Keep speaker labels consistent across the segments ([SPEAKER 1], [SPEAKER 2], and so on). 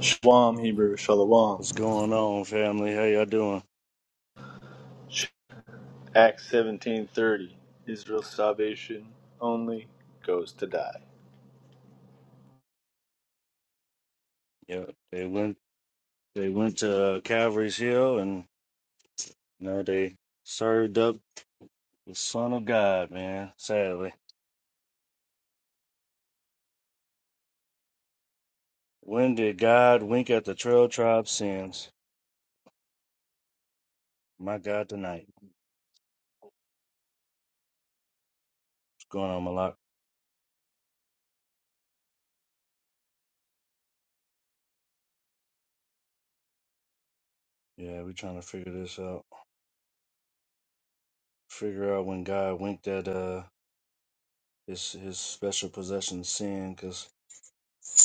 [SPEAKER 1] Shalom, Hebrew, Shalom.
[SPEAKER 2] What's going on, family? How y'all doing?
[SPEAKER 1] Acts 17.30, Israel's salvation only goes to die.
[SPEAKER 2] Yeah, they went they went to uh, Calvary's Hill and you know they served up the Son of God, man. Sadly, when did God wink at the Trail Tribe sins? My God, tonight. What's going on, Malak? Yeah, we trying to figure this out. Figure out when God winked at uh his his special possession sin, because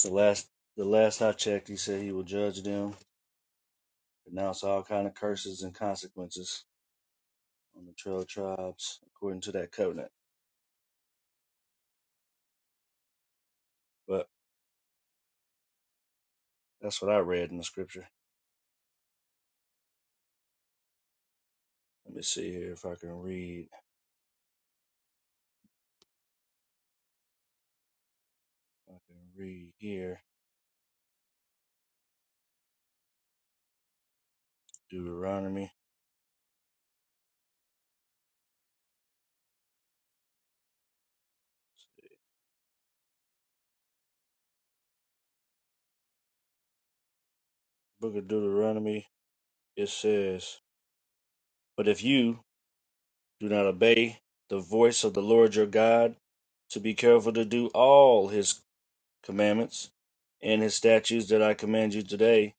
[SPEAKER 2] the last the last I checked, he said he will judge them, pronounce all kind of curses and consequences. on the trail tribes according to that covenant. But that's what I read in the scripture. Let me see here if I can read. I can read here Deuteronomy, book of Deuteronomy. It says, "But if you do not obey the voice of the Lord your God, to be careful to do all His commandments and His statutes that I command you today,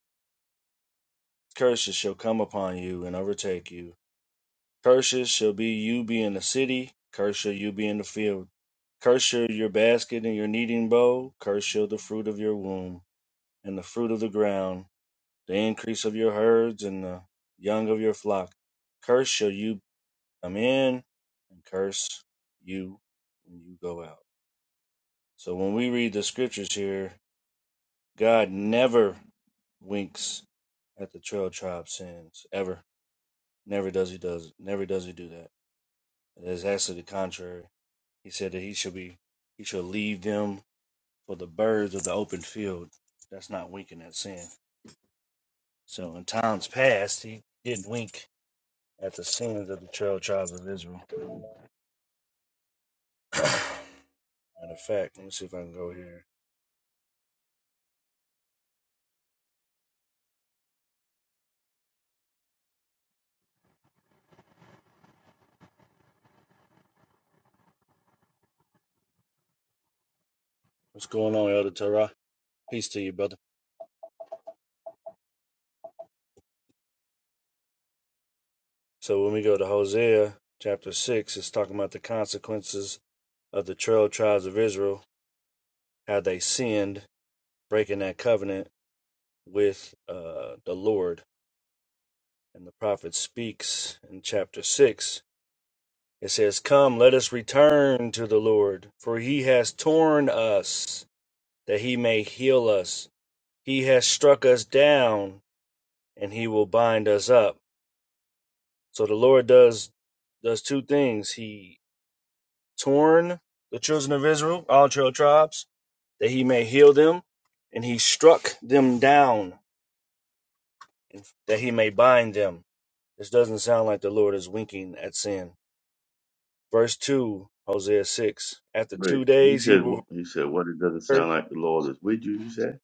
[SPEAKER 2] curses shall come upon you and overtake you." Curses shall be you be in the city, curse shall you be in the field. Curse shall your basket and your kneading bowl, curse shall the fruit of your womb, and the fruit of the ground, the increase of your herds, and the young of your flock. Curse shall you come in, and curse you when you go out. So when we read the scriptures here, God never winks at the trail tribe sins ever. Never does he does never does he do that. It is actually the contrary. He said that he shall be he shall leave them for the birds of the open field. That's not winking at sin. So in times past he didn't wink at the sins of the twelve tribes of Israel. Matter of fact, let me see if I can go here. What's going on, Elder Torah? Peace to you, brother. So when we go to Hosea chapter six, it's talking about the consequences of the twelve tribes of Israel, how they sinned, breaking that covenant with uh, the Lord. And the prophet speaks in chapter six It says, Come, let us return to the Lord, for he has torn us that he may heal us. He has struck us down and he will bind us up. So the Lord does does two things. He torn the children of Israel, all twelve tribes, that he may heal them, and he struck them down that he may bind them. This doesn't sound like the Lord is winking at sin. Verse 2, Hosea 6. After
[SPEAKER 3] Right.
[SPEAKER 2] two
[SPEAKER 3] You
[SPEAKER 2] days he
[SPEAKER 3] said
[SPEAKER 2] will
[SPEAKER 3] wh- you said what it doesn't
[SPEAKER 2] return
[SPEAKER 3] sound like the Lord is with you, you said?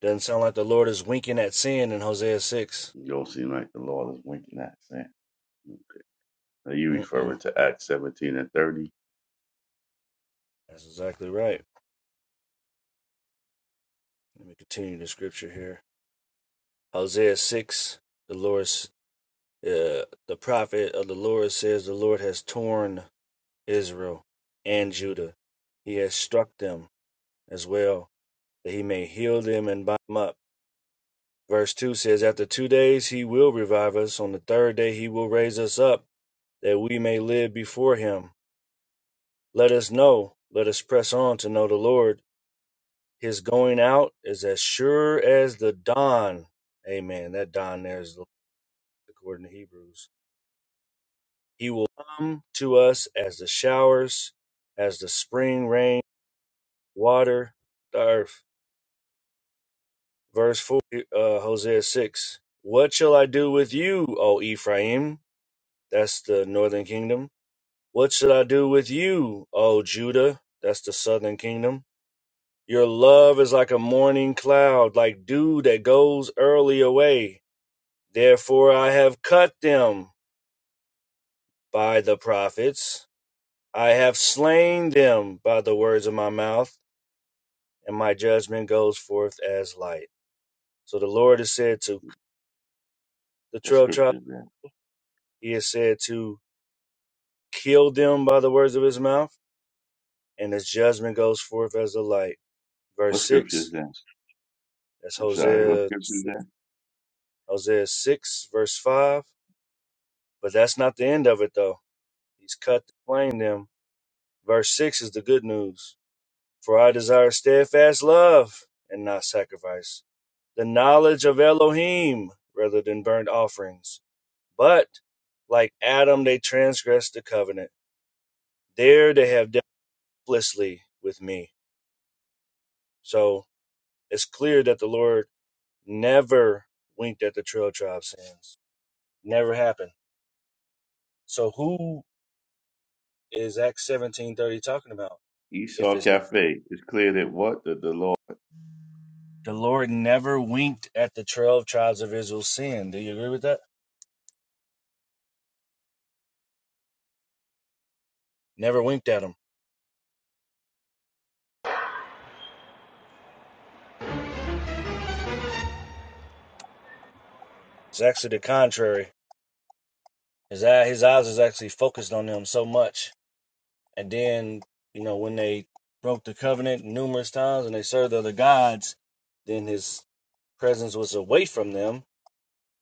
[SPEAKER 2] Doesn't sound like the Lord is winking at sin in Hosea 6.
[SPEAKER 3] It don't seem like the Lord is winking at sin. Are you
[SPEAKER 2] Mm-mm.
[SPEAKER 3] referring to Acts seventeen and thirty?
[SPEAKER 2] That's exactly right. Let me continue the scripture here. Hosea 6, the Lord, uh, the prophet of the Lord says, The Lord has torn Israel and Judah. He has struck them as well, that he may heal them and bind them up. Verse 2 says, After two days he will revive us. On the third day he will raise us up, that we may live before him. Let us know, let us press on to know the Lord. His going out is as sure as the dawn. Amen. That dawn there is according to Hebrews. He will come to us as the showers, as the spring rain, water, the earth. Verse 4, uh, Hosea 6. What shall I do with you, O Ephraim? That's the northern kingdom. What shall I do with you, O Judah? That's the southern kingdom. Your love is like a morning cloud, like dew that goes early away. Therefore I have cut them by the prophets, I have slain them by the words of my mouth, and my judgment goes forth as light. So the Lord is said to the
[SPEAKER 3] What
[SPEAKER 2] twelve tribes,
[SPEAKER 3] scripture is that?
[SPEAKER 2] he is said to kill them by the words of his mouth, and his judgment goes forth as the light. Verse
[SPEAKER 3] What scripture is
[SPEAKER 2] six,
[SPEAKER 3] that?
[SPEAKER 2] that's
[SPEAKER 3] I'm sorry, what
[SPEAKER 2] Hosea
[SPEAKER 3] scripture is
[SPEAKER 2] six,
[SPEAKER 3] that?
[SPEAKER 2] Hosea six, verse five. But that's not the end of it though. He's cut slain them. Verse six is the good news. For I desire steadfast love and not sacrifice, the knowledge of Elohim rather than burnt offerings. But like Adam, they transgressed the covenant. There they have dealt fleshly with me. So it's clear that the Lord never winked at the trail tribe sins. Never happened. So who is Acts seventeen thirty talking about? If
[SPEAKER 3] Esau
[SPEAKER 2] it's not
[SPEAKER 3] Cafe. It's clear that what that the Lord
[SPEAKER 2] the Lord never winked at the twelve tribes of Israel's sin. Do you agree with that? Never winked at them. It's actually the contrary. His eye, his eyes was actually focused on them so much, and then you know when they broke the covenant numerous times and they served other gods, then his presence was away from them,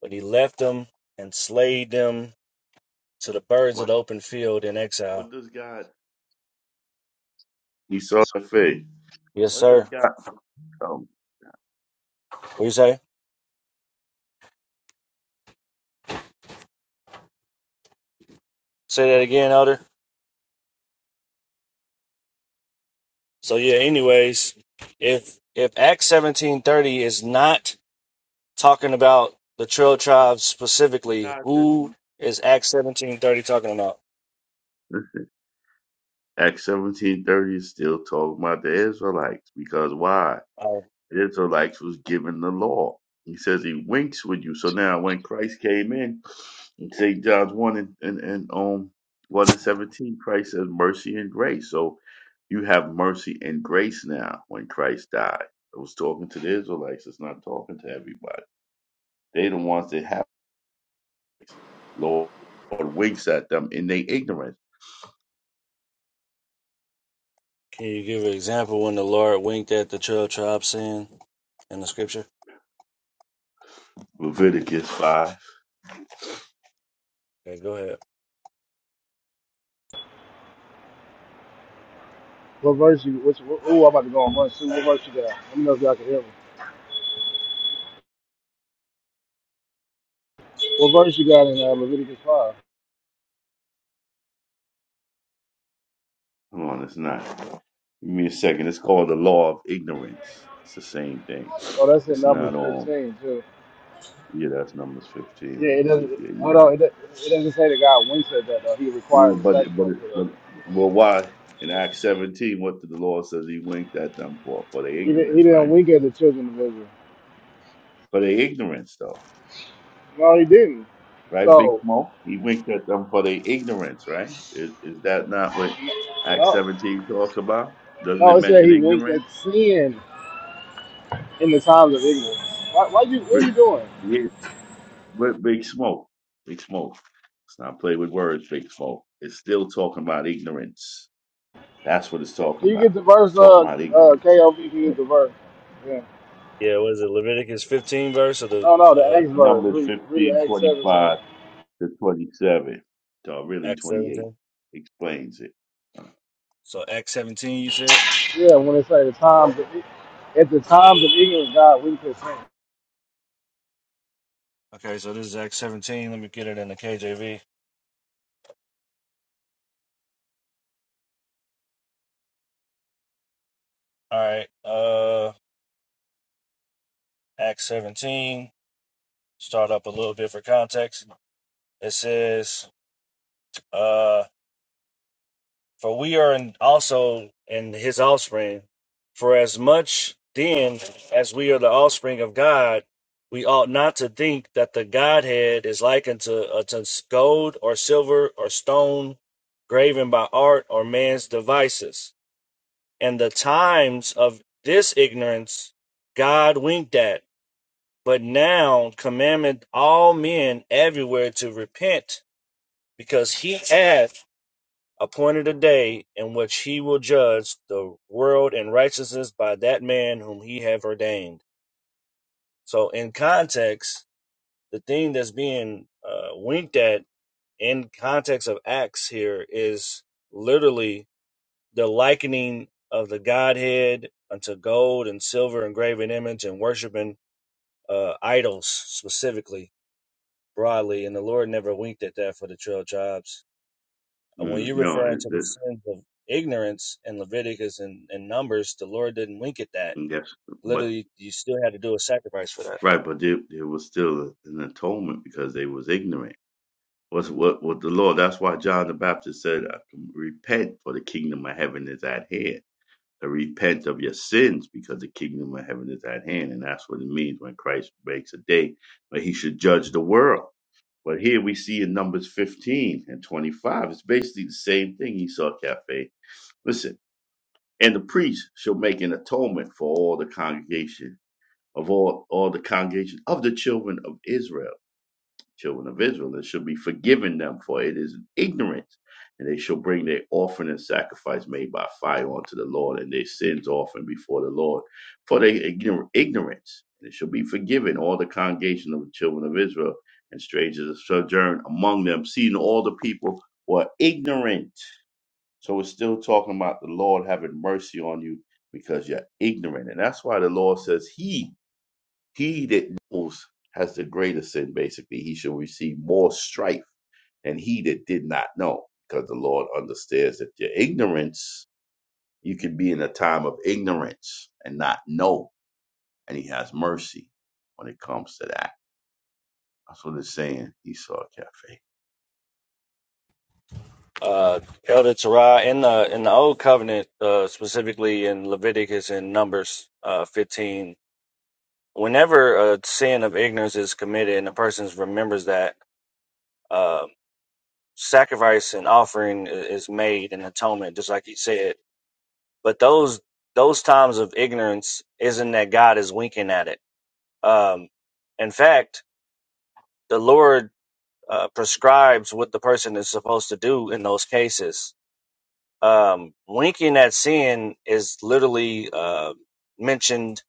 [SPEAKER 2] but he left them and slayed them to the birds of
[SPEAKER 3] what
[SPEAKER 2] the open field in exile.
[SPEAKER 3] what does God Esau Cafe?
[SPEAKER 2] Yes,
[SPEAKER 3] What does
[SPEAKER 2] sir.
[SPEAKER 3] God come?
[SPEAKER 2] What you say? Say that again, Elder. So yeah. Anyways, if if Acts seventeen thirty is not talking about the Trail Tribes specifically,
[SPEAKER 3] God says
[SPEAKER 2] who is Acts seventeen thirty talking about?
[SPEAKER 3] Listen, Acts seventeen thirty is still talking about the Israelites because why?
[SPEAKER 2] Uh,
[SPEAKER 3] The Israelites was given the law. He says he winks with you. So now when Christ came in, in St. John's one and, and, and um one and seventeen, Christ says mercy and grace. So you have mercy and grace now when Christ died. It was talking to the Israelites, it's not talking to everybody. They the ones that have grace. Lord, Lord winks at them in their ignorance.
[SPEAKER 2] can you give an example when the Lord winked at the Trail tribes sin in the scripture?
[SPEAKER 3] Leviticus five.
[SPEAKER 2] Okay, go ahead.
[SPEAKER 4] What verse you? Which? Oh, I'm about to go on one. Two. What verse you got? Let me know if y'all can hear me. What verse you got in uh, Leviticus five?
[SPEAKER 3] Come on, it's not. Give me a second. It's called the law of ignorance. It's the same thing.
[SPEAKER 4] Oh, that's in
[SPEAKER 3] It's
[SPEAKER 4] Numbers
[SPEAKER 3] not on.
[SPEAKER 4] fifteen too.
[SPEAKER 3] Yeah, that's numbers fifteen,
[SPEAKER 4] Yeah,
[SPEAKER 3] I
[SPEAKER 4] it
[SPEAKER 3] believe.
[SPEAKER 4] doesn't.
[SPEAKER 3] Yeah, you're
[SPEAKER 4] Hold
[SPEAKER 3] right.
[SPEAKER 4] on. It, do- it doesn't say that God winks at that though. He
[SPEAKER 3] You know,
[SPEAKER 4] required the
[SPEAKER 3] but but
[SPEAKER 4] sacrifice for that.
[SPEAKER 3] but well, why in Acts seventeen? What did the Lord says He winked at them for? For their
[SPEAKER 4] He, di- he
[SPEAKER 3] ignorance,
[SPEAKER 4] didn't
[SPEAKER 3] right?
[SPEAKER 4] wink at the children of Israel.
[SPEAKER 3] For their ignorance, though,
[SPEAKER 4] No, he didn't.
[SPEAKER 3] right? Big
[SPEAKER 4] So
[SPEAKER 3] smoke. He winked at them for their ignorance, right? Is is that not what Acts
[SPEAKER 4] no,
[SPEAKER 3] seventeen talks about? Doesn't
[SPEAKER 4] no.
[SPEAKER 3] it
[SPEAKER 4] It said
[SPEAKER 3] mention
[SPEAKER 4] he winked at
[SPEAKER 3] ignorance?
[SPEAKER 4] sin in the times of ignorance. Why? Why you? What are
[SPEAKER 3] Re-
[SPEAKER 4] you doing?
[SPEAKER 3] Yeah, But Big Smoke, Big Smoke. Let's not play with words, Big Smoke. It's still talking about ignorance. That's what it's talking
[SPEAKER 4] Can you
[SPEAKER 3] about.
[SPEAKER 4] get the
[SPEAKER 3] It's
[SPEAKER 4] verse?
[SPEAKER 3] talking
[SPEAKER 4] Uh,
[SPEAKER 3] about
[SPEAKER 4] uh,
[SPEAKER 3] ignorance.
[SPEAKER 4] KOV can you get the verse. Yeah.
[SPEAKER 2] Yeah, what is it Leviticus 15 verse or the
[SPEAKER 4] No, no. The
[SPEAKER 2] uh,
[SPEAKER 4] Acts verse.
[SPEAKER 3] Numbers
[SPEAKER 4] Read,
[SPEAKER 3] fifteen,
[SPEAKER 4] read Acts seventeen.
[SPEAKER 3] twenty-five to 27, to really
[SPEAKER 2] Acts
[SPEAKER 3] 28,
[SPEAKER 2] 17?
[SPEAKER 3] explains it.
[SPEAKER 2] So Acts 17 you said?
[SPEAKER 4] Yeah, when it's like the times of, at the times of ignorance, God we could sin.
[SPEAKER 2] Okay, so this is Acts 17. Let me get it in the KJV. All right. Uh Acts 17. Start up a little bit for context. It says, uh. For we are in, also in his offspring. For as much then as we are the offspring of God, we ought not to think that the Godhead is likened to, uh, to gold or silver or stone graven by art or man's devices. And the times of this ignorance God winked at, but now commandeth all men everywhere to repent, because he hath appointed a day in which he will judge the world in righteousness by that man whom he have ordained. So, in context, the thing that's being uh, winked at in context of Acts here is literally the likening of the Godhead unto gold and silver and graven image and worshiping uh, idols specifically broadly. And the Lord never winked at that for the 12 tribes. Uh, When
[SPEAKER 3] Mm,
[SPEAKER 2] you're
[SPEAKER 3] no,
[SPEAKER 2] referring
[SPEAKER 3] it,
[SPEAKER 2] to the
[SPEAKER 3] it,
[SPEAKER 2] sins of ignorance in Leviticus and, and Numbers, the Lord didn't wink at that.
[SPEAKER 3] yes, but
[SPEAKER 2] Literally, you still had to do a sacrifice for that.
[SPEAKER 3] Right, but there, there was still an atonement because they was ignorant. What's what what the Lord? That's why John the Baptist said, "Repent, for the kingdom of heaven is at hand." To repent of your sins because the kingdom of heaven is at hand, and that's what it means when Christ makes a day. But He should judge the world. But here we see in Numbers 15 and 25, it's basically the same thing. He saw cafe. Listen, and the priest shall make an atonement for all the congregation of all all the congregation of the children of Israel children of Israel, and shall be forgiven them, for it is ignorance. And they shall bring their offering and sacrifice made by fire unto the Lord, and their sins often before the Lord, for their ignor- ignorance. And it shall be forgiven all the congregation of the children of Israel, and strangers that sojourn among them, seeing all the people were ignorant. So it's still talking about the Lord having mercy on you because you're ignorant. And that's why the Lord says, He he that knows has the greater sin, basically. He shall receive more strife than he that did not know, because the Lord understands that your ignorance, you can be in a time of ignorance and not know, and he has mercy when it comes to that. That's what it's saying, Esau Cafe.
[SPEAKER 2] Uh, Elder Terah, in the in the Old Covenant, uh, specifically in Leviticus and Numbers uh, 15, whenever a sin of ignorance is committed and a person remembers that, uh, sacrifice and offering i- is made and atonement, just like you said. But those those times of ignorance isn't that God is winking at it Um, in fact, the Lord uh, prescribes what the person is supposed to do in those cases. Um, winking at sin is literally uh, mentioned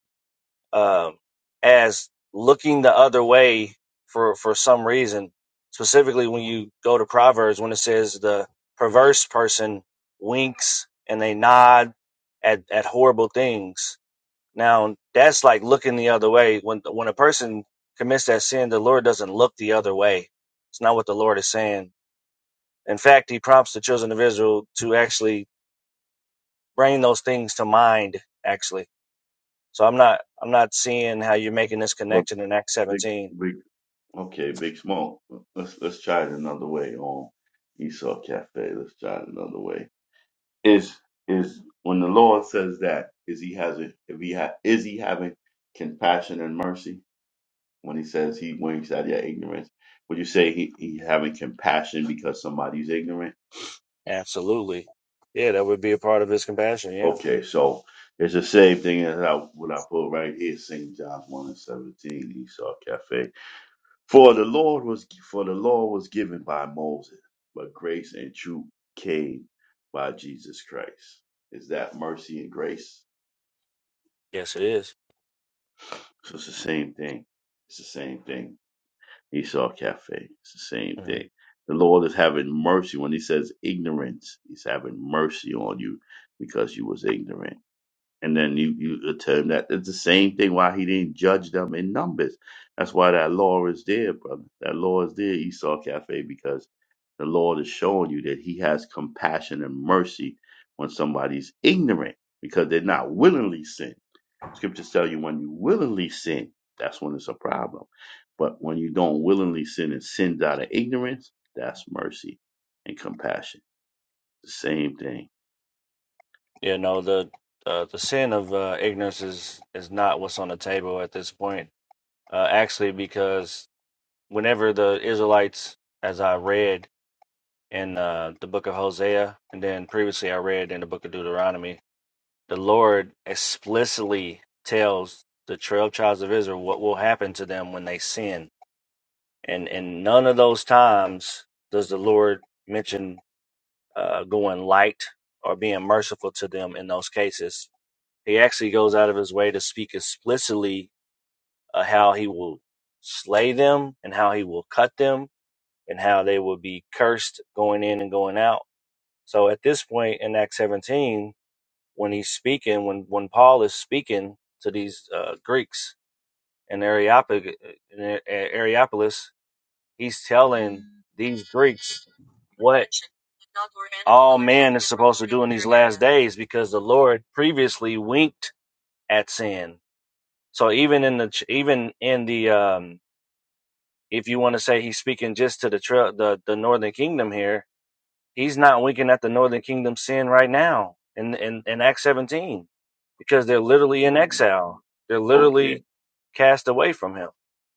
[SPEAKER 2] um as looking the other way for for some reason. Specifically, when you go to Proverbs, when it says the perverse person winks and they nod at at horrible things now that's like looking the other way. When when a person commits that sin, the Lord doesn't look the other way. It's not what the Lord is saying. In fact, He prompts the children of Israel to actually bring those things to mind. Actually, so I'm not I'm not seeing how you're making this
[SPEAKER 3] Well,
[SPEAKER 2] connection in Acts
[SPEAKER 3] big,
[SPEAKER 2] 17.
[SPEAKER 3] big, okay, big smoke. Let's let's try it another way on Esau Cafe. Let's try it another way. is is when the Lord says that is he has a, if he ha, is he having compassion and mercy when he says he winks at your ignorance would you say he, he having compassion because somebody's ignorant
[SPEAKER 2] Absolutely, yeah, that would be a part of His compassion. Yeah,
[SPEAKER 3] okay so it's the same thing as I, what I put right here St John 1 and 17 Esau Cafe for the Lord was for the law was given by Moses but grace and truth came by Jesus Christ is that mercy and grace
[SPEAKER 2] yes, it is.
[SPEAKER 3] So it's the same thing. It's the same thing. Esau Cafe. It's the same
[SPEAKER 2] hmm
[SPEAKER 3] thing. The Lord is having mercy when He says ignorance. He's having mercy on you because you was ignorant. And then you you term that it's the same thing. Why He didn't judge them in numbers? That's why that law is there, brother. That law is there, Esau Cafe, because the Lord is showing you that He has compassion and mercy when somebody's ignorant because they're not willingly sin. Scriptures tell you when you willingly sin, that's when it's a problem. But when you don't willingly sin and sins out of ignorance, that's mercy and compassion. The same thing.
[SPEAKER 2] You know the uh, the sin of uh, ignorance is is not what's on the table at this point. Uh, actually, because whenever the Israelites, as I read in uh, the book of Hosea, and then previously I read in the book of Deuteronomy, the Lord explicitly tells the 12 tribes of Israel what will happen to them when they sin. And in none of those times does the Lord mention uh, going light or being merciful to them in those cases. He actually goes out of his way to speak explicitly uh, how he will slay them and how he will cut them and how they would be cursed going in and going out. So at this point in Acts 17, when he's speaking, when, when Paul is speaking to these uh, Greeks in, Areopag- in A- A- Areopolis, he's telling these Greeks what all man is supposed to do in these last days because the Lord previously winked at sin. So even in the ch- even in the um, if you want to say he's speaking just to the tra- the the northern kingdom here, He's not winking at the northern kingdom sin right now in in, in Acts 17 because they're literally in
[SPEAKER 3] Mm.
[SPEAKER 2] exile. They're
[SPEAKER 3] Okay,
[SPEAKER 2] literally cast away from him.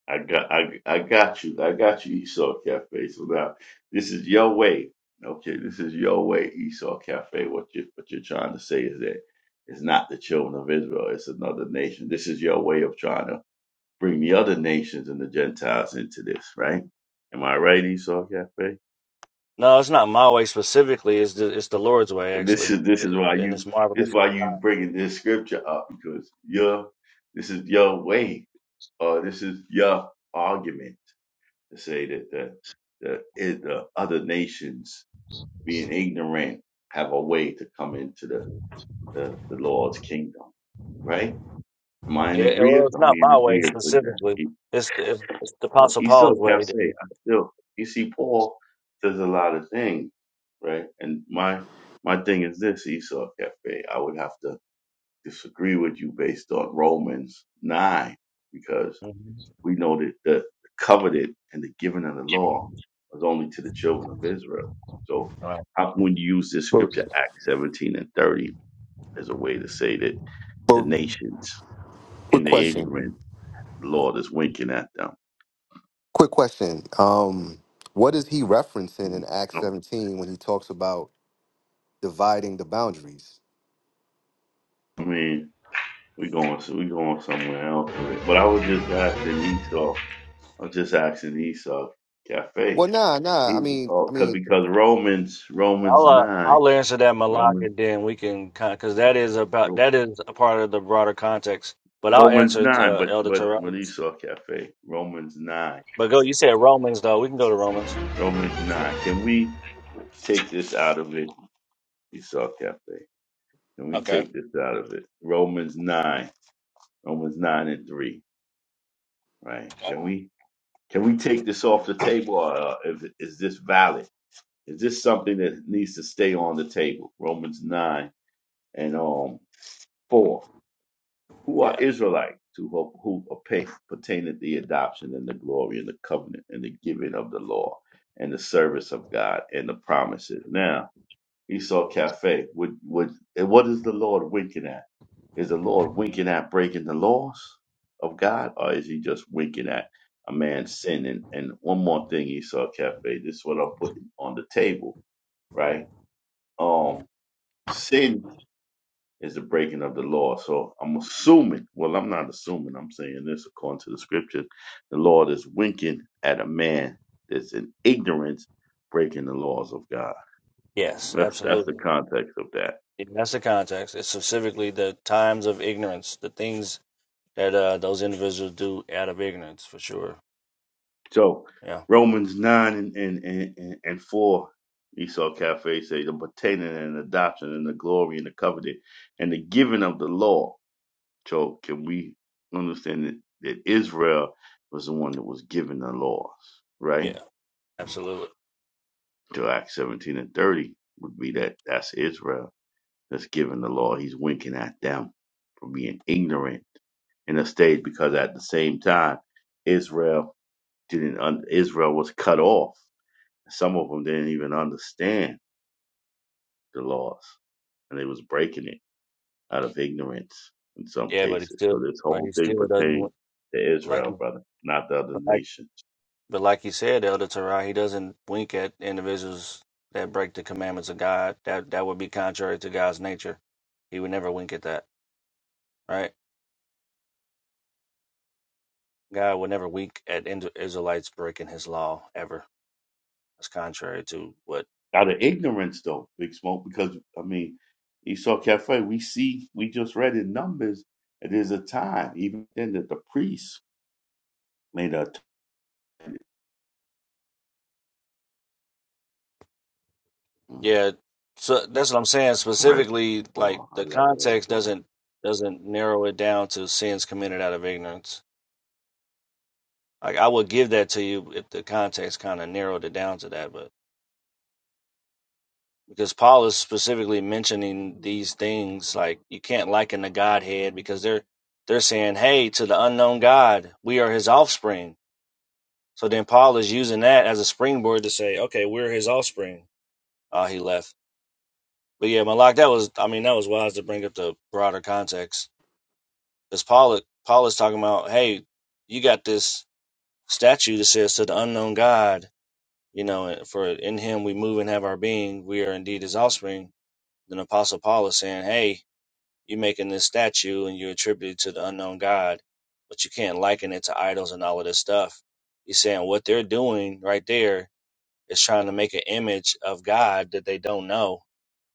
[SPEAKER 3] I got, I, I got you, I got you, Esau Cafe. So now this is your way. Okay, this is your way, Esau Cafe. What you, what you're trying to say is that it's not the children of Israel; it's another nation. This is your way of trying to bring the other nations and the Gentiles into this, right? Am I right, Esau Cafe?
[SPEAKER 2] No, it's not my way specifically. It's the it's the Lord's way
[SPEAKER 3] And this
[SPEAKER 2] actually,
[SPEAKER 3] is this is why
[SPEAKER 2] and
[SPEAKER 3] you
[SPEAKER 2] it's my
[SPEAKER 3] this is
[SPEAKER 2] relation with
[SPEAKER 3] why
[SPEAKER 2] God.
[SPEAKER 3] you bringing this scripture up because your this is your way or this is your argument to say that the the, it, the other nations being ignorant have a way to come into the, the the Lord's kingdom, right? Am I in
[SPEAKER 2] Yeah, well,
[SPEAKER 3] agreement?
[SPEAKER 2] it's
[SPEAKER 3] Are
[SPEAKER 2] not
[SPEAKER 3] we in
[SPEAKER 2] my way
[SPEAKER 3] agreement with
[SPEAKER 2] specifically.
[SPEAKER 3] that?
[SPEAKER 2] It's the, it's it's the
[SPEAKER 3] Well,
[SPEAKER 2] Apostle
[SPEAKER 3] he's still
[SPEAKER 2] Paul's way. That
[SPEAKER 3] cafe.
[SPEAKER 2] he,
[SPEAKER 3] I still, you see, Paul does a lot of things, right? And my my thing is this, Esau Cafe. I would have to disagree with you based on Romans nine, because
[SPEAKER 2] Mhm.
[SPEAKER 3] we know that the covenant and the giving of the law was only to the children of Israel. So
[SPEAKER 2] All right.
[SPEAKER 3] how can we use this
[SPEAKER 5] But,
[SPEAKER 3] scripture, Acts seventeen and thirty, as a way to say that the
[SPEAKER 5] but
[SPEAKER 3] nations in
[SPEAKER 5] quick
[SPEAKER 3] the
[SPEAKER 5] question.
[SPEAKER 3] ignorant, the Lord is winking at them?
[SPEAKER 5] Quick question. Um, what is he referencing in
[SPEAKER 3] Mm.
[SPEAKER 5] Acts
[SPEAKER 3] No,
[SPEAKER 5] 17 when he talks about dividing the boundaries?
[SPEAKER 3] I mean. We going so we going somewhere else with it. But I was just asking Esau. I was just asking Esau Cafe.
[SPEAKER 5] Well, nah, nah. I
[SPEAKER 3] He's
[SPEAKER 5] mean, I
[SPEAKER 3] oh, cause
[SPEAKER 5] mean,
[SPEAKER 3] because Romans Romans
[SPEAKER 2] I'll uh,
[SPEAKER 3] nine
[SPEAKER 2] I'll answer that Malak,
[SPEAKER 3] Romans
[SPEAKER 2] and then we can kind of because that is about
[SPEAKER 3] Ro-
[SPEAKER 2] that is a part of the broader context. But I'll
[SPEAKER 3] Romans
[SPEAKER 2] answer it,
[SPEAKER 3] nine.
[SPEAKER 2] uh,
[SPEAKER 3] But
[SPEAKER 2] Elder
[SPEAKER 3] but when
[SPEAKER 2] Terrell.
[SPEAKER 3] Esau Cafe Romans nine
[SPEAKER 2] But go, you said Romans though. We can go to Romans.
[SPEAKER 3] Romans nine. Can we take this out of it? Esau Cafe. Can we
[SPEAKER 2] Okay.
[SPEAKER 3] take this out of it? Romans nine Romans nine and three. Right?
[SPEAKER 2] okay.
[SPEAKER 3] Can we can we take this off the table? Or, uh, if, is this valid? Is this something that needs to stay on the table? Romans 9 and um 4. Who are
[SPEAKER 2] Yeah.
[SPEAKER 3] Israelites to who, who appa- pertain to the adoption and the glory and the covenant and the giving of the law and the service of God and the promises? Now, Esau Cafe, would, would, and what is the Lord winking at? Is the Lord winking at breaking the laws of God or is he just winking at a man's sin? And, and one more thing, Esau Cafe, this is what I'm putting on the table, right? Um, Sin is the breaking of the law. So I'm assuming, well, I'm not assuming, I'm saying this according to the scripture. The Lord is winking at a man that's in ignorance breaking the laws of God.
[SPEAKER 2] Yes,
[SPEAKER 3] That's that's the
[SPEAKER 2] absolutely.
[SPEAKER 3] context of that.
[SPEAKER 2] Yeah, that's the context. It's specifically the times of ignorance, the things that uh, those individuals do out of ignorance, for sure.
[SPEAKER 3] So
[SPEAKER 2] Yeah.
[SPEAKER 3] Romans nine and and and, and and four, Esau Cafe say the pertaining and adoption and the glory and the covenant and the giving of the law. So can we understand that, that Israel was the one that was given the laws, right?
[SPEAKER 2] Yeah. Absolutely.
[SPEAKER 3] to Acts 17 and 30 would be that that's Israel that's given the law. He's winking at them for being ignorant in the state because at the same time, Israel didn't, un- Israel was cut off. Some of them didn't even understand the laws and they was breaking it out of ignorance in some
[SPEAKER 2] Yeah, but he
[SPEAKER 3] cases.
[SPEAKER 2] still,
[SPEAKER 3] So this
[SPEAKER 2] but
[SPEAKER 3] whole
[SPEAKER 2] he
[SPEAKER 3] thing
[SPEAKER 2] still doesn't
[SPEAKER 3] pertains
[SPEAKER 2] wa-
[SPEAKER 3] to
[SPEAKER 2] like,
[SPEAKER 3] Israel,
[SPEAKER 2] you-
[SPEAKER 3] brother, not the other
[SPEAKER 2] but like,
[SPEAKER 3] nation.
[SPEAKER 2] but like you said, Elder Torah, he doesn't wink at individuals that break the commandments of God. That that would be contrary to God's nature. He would never wink at that, right? God will never wink at Ind- Israelites breaking his law ever. That's contrary to what.
[SPEAKER 3] out of ignorance though, Big Smoke, because I mean, Esau Cafe, we see we just read in Numbers that there's a time, even then that the priests made a t- Mm,
[SPEAKER 2] Yeah, so that's what I'm saying.
[SPEAKER 3] red
[SPEAKER 2] Specifically, like
[SPEAKER 3] ball. I
[SPEAKER 2] the
[SPEAKER 3] got a red
[SPEAKER 2] context
[SPEAKER 3] ball.
[SPEAKER 2] doesn't doesn't narrow it down to sins committed out of ignorance. Like I would give that to you if the context kind of narrowed it down to that, but because Paul is specifically mentioning these things, like you can't liken the Godhead because they're they're saying, "Hey, to the unknown God, we are His offspring." So then Paul is using that as a springboard to say, okay, we're his offspring. Uh, he left. But yeah, Malak, that was, I mean, that was wise to bring up the broader context. Because Paul, Paul is talking about, hey, you got this statue that says to the unknown God, you know, for in him we move and have our being. We are indeed his offspring. Then Apostle Paul is saying, hey, you're making this statue and you attribute it to the unknown God, but you can't liken it to idols and all of this stuff. He's saying what they're doing right there is trying to make an image of God that they don't know,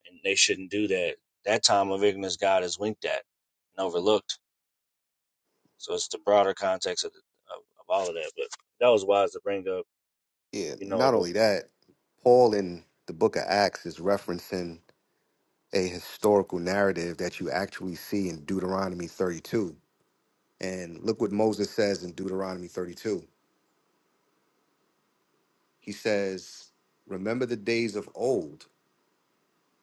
[SPEAKER 2] and they shouldn't do that. That time of ignorance, God is winked at and overlooked. So it's the broader context of, the, of, of all of that. But that was wise to bring up,
[SPEAKER 5] yeah,
[SPEAKER 2] you know,
[SPEAKER 5] not
[SPEAKER 2] the
[SPEAKER 5] only that, Paul in the book of Acts is referencing a historical narrative that you actually see in Deuteronomy 32. And look what Moses says in Deuteronomy 32. He says, Remember the days of old,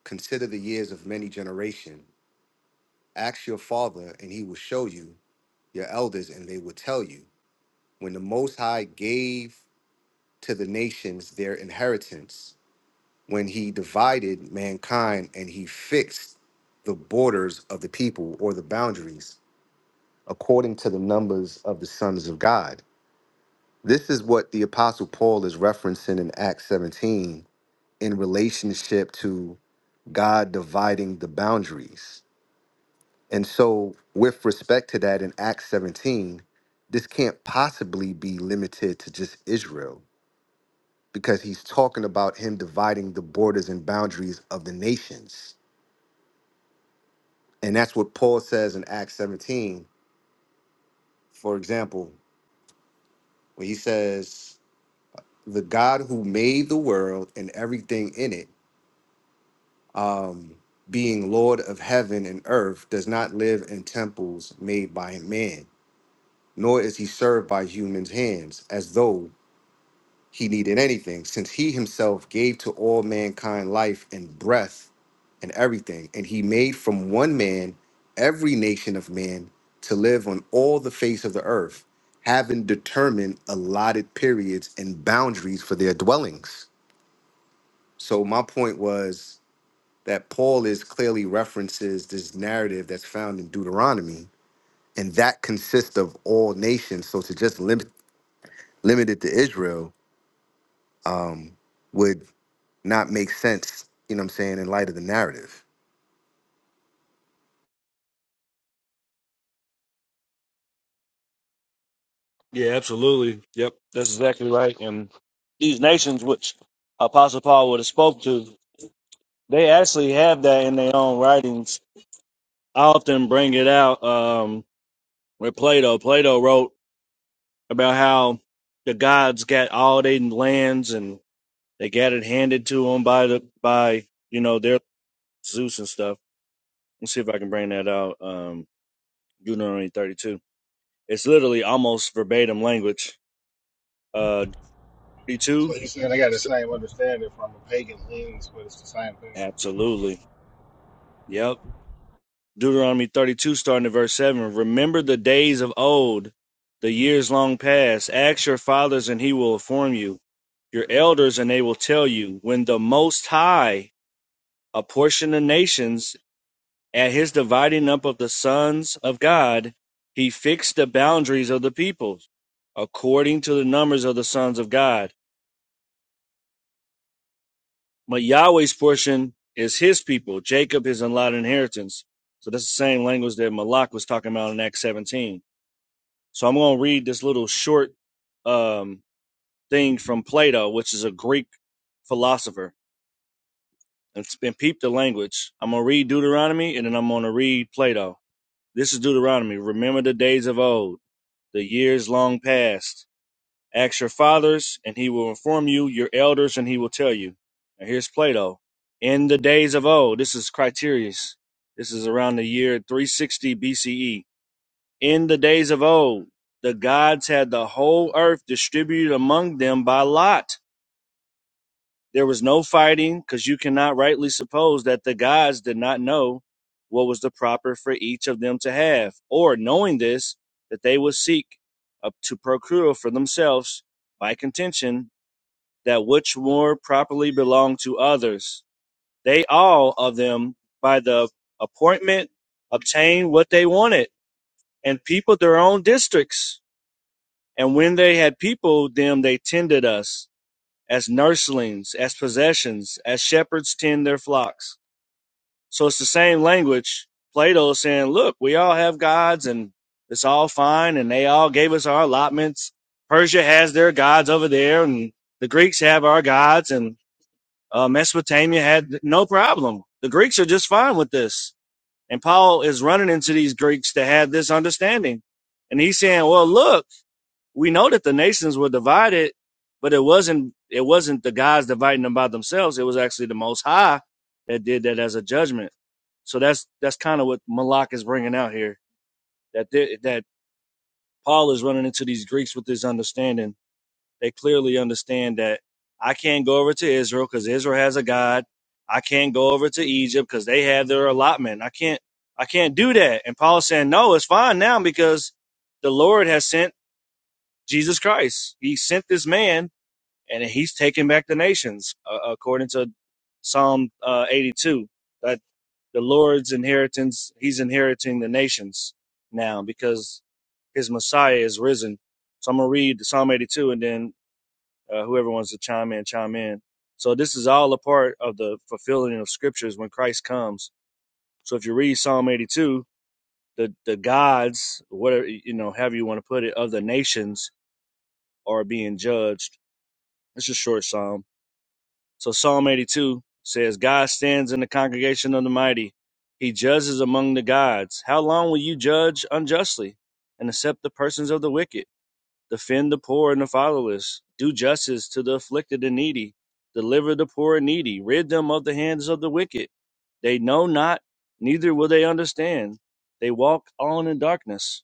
[SPEAKER 5] consider the years of many generation." Ask your father, and he will show you, your elders, and they will tell you. When the Most High gave to the nations their inheritance, when he divided mankind and he fixed the borders of the people or the boundaries according to the numbers of the sons of God. This is what the Apostle Paul is referencing in Acts 17 in relationship to God dividing the boundaries And so, with respect to that, in Acts 17, this can't possibly be limited to just Israel because he's talking about him dividing the borders and boundaries of the nations. And that's what Paul says in Acts 17, for example, when he says, The God who made the world and everything in it, um, being Lord of heaven and earth, does not live in temples made by man, nor is he served by human's hands, as though he needed anything, since he himself gave to all mankind life and breath and everything. And he made from one man every nation of men to live on all the face of the earth, having determined allotted periods and boundaries for their dwellings. So, my point was that Paul is clearly references this narrative that's found in Deuteronomy, and that consists of all nations. So, to just limit, limit it to Israel would not make sense, you know what I'm saying, in light of the narrative.
[SPEAKER 2] yeah, absolutely, yep, that's exactly right. And these nations, which Apostle Paul would have spoke to, they actually have that in their own writings. I often bring it out um, with Plato. Plato wrote about how the gods got all their lands and. They got it handed to them by the by you know their Zeus and stuff. Let's see if I can bring that out. Um, Deuteronomy 32. It's literally almost verbatim language. Uh,
[SPEAKER 4] So
[SPEAKER 2] 32.
[SPEAKER 4] he's saying I got the same understanding from a pagan lens, but it's the same thing.
[SPEAKER 2] Absolutely. Yep. Deuteronomy 32, starting at verse 7. Remember the days of old, the years long past. Ask your fathers, and he will inform you. Your elders, and they will tell you. When the Most High apportioned the nations At his dividing up of the sons of God, he fixed the boundaries of the peoples according to the numbers of the sons of God. But Yahweh's portion is his people, Jacob his allotted inheritance. So that's the same language that Malak was talking about in Acts 17. So I'm going to read this little short um, thing from Plato, which is a Greek philosopher, and, and peep the language. I'm going to read Deuteronomy and then I'm going to read Plato. This is Deuteronomy. Remember the days of old the years long past. Ask your fathers, and he will inform you, your elders, and he will tell you. Now here's Plato. In the days of old, this is Criterius. This is around the year 360 BCE. In the days of old, the gods had the whole earth distributed among them by lot. There was no fighting because you cannot rightly suppose that the gods did not know what was the proper for each of them to have, or knowing this, that they would seek up to procure for themselves by contention that which more properly belonged to others. They all of them, by the appointment, obtained what they wanted and peopled their own districts. And when they had peopled them, they tended us as nurslings, as possessions, as shepherds tend their flocks. So it's the same language. Plato is saying, look, we all have gods and it's all fine and they all gave us our allotments. Persia has their gods over there and the Greeks have our gods and uh, Mesopotamia had no problem. The Greeks are just fine with this. And Paul is running into these Greeks that had this understanding. And he's saying, well, look, we know that the nations were divided, but it wasn't it wasn't the guys dividing them by themselves. It was actually the Most High that did that as a judgment. So that's that's kind of what Malak is bringing out here. That they, that Paul is running into these Greeks with this understanding. They clearly understand that I can't go over to Israel because Israel has a God. I can't go over to Egypt because they have their allotment. I can't I can't do that. And Paul's saying, no, it's fine now because the Lord has sent Jesus Christ. He sent this man, and he's taking back the nations, uh, according to Psalm uh, 82. That the Lord's inheritance, he's inheriting the nations now because his Messiah is risen. So I'm going to read Psalm 82 and then uh, whoever wants to chime in, chime in. So this is all a part of the fulfilling of scriptures when Christ comes. So if you read Psalm 82, the, the gods, whatever, you know, however you want to put it, of the nations are being judged It's a short psalm. So Psalm 82 says, God stands in the congregation of the mighty. He judges among the gods. How long will you judge unjustly and accept the persons of the wicked? Defend the poor and the fatherless. Do justice to the afflicted and needy. Deliver the poor and needy. Rid them of the hands of the wicked. They know not, neither will they understand. They walk on in darkness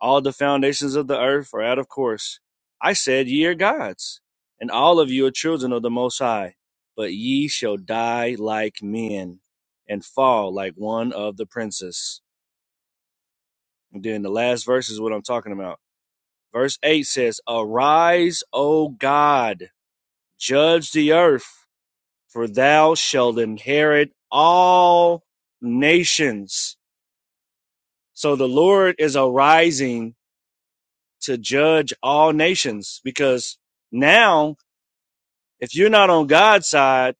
[SPEAKER 2] all the foundations of the earth are out of course. I said, Ye are gods, and all of you are children of the Most High, but ye shall die like men and fall like one of the princes. And then the last verse is what I'm talking about. Verse 8 says, Arise, O God, judge the earth, for thou shalt inherit all nations. So the Lord is arising to judge all nations because now If you're not on God's side,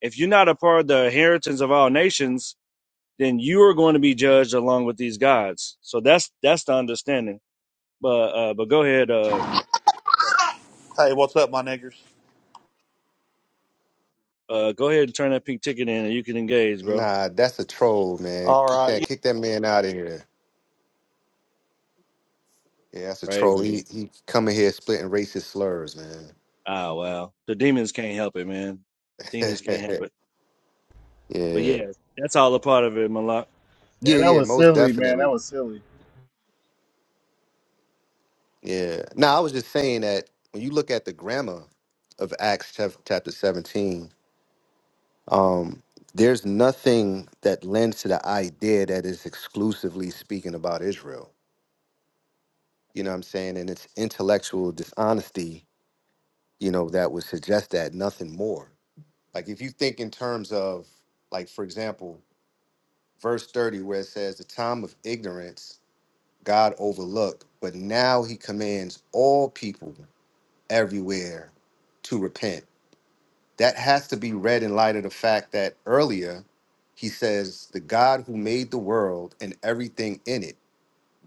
[SPEAKER 2] if you're not a part of the inheritance of all nations, then you are going to be judged along with these gods. So that's that's the understanding. But uh, but go ahead, uh,
[SPEAKER 6] Hey, what's up, my niggers?
[SPEAKER 2] uh, go ahead and turn that pink ticket in, and you can engage, bro.
[SPEAKER 5] Nah, that's a troll, man.
[SPEAKER 6] All
[SPEAKER 5] Kick
[SPEAKER 6] right,
[SPEAKER 5] that kick that man out of here. Yeah, that's a
[SPEAKER 2] Praise
[SPEAKER 5] troll.
[SPEAKER 2] him.
[SPEAKER 5] He he coming here splitting racist slurs, man.
[SPEAKER 2] Ah, wow. The demons can't help it, man. Demons can't help it. But
[SPEAKER 5] yeah.
[SPEAKER 2] yeah, that's all a part of it, Malak.
[SPEAKER 5] Yeah,
[SPEAKER 4] Yeah, that
[SPEAKER 5] yeah,
[SPEAKER 4] was
[SPEAKER 5] most
[SPEAKER 4] silly, man. That
[SPEAKER 5] definitely.
[SPEAKER 4] was silly.
[SPEAKER 5] Yeah. Now I was just saying that when you look at the grammar of Acts chap- chapter 17, um, there's nothing that lends to the idea that is exclusively speaking about Israel. You know what I'm saying? And it's intellectual dishonesty you know, that would suggest that, nothing more. Like if you think in terms of, like, for example, verse 30, where it says, The time of ignorance God overlooked, but now he commands all people everywhere to repent. That has to be read in light of the fact that earlier he says, The God who made the world and everything in it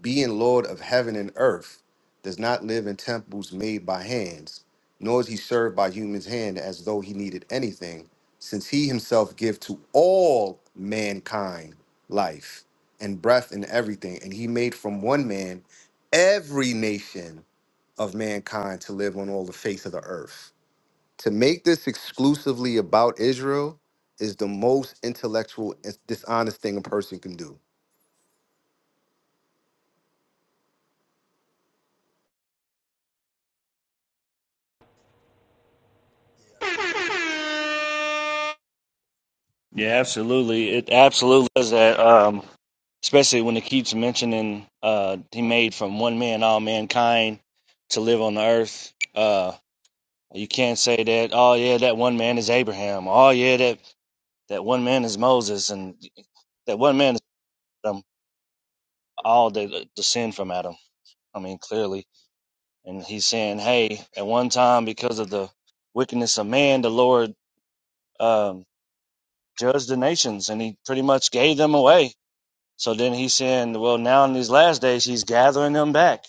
[SPEAKER 5] being Lord of heaven and earth, does not live in temples made by hands, nor is he served by human's hand as though he needed anything, since he himself give to all mankind life and breath and everything, and he made from one man every nation of mankind to live on all the face of the earth. To make this exclusively about Israel is the most intellectual and dishonest thing a person can do.
[SPEAKER 7] Yeah, I think it's kind of.
[SPEAKER 2] Yeah,
[SPEAKER 7] Um,
[SPEAKER 2] absolutely. It absolutely does that. Um, especially when it keeps mentioning uh, he made from one man all mankind to live on the earth. Uh, you can't say that. Oh yeah, that one man is Abraham. Oh yeah, that that one man is Moses, and that one man is Adam. All the descend from Adam. I mean, clearly, and he's saying, hey, at one time because of the wickedness of man, the Lord um, judged the nations, and he pretty much gave them away So then he's saying, well, now in these last days, he's gathering them back.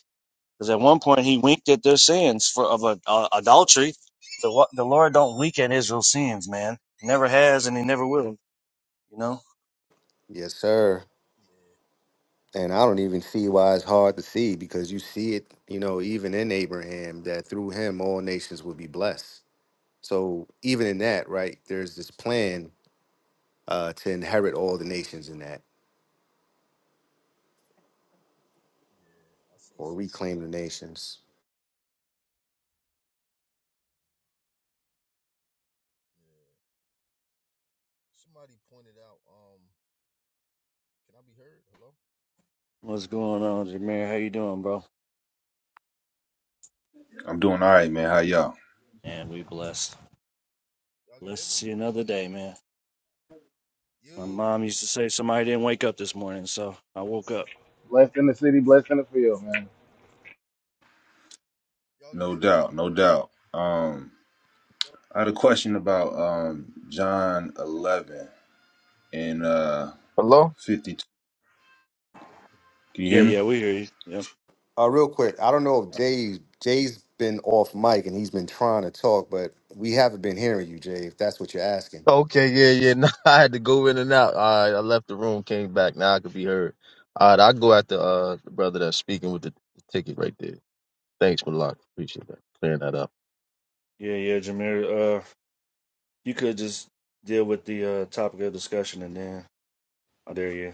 [SPEAKER 2] Because at one point he winked at their sins for of a, uh, adultery. The, the Lord don't wink at Israel's sins, man. He Never has, and he never will. You know
[SPEAKER 5] Yes, sir.
[SPEAKER 7] yeah,
[SPEAKER 5] and I
[SPEAKER 7] it, it,
[SPEAKER 5] don't even
[SPEAKER 7] it-
[SPEAKER 5] see why it's hard to see because you see it, you know, even in Abraham that through him all nations will be blessed. So even in that, right, there's this plan uh, to inherit all the nations in that
[SPEAKER 7] yeah. I seen
[SPEAKER 5] or
[SPEAKER 7] some
[SPEAKER 5] reclaim
[SPEAKER 7] somebody.
[SPEAKER 5] the nations.
[SPEAKER 7] Yeah, somebody pointed out. Um, can I be heard? Hello.
[SPEAKER 2] what's
[SPEAKER 7] Just
[SPEAKER 2] going
[SPEAKER 7] making sure
[SPEAKER 2] on, Jameer? How you doing, bro?
[SPEAKER 8] I'm
[SPEAKER 7] you
[SPEAKER 8] doing
[SPEAKER 7] can
[SPEAKER 8] all
[SPEAKER 7] hear.
[SPEAKER 8] right, man. How y'all?
[SPEAKER 2] Man, we
[SPEAKER 7] Hello,
[SPEAKER 2] blessed.
[SPEAKER 7] y'all can
[SPEAKER 2] Blessed
[SPEAKER 7] hear
[SPEAKER 2] to
[SPEAKER 7] me.
[SPEAKER 2] see another day, man. My
[SPEAKER 7] You,
[SPEAKER 2] mom used to say somebody didn't wake up this morning, so I woke up.
[SPEAKER 4] Blessed in the city, blessed in the field, man.
[SPEAKER 7] y'all can
[SPEAKER 8] No
[SPEAKER 7] hear me.
[SPEAKER 8] doubt, no doubt. Um,
[SPEAKER 7] Hello?
[SPEAKER 8] I had a question about um John 11 and uh
[SPEAKER 7] Hello?
[SPEAKER 8] 52. Can you
[SPEAKER 2] Yeah,
[SPEAKER 8] hear me? It
[SPEAKER 2] yeah, we hear you. Yep.
[SPEAKER 5] Uh, real quick, I don't know if Jay Jay's been off mic and he's been trying to talk, but we haven't been hearing you, Jay. If that's what you're asking.
[SPEAKER 7] Okay, yeah, yeah. Now I had to go in and out. All right, I left the room, came back. Now I could be heard. All right, I'll go after uh, the brother that's speaking with the ticket right there. Thanks, Malak. Appreciate that. Clearing that up.
[SPEAKER 2] Yeah, yeah, Jameer. Uh, you could just deal with the uh topic of discussion, and then oh, there you.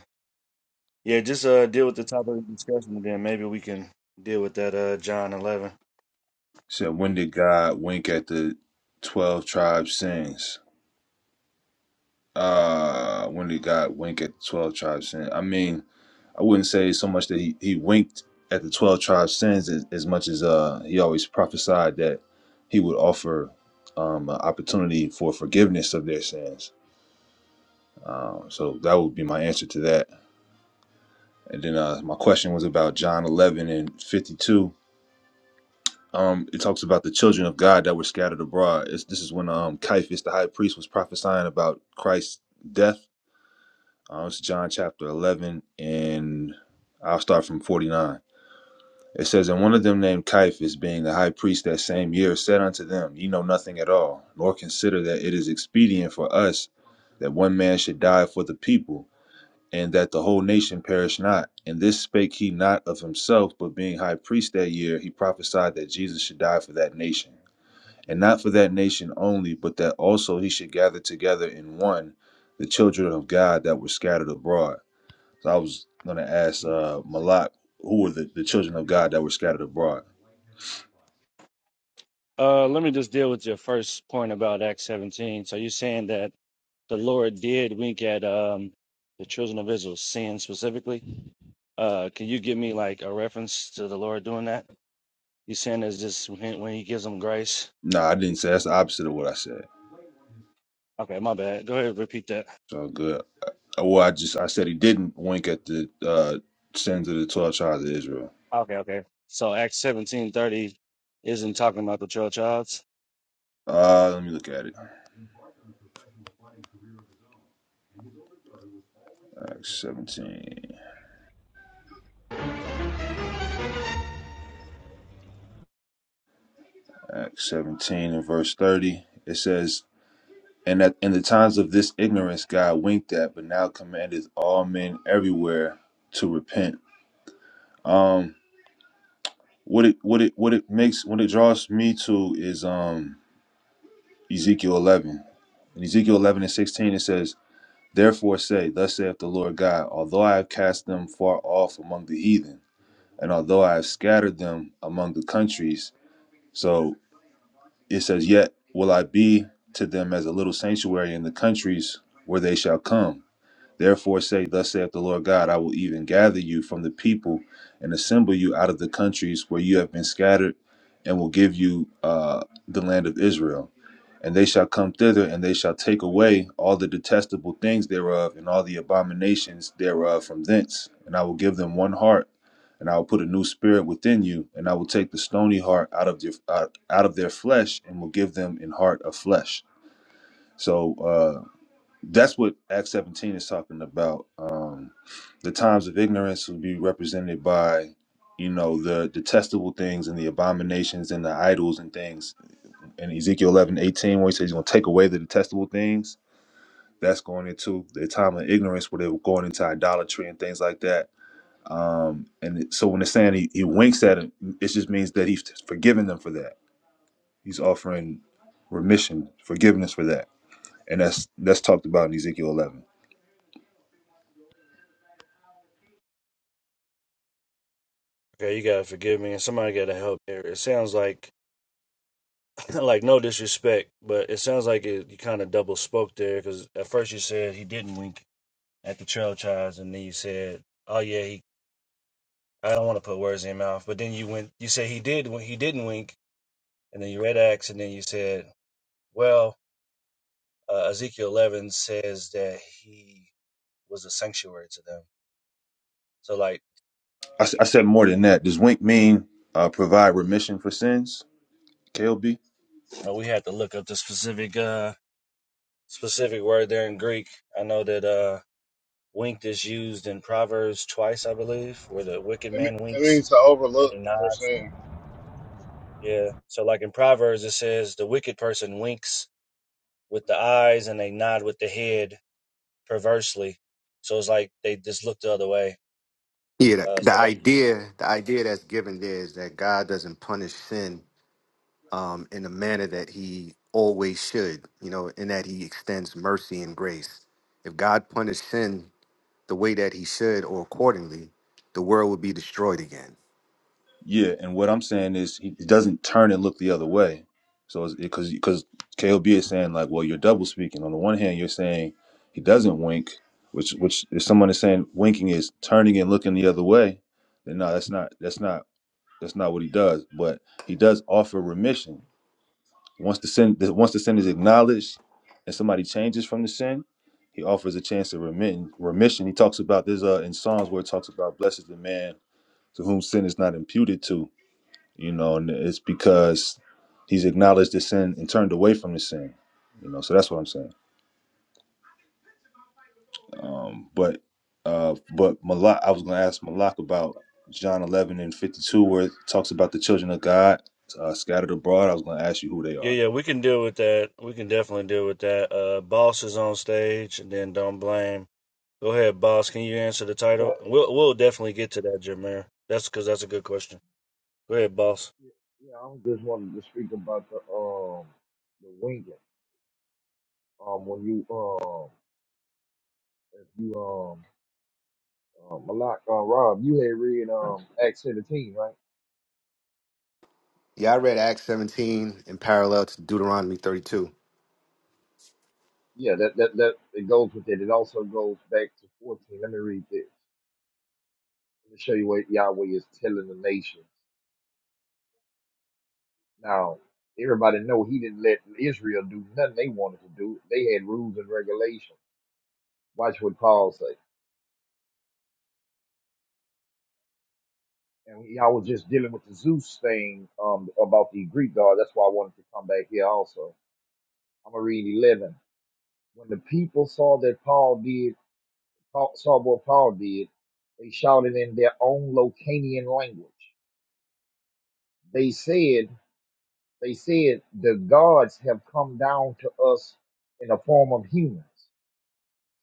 [SPEAKER 2] Yeah, just uh deal with the topic of discussion and then maybe we can deal with that uh John eleven.
[SPEAKER 8] said, when did God wink at the 12 tribes sins? Uh, when did God wink at the 12 tribes sins? I mean, I wouldn't say so much that he, he winked at the 12 tribes sins as, as much as uh he always prophesied that he would offer um an opportunity for forgiveness of their sins Um, so that would be my answer to that. And then uh, my question was about John 11 and 52. Um, it talks about the children of God that were scattered abroad. It's, this is when um, Caiaphas, the high priest, was prophesying about Christ's death. Uh, it's John chapter 11, and I'll start from 49. It says, And one of them named Caiaphas, being the high priest that same year, said unto them, Ye know nothing at all, nor consider that it is expedient for us that one man should die for the people and that the whole nation perish not. And this spake he not of himself, but being high priest that year, he prophesied that Jesus should die for that nation. And not for that nation only, but that also he should gather together in one the children of God that were scattered abroad. So I was going to ask uh, Malak, who were the, the children of God that were scattered abroad?
[SPEAKER 2] Uh, let me just deal with your first point about Acts 17. So you're saying that the Lord did wink at um, the children of Israel's sin specifically. Uh, can you give me like a reference to the Lord doing that? You saying it's just when when He gives them grace?
[SPEAKER 8] No, I didn't say that's the opposite of what I said.
[SPEAKER 2] Okay, my bad. Go ahead, and repeat that.
[SPEAKER 8] So good. Uh, Well, I just I said he didn't wink at the uh, sins of the twelve tribes of Israel.
[SPEAKER 2] Okay, okay. So Acts 17:30 isn't talking about the 12 tribes.
[SPEAKER 8] Uh, let me look at it. Acts 17. Acts 17 and verse 30. It says, And that in the times of this ignorance God winked at, but now commandeth all men everywhere to repent. Um what it what it what it makes what it draws me to is um Ezekiel eleven. In Ezekiel eleven and sixteen it says, Therefore say, Thus saith the Lord God, although I have cast them far off among the heathen, and although I have scattered them among the countries. so. It says, Yet will I be to them as a little sanctuary in the countries where they shall come. Therefore say, Thus saith the Lord God, I will even gather you from the people and assemble you out of the countries where you have been scattered, and will give you uh, the land of Israel. And they shall come thither, and they shall take away all the detestable things thereof, and all the abominations thereof from thence. And I will give them one heart, and I will put a new spirit within you, and I will take the stony heart out of your out, out of their flesh, and will give them an heart of flesh. So uh, that's what Acts 17 is talking about. Um, the times of ignorance will be represented by, you know, the detestable things and the abominations and the idols and things. And Ezekiel 11 18, where he says he's going to take away the detestable things, that's going into the time of ignorance where they were going into idolatry and things like that. Um, and it- so when they're saying he, he winks at him, it just means that he's forgiven them for that. He's offering remission, forgiveness for that. And that's that's talked about in Ezekiel 11.
[SPEAKER 2] Okay, you gotta forgive me, and somebody gotta help here. It sounds like like no disrespect, but it sounds like it, you kind of double spoke there because at first you said he didn't wink at the trail chives, and then you said, "Oh yeah, he." I don't want to put words in your mouth, but then you went. You said he did when he didn't wink, and then you read Acts, and then you said, "Well, uh, Ezekiel 11 says that he was a sanctuary to them." So like
[SPEAKER 8] I, s- I said more than that. Does wink mean uh, provide remission for sins? KLB?
[SPEAKER 2] uh, we had to look up the specific uh specific word there in Greek. I know that uh winked is used in Proverbs twice, I believe, where the wicked
[SPEAKER 4] It, me-
[SPEAKER 2] man
[SPEAKER 4] it
[SPEAKER 2] winks
[SPEAKER 4] means to
[SPEAKER 2] and
[SPEAKER 4] overlook.
[SPEAKER 2] he
[SPEAKER 4] They're
[SPEAKER 2] nods.
[SPEAKER 4] saying
[SPEAKER 2] Yeah. So like in Proverbs it says the wicked person winks with the eyes and they nod with the head perversely. So it's like they just look the other way.
[SPEAKER 5] Yeah, the,
[SPEAKER 2] Uh
[SPEAKER 5] the
[SPEAKER 2] so that
[SPEAKER 5] idea, the idea that's given there is that God doesn't punish sin um, in the manner that he always should, you know, in that he extends mercy and grace. If God punished sin the way that he should or accordingly, the world would be destroyed again.
[SPEAKER 8] Yeah, and what I'm saying is he doesn't turn and look the other way. So because because KLB is saying like, well, you're double speaking. On the one hand, you're saying he doesn't wink, which which if someone is saying winking is turning and looking the other way, then no, that's not that's not that's not what he does. But he does offer remission Once the sin once the sin is acknowledged and somebody changes from the sin, he offers a chance of remission. remission. He talks about there's uh in Psalms where it talks about blessed is the man to whom sin is not imputed to, you know, and it's because he's acknowledged the sin and turned away from the sin. You know, so that's what I'm saying. Um but uh but Malak I was gonna ask Malak about John eleven and fifty two where it talks about the children of God uh, scattered abroad. I was gonna ask you who they
[SPEAKER 2] Yeah,
[SPEAKER 8] are.
[SPEAKER 2] yeah, we can deal with that. We can definitely deal with that. Uh boss is on stage and then don't blame. Go ahead, boss. Can you answer the
[SPEAKER 9] Yeah,
[SPEAKER 2] title? We'll we'll definitely get to that, Jameer. That's because that's a good question. Go ahead, boss.
[SPEAKER 9] yeah, yeah, I just wanted to speak about the um the winking. Um, when you um if you um um Malak uh, Rob, you had read um Acts seventeen, right?
[SPEAKER 5] Yeah, I read Acts 17 in parallel to Deuteronomy 32.
[SPEAKER 9] Yeah, that that that it goes with it. It also goes back to fourteen. Let me read this. Let me show you what Yahweh is telling the nation. Now, everybody know he didn't let Israel do nothing they wanted to do. They had rules and regulations. Watch what Paul say. and y'all was just dealing with the Zeus thing um, about the Greek god. That's why I wanted to come back here also. I'm gonna read eleven. When the people saw that Paul did Paul, saw what Paul did, they shouted in their own Locanian language. They said, "They said the gods have come down to us in the form of humans."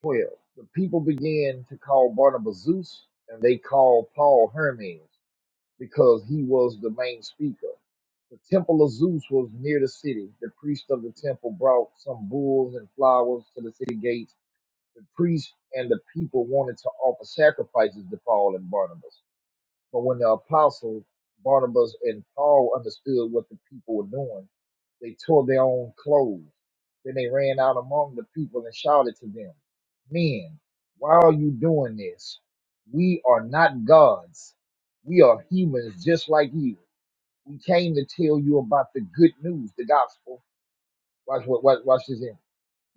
[SPEAKER 9] Twelve. The people began to call Barnabas Zeus, and they called Paul Hermes. because he was the main speaker. The temple of Zeus was near the city. The priest of the temple brought some bulls and flowers to the city gates. The priest and the people wanted to offer sacrifices to Paul and Barnabas. But when the apostles Barnabas and Paul understood what the people were doing, they tore their own clothes. Then they ran out among the people and shouted to them, Men, why are you doing this? We are not gods. We are humans just like you. We came to tell you about the good news, the gospel. Watch what watch, watch this in.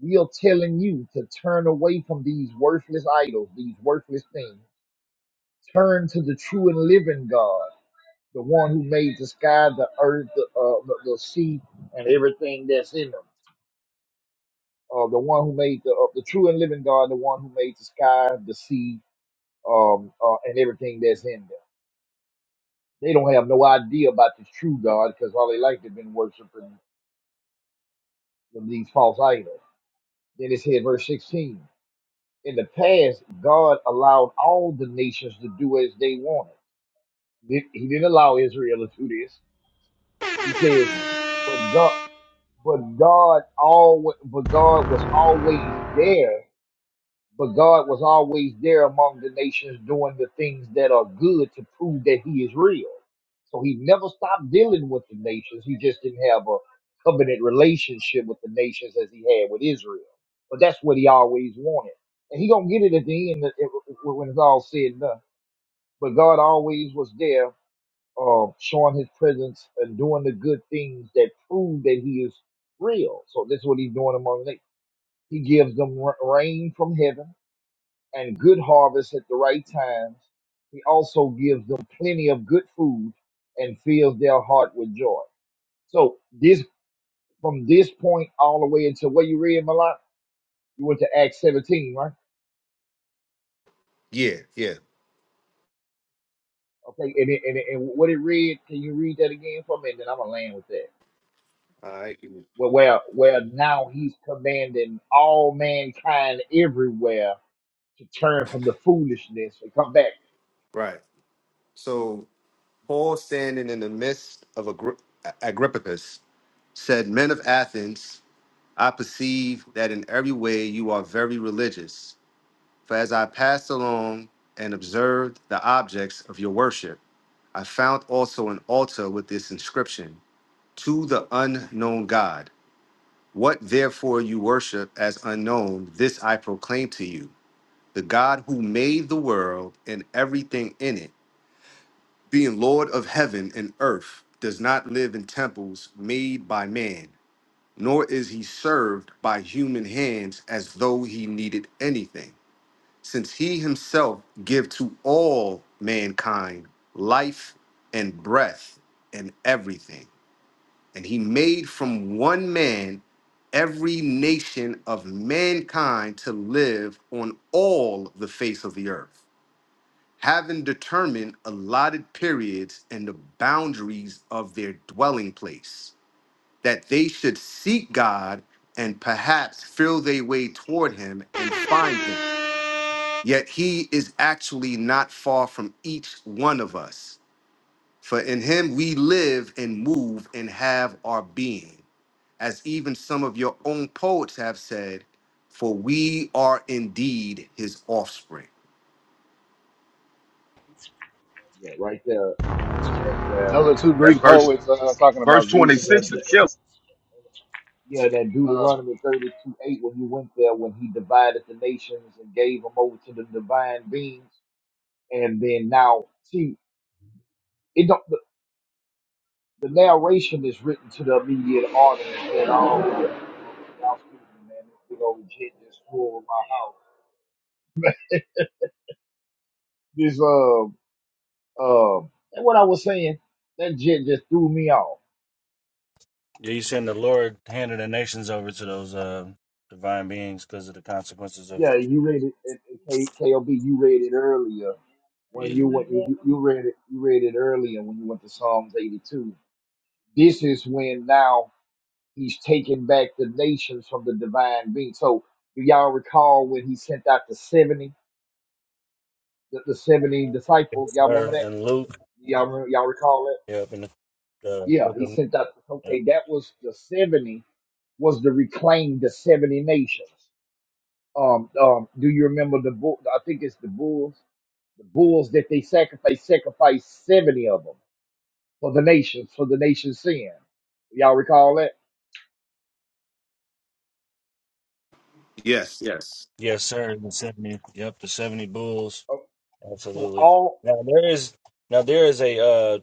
[SPEAKER 9] We are telling you to turn away from these worthless idols, these worthless things. Turn to the true and living God the one who made the sky, the earth, the, uh, the, the sea, and everything that's in them. Uh, the one who made the uh, the true and living God, the one who made the sky, the sea, um, uh, and everything that's in them. They don't have no idea about the true God because all they like they've been worshiping them, these false idols. Then it said, verse 16. In the past, God allowed all the nations to do as they wanted. he didn't allow Israel to do this. He says, but God. but God always, but God was always there. But God was always there among the nations doing the things that are good to prove that He is real. So He never stopped dealing with the nations. He just didn't have a covenant relationship with the nations as He had with Israel. But that's what He always wanted, and He gonna get it at the end if- if- when it's all said and done. But God always was there uh, showing his presence and doing the good things that prove that he is real. So that's what he's doing among them. He gives them ra- rain from heaven and good harvest at the right times. He also gives them plenty of good food and fills their heart with joy. So this from this point all the way until what you read, Malak, you went to Acts 17, right?
[SPEAKER 5] Yeah, yeah.
[SPEAKER 9] Okay, and, it, and, it, and what it read, can you read that again for me? And then I'm gonna land with that.
[SPEAKER 5] All right.
[SPEAKER 9] where where where now he's commanding all mankind everywhere to turn from the foolishness and come back.
[SPEAKER 5] Right. So Paul, standing in the midst of Agri- Agrippicus, said, Men of Athens, I perceive that in every way you are very religious. For as I passed along and observed the objects of your worship, I found also an altar with this inscription To the unknown God. What therefore you worship as unknown, this I proclaim to you the God who made the world and everything in it, being Lord of heaven and earth, does not live in temples made by man, nor is he served by human hands as though he needed anything since he himself give to all mankind life and breath and everything and he made from one man every nation of mankind to live on all the face of the earth having determined allotted periods and the boundaries of their dwelling place that they should seek god and perhaps feel their way toward him and find him Yet he is actually not far from each one of us. For in him we live and move and have our being. As even some of your own poets have said, for we are indeed his offspring.
[SPEAKER 9] Yeah, right there, and, and that's where
[SPEAKER 4] those are two
[SPEAKER 10] That
[SPEAKER 4] Greek
[SPEAKER 10] verse
[SPEAKER 4] poets uh, talking
[SPEAKER 10] verse
[SPEAKER 4] about
[SPEAKER 10] twenty
[SPEAKER 9] and
[SPEAKER 4] Zeus.
[SPEAKER 9] that
[SPEAKER 10] six is
[SPEAKER 9] and,
[SPEAKER 10] killer.
[SPEAKER 9] yeah that
[SPEAKER 4] Uh,
[SPEAKER 9] Deuteronomy thirty two eight when you went there when he divided the nations and gave them over to the divine beings, and then now see it don't the, the narration is written to the immediate audience that all. Y'all excuse man, this big old jet just flew over my house. This uh, Um, and what I was saying, that shit just threw me off.
[SPEAKER 2] Yeah, you saying the Lord handed the nations over to those uh divine beings because of the consequences of
[SPEAKER 9] Yeah, you read it, it, it K, KOB, you read it earlier when
[SPEAKER 2] yeah.
[SPEAKER 9] you went, you, you you read it, you read it earlier when you went to Psalms 82. This is when now he's taking back the nations from the divine being. So do y'all recall when he sent out the 70, the, the 70
[SPEAKER 2] Yes,
[SPEAKER 9] disciples? Y'all remember
[SPEAKER 2] sir.
[SPEAKER 9] that?
[SPEAKER 2] And Luke,
[SPEAKER 9] Y'all, remember, y'all recall that?
[SPEAKER 2] yep, in the uh,
[SPEAKER 9] Yeah,
[SPEAKER 2] book
[SPEAKER 9] he
[SPEAKER 2] of Luke.
[SPEAKER 9] sent out,
[SPEAKER 2] Yep.
[SPEAKER 9] okay, that was the 70 was to reclaim the 70 nations. Um, um, do you remember the bull? I think it's the bulls. The bulls that they sacrificed, sacrificed seventy of them for the nations, for the nation's sin. Y'all recall that?
[SPEAKER 5] Yes, yes.
[SPEAKER 2] Yes, sir. in The seventy, yep, the seventy bulls.
[SPEAKER 9] Uh, So
[SPEAKER 2] Absolutely.
[SPEAKER 9] all,
[SPEAKER 2] Now there is now there is a uh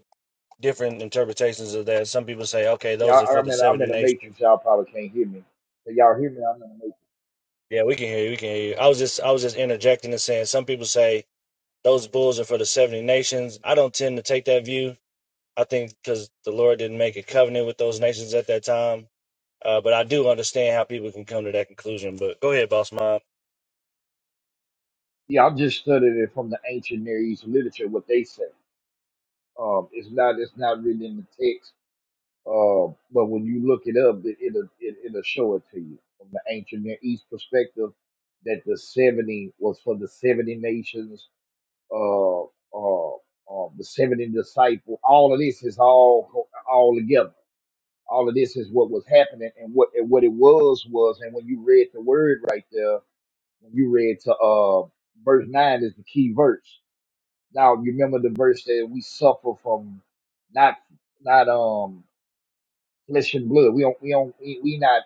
[SPEAKER 2] different interpretations of that. Some people say, okay,
[SPEAKER 9] yeah,
[SPEAKER 2] those are
[SPEAKER 9] I-
[SPEAKER 2] for
[SPEAKER 9] I'm
[SPEAKER 2] the
[SPEAKER 9] in, a, I'm
[SPEAKER 2] seventy
[SPEAKER 9] in a
[SPEAKER 2] nations.
[SPEAKER 9] matrix. Y'all probably can't hear me. Can y'all hear me? I'm in a matrix.
[SPEAKER 2] Yeah, we can hear you. We can hear you. I was just I was just interjecting and saying some people say those bulls are for the seventy nations. I don't tend to take that view. I think because the Lord didn't make a covenant with those nations at that time. Uh, but I do understand how people can come to that conclusion. But go ahead, boss mom.
[SPEAKER 9] Yeah, I'm just studying it from the ancient Near East literature. What they say. Um, it's not, it's not really in the text Uh, but when you look it up, it, it'll it, it'll show it to you from the ancient Near East perspective that the seventy was for the seventy nations. Uh, uh, uh, the seventy disciple. All of this is all co- all together. All of this is what was happening, and what and what it was was. And when you read the word right there, when you read to uh verse nine is the key verse. Now you remember the verse that we suffer from not not um flesh and blood. We don't, we don't, we, we not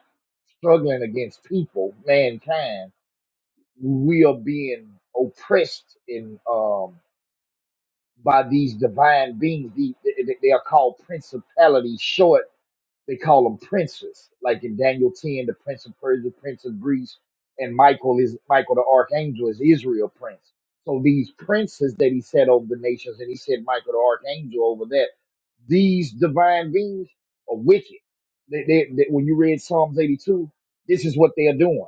[SPEAKER 9] struggling against people, mankind. We are being oppressed in, um, by these divine beings. The, they, they are called principalities, Short. They call them princes, like in Daniel 10, the prince of Persia, prince of Greece, and Michael is Michael the archangel is Israel prince. So these princes that he said over the nations, and he said Michael the archangel over that, these divine beings are wicked. They, they, they, when you read Psalms 82, this is what they are doing.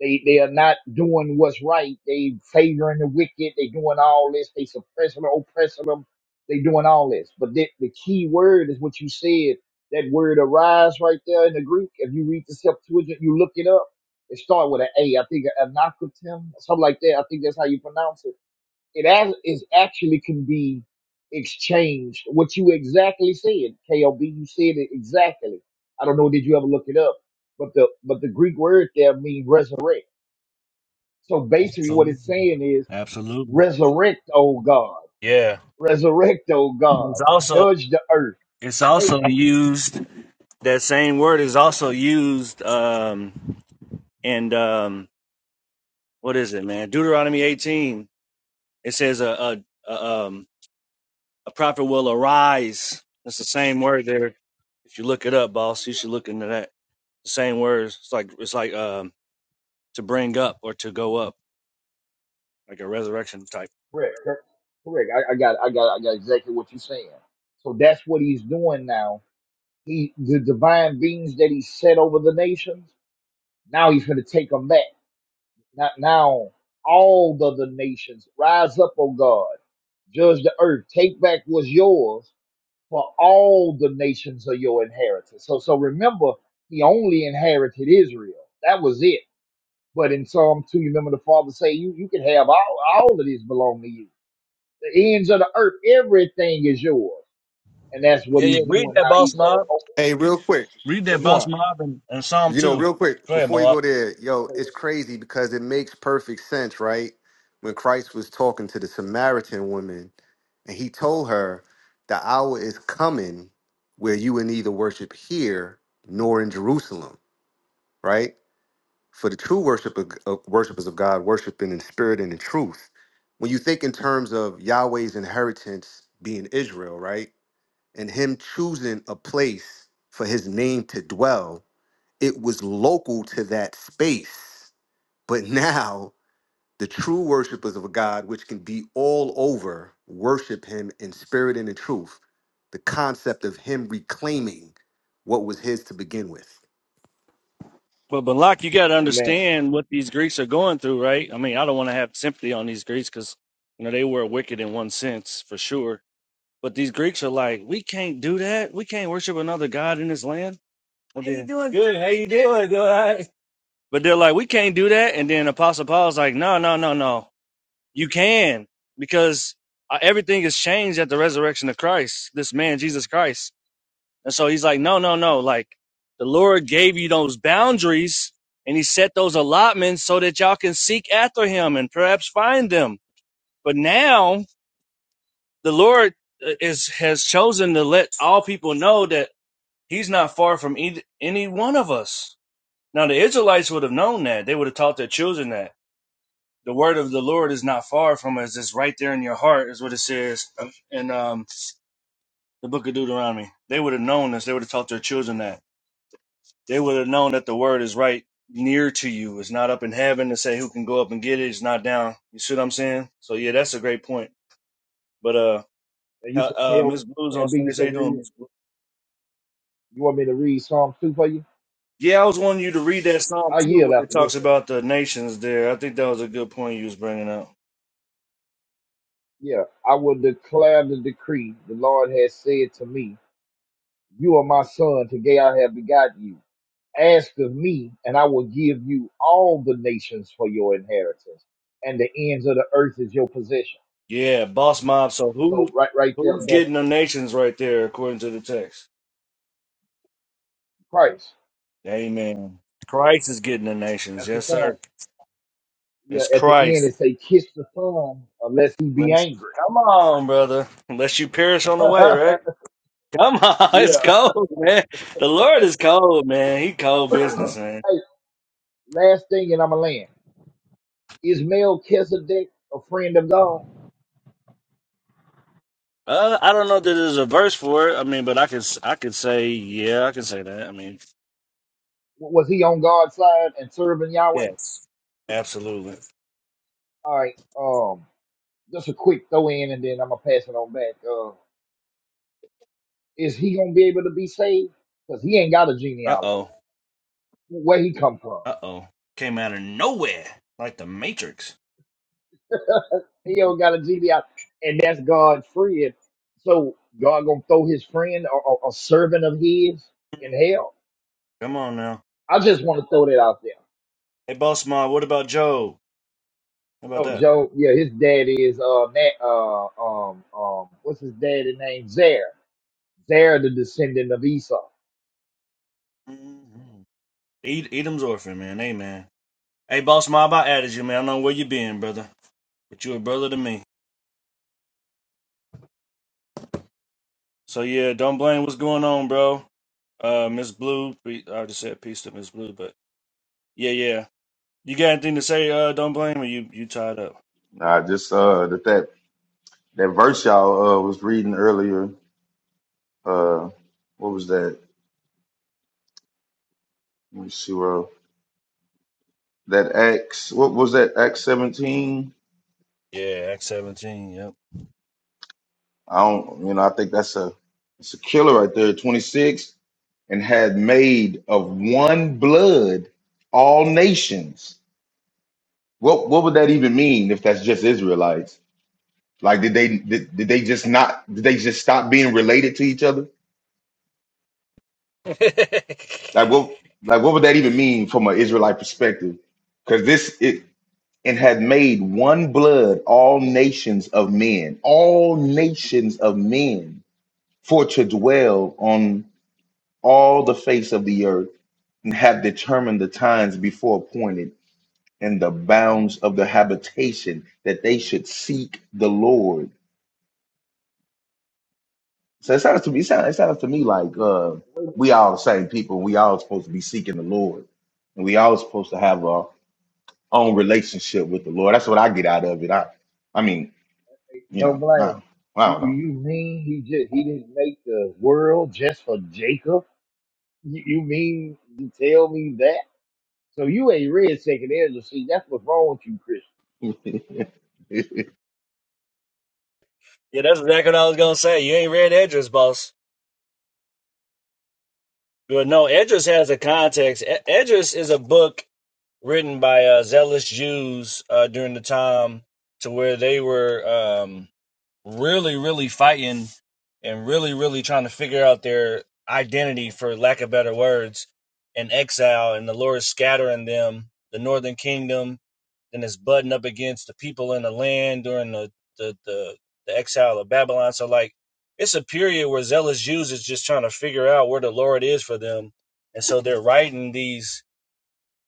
[SPEAKER 9] They they are not doing what's right. They favoring the wicked. They doing all this. They suppressing them, oppressing them. They doing all this. But the, the key word is what you said. That word arise right there in the Greek. If you read the Septuagint, you look it up. It starts with an A. I think anakotem, something like that. I think that's how you pronounce it. It as, is actually can be exchanged. What you exactly said, KLB, you said it exactly. I don't know. Did you ever look it up? But the but the Greek word there means resurrect. So basically, what
[SPEAKER 2] Absolutely.
[SPEAKER 9] it's saying is,
[SPEAKER 2] Absolutely.
[SPEAKER 9] resurrect, oh God,
[SPEAKER 2] Yeah.
[SPEAKER 9] resurrect, oh God,
[SPEAKER 2] It's also
[SPEAKER 9] judge the earth.
[SPEAKER 2] it's
[SPEAKER 9] Hey,
[SPEAKER 2] also used that same word is also used um and um what is it man Deuteronomy 18 it says a a, a um a prophet will arise that's the same word there if you look it up boss you should look into that the same words it's like it's like um to bring up or to go up like a resurrection type
[SPEAKER 9] correct, cor- correct. I, I got, I got, I got exactly what you're saying. So that's what he's doing now. He, the divine beings that he set over the nations. Now he's going to take them back. Not now, all the other nations rise up, oh God, judge the earth, take back what's yours for all the nations of your inheritance. So so remember, he only inherited Israel. That was it. But in Psalm 2, you remember the father say, You you can have all, all of these belong to you. The ends of the earth, everything is yours. And that's what
[SPEAKER 2] Yeah, yeah.
[SPEAKER 9] he's
[SPEAKER 2] Read
[SPEAKER 9] doing
[SPEAKER 2] that,
[SPEAKER 9] now.
[SPEAKER 2] boss
[SPEAKER 9] He's uh
[SPEAKER 2] mob.
[SPEAKER 9] oh,
[SPEAKER 5] Hey, real quick,
[SPEAKER 2] read
[SPEAKER 9] which
[SPEAKER 2] that boss
[SPEAKER 9] one?
[SPEAKER 2] mob and, and Psalm
[SPEAKER 5] you know,
[SPEAKER 2] 2
[SPEAKER 5] real quick,
[SPEAKER 2] go ahead
[SPEAKER 5] before you go
[SPEAKER 2] Malak
[SPEAKER 5] there, yo,
[SPEAKER 9] Okay.
[SPEAKER 5] it's crazy because it makes perfect sense, right? When Christ was talking to the Samaritan woman And he told her, The hour is coming where you will neither worship here nor in Jerusalem, right? For the true worship of, of worshipers of God, worshiping in spirit and in truth. When you think in terms of Yahweh's inheritance being Israel, right? And him choosing a place for his name to dwell, it was local to that space. But now the true worshipers of God, which can be all over, worship him in spirit and in truth. The concept of him reclaiming what was his to begin with.
[SPEAKER 2] But Balak, you got to
[SPEAKER 9] Amen.
[SPEAKER 2] understand what these Greeks are going through, right? I mean, I don't want to have sympathy on these Greeks because you know they were wicked in one sense for sure. But these Greeks are like, we can't do that. We can't worship another god in this land. Well, How you then- doing? Good. How you doing? Doing all right. But they're like, we can't do that. And then Apostle Paul's like, no, no, no, no. You can because uh, everything has changed at the resurrection of Christ. This man, Jesus Christ. And so he's like, no, no, no. Like the Lord gave you those boundaries and he set those allotments so that y'all can seek after him and perhaps find them. But now the Lord uh, is, has chosen to let all people know that he's not far from either, any one of us. Now the Israelites would have known that. They would have taught their children that. The word of the Lord is not far from us. It's right there in your heart, is what it says in um, the book of Deuteronomy. They would have known this. They would have taught their children that. they would have known that the word is right near to you. It's not up in heaven to say who can go up and get it. It's not down. You see what I'm saying? So yeah, that's a great point. But uh,
[SPEAKER 9] And you
[SPEAKER 2] uh,
[SPEAKER 9] said
[SPEAKER 2] uh,
[SPEAKER 9] KL,
[SPEAKER 2] Miss Blues on
[SPEAKER 9] KLB, you
[SPEAKER 2] stage, how
[SPEAKER 9] said
[SPEAKER 2] you doing,
[SPEAKER 9] read-
[SPEAKER 2] Miss Blues?
[SPEAKER 9] you want me to read Psalm 2 for you?
[SPEAKER 2] Yeah, I was wanting you to read that psalm
[SPEAKER 9] I
[SPEAKER 2] too,
[SPEAKER 9] yield
[SPEAKER 2] where it
[SPEAKER 9] after this
[SPEAKER 2] talks
[SPEAKER 9] one.
[SPEAKER 2] about the nations there. I think that was a good point you was bringing up.
[SPEAKER 9] Yeah. I will declare the decree the Lord has said to me, You are my son, today I have begotten you. Ask of me, and I will give you all the nations for your inheritance, and the ends of the earth is your possession.
[SPEAKER 2] Yeah, boss mob. So who
[SPEAKER 9] So right, right there,
[SPEAKER 2] who's
[SPEAKER 9] that's
[SPEAKER 2] getting the nations right there according to the text?
[SPEAKER 9] Christ.
[SPEAKER 2] Amen. Christ is getting the nations.
[SPEAKER 9] That's the
[SPEAKER 2] Yes,
[SPEAKER 9] Son.
[SPEAKER 2] sir.
[SPEAKER 9] Yeah,
[SPEAKER 2] It's
[SPEAKER 9] at the end it
[SPEAKER 2] Christ.
[SPEAKER 9] say, kiss the Son, unless he be
[SPEAKER 2] Let's
[SPEAKER 9] angry.
[SPEAKER 2] come on, brother. Unless you perish on the way, right? Come on,
[SPEAKER 9] yeah.
[SPEAKER 2] it's cold, man. The Lord is cold, man. He cold business, man.
[SPEAKER 9] Hey, last thing, and I'm a land. Is Melchizedek a friend of God?
[SPEAKER 2] Uh, I don't know that there's a verse for it. I mean, but I could, s- I could say, yeah, I can say that. I mean,
[SPEAKER 9] W- Was he on God's side and serving Yahweh?
[SPEAKER 2] yes, absolutely.
[SPEAKER 9] All right. Um, just a quick throw in, and then I'm gonna pass it on back. uh, Is he gonna be able to be saved? Because he ain't got a
[SPEAKER 2] Uh
[SPEAKER 9] genealogy.
[SPEAKER 2] oh,
[SPEAKER 9] Where he come from?
[SPEAKER 2] uh oh, came out of nowhere like the Matrix.
[SPEAKER 9] He don't got a genealogy, and that's God's friend. So God gonna throw his friend or, or a servant of his in hell.
[SPEAKER 2] Come on now,
[SPEAKER 9] I just want to throw that out there.
[SPEAKER 2] hey, boss ma, what about Joe? How about
[SPEAKER 9] Oh,
[SPEAKER 2] that?
[SPEAKER 9] Joe, yeah, his dad is uh, Nat, uh um um what's his daddy name? Zer. Zer, the descendant of Esau.
[SPEAKER 2] Mhm. Ed- Edom's orphan, man. Amen. Hey, boss ma, I about added you, man. I don't know where you been, brother, but you a brother to me. So yeah, don't blame what's going on, bro. Uh, Miss Blue, pe- I just said peace to Miss Blue, but yeah, yeah. You got anything to say? Uh, don't blame or you you tied up.
[SPEAKER 10] Nah, just uh that that, that verse y'all uh was reading earlier. Uh what was that? Let me see where that Acts what was that Acts seventeen?
[SPEAKER 2] Yeah, Act seventeen. Yep.
[SPEAKER 10] I don't you know, I think that's a it's a killer right there, twenty six, and had made of one blood all nations. What what would that even mean if that's just Israelites? Like did they did, did they just not did they just stop being related to each other? Like what like what would that even mean from an
[SPEAKER 2] yeah.
[SPEAKER 10] Israelite perspective? Because this it and had made one blood all nations of men, all nations of men, for to dwell on all the face of the earth, and have determined the times before appointed and the bounds of the habitation that they should seek the Lord. So it sounds to me, it sounds, it sounds to me like uh, we all the same people. We all supposed to be seeking the Lord, and we all supposed to have a own relationship with the Lord. That's what I get out of it. I, I mean, you
[SPEAKER 9] Don't
[SPEAKER 10] know,
[SPEAKER 9] blame.
[SPEAKER 10] I, I
[SPEAKER 9] You,
[SPEAKER 10] don't
[SPEAKER 9] you
[SPEAKER 10] know.
[SPEAKER 9] you mean he just he didn't make the world just for Jacob? You, you mean to tell me that? So you ain't read Second Ezra. See, that's what's wrong with you, Christian.
[SPEAKER 2] yeah, that's exactly what I was gonna say. You ain't read Edris, boss. But no, Edris has a context. E- Edris is a book written by uh, zealous Jews uh, during the time to where they were. um. really, really fighting and really, really trying to figure out their identity, for lack of better words, in exile. And the Lord is scattering them, the northern kingdom, then it's butting up against the people in the land during the, the, the, the exile of Babylon. So, like, it's a period where zealous Jews is just trying to figure out where the Lord is for them. And so they're writing these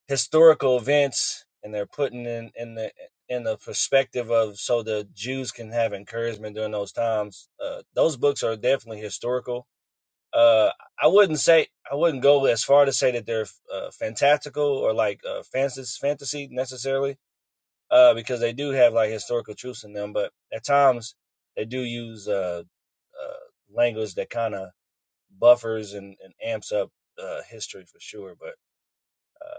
[SPEAKER 2] historical events and they're putting in in the in the perspective of so the Jews can have encouragement during those times. Uh, those books are definitely historical. Uh, I wouldn't say I wouldn't go as far to say that they're uh, fantastical or like uh, fantasy fantasy necessarily uh, because they do have like historical truths in them, but at times they do use uh, uh, language that kind of buffers and, and amps up uh, history for sure. But uh,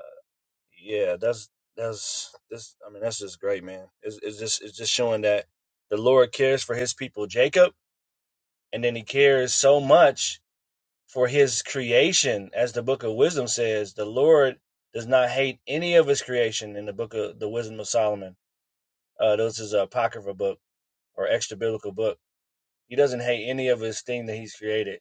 [SPEAKER 2] yeah, that's that's this. I mean, that's just great, man. It's, it's just it's just showing that the Lord cares for His people, Jacob, and then He cares so much for His creation, as the Book of Wisdom says. The Lord does not hate any of His creation. In the Book of the Wisdom of Solomon, uh, this is a apocryphal book or extra biblical book. He doesn't hate any of His thing that He's created.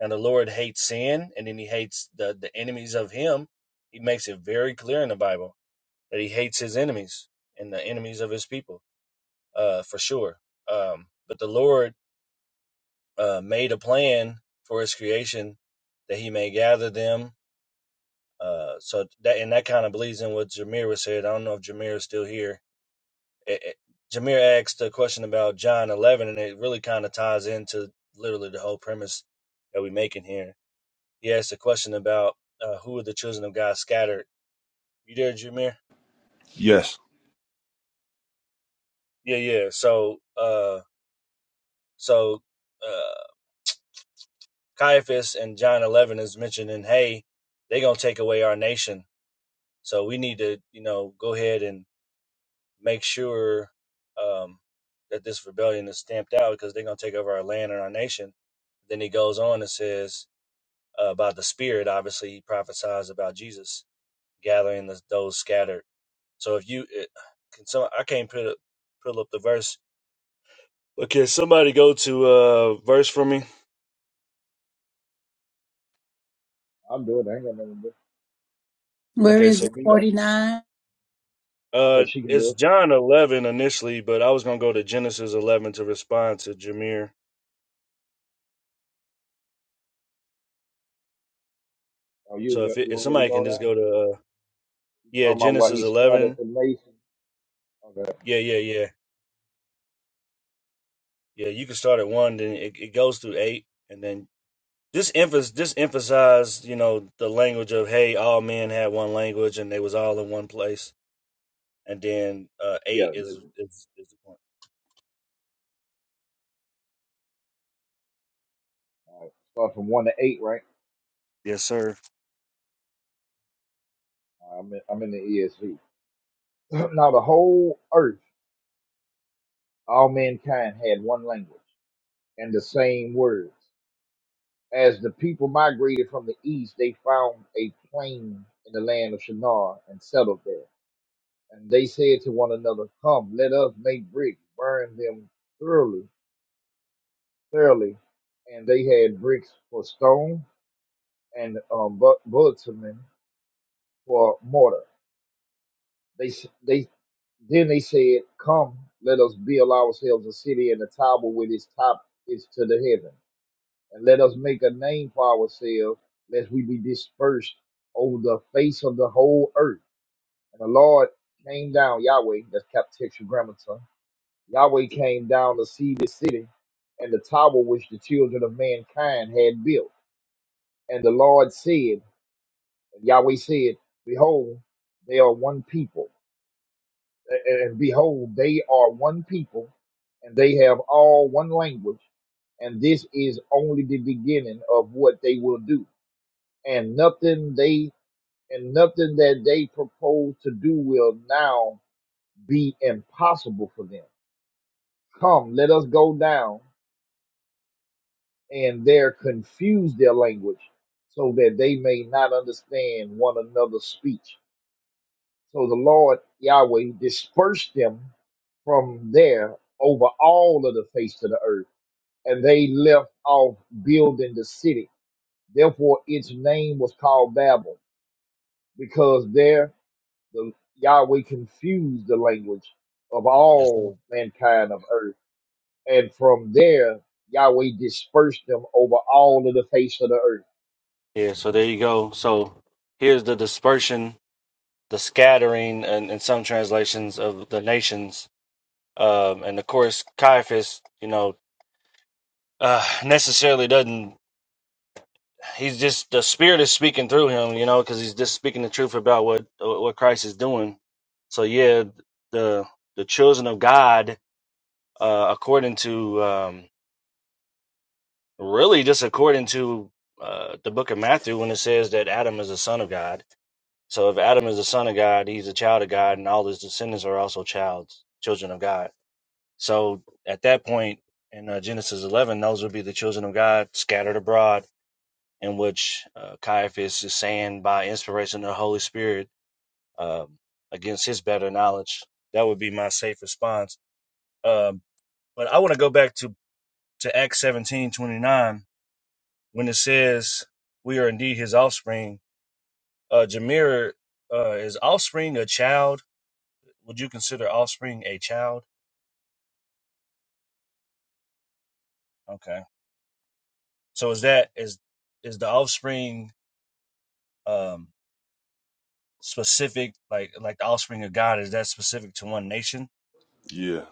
[SPEAKER 2] And the Lord hates sin, and then He hates the the enemies of Him. He makes it very clear in the Bible that he hates his enemies and the enemies of his people, uh, for sure. Um, but the Lord uh, made a plan for his creation that he may gather them. Uh, so that and that kind of bleeds in what Jameer was said. I don't know if Jameer is still here. It, it, Jameer asked a question about John 11, and it really kind of ties into literally the whole premise that we're making here. He asked a question about uh, who are the children of God scattered. You there, Jameer?
[SPEAKER 8] Yes.
[SPEAKER 2] Yeah, yeah. So, uh, so. uh. Caiaphas and John 11 is mentioning, hey, they're going to take away our nation. So we need to, you know, go ahead and make sure um, that this rebellion is stamped out because they're going to take over our land and our nation. Then he goes on and says uh, about the Spirit. Obviously, he prophesies about Jesus gathering the, those scattered. So if you it, can, some I can't put up, pull up the verse. But can somebody go to uh verse for me?
[SPEAKER 9] I'm doing it. I ain't got nothing to do.
[SPEAKER 11] Where
[SPEAKER 2] Okay,
[SPEAKER 9] Where you
[SPEAKER 11] is
[SPEAKER 2] so
[SPEAKER 9] want
[SPEAKER 11] it?
[SPEAKER 9] me to go?
[SPEAKER 11] 49?
[SPEAKER 9] Okay,
[SPEAKER 2] Uh,
[SPEAKER 9] she can do
[SPEAKER 2] it's
[SPEAKER 9] it.
[SPEAKER 2] John 11 initially, but I was gonna go to Genesis 11 to respond to Jameer.
[SPEAKER 9] Oh, you, was
[SPEAKER 2] So
[SPEAKER 9] gonna-
[SPEAKER 2] if it,
[SPEAKER 9] you
[SPEAKER 2] if
[SPEAKER 9] want me to
[SPEAKER 2] somebody
[SPEAKER 9] go
[SPEAKER 2] can just
[SPEAKER 9] now?
[SPEAKER 2] go to uh,
[SPEAKER 9] You
[SPEAKER 2] yeah
[SPEAKER 9] talking about why he
[SPEAKER 2] Genesis
[SPEAKER 9] scattered
[SPEAKER 2] 11,
[SPEAKER 9] the nation? Okay.
[SPEAKER 2] yeah yeah yeah yeah, you can start at one, then it, it goes through eight, and then this emphasis this emphasized you know the language of hey all men had one language and they was all in one place, and then uh
[SPEAKER 9] Yeah.
[SPEAKER 2] eight
[SPEAKER 9] This,
[SPEAKER 2] is
[SPEAKER 9] is,
[SPEAKER 2] is, is the point.
[SPEAKER 9] all right. Start from 1 to 8, right?
[SPEAKER 2] Yes sir.
[SPEAKER 9] All right, I'm in, I'm in the ESV. now, the whole earth, all mankind had one language and the same words. As the people migrated from the east, they found a plain in the land of Shinar and settled there And they said to one another, Come, let us make bricks, burn them thoroughly, thoroughly. And they had bricks for stone and um, bu- bitumen for mortar. They s- they then they said, Come, let us build ourselves a city and a tower with its top is to the heaven, and let us make a name for ourselves, lest we be dispersed over the face of the whole earth. And the Lord came down, Yahweh, that's Cap Textual Grammaton Yahweh came down to see the city and the tower which the children of mankind had built. And the Lord said, Yahweh said, Behold, they are one people. A- And behold, they are one people, and they have all one language. And this is only the beginning of what they will do. And nothing they and nothing that they propose to do will now be impossible for them. Come, let us go down and there confuse their language so that they may not understand one another's speech. So the Lord Yahweh dispersed them from there over all of the face of the earth, and they left off building the city. Therefore, its name was called Babel, because there the Yahweh confused the language of
[SPEAKER 2] Yes sir.
[SPEAKER 9] all mankind of earth. And from there, Yahweh dispersed them over all of the face of the earth.
[SPEAKER 2] Yeah, so there you go. So here's the dispersion the scattering and in some translations of the nations. Um, and of course, Caiaphas, you know, uh, necessarily doesn't. He's just the Spirit is speaking through him, you know, because he's just speaking the truth about what what Christ is doing. So yeah, the the children of God, uh, according to um, really just according to uh, the Book of Matthew, when it says that Adam is the son of God. So if Adam is the son of God, he's a child of God, and all his descendants are also childs, children of God. So at that point in uh, Genesis 11, those would be the children of God scattered abroad, in which uh, Caiaphas is saying by inspiration of the Holy Spirit um, against his better knowledge. That would be my safe response. Um, but I want to go back to, to Acts 17 29 when it says, We are indeed his offspring. Uh, Jameer, uh, is offspring a child? Would you consider offspring a child? Okay. So is that, is, is the offspring, um, specific like like the offspring of God is that specific to one nation?
[SPEAKER 8] Yeah.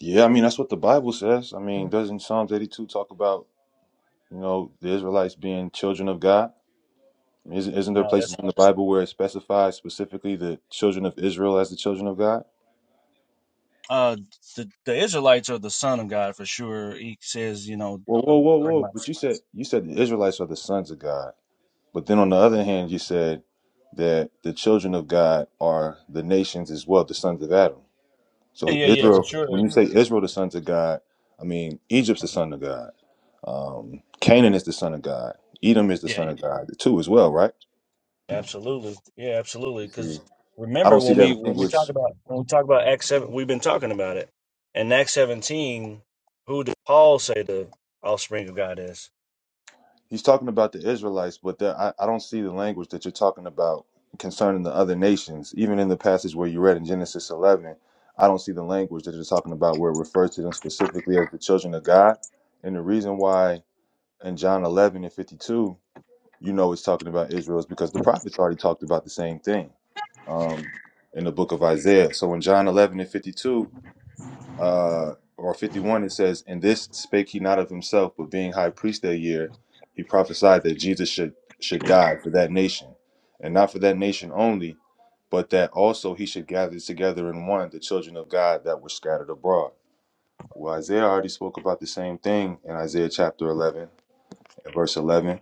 [SPEAKER 8] Yeah, I mean that's what the Bible says. I mean, doesn't Psalms eighty two talk about you know the Israelites being children of God? Isn't isn't there
[SPEAKER 2] No,
[SPEAKER 8] places
[SPEAKER 2] that's
[SPEAKER 8] in the Bible where it specifies specifically the children of Israel as the children of God?
[SPEAKER 2] uh the the Israelites are the son of God for sure. He says, you know,
[SPEAKER 8] Whoa, whoa,
[SPEAKER 2] um,
[SPEAKER 8] whoa,
[SPEAKER 2] bring my
[SPEAKER 8] whoa! But you said you said the Israelites are the sons of God. But then on the other hand, you said that the children of God are the nations as well, the sons of Adam.
[SPEAKER 2] yeah
[SPEAKER 8] So
[SPEAKER 2] yeah yeah for
[SPEAKER 8] Israel,
[SPEAKER 2] sure
[SPEAKER 8] when you say Israel, the sons of God, I mean Egypt's the son of God. Um, Canaan is the son of God. Edom is the
[SPEAKER 2] yeah,
[SPEAKER 8] son
[SPEAKER 2] yeah
[SPEAKER 8] of God The two as well, right?
[SPEAKER 2] absolutely yeah absolutely
[SPEAKER 8] You
[SPEAKER 2] because
[SPEAKER 8] see, I don't
[SPEAKER 2] remember
[SPEAKER 8] see
[SPEAKER 2] when we
[SPEAKER 8] that
[SPEAKER 2] when we talk
[SPEAKER 8] language.
[SPEAKER 2] about when we talk about Acts seven we've been talking about it in Acts seventeen who did Paul say the offspring of God is?
[SPEAKER 8] He's talking about the Israelites, but there, I, I don't see the language that you're talking about concerning the other nations. Even in the passage where you read in Genesis 11, I don't see the language that you're talking about where it refers to them specifically as the children of God. And the reason why in John 11 and 52, you know, it's talking about Israel is because the prophets already talked about the same thing um, in the book of Isaiah. So in John 11 and 52, uh, or 51, it says, And this spake he not of himself, but being high priest that year, he prophesied that Jesus should, should die for that nation, and not for that nation only, but that also he should gather together in one the children of God that were scattered abroad. Well, Isaiah already spoke about the same thing in Isaiah chapter 11, and verse 11.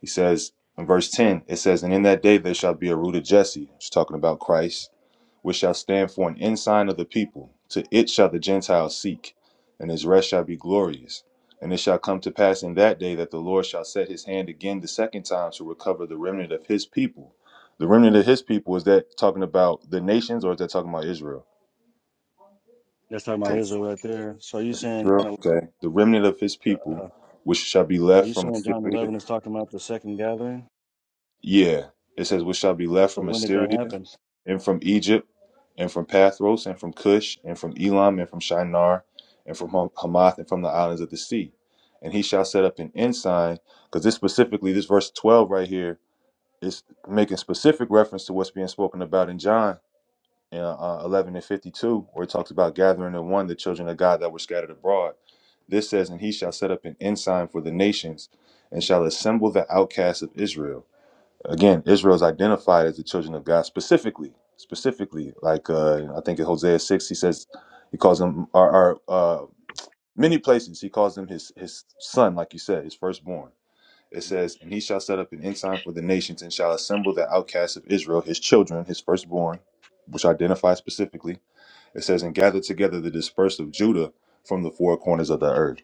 [SPEAKER 8] He says, in verse 10, it says, And in that day there shall be a root of Jesse. It's talking about Christ which shall stand for an ensign of the people. To it shall the Gentiles seek, and his rest shall be glorious. And it shall come to pass in that day that the Lord shall set his hand again the second time to recover the remnant of his people. The remnant of his people is that talking about the nations or is that talking about Israel?
[SPEAKER 2] That's talking about
[SPEAKER 8] Okay.
[SPEAKER 2] Israel right there. So you saying
[SPEAKER 8] Israel.
[SPEAKER 2] uh,
[SPEAKER 8] Okay. The remnant of his people,
[SPEAKER 2] are
[SPEAKER 8] which shall be left
[SPEAKER 2] you
[SPEAKER 8] from
[SPEAKER 2] saying John
[SPEAKER 8] Assyria.
[SPEAKER 2] eleven is talking about the second gathering?
[SPEAKER 8] Yeah. It says, which shall be left
[SPEAKER 2] So
[SPEAKER 8] from
[SPEAKER 2] when did that
[SPEAKER 8] Assyria
[SPEAKER 2] happen?
[SPEAKER 8] and from Egypt, and from Pathros, and from Cush, and from Elam, and from Shinar, and from Ham- Hamath, and from the islands of the sea. And he shall set up an ensign, because this specifically, this verse 12 right here is making specific reference to what's being spoken about in John uh, uh, 11 and 52, where it talks about gathering in one the children of God that were scattered abroad. This says, And he shall set up an ensign for the nations, and shall assemble the outcasts of Israel Again, Israel is identified as the children of God specifically, specifically. Like uh, I think in Hosea six, he says he calls them are uh, many places he calls them his his son, like you said, his firstborn. It
[SPEAKER 2] Mhm.
[SPEAKER 8] says, and he shall set up an ensign for the nations and shall assemble the outcasts of Israel, his children, his firstborn, which identifies specifically. It says, and gather together the dispersed of Judah from the four corners of the earth.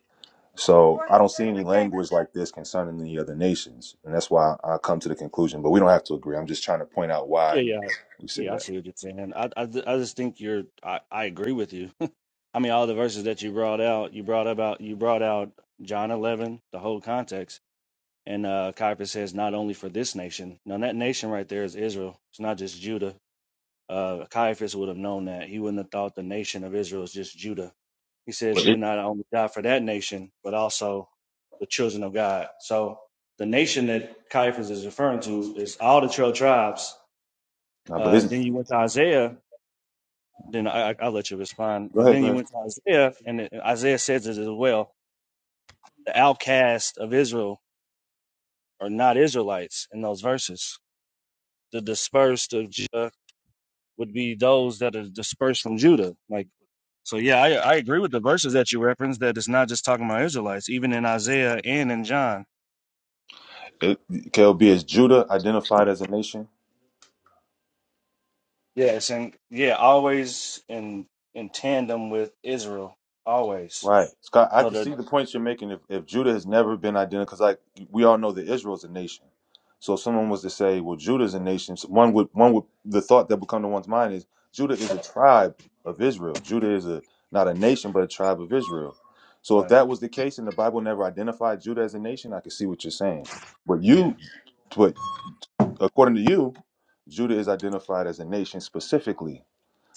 [SPEAKER 8] So I don't see any language like this concerning any other nations, and that's why I come to the conclusion. But we don't have to agree. I'm just trying to point out
[SPEAKER 2] Yeah,
[SPEAKER 8] why
[SPEAKER 2] yeah,
[SPEAKER 8] we say
[SPEAKER 2] yeah. I
[SPEAKER 8] that.
[SPEAKER 2] see what you're saying. I, I, ju- I just think you're. I, I agree with you. I mean, all the verses that you brought out, you brought about, you brought out John 11, the whole context, and uh, Caiaphas says not only for this nation. Now that nation right there is Israel. It's not just Judah. Uh, Caiaphas would have known that. He wouldn't have thought the nation of Israel is just Judah. He says
[SPEAKER 8] But
[SPEAKER 2] he would
[SPEAKER 8] it,
[SPEAKER 2] not only die for that nation, but also the children of God. So the nation that Caiaphas is referring to is all the twelve tribes
[SPEAKER 8] no,
[SPEAKER 2] Uh,
[SPEAKER 8] but
[SPEAKER 2] and
[SPEAKER 8] isn't
[SPEAKER 2] then you went to Isaiah. Then I, I, I'll let you respond.
[SPEAKER 8] go
[SPEAKER 2] And
[SPEAKER 8] ahead,
[SPEAKER 2] then
[SPEAKER 8] go
[SPEAKER 2] you
[SPEAKER 8] ahead.
[SPEAKER 2] went to Isaiah, and it- Isaiah says it as well. The outcast of Israel are not Israelites in those verses. The dispersed of Judah would be those that are dispersed from Judah. Like, so yeah, I, I agree with the verses that you referenced. That it's not just talking about Israelites, even in Isaiah and in John.
[SPEAKER 8] It, KLB is Judah identified as a nation?
[SPEAKER 2] Yes, and yeah, always in in tandem with Israel, always.
[SPEAKER 8] Right, Scott. I
[SPEAKER 2] So
[SPEAKER 8] can
[SPEAKER 2] the
[SPEAKER 8] see the points you're making. If, if Judah has never been identified, because like we all know that Israel's a nation. So if someone was to say, "Well, Judah's a nation," so one would one would the thought that would come to one's mind is Judah is a tribe of Israel. Judah is a not a nation, but a tribe of Israel. So if
[SPEAKER 2] right,
[SPEAKER 8] that was the case, and the Bible never identified Judah as a nation, I could see what you're saying. But
[SPEAKER 2] yeah,
[SPEAKER 8] you, but according to you, Judah is identified as a nation specifically.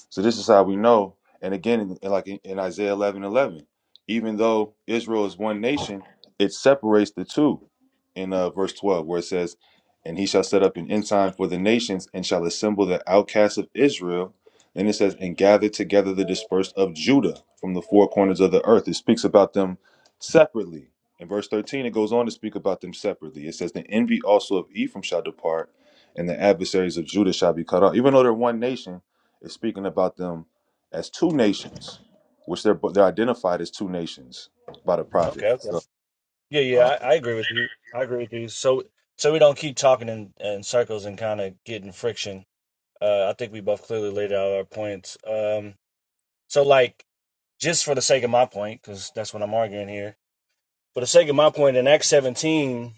[SPEAKER 8] So this is how we know. And again, in, in like in, in Isaiah 11 11, even though Israel is one nation, it separates the two in uh, verse 12, where it says, And he shall set up an ensign for the nations and shall assemble the outcasts of Israel. And it says, And gather together the dispersed of Judah from the four corners of the earth. It speaks about them separately. In verse 13, it goes on to speak about them separately. It says, The envy also of Ephraim shall depart, and the adversaries of Judah shall be cut off. Even though they're one nation, is speaking about them as two nations, which they're they're identified as two nations by the prophet.
[SPEAKER 2] okay, okay.
[SPEAKER 8] So
[SPEAKER 2] Yeah,
[SPEAKER 8] uh,
[SPEAKER 2] yeah, I, I agree with you. I agree with you. So, so we don't keep talking in, in circles and kind of getting friction. Uh, I think we both clearly laid out our points. Um, so, like, just for the sake of my point, because that's what I'm arguing here. For the sake of my point, in Acts 17,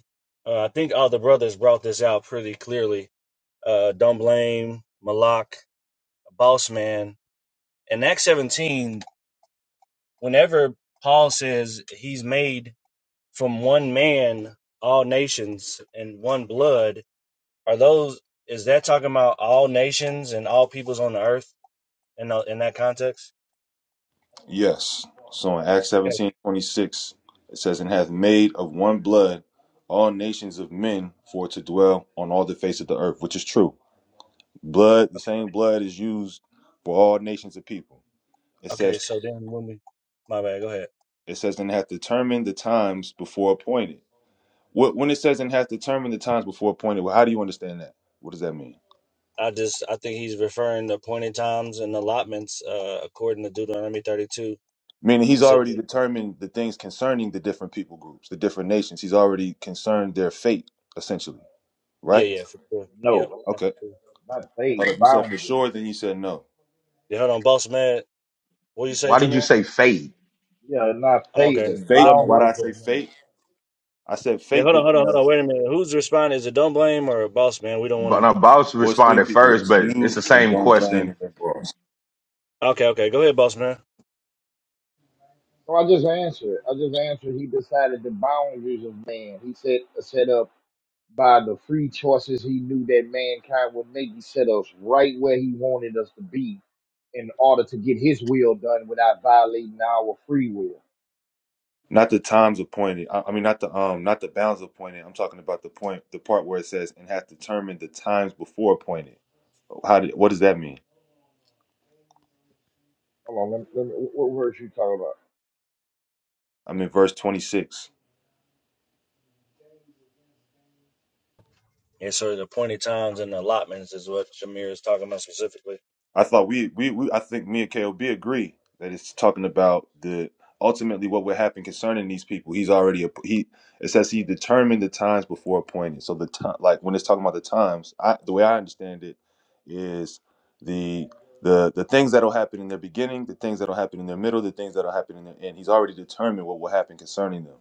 [SPEAKER 2] uh, I think all the brothers brought this out pretty clearly. Uh, don't blame Malak, boss man. In Acts 17, whenever Paul says he's made from one man all nations and one blood Are those is that talking about all nations and all peoples on the earth in tho- in that context?
[SPEAKER 8] yes. So in Acts
[SPEAKER 2] Okay.
[SPEAKER 8] seventeen twenty six, it says, And hath made of one blood all nations of men for to dwell on all the face of the earth, which is true. Blood, the same blood is used for all nations of people. It
[SPEAKER 2] Okay,
[SPEAKER 8] says
[SPEAKER 2] so then when we my bad, go ahead.
[SPEAKER 8] it says and hath determined the times before appointed. What when it says and hath determined the times before appointed, well, how do you understand that? What does that mean?
[SPEAKER 2] I just I think he's referring to appointed times and allotments uh according to Deuteronomy 32.
[SPEAKER 8] Meaning
[SPEAKER 2] He
[SPEAKER 8] he's
[SPEAKER 2] said
[SPEAKER 8] already
[SPEAKER 2] that,
[SPEAKER 8] determined the things concerning the different people groups, the different nations. He's already concerned their fate, essentially.
[SPEAKER 2] yeah,
[SPEAKER 8] Right?
[SPEAKER 2] yeah, for sure. Yep.
[SPEAKER 9] No.
[SPEAKER 8] Okay.
[SPEAKER 2] absolutely.
[SPEAKER 9] Not faith,
[SPEAKER 8] Hold up. You said for
[SPEAKER 9] boundaries.
[SPEAKER 8] sure, then you said no.
[SPEAKER 2] Yeah, hold on, boss man. What do you say,
[SPEAKER 10] Why did you
[SPEAKER 2] Jameer?
[SPEAKER 10] say fade?
[SPEAKER 9] Yeah, not
[SPEAKER 2] Oh,
[SPEAKER 8] You
[SPEAKER 9] faith
[SPEAKER 2] okay.
[SPEAKER 8] said
[SPEAKER 9] and
[SPEAKER 2] Was that
[SPEAKER 8] fate.
[SPEAKER 2] my
[SPEAKER 8] Why
[SPEAKER 2] luck?
[SPEAKER 8] did
[SPEAKER 9] boundaries
[SPEAKER 8] I
[SPEAKER 9] of
[SPEAKER 8] say
[SPEAKER 9] man.
[SPEAKER 8] fate? I said
[SPEAKER 2] Yeah,
[SPEAKER 8] fate
[SPEAKER 2] hold on, hold on, hold on.
[SPEAKER 8] because
[SPEAKER 2] Wait a minute. Who's responding? Is it don't blame or boss man? We don't want
[SPEAKER 10] But no,
[SPEAKER 2] to.
[SPEAKER 10] Boss
[SPEAKER 8] well, it's three
[SPEAKER 10] responded
[SPEAKER 8] people.
[SPEAKER 10] first,
[SPEAKER 8] It's
[SPEAKER 10] but it's
[SPEAKER 8] you
[SPEAKER 10] the
[SPEAKER 8] and
[SPEAKER 10] same
[SPEAKER 8] don't blame
[SPEAKER 10] question.
[SPEAKER 8] and then boss.
[SPEAKER 2] Okay, okay. Go ahead, boss man.
[SPEAKER 9] So I just answered. I just answered. He decided the boundaries of man. He said set up by the free choices he knew that mankind would make. He set us right where he wanted us to be in order to get his will done without violating our free will.
[SPEAKER 8] Not the times appointed. I, I mean, not the um, not the bounds appointed. I'm talking about the point, the part where it says and hath determined the times before appointed. How did? What does that mean?
[SPEAKER 9] Hold on, let me, let me, what verse you talking about?
[SPEAKER 8] I'm in verse 26.
[SPEAKER 2] Yeah, so the appointed times and allotments is what Jameer is talking about specifically.
[SPEAKER 8] I thought we, we, we I think me and KOB agree that it's talking about the ultimately what would happen concerning these people. He's already a, he it says he determined the times before appointed. So the time like when it's talking about the times, I the way I understand it is the the the things that'll happen in their beginning, the things that'll happen in their middle, the things that'll happen in their end. He's already determined what will happen concerning them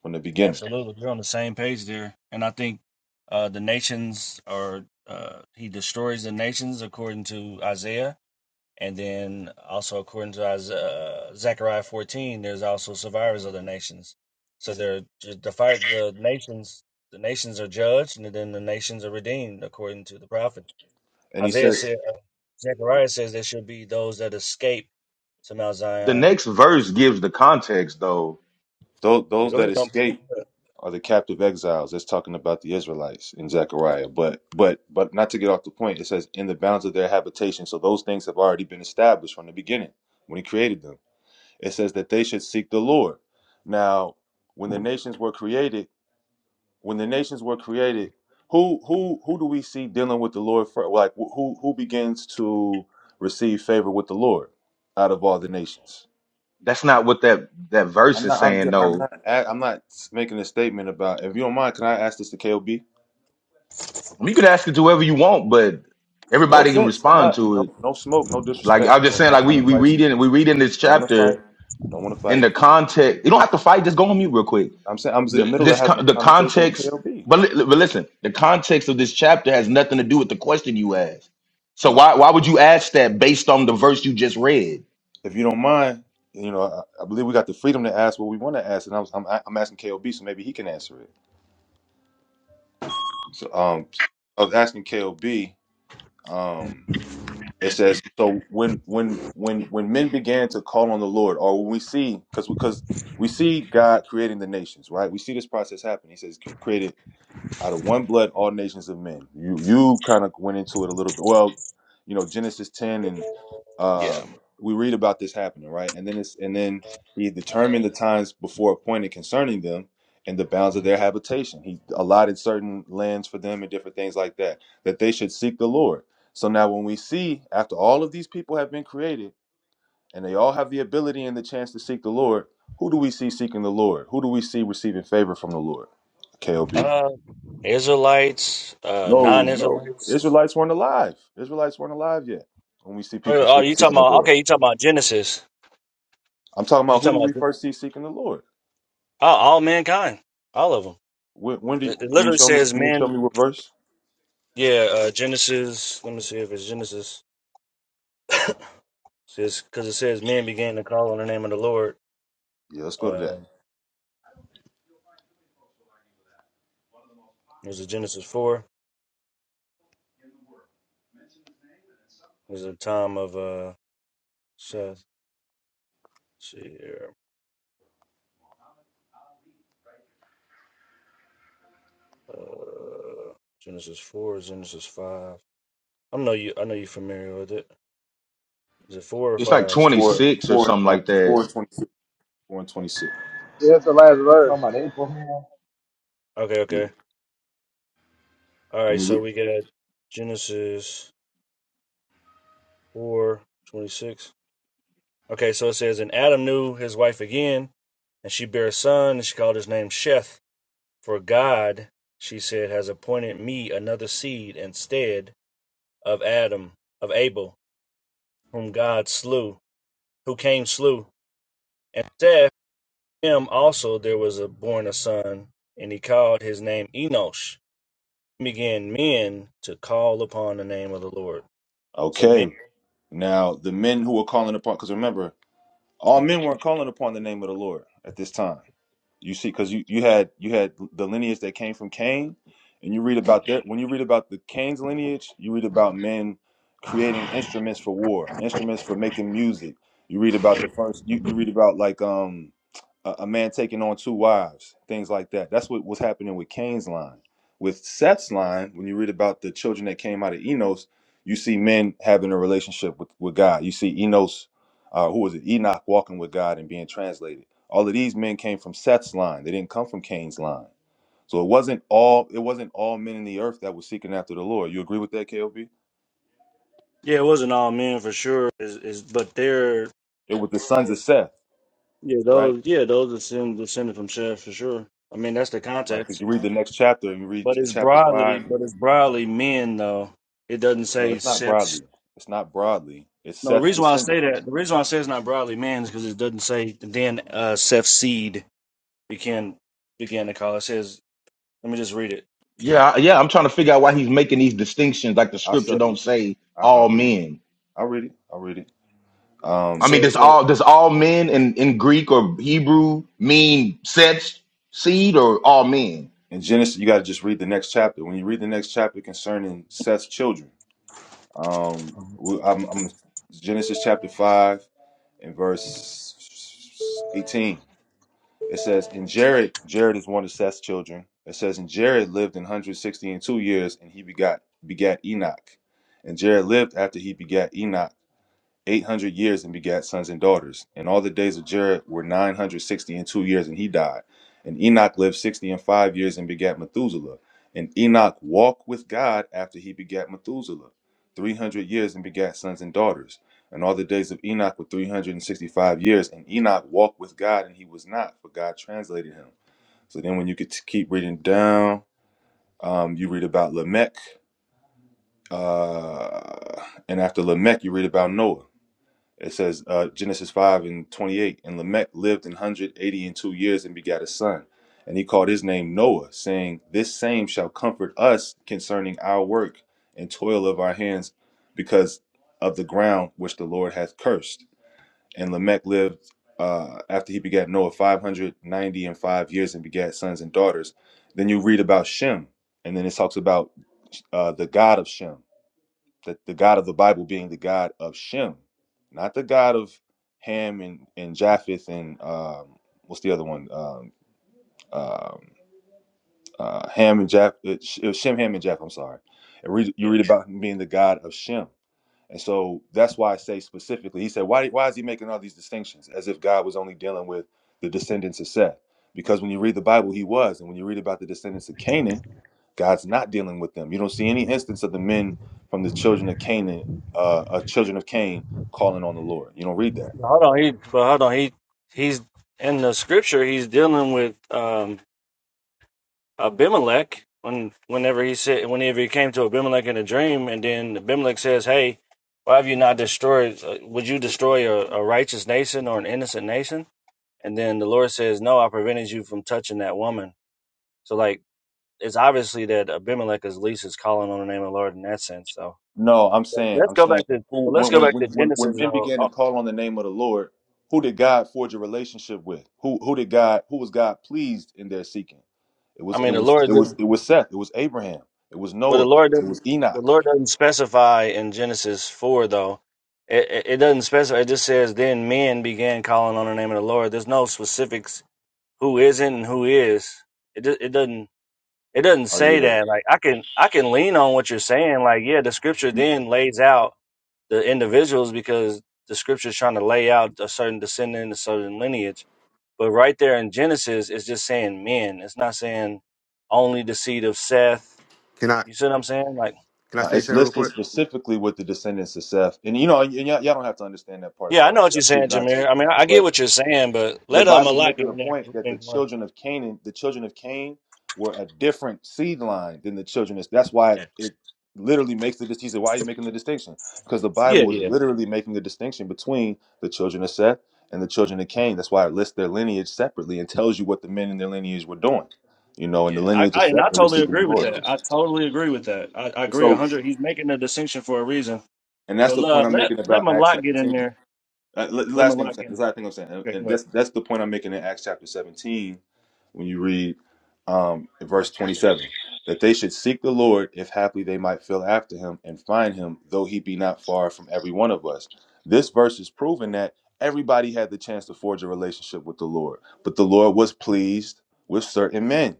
[SPEAKER 8] from the beginning.
[SPEAKER 2] Absolutely, we're on the same page there, and I think uh, the nations are uh, he destroys the nations according to Isaiah, and then also according to Isaiah, Zechariah fourteen, there's also survivors of the nations. So they're the fight the nations the nations are judged, and then the nations are redeemed according to the prophet
[SPEAKER 8] And he
[SPEAKER 2] Isaiah
[SPEAKER 8] said
[SPEAKER 2] said. Uh, Zechariah says there should be those that escape to Mount
[SPEAKER 10] The
[SPEAKER 2] Zion.
[SPEAKER 10] next verse gives the context, though.
[SPEAKER 8] Those,
[SPEAKER 2] Yeah,
[SPEAKER 8] those
[SPEAKER 2] go ahead.
[SPEAKER 8] that
[SPEAKER 2] Dom.
[SPEAKER 8] escape are the captive exiles. That's talking about the Israelites in Zechariah. But but but not to get off the point, it says in the bounds of their habitation. So those things have already been established from the beginning when he created them. It says that they should seek the Lord. Now, when the nations were created, when the nations were created, who who who do we see dealing with the Lord for? Like who who begins to receive favor with the Lord out of all the nations?
[SPEAKER 10] That's not what that that verse
[SPEAKER 8] I'm
[SPEAKER 10] is
[SPEAKER 8] not. I'm,
[SPEAKER 10] saying,
[SPEAKER 8] ju- I'm
[SPEAKER 10] though.
[SPEAKER 8] not. a- I'm not making a statement about. If you don't mind, can I ask this to KOB?
[SPEAKER 10] I mean, you can ask it to whoever you want, but
[SPEAKER 8] No
[SPEAKER 10] everybody can
[SPEAKER 8] offense. I'm
[SPEAKER 10] respond
[SPEAKER 8] not.
[SPEAKER 10] to it.
[SPEAKER 8] No. No smoke. No
[SPEAKER 10] Like
[SPEAKER 8] disrespect.
[SPEAKER 10] I'm
[SPEAKER 8] No,
[SPEAKER 10] just
[SPEAKER 8] I'm
[SPEAKER 10] saying,
[SPEAKER 8] not
[SPEAKER 10] like we
[SPEAKER 8] trying to
[SPEAKER 10] we
[SPEAKER 8] fight
[SPEAKER 10] read
[SPEAKER 8] you.
[SPEAKER 10] in we read in this
[SPEAKER 8] I don't want to fight.
[SPEAKER 10] chapter
[SPEAKER 8] I don't want to
[SPEAKER 10] in
[SPEAKER 8] fight.
[SPEAKER 10] the context. You don't have to fight. Just go on mute real quick
[SPEAKER 8] I'm saying I was in the
[SPEAKER 10] the,
[SPEAKER 8] middle of
[SPEAKER 10] this
[SPEAKER 8] having a
[SPEAKER 10] con- the
[SPEAKER 8] conversation with
[SPEAKER 10] context
[SPEAKER 8] KOB.
[SPEAKER 10] but, li- but listen the context of this chapter has nothing to do with the question you asked so
[SPEAKER 8] And
[SPEAKER 10] why why would you ask that based on the verse you just read
[SPEAKER 8] if you don't mind, you know, I, I believe we got the freedom to ask what we want to ask, and I was, I'm, I'm asking KOB, so maybe he can answer it. So, um, I was asking KOB. Um, It says, "So when when when when men began to call on the Lord, or when we see, because because we see God creating the nations, right? We see this process happen. He says, created out of one blood all nations of men you you kind of went into it a little bit well you know genesis 10 and uh
[SPEAKER 2] Yeah.
[SPEAKER 8] we read about this happening right and then it's and then he determined the times before appointed concerning them and the bounds of their habitation he allotted certain lands for them and different things like that that they should seek the lord so now when we see after all of these people have been created and they all have the ability and the chance to seek the lord who do we see seeking the lord who do we see receiving favor from the lord kob
[SPEAKER 2] Uh, Israelites, uh,
[SPEAKER 8] no, no.
[SPEAKER 2] non-Israelites.
[SPEAKER 8] Israelites weren't alive. Israelites weren't alive yet when we see people
[SPEAKER 2] Oh, oh,
[SPEAKER 8] se-
[SPEAKER 2] you talking
[SPEAKER 8] seeking the
[SPEAKER 2] about?
[SPEAKER 8] Lord.
[SPEAKER 2] Okay, you talking about Genesis?
[SPEAKER 8] I'm talking
[SPEAKER 2] You
[SPEAKER 8] about who
[SPEAKER 2] talking
[SPEAKER 8] do we
[SPEAKER 2] about
[SPEAKER 8] first see seeking the Lord?
[SPEAKER 2] oh, all mankind, all of them?
[SPEAKER 8] When, when do
[SPEAKER 2] It,
[SPEAKER 8] you,
[SPEAKER 2] it
[SPEAKER 8] can you
[SPEAKER 2] literally
[SPEAKER 8] show me?
[SPEAKER 2] says
[SPEAKER 8] Can you show
[SPEAKER 2] men.
[SPEAKER 8] me what verse?
[SPEAKER 2] Yeah, uh, Genesis. Let me see if it's Genesis. Says because it says men began to call on the name of the Lord.
[SPEAKER 8] Yeah, let's go to
[SPEAKER 2] Uh,
[SPEAKER 8] that.
[SPEAKER 2] there's a Genesis four. There's a time of uh, Seth. Let's see here. Uh, Genesis four, Genesis five. I know you. I know you're familiar with it. Is it four or
[SPEAKER 10] it's like
[SPEAKER 8] Which
[SPEAKER 2] five,
[SPEAKER 8] is four,
[SPEAKER 2] Jameer?
[SPEAKER 10] 26 or
[SPEAKER 8] four,
[SPEAKER 10] something
[SPEAKER 8] and,
[SPEAKER 10] like
[SPEAKER 8] uh,
[SPEAKER 10] that
[SPEAKER 8] four and twenty-six, four and twenty-six.
[SPEAKER 4] yeah, that's the last
[SPEAKER 9] we
[SPEAKER 4] verse.
[SPEAKER 9] talking about Abraham?
[SPEAKER 2] Okay,
[SPEAKER 8] Yeah.
[SPEAKER 2] okay. All
[SPEAKER 8] Let
[SPEAKER 2] right,
[SPEAKER 8] me
[SPEAKER 2] so
[SPEAKER 8] read.
[SPEAKER 2] we got Genesis four twenty six. Okay, so it says, And Adam knew his wife again, and she bare a son, and she called his name Sheth. For God, she said, has appointed me another seed instead of Adam, of Abel, whom God slew, who came slew. And Seth, him also there was a born a son, and he called his name Enosh. And Began men to call upon the name of the Lord. So men
[SPEAKER 8] Okay. Now the men who were calling upon, because remember, all men weren't calling upon the name of the Lord at this time. You see, because you, you had you had the lineage that came from Cain, and you read about that. When you read about the Cain's lineage, you read about men creating instruments for war, instruments for making music. You read about the first. You, you read about like um a, a man taking on two wives, things like that. That's what was happening with Cain's line. With Seth's line, when you read about the children that came out of Enos, you see men having a relationship with, with God. You see Enos, uh, who was it? Enoch walking with God and being translated. All of these men came from Seth's line. They didn't come from Cain's line. So it wasn't all it wasn't all men in the earth that were seeking after the Lord. You agree with that, KOB?
[SPEAKER 2] Yeah, it wasn't all men for sure. Is is but they're
[SPEAKER 8] It was the sons of Seth,
[SPEAKER 2] yeah
[SPEAKER 8] right?
[SPEAKER 2] those yeah those are sin, descended from Seth for sure. I mean that's the
[SPEAKER 8] Right. Because
[SPEAKER 2] context.
[SPEAKER 8] you read the next chapter and you read
[SPEAKER 2] But
[SPEAKER 8] uh,
[SPEAKER 2] it's
[SPEAKER 8] chapter
[SPEAKER 2] broadly
[SPEAKER 8] five.
[SPEAKER 2] but it's broadly men though. It doesn't
[SPEAKER 8] No,
[SPEAKER 2] say
[SPEAKER 8] it's not broadly.
[SPEAKER 2] Seth's.
[SPEAKER 8] It's not broadly. It's
[SPEAKER 2] No, the
[SPEAKER 8] Seth's
[SPEAKER 2] reason why I
[SPEAKER 8] descendant.
[SPEAKER 2] say that the reason why I say it's not broadly men is because it doesn't say then uh, Seth's seed began began to call. It says let me just read it.
[SPEAKER 10] yeah I- yeah i'm trying to figure out why he's making these distinctions like the
[SPEAKER 8] I'll
[SPEAKER 10] scripture
[SPEAKER 8] show you.
[SPEAKER 10] don't say
[SPEAKER 8] I, I'll
[SPEAKER 10] all
[SPEAKER 8] read it.
[SPEAKER 10] men
[SPEAKER 8] I'll read it. I'll read it.
[SPEAKER 2] It
[SPEAKER 10] i
[SPEAKER 8] Um,
[SPEAKER 10] mean does
[SPEAKER 2] says uh,
[SPEAKER 10] all does all men in in greek or hebrew mean sex seed or all men
[SPEAKER 8] in Genesis, you got
[SPEAKER 2] yeah
[SPEAKER 8] to just read the next chapter. When you read the next chapter concerning Seth's children, um, we, I'm, I'm Genesis chapter five and verse eighteen. It says, "In Jared, Jared is one of Seth's children. It says, and Jared lived in 160 and two years, and he begot begat Enoch. And Jared lived after he begat Enoch." eight hundred years and begat sons and daughters. And all the days of Jared were nine hundred sixty and two years, and he died. And Enoch lived sixty and five years and begat Methuselah. And Enoch walked with God after he begat Methuselah, three hundred years and begat sons and daughters. And all the days of Enoch were three hundred and sixty-five years. And Enoch walked with God, and he was not, for God translated him. So then, when you could t- keep reading down, um, you read about Lamech, uh, and after Lamech, you read about Noah. It says uh, Genesis 5 and 28, and Lamech lived an 180 and two years and begat a son. And he called his name Noah, saying, This same shall comfort us concerning our work and toil of our hands because of the ground which the Lord hath cursed. And Lamech lived uh, after he begat Noah 590 and five years and begat sons and daughters. Then you read about Shem, and then it talks about uh, the God of Shem the, the God of the Bible being the God of Shem, not the God of Ham and, and Japheth and um, what's the other one? Um, um, uh, Ham and Japheth, Shem, Ham and Japheth. I'm sorry. And read, you
[SPEAKER 2] yeah.
[SPEAKER 8] read about him being the God of Shem. And so that's why I say specifically, he said, why, why is he making all these distinctions as if God was only dealing with the descendants of Seth? Because when you read the Bible, he was. And when you read about the descendants of Canaan, God's not dealing with them. You don't see any instance of the men from the children of Canaan, uh, uh children of Cain, calling on the Lord. You don't read that.
[SPEAKER 2] Hold on, he but hold on he he's in the scripture he's dealing with um Abimelech when whenever he said whenever he came to Abimelech in a dream, and then Abimelech says, "Hey, why have you not destroyed? uh, Would you destroy a, a righteous nation or an innocent nation?" And then the Lord says, "No, I prevented you from touching that woman." So like it's obviously that Abimelech is least is calling on the name of the Lord in that sense. So
[SPEAKER 8] No, I'm
[SPEAKER 2] but
[SPEAKER 8] saying,
[SPEAKER 2] let's
[SPEAKER 8] I'm
[SPEAKER 2] go
[SPEAKER 8] saying,
[SPEAKER 2] back to
[SPEAKER 8] who,
[SPEAKER 2] but let's
[SPEAKER 8] when,
[SPEAKER 2] go
[SPEAKER 8] when
[SPEAKER 2] back
[SPEAKER 8] when
[SPEAKER 2] to
[SPEAKER 8] when when
[SPEAKER 2] Genesis
[SPEAKER 8] men
[SPEAKER 2] though.
[SPEAKER 8] began to
[SPEAKER 2] Oh,
[SPEAKER 8] call on the name of the Lord, who did God forge a relationship with? Who who did God? Who was God pleased in their seeking? It
[SPEAKER 2] I
[SPEAKER 8] was it
[SPEAKER 2] mean, the
[SPEAKER 8] was
[SPEAKER 2] Lord
[SPEAKER 8] it
[SPEAKER 2] did.
[SPEAKER 8] was it was Seth. It was Abraham. It was
[SPEAKER 2] Well, the
[SPEAKER 8] Noah.
[SPEAKER 2] Lord
[SPEAKER 8] It
[SPEAKER 2] doesn't.
[SPEAKER 8] was
[SPEAKER 2] The
[SPEAKER 8] Enoch.
[SPEAKER 2] Lord doesn't specify in Genesis four though. It, it, it doesn't specify. It just says then men began calling on the name of the Lord. There's no specifics who isn't and who is. It do- it doesn't it doesn't
[SPEAKER 8] Oh
[SPEAKER 2] say
[SPEAKER 8] yeah.
[SPEAKER 2] that. Like I can I can lean on what you're saying. Like yeah, the scripture then lays out the individuals because the scripture's trying to lay out a certain descendant, a certain lineage. But right there in Genesis, it's just saying men. It's not saying only the seed of Seth.
[SPEAKER 5] Can I
[SPEAKER 2] You see what I'm saying? Like
[SPEAKER 5] can I
[SPEAKER 8] Uh,
[SPEAKER 5] say
[SPEAKER 8] it's
[SPEAKER 5] something real
[SPEAKER 8] listed
[SPEAKER 5] quick?
[SPEAKER 8] specifically with the descendants of Seth, and you know, y- y'all, y'all don't have to understand that part if
[SPEAKER 2] Yeah, I
[SPEAKER 8] y'all don't.
[SPEAKER 2] know what you're
[SPEAKER 8] Y'all choose
[SPEAKER 2] saying,
[SPEAKER 8] not
[SPEAKER 2] Jameer. I mean, I, I
[SPEAKER 8] to.
[SPEAKER 2] get what you're saying, but
[SPEAKER 8] the
[SPEAKER 2] let uh,
[SPEAKER 8] Bible's
[SPEAKER 2] Malak
[SPEAKER 8] making
[SPEAKER 2] get
[SPEAKER 8] the
[SPEAKER 2] in there.
[SPEAKER 8] point
[SPEAKER 2] We've
[SPEAKER 8] that the
[SPEAKER 2] been going-
[SPEAKER 8] children of Canaan, the children of Cain, were a different seed line than the children. Of, that's why
[SPEAKER 2] Yeah,
[SPEAKER 8] it literally makes the distinction. Why are you making the distinction? Because the
[SPEAKER 2] yeah,
[SPEAKER 8] Bible is
[SPEAKER 2] yeah.
[SPEAKER 8] literally making the distinction between the children of Seth and the children of Cain. That's why it lists their lineage separately and tells you what the men in their lineage were doing. You know, and the
[SPEAKER 2] yeah. I,
[SPEAKER 8] lineage of
[SPEAKER 2] I and
[SPEAKER 8] Seth
[SPEAKER 2] I
[SPEAKER 8] they were
[SPEAKER 2] totally
[SPEAKER 8] seeking the
[SPEAKER 2] agree with
[SPEAKER 8] Lord.
[SPEAKER 2] that. I totally agree with that. I, I
[SPEAKER 8] And
[SPEAKER 2] agree a
[SPEAKER 8] so,
[SPEAKER 2] hundred. He's making a distinction for a reason.
[SPEAKER 8] and that's
[SPEAKER 2] But
[SPEAKER 8] the point
[SPEAKER 2] uh,
[SPEAKER 8] I'm
[SPEAKER 2] let
[SPEAKER 8] making
[SPEAKER 2] let
[SPEAKER 8] about Acts
[SPEAKER 2] Malak get in
[SPEAKER 8] 17.
[SPEAKER 2] there.
[SPEAKER 8] Uh, l-
[SPEAKER 2] Let
[SPEAKER 8] last thing I'm
[SPEAKER 2] Malak
[SPEAKER 8] saying.
[SPEAKER 2] get
[SPEAKER 8] This
[SPEAKER 2] in.
[SPEAKER 8] last thing I'm saying, and,
[SPEAKER 2] Okay,
[SPEAKER 8] and
[SPEAKER 2] go
[SPEAKER 8] that's
[SPEAKER 2] ahead.
[SPEAKER 8] that's the point I'm making in Acts chapter 17 when you read um,
[SPEAKER 5] Yeah.
[SPEAKER 8] verse 27 that they should seek the Lord if haply they might feel after him and find him, though he be not far from every one of us. This verse is proving that everybody had the chance to forge a relationship with the Lord, but the Lord was pleased with certain men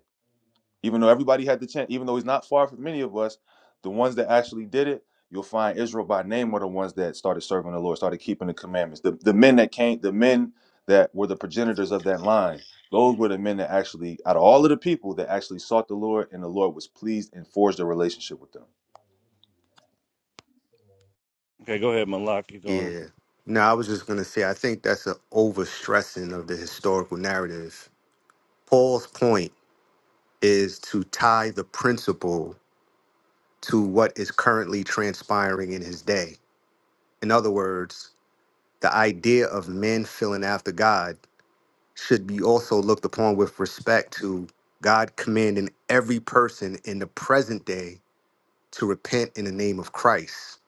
[SPEAKER 8] even though everybody had the chance, even though he's not far from many of us, the ones that actually did it, you'll find Israel by name were the ones that started serving the Lord, started keeping the commandments. The, the men that came, the men that were the progenitors of that line, those were the men that actually, out of all of the people, that actually sought the Lord and the Lord was pleased and forged a relationship with them.
[SPEAKER 2] Okay, go ahead, Malak. You're going.
[SPEAKER 5] Yeah. No, I was just gonna say I think that's an overstressing of the historical narrative. Paul's point is to tie the principle to what is currently transpiring in his day. In other words, the idea of men filling after God should be also looked upon with respect to God commanding every person in the present day to repent in the name of Christ.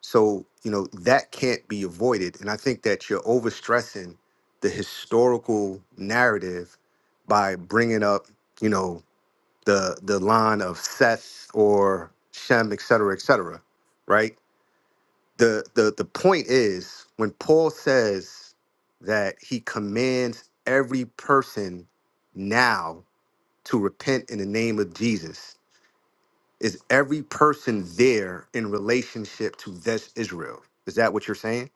[SPEAKER 5] So, you know, that can't be avoided. And I think that you're overstressing the historical narrative by bringing up, you know, the the line of Seth or Shem, et cetera, et cetera, right? the the the point is when Paul says that he commands every person now to repent in the name of Jesus, is every person there in relationship to this Israel? Is that what you're saying?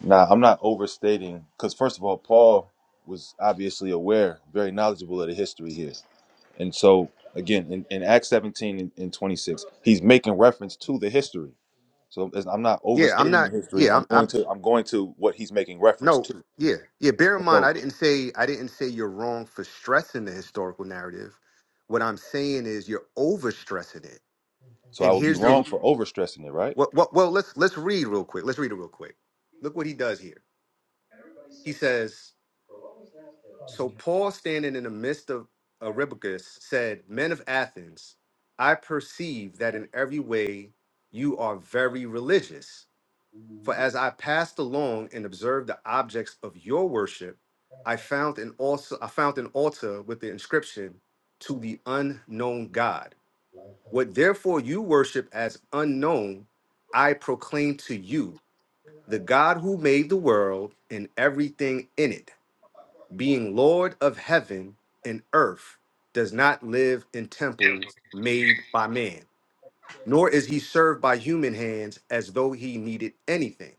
[SPEAKER 8] Now, I'm not overstating, because first of all, Paul was obviously aware, very knowledgeable of the history here. And so, again, in, in Acts 17 and, and 26, he's making reference to the history. So it's- I'm not
[SPEAKER 5] Yeah, I'm
[SPEAKER 8] overstating the
[SPEAKER 5] not.
[SPEAKER 8] history.
[SPEAKER 5] Yeah,
[SPEAKER 8] I'm
[SPEAKER 5] I'm.
[SPEAKER 8] going
[SPEAKER 5] I'm
[SPEAKER 8] to I'm going to what he's making reference
[SPEAKER 5] no.
[SPEAKER 8] to.
[SPEAKER 5] Yeah, yeah. Bear in
[SPEAKER 8] And
[SPEAKER 5] mind,
[SPEAKER 8] so
[SPEAKER 5] I didn't say I didn't say you're wrong for stressing the historical narrative. What I'm saying is you're overstressing it.
[SPEAKER 8] so I
[SPEAKER 5] And
[SPEAKER 8] would be
[SPEAKER 5] here's the
[SPEAKER 8] wrong for overstressing it, right?
[SPEAKER 5] Well, well, well, let's let's read real quick. Let's read it real quick. Look what he does here. He says, "So Paul, standing in the midst of Areopagus, said, 'Men of Athens, I perceive that in every way you are very religious. For as I passed along and observed the objects of your worship, I found an altar. I found an altar with the inscription, To the unknown God. What therefore you worship as unknown, I proclaim to you." the God who made the world and everything in it, being Lord of heaven and earth, does not live in temples made by man, nor is he served by human hands as though he needed anything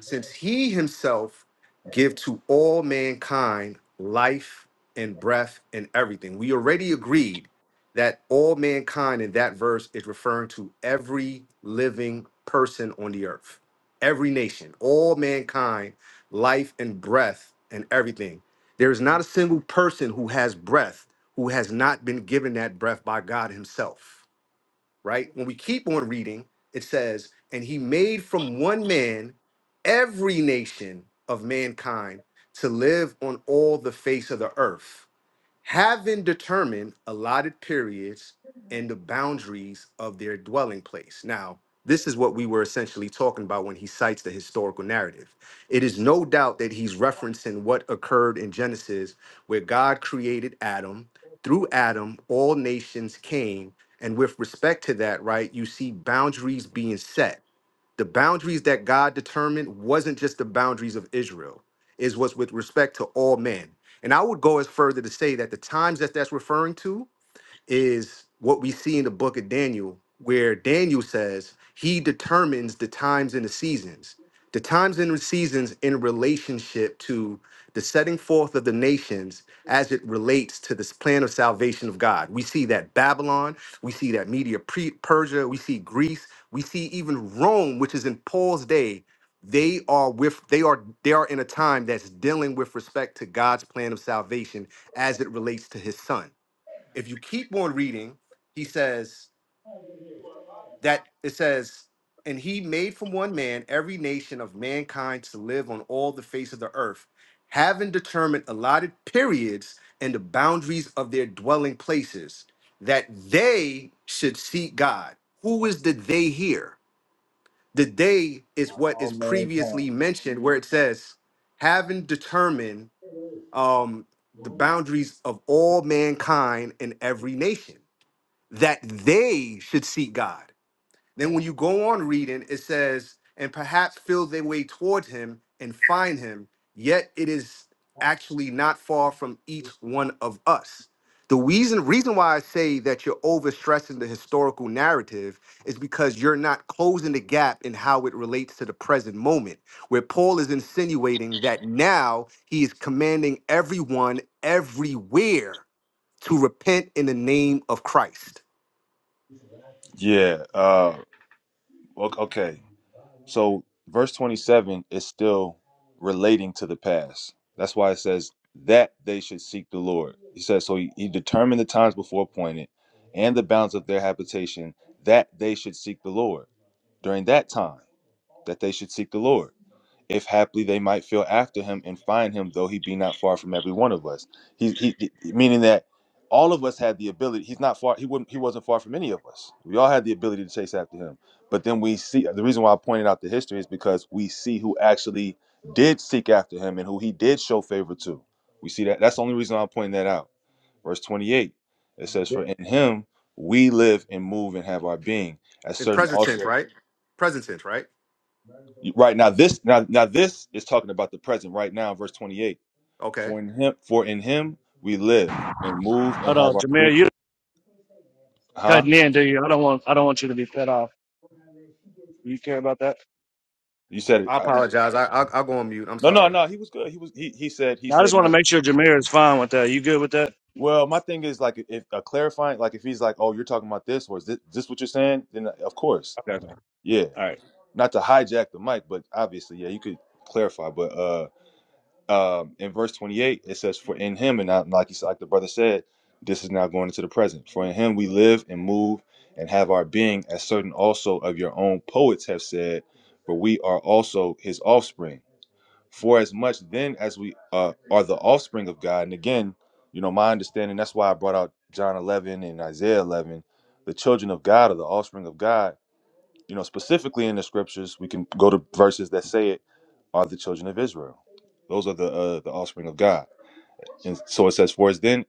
[SPEAKER 5] since he himself give to all mankind life and breath and everything. We already agreed that all mankind in that verse is referring to every living person on the earth, every nation, all mankind, life and breath and everything. There is not a single person who has breath who has not been given that breath by God himself right? When we keep on reading, it says, And he made from one man every nation of mankind to live on all the face of the earth having determined allotted periods and the boundaries of their dwelling place. Now, this is what we were essentially talking about when he cites the historical narrative. It is no doubt that he's referencing what occurred in Genesis, where God created Adam. Through Adam, all nations came. And with respect to that, right, you see boundaries being set the boundaries that God determined wasn't just the boundaries of Israel, is was with respect to all men. And I would go as further to say that the times that that's referring to is what we see in the book of Daniel, where Daniel says he determines the times and the seasons. The times and the seasons in relationship to the setting forth of the nations as it relates to this plan of salvation of God. We see that Babylon, we see that Media Pre- Persia, we see Greece, we see even Rome, which is in Paul's day. They are with they are they are in a time that's dealing with respect to God's plan of salvation as it relates to his son if you keep on reading, he says that it says, and he made from one man every nation of mankind to live on all the face of the earth, having determined allotted periods and the boundaries of their dwelling places, that they should seek God. Who is the they here? The they is what
[SPEAKER 9] All
[SPEAKER 5] is
[SPEAKER 9] mankind.
[SPEAKER 5] previously mentioned, where it says, having determined um, the boundaries of all mankind in every nation that they should seek God. Then when you go on reading, it says, and perhaps feel their way toward him and find him, yet it is actually not far from each one of us. The reason reason why I say that you're overstressing the historical narrative is because you're not closing the gap in how it relates to the present moment, where Paul is insinuating that now he is commanding everyone everywhere to repent in the name of Christ
[SPEAKER 8] Yeah. Uh o- okay. So verse 27 is still relating to the past. That's why it says that they should seek the Lord. He says so he, he determined the times before appointed and the bounds of their habitation that they should seek the Lord during that time that they should seek the Lord. if haply they might feel after him and find him, though he be not far from every one of us. He, he meaning that all of us had the ability. He's not far. He wouldn't. He wasn't far from any of us. We all had the ability to chase after him. But then we see the reason why I pointed out the history is because we see who actually did seek after him and who he did show favor to. We see that. That's the only reason I'm pointing that out. Verse 28. It says, "For
[SPEAKER 9] I
[SPEAKER 8] in him we live and move and have our being." As
[SPEAKER 5] in
[SPEAKER 8] certain
[SPEAKER 5] present tense,
[SPEAKER 8] also.
[SPEAKER 5] right? Present tense, right?
[SPEAKER 8] Right now, this now now this is talking about the present right now, verse twenty eight.
[SPEAKER 5] Okay.
[SPEAKER 8] For in him, for in him we live and move and
[SPEAKER 2] Hold
[SPEAKER 8] have
[SPEAKER 2] on,
[SPEAKER 8] our being.
[SPEAKER 2] Jameer. You're
[SPEAKER 8] Huh?
[SPEAKER 2] cutting in, do you? I don't want I don't want you to be cut off. Do you care about that?
[SPEAKER 8] You said it.
[SPEAKER 5] I
[SPEAKER 8] I,
[SPEAKER 5] apologize. I i I'll go on mute. I'm
[SPEAKER 8] no, no,
[SPEAKER 5] sorry.
[SPEAKER 8] no. He was good. He was. He he said. He
[SPEAKER 2] Now, I just
[SPEAKER 8] said.
[SPEAKER 2] want to
[SPEAKER 8] Now,
[SPEAKER 2] make sure Jameer is fine with that. You good with that?
[SPEAKER 8] well, my thing is like if a clarifying, like if he's like, oh, you're talking about this, or is this, this what you're saying? Then of course,
[SPEAKER 2] Okay. All
[SPEAKER 8] yeah.
[SPEAKER 2] right.
[SPEAKER 8] Not to hijack the mic, but obviously, yeah, you could clarify. But uh um, in verse 28 it says for in him and I, like you like the brother said this is now going into the present for in him we live and move and have our being as certain also of your own poets have said for we are also his offspring for as much then as we uh, are the offspring of god and again you know my understanding that's why i brought out john 11 and isaiah 11 the children of god are the offspring of god you know, specifically in the scriptures, we can go to verses that say it are the children of Israel. Those are the uh, the offspring of God. And so it says, "For as then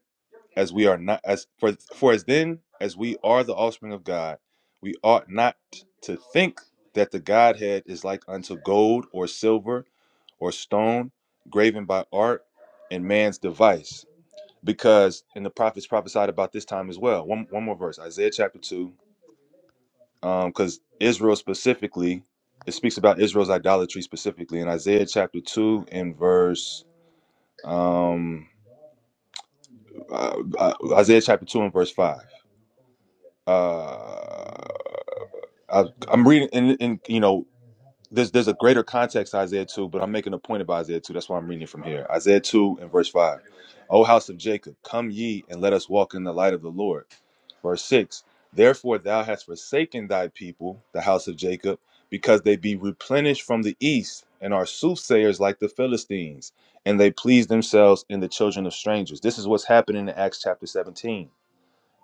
[SPEAKER 8] as we are not as for for as then as we are the offspring of God, we ought not to think that the Godhead is like unto gold or silver or stone, graven by art and man's device." Because and the prophets prophesied about this time as well. One one more verse, Isaiah chapter two because Israel specifically, it speaks about Israel's idolatry specifically in Isaiah chapter two and verse um uh, uh, Isaiah chapter two and verse five. Uh, I, I'm reading, and, and you know, there's there's a greater context to Isaiah two, but I'm making a point about Isaiah two. That's why I'm reading it from here. Isaiah two and verse five. O house of Jacob, come ye and let us walk in the light of the Lord. Verse 6 Therefore thou hast forsaken thy people, the house of Jacob, because they be replenished from the east and are soothsayers like the Philistines, and they please themselves in the children of strangers. This is what's happening in Acts chapter 17.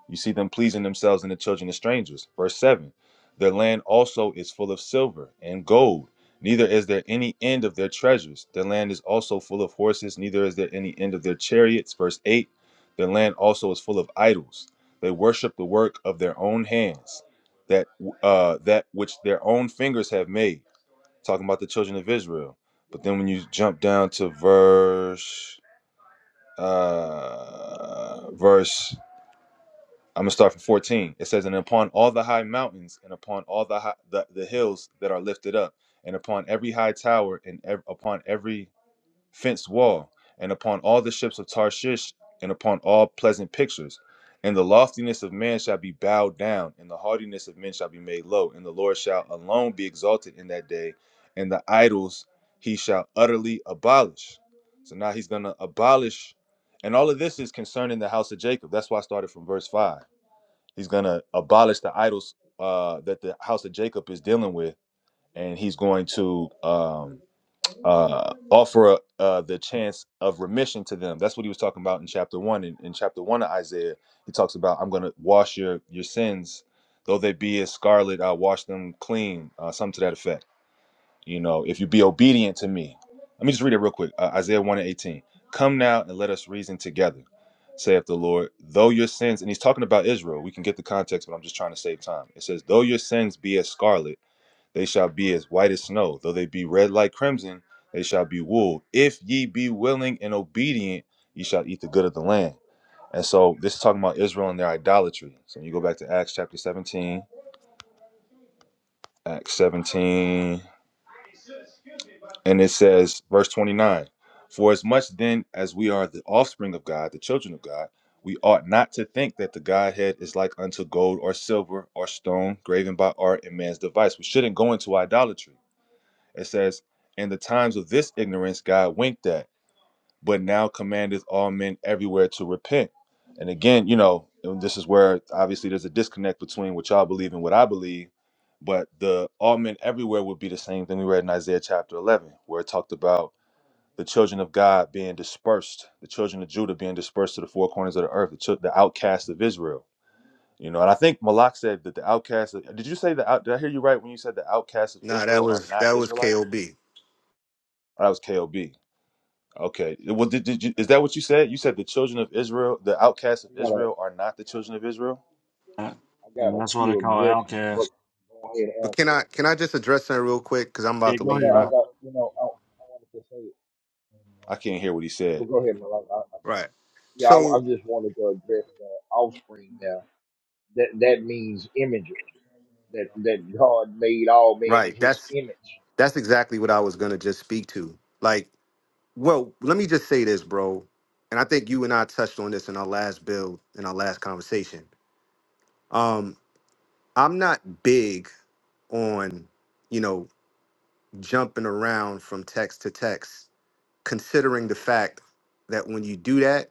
[SPEAKER 8] You see them pleasing themselves and the children of strangers. Verse 7 Their land also is full of silver and gold, neither is there any end of their treasures. Their land is also full of horses, neither is there any end of their chariots. Verse 8 Their land also is full of idols. They worship the work of their own hands, that, uh, that which their own fingers have made. Talking about the children of Israel. But then when you jump down to verse. Uh, verse I'm gonna start from 14. It says, "And upon all the high mountains, and upon all the high, the, the hills that are lifted up, and upon every high tower, and ev- upon every fenced wall, and upon all the ships of Tarshish, and upon all pleasant pictures, and the loftiness of man shall be bowed down, and the haughtiness of men shall be made low, and the Lord shall alone be exalted in that day, and the idols he shall utterly abolish." So now he's gonna abolish, and all of this is concerning the house of Jacob. That's why I started from verse five He's going to abolish the idols uh, that the house of Jacob is dealing with, and he's going to um, uh, offer uh, the chance of remission to them. That's what he was talking about in chapter one. In, in chapter one of Isaiah, he talks about, "I'm going to wash your your sins, though they be as scarlet. I'll wash them clean." Uh, something to that effect you know, if you be obedient to me. Let me just read it real quick. Uh, Isaiah 1 and 18. Come now and let us reason together, saith the Lord. Though your sins, and he's talking about Israel. We can get the context, but I'm just trying to save time. It says, Though your sins be as scarlet, they shall be as white as snow. Though they be red like crimson, they shall be wool. If ye be willing and obedient, ye shall eat the good of the land. And so this is talking about Israel and their idolatry. So when you go back to Acts chapter 17, Acts 17. And it says, verse 29 For as much then as we are the offspring of God, the children of God, we ought not to think that the Godhead is like unto gold or silver or stone graven by art and man's device. We shouldn't go into idolatry. It says, In the times of this ignorance, God winked at, but now commandeth all men everywhere to repent. And again, you know, and this is where obviously there's a disconnect between what y'all believe and what I believe. But the all men everywhere would be the same thing we read in Isaiah chapter 11, where it talked about the children of God being dispersed, the children of Judah being dispersed to the four corners of the earth, the, chil- the outcasts of Israel. You know, and I think Malak said that the outcasts. Of, did you say the out? Did I hear you right when you said the outcasts of
[SPEAKER 5] Nah, that
[SPEAKER 8] Israel are
[SPEAKER 5] was
[SPEAKER 8] not
[SPEAKER 5] that was
[SPEAKER 8] Israelites?
[SPEAKER 5] KOB.
[SPEAKER 8] Or that was Kob. Okay. Well, did, did you? Is that what you said? You said the children of Israel, the outcasts of
[SPEAKER 9] got a,
[SPEAKER 8] Israel, are not the children of Israel.
[SPEAKER 2] All right.
[SPEAKER 9] I got
[SPEAKER 2] Well,
[SPEAKER 9] a
[SPEAKER 2] that's what they
[SPEAKER 9] few
[SPEAKER 2] call
[SPEAKER 9] objections, but
[SPEAKER 2] outcast.
[SPEAKER 9] go ahead and
[SPEAKER 5] But can
[SPEAKER 9] answer
[SPEAKER 5] I can I just address that real quick because I'm about
[SPEAKER 2] Yeah,
[SPEAKER 5] to
[SPEAKER 9] Yeah,
[SPEAKER 2] go
[SPEAKER 9] I,
[SPEAKER 5] leave.
[SPEAKER 2] ahead,
[SPEAKER 9] I
[SPEAKER 5] Right.
[SPEAKER 9] got, you know, I, I wanted to say,
[SPEAKER 8] I can't hear what he said.
[SPEAKER 9] well, go ahead, Malak. I, I,
[SPEAKER 5] Right.
[SPEAKER 9] yeah, I, I
[SPEAKER 5] So
[SPEAKER 9] just wanted to address the offspring now. That that means images. That that God made all men in
[SPEAKER 5] right.
[SPEAKER 9] His
[SPEAKER 5] That's
[SPEAKER 9] image.
[SPEAKER 5] that's exactly what I was gonna just speak to. Like, well, let me just say this, bro. And I think you and I touched on this in our last build in our last conversation. Um, I'm not big on you know jumping around from text to text considering the fact that when you do that,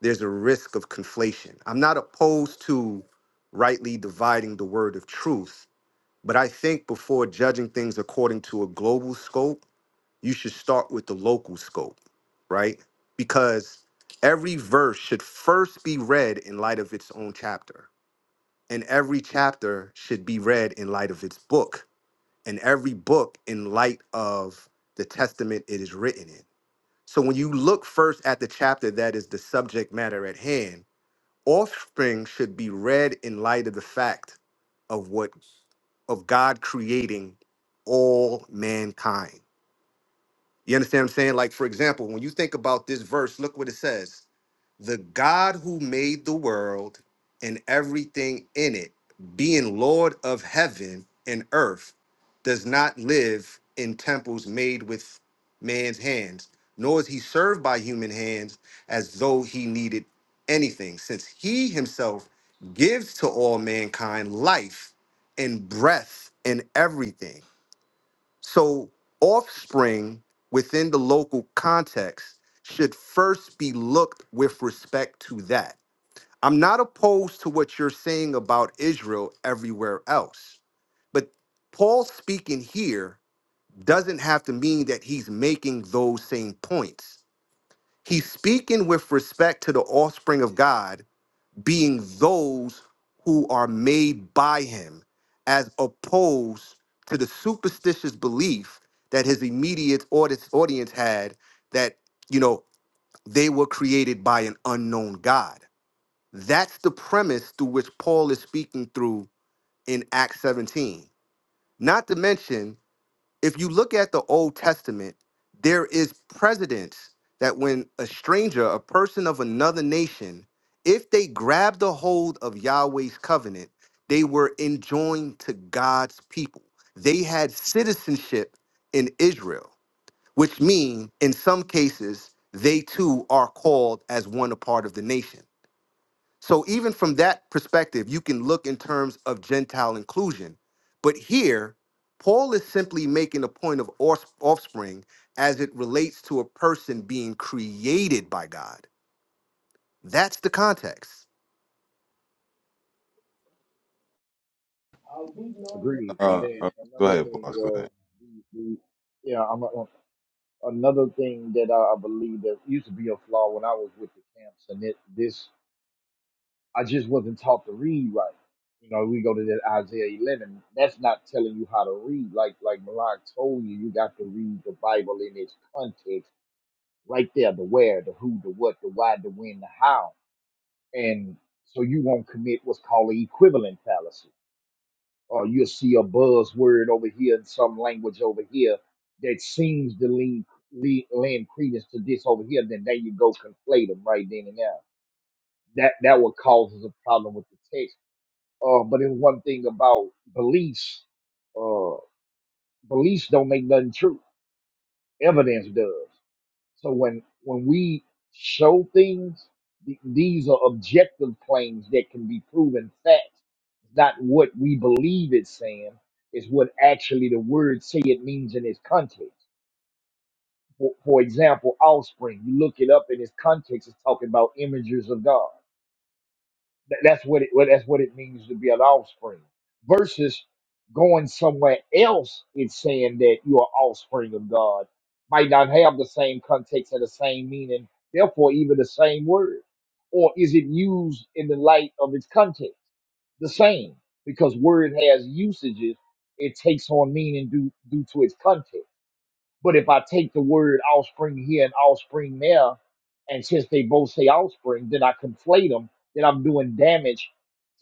[SPEAKER 5] there's a risk of conflation. I'm not opposed to rightly dividing the word of truth, but I think before judging things according to a global scope, you should start with the local scope, right? Because every verse should first be read in light of its own chapter, and every chapter should be read in light of its book, and every book in light of the testament it is written in so when you look first at the chapter that is the subject matter at hand, offspring should be read in light of the fact of what of God creating all mankind. You understand what I'm saying? Like, for example, when you think about this verse, look what it says The God who made the world and everything in it, being Lord of heaven and earth, does not live in temples made with man's hands, nor is he served by human hands as though he needed anything, since he himself gives to all mankind life and breath and everything. So, offspring within the local context should first be looked with respect to that. I'm not opposed to what you're saying about Israel everywhere else, but Paul speaking here doesn't have to mean that he's making those same points. He's speaking with respect to the offspring of God being those who are made by him, as opposed to the superstitious belief that his immediate audi- audience had that, you know, they were created by an unknown God. That's the premise through which Paul is speaking through in Acts 17. Not to mention if you look at the Old Testament, there is precedence that when a stranger, a person of another nation, if they grabbed a hold of Yahweh's covenant, they were enjoined to God's people. They had citizenship in Israel, which means in some cases, they too are called as one a part of the nation. So even from that perspective, you can look in terms of Gentile inclusion. But here, Paul is simply making a point of ors- offspring as it relates to a person being created by God. That's the context.
[SPEAKER 9] Agreed. And
[SPEAKER 8] Uh,
[SPEAKER 9] then
[SPEAKER 8] uh, go
[SPEAKER 9] another
[SPEAKER 8] ahead,
[SPEAKER 9] thing
[SPEAKER 8] boss. Go
[SPEAKER 9] was
[SPEAKER 8] ahead.
[SPEAKER 9] the, the yeah, I'm, I'm- another thing that I, I believe that used to be a flaw when I was with the camps, and it this I just wasn't taught to read right. You know, we go to that Isaiah 11. That's not telling you how to read. Like like Malak told you, you got to read the Bible in its context, right there, the where, the who, the what, the why, the when, the how, and so you won't commit what's called the equivalent fallacy. Or you'll see a buzzword over here in some language over here that seems to lean, lean, lend credence to this over here. Then there you go conflate them right then and there. That that what causes a problem with the text uh, but it's one thing about beliefs. Uh, beliefs don't make nothing true. Evidence does. So when when we show things, th- these are objective claims that can be proven facts. Not what we believe it's saying is what actually the words say it means in its context. For, for example, offspring. You look it up in its context. It's talking about images of God. Th- That's what it. Well, that's what it means to be an offspring. Versus going somewhere else, it's saying that you are offspring of God. Might not have the same context and the same meaning. Therefore, even the same word, or is it used in the light of its context? The same, because word has usages. It takes on meaning due due to its context. But if I take the word offspring here and offspring there, and since they both say offspring, then I conflate them, then I'm doing damage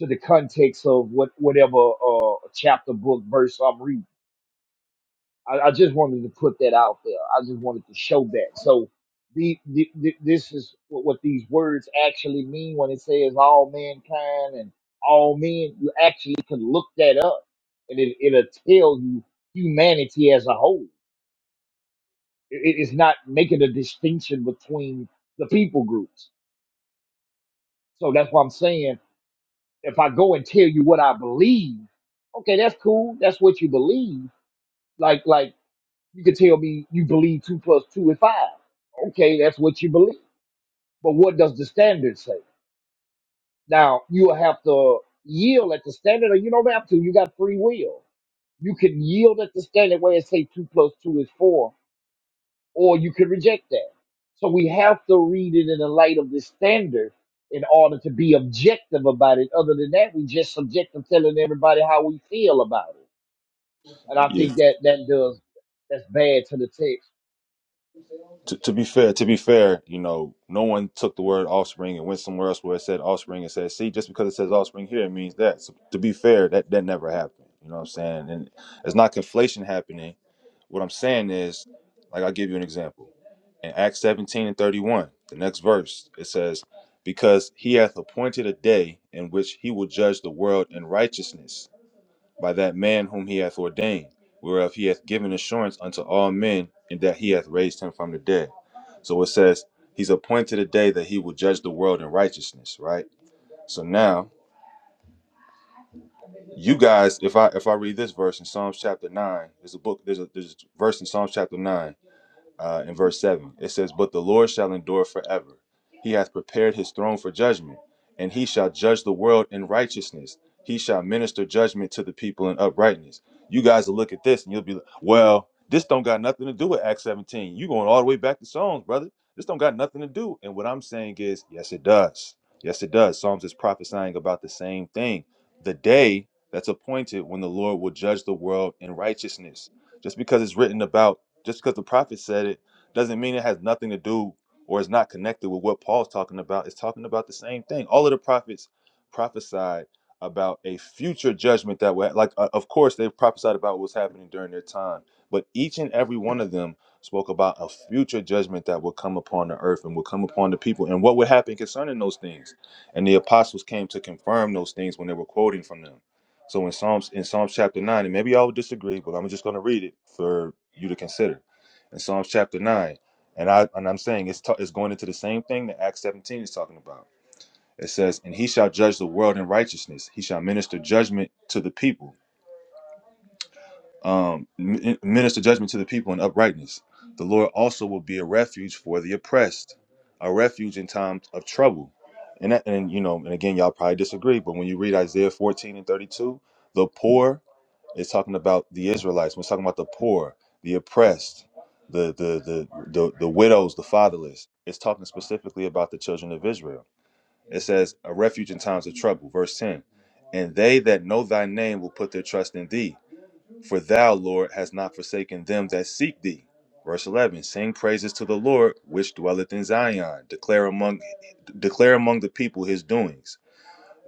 [SPEAKER 9] to the context of what whatever uh, chapter, book, verse I'm reading. I, I just wanted to put that out there. I just wanted to show that. So the, the, the this is what, what these words actually mean when it says all mankind and all men. You actually can look that up, and it, it'll tell you humanity as a whole it, it's not making a distinction between the people groups. So that's why I'm saying if I go and tell you what I believe, okay, that's cool. That's what you believe. Like like you could tell me you believe two plus two is five. Okay, that's what you believe. But what does the standard say? Now you'll have to yield at the standard, or you don't have to. You got free will. You can yield at the standard where it say two plus two is four, or you could reject that. So we have to read it in the light of the standard in order to be objective about it. Other than that, we just subjective telling everybody how we feel about it. And I
[SPEAKER 8] Yeah.
[SPEAKER 9] think that that does that's bad to the text.
[SPEAKER 8] to, to be fair, to be fair, you know, no one took the word offspring and went somewhere else where it said offspring and said, see, just because it says offspring here, it means that. So to be fair, that, that never happened. You know what I'm saying? And it's not conflation happening. What I'm saying is, like, I'll give you an example. In Acts 17 and 31, the next verse, it says, Because he hath appointed a day in which he will judge the world in righteousness by that man whom he hath ordained, whereof he hath given assurance unto all men, and that he hath raised him from the dead. So it says, He's appointed a day that he will judge the world in righteousness, right? So now, you guys, if I if I read this verse in Psalms chapter nine, there's a book, there's a there's a verse in Psalms chapter nine uh, in verse 7. It says, But the Lord shall endure forever. He hath prepared his throne for judgment, and he shall judge the world in righteousness. He shall minister judgment to the people in uprightness. You guys will look at this and you'll be like, Well, this don't got nothing to do with Acts 17. You going all the way back to Psalms, brother. This don't got nothing to do. And what I'm saying is, yes, it does. Yes, it does. Psalms is prophesying about the same thing. The day that's appointed when the Lord will judge the world in righteousness. Just because it's written about just because the prophet said it doesn't mean it has nothing to do or is not connected with what Paul's talking about. It's talking about the same thing. All of the prophets prophesied about a future judgment that would, like, uh, of course, they prophesied about what's happening during their time, but each and every one of them spoke about a future judgment that would come upon the earth and would come upon the people and what would happen concerning those things. And the apostles came to confirm those things when they were quoting from them. So in Psalms in Psalms chapter nine, and maybe y'all would disagree, but I'm just going to read it for you to consider. In Psalms chapter nine, and I and I'm saying it's ta- it's going into the same thing that Acts 17 is talking about. It says, "And he shall judge the world in righteousness; he shall minister judgment to the people, um, min- minister judgment to the people in uprightness. The Lord also will be a refuge for the oppressed, a refuge in times of trouble." And that, and you know, and again, y'all probably disagree, but when you read Isaiah 14 and 32, the poor it's talking about the Israelites. We're talking about the poor, the oppressed, the the the the, the widows, the fatherless. It's talking specifically about the children of Israel. It says, "A refuge in times of trouble." Verse ten, and they that know thy name will put their trust in thee, for thou, Lord, hast not forsaken them that seek thee. Verse eleven: Sing praises to the Lord, which dwelleth in Zion. Declare among declare among the people his doings.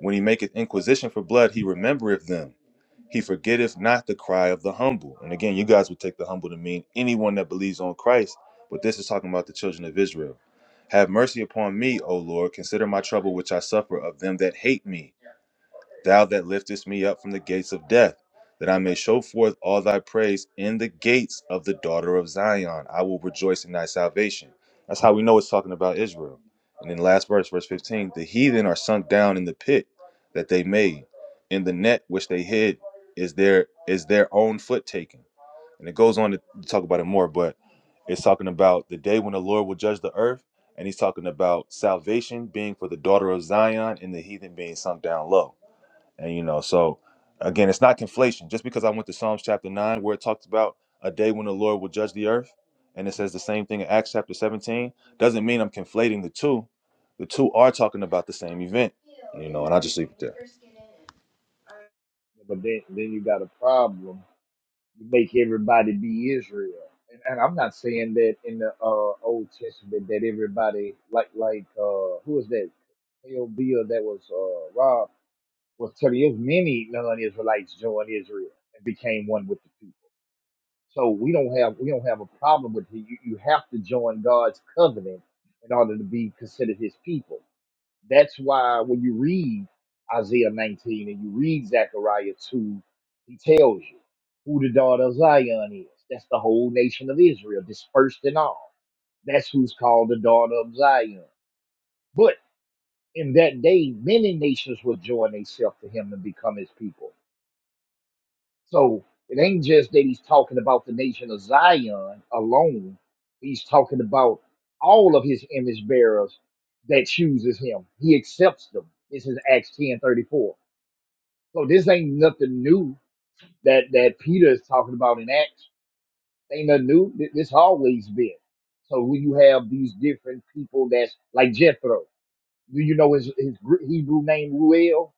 [SPEAKER 8] When he maketh inquisition for blood, he remembereth them. He forgetteth not the cry of the humble. And again, you guys would take the humble to mean anyone that believes on Christ, but this is talking about the children of Israel. Have mercy upon me, O Lord. Consider my trouble which I suffer of them that hate me thou that liftest me up from the gates of death, that I may show forth all thy praise in the gates of the daughter of Zion. I will rejoice in thy salvation. That's how we know it's talking about Israel. And then last verse, verse 15 the heathen are sunk down in the pit that they made, in the net which they hid is their is their own foot taken. And it goes on to talk about it more, but it's talking about the day when the Lord will judge the earth, and he's talking about salvation being for the daughter of Zion and the heathen being sunk down low. And you know, so again, it's not conflation. Just because I went to Psalms chapter nine, where it talks about a day when the Lord will judge the earth, and it says the same thing in Acts chapter 17, doesn't mean I'm conflating the two. The two are talking about the same event. You know, and I just leave it there.
[SPEAKER 9] But then then you got a problem. You make everybody be Israel. And, and I'm not saying that in the uh, Old Testament that everybody like like uh, who is that? L. Bill that was uh, Rob. Was to the is many non-Israelites joined Israel and became one with the people. So we don't have we don't have a problem with you. You you have to join God's covenant in order to be considered His people. That's why when you read Isaiah 19 and you read Zechariah 2, he tells you who the daughter of Zion is. That's the whole nation of Israel, dispersed and all. That's who's called the daughter of Zion. But in that day, many nations will join themselves to him and become his people So it ain't just that he's talking about the nation of Zion alone. He's talking about all of his image bearers that chooses him. He accepts them. This is Acts ten thirty four. So this ain't nothing new that, that Peter is talking about in Acts. Ain't nothing new. Th- This always been. So when you have these different people that's like Jethro, do you know his, his Gr- Hebrew name Ruel?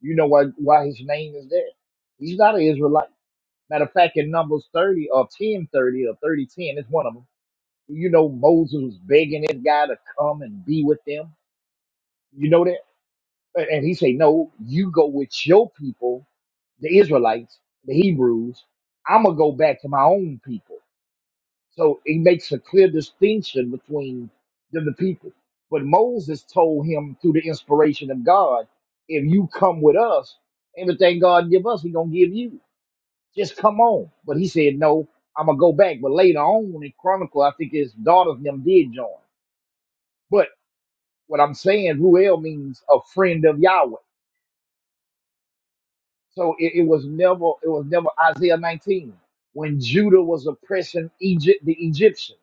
[SPEAKER 9] You know why, why his name is there. He's not an Israelite. Matter of fact, in Numbers 30 or 1030 or 3010, it's one of them. You know, Moses was begging this guy to come and be with them. You know that? A- And he say, no, you go with your people, the Israelites, the Hebrews. I'm going to go back to my own people. So it makes a clear distinction between the, the people. But Moses told him through the inspiration of God, if you come with us, everything God give us, he going to give you. Just come on. But he said, no, I'm going to go back. But later on in Chronicle, I think his daughters and them did join. But what I'm saying, Ruel means a friend of Yahweh. So it, it was never, it was never Isaiah 19 when Judah was oppressing Egypt, the Egyptians.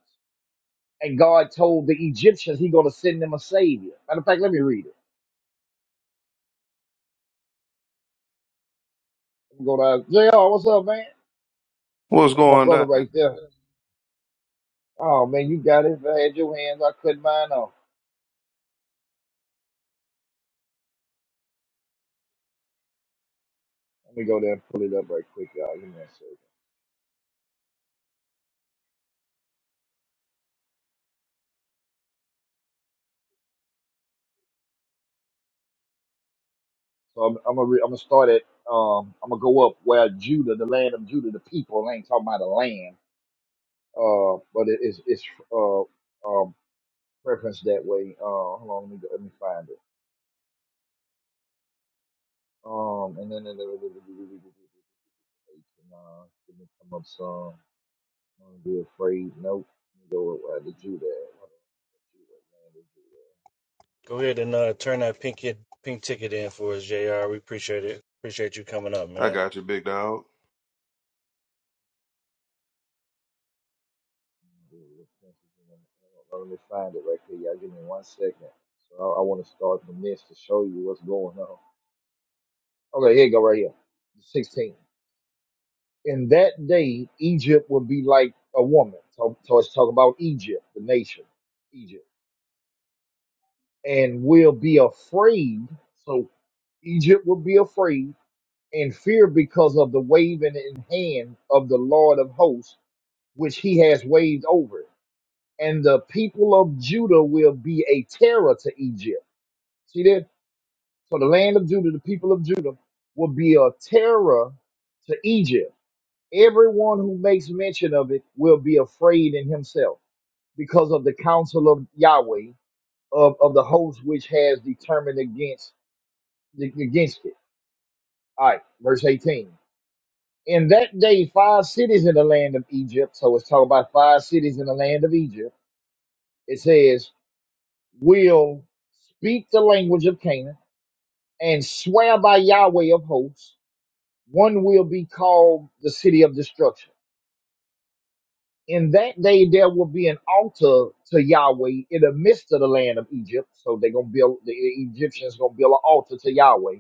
[SPEAKER 9] And God told the Egyptians he going to send them a savior. Matter of fact, let me read it. Let me go to JR. What's up, man?
[SPEAKER 12] What's
[SPEAKER 9] That's my
[SPEAKER 12] going
[SPEAKER 9] brother
[SPEAKER 12] down?
[SPEAKER 9] right there. Oh man, you got it. If I had your hands, I cut mine off. Let me go there and pull it up right quick, y'all. Give me a second. So I'm, I'm gonna re- I'm gonna start at um I'm gonna go up where Judah, the land of Judah, the people. I ain't talking about the land, uh, but it is it's uh um referenced that way. Uh, hold on, let me go, let me find it. Um, and then uh, let me come up some. Don't be afraid. Nope. Let me go up where the Judah. at. Hold on. Judah, land of Judah.
[SPEAKER 2] Go ahead and uh, turn that pink kid, pink ticket in for us, Jr. We appreciate it. Appreciate you coming up,
[SPEAKER 12] I
[SPEAKER 2] man.
[SPEAKER 12] got you, big dog.
[SPEAKER 9] Dude, this message is on- Let me find it right here. Y'all give me one second. So I, I want to start from this to show you what's going on. Okay, here you go right here. 16. In that day, Egypt will be like a woman. So, so it's talking about Egypt, the nation, Egypt, and will be afraid. So Egypt will be afraid and fear because of the waving in hand of the Lord of hosts, which he has waved over. it. And the people of Judah will be a terror to Egypt See that? So the land of Judah, the people of Judah, will be a terror to Egypt. Everyone who makes mention of it will be afraid in himself because of the counsel of Yahweh of, of the host which has determined against against it. All right, verse 18. In that day, five cities in the land of Egypt, so it's talking about five cities in the land of Egypt, it says, will speak the language of Canaan and swear by Yahweh of hosts one will be called the city of destruction. In that day, there will be an altar to Yahweh in the midst of the land of Egypt. So they're gonna build the Egyptians gonna build an altar to Yahweh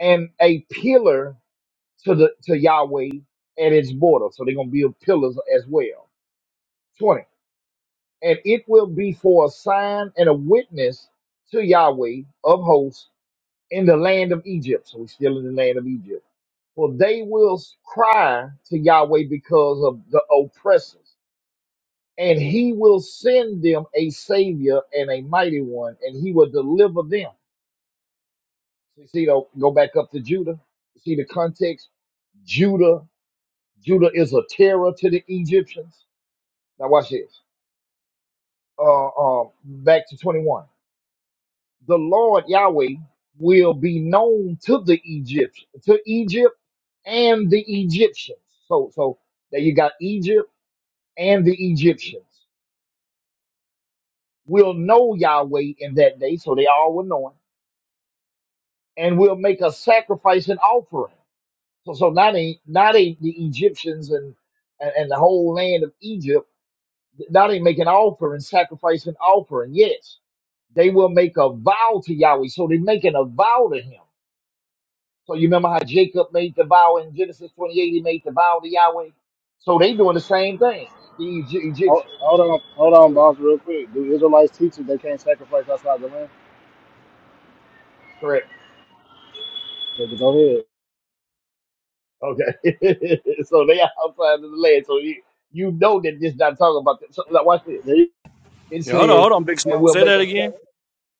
[SPEAKER 9] and a pillar to the to Yahweh at its border. So they're gonna build pillars as well. Twenty, and it will be for a sign and a witness to Yahweh of hosts in the land of Egypt. So we're still in the land of Egypt For they will cry to Yahweh because of the oppressors, and he will send them a savior and a mighty one, and he will deliver them. So You see, though, go back up to Judah. You see the context? Judah, Judah is a terror to the Egyptians. Now watch this. Uh, uh, back to 21. The Lord Yahweh will be known to the Egyptians, to Egypt and the Egyptians. So, so there you got Egypt and the Egyptians will know Yahweh in that day, so they all will know him, and will make a sacrifice and offering. So, so not ain't not ain't the Egyptians and and, and the whole land of Egypt. Not ain't making offering, sacrifice and offering. Yes, they will make a vow to Yahweh. So they're making a vow to him. So you remember how Jacob made the vow in Genesis 28, he made the vow to Yahweh. So they doing the same thing, the Egy-
[SPEAKER 4] Hold,
[SPEAKER 9] Egyptians.
[SPEAKER 4] hold on, hold on,
[SPEAKER 9] So
[SPEAKER 4] boss, real quick. Do Israelites teach that they can't sacrifice outside the land?
[SPEAKER 9] correct.
[SPEAKER 4] Yeah, but go
[SPEAKER 9] Okay. so they are outside of the land. So you, you know that this not talking about that. So now watch this.
[SPEAKER 4] ahead.
[SPEAKER 9] It
[SPEAKER 2] Yeah, hold on,
[SPEAKER 9] says,
[SPEAKER 2] hold on, Big
[SPEAKER 9] and
[SPEAKER 2] Smoke.
[SPEAKER 9] we'll
[SPEAKER 2] Say
[SPEAKER 9] make
[SPEAKER 2] that
[SPEAKER 9] a
[SPEAKER 2] again.
[SPEAKER 9] sac-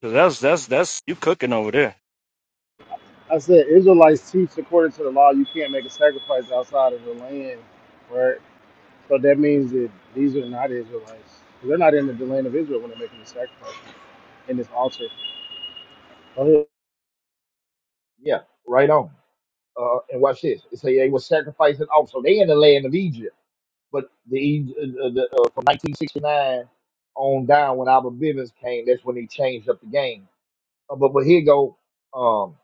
[SPEAKER 2] 'Cause that's that's that's you cooking over there.
[SPEAKER 4] I said Israelites teach according to the law you can't make a sacrifice outside of the land, right? So that means that these are not Israelites. They're not in the land of Israel when they're making the sacrifice in this altar. Go ahead.
[SPEAKER 9] yeah, right on. Uh, and watch this. It say they were sacrificing off. So they in the land of Egypt, but the, E- uh, uh, the uh, from 1969 on down when Albert Bivens came, that's when he changed up the game. Uh, but but here go. Um,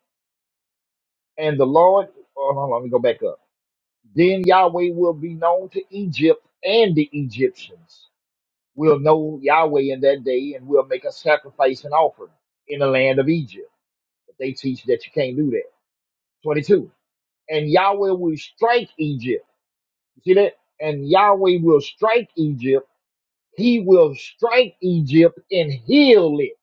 [SPEAKER 9] and the Lord, oh, hold on, let me go back up. Then Yahweh will be known to Egypt and the Egyptians. We'll know Yahweh in that day and we'll make a sacrifice and offering in the land of Egypt. But they teach that you can't do that. 22. And Yahweh will strike Egypt. You see that? And Yahweh will strike Egypt. He will strike Egypt and heal it.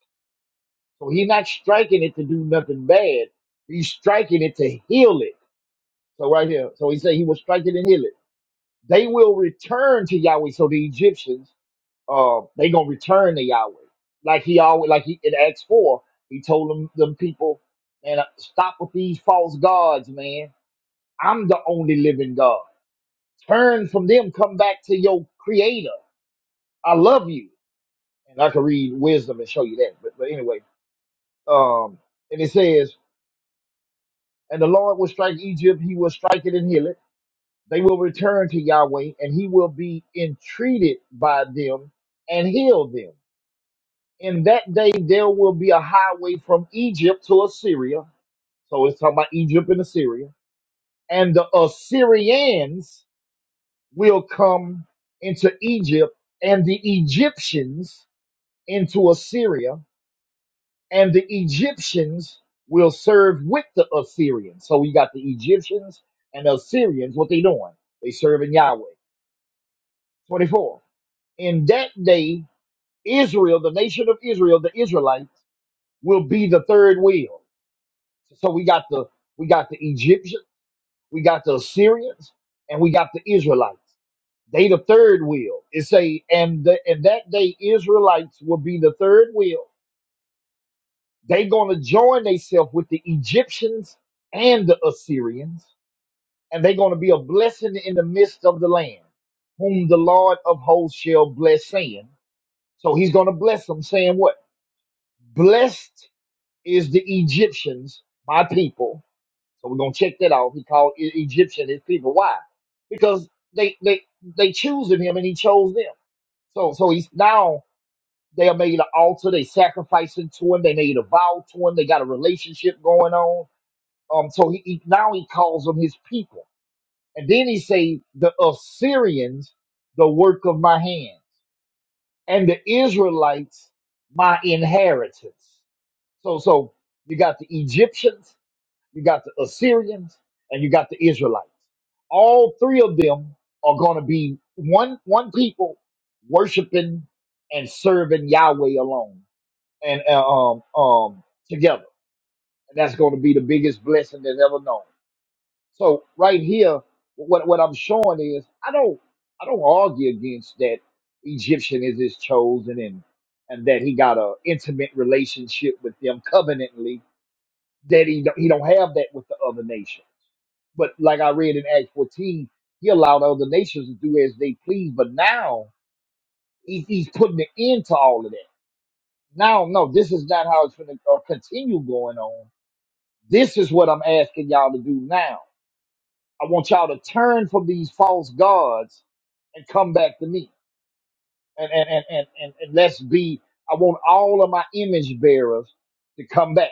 [SPEAKER 9] So he's not striking it to do nothing bad. He's striking it to heal it. So right here. So he said he will strike it and heal it. They will return to Yahweh. So the Egyptians uh, they gonna return to Yahweh. Like he always, like he in Acts four, he told them them people, and stop with these false gods, man. I'm the only living God. Turn from them, come back to your Creator. I love you, and I can read wisdom and show you that. But but anyway, um, and it says, and the Lord will strike Egypt; he will strike it and heal it. They will return to Yahweh, and he will be entreated by them and heal them. In that day there will be a highway from Egypt to Assyria. So it's talking about Egypt and Assyria. And the Assyrians will come into Egypt, and the Egyptians into Assyria, and the Egyptians will serve with the Assyrians. So we got the Egyptians and the Assyrians, what they doing? They serving Yahweh. 24. In that day, Israel, the nation of Israel, the Israelites, will be the third wheel So we got the we got the Egyptians, we got the Assyrians, and we got the Israelites. They the third wheel. It say, and the, and that day Israelites will be the third wheel. They gonna join themselves with the Egyptians and the Assyrians, and they gonna be a blessing in the midst of the land, whom the Lord of hosts shall bless, saying. So he's gonna bless them, saying what? Blessed is the Egyptians, my people So we're gonna check that off. He called E- Egyptian his people. Why? Because they they they choosing him and he chose them. So so he's now they are made an altar. They sacrificing to him. They made a vow to him. They got a relationship going on. Um. So he, he now he calls them his people, and then he say the Assyrians, the work of my hands, and the Israelites, my inheritance. So so you got the Egyptians you got the Assyrians, and you got the Israelites. All three of them are going to be one one people worshiping and serving Yahweh alone and uh, um um together. And that's going to be the biggest blessing that's ever known. So right here, what what I'm showing is I don't I don't argue against that Egyptian is his chosen and and that he got a intimate relationship with them covenantally that he don't, he don't have that with the other nations but like I read in Acts 14, he allowed other nations to do as they please. But now he's, he's putting an end to all of that. Now, no, this is not how it's going to uh, continue going on. This is what I'm asking y'all to do now. I want y'all to turn from these false gods and come back to me. And, and, and, and, and, and let's be, I want all of my image bearers to come back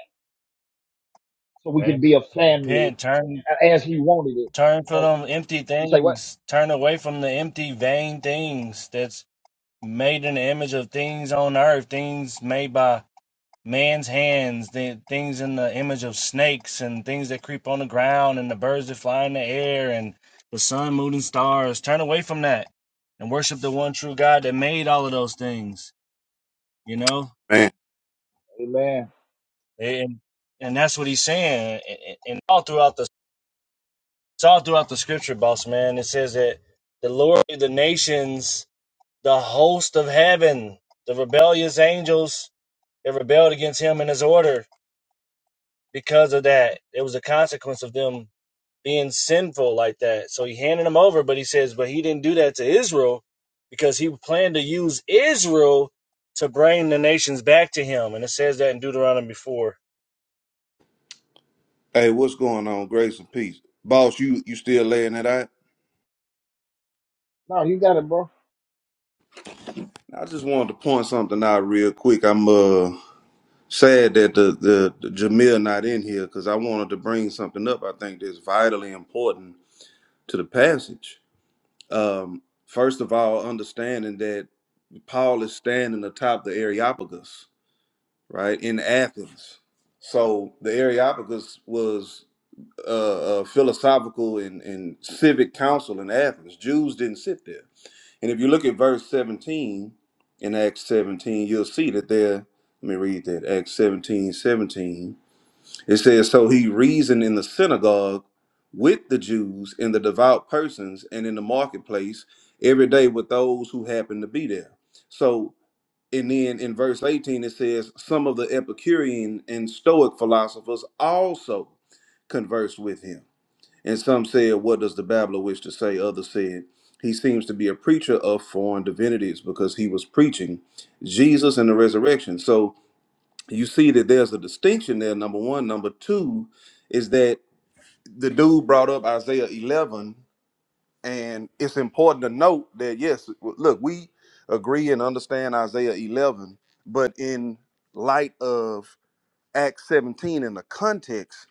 [SPEAKER 9] so we can be
[SPEAKER 2] Man,
[SPEAKER 9] a family
[SPEAKER 2] repent, turn,
[SPEAKER 9] as he wanted it.
[SPEAKER 2] turn for them empty
[SPEAKER 9] He's like, what?
[SPEAKER 2] things. Turn away from the empty, vain things that's made in the image of things on earth, things made by man's hands, the things in the image of snakes and things that creep on the ground and the birds that fly in the air and the sun, moon, and stars. Turn away from that and worship the one true God that made all of those things. You know,
[SPEAKER 12] Man.
[SPEAKER 9] Amen.
[SPEAKER 2] and and that's what he's saying. And all throughout the it's all throughout the scripture, boss man. It says that the Lord, of the nations, the host of heaven, the rebellious angels that rebelled against him and his order. Because of that, it was a consequence of them being sinful like that. So he handed him over, but he says, but he didn't do that to Israel because he planned to use Israel to bring the nations back to him. And it says that in Deuteronomy 4.
[SPEAKER 12] Hey, what's going on? Grace and peace. Boss, you you still laying it out?
[SPEAKER 9] No, you got it, bro.
[SPEAKER 12] I just wanted to point something out real quick. I'm uh sad that the the, the Jamil not in here because I wanted to bring something up I think that's vitally important to the passage. Um First of all, understanding that Paul is standing atop the Areopagus, right, in Athens. So the Areopagus was uh, uh, philosophical and, and civic council in Athens. Jews didn't sit there. And if you look at verse 17 in Acts 17, you'll see that there, let me read that, Acts 17 17. It says, So he reasoned in the synagogue with the Jews and the devout persons and in the marketplace every day with those who happened to be there. So, and then in verse 18, it says, Some of the Epicurean and Stoic philosophers also conversed with him. And some said, What does the babbler wish to say? Others said, He seems to be a preacher of foreign divinities because he was preaching Jesus and the resurrection. So you see that there's a distinction there, number one. Number two is that the dude brought up Isaiah 11, and it's important to note that, yes, look, we agree and understand Isaiah 11, but in light of Acts 17 in the context,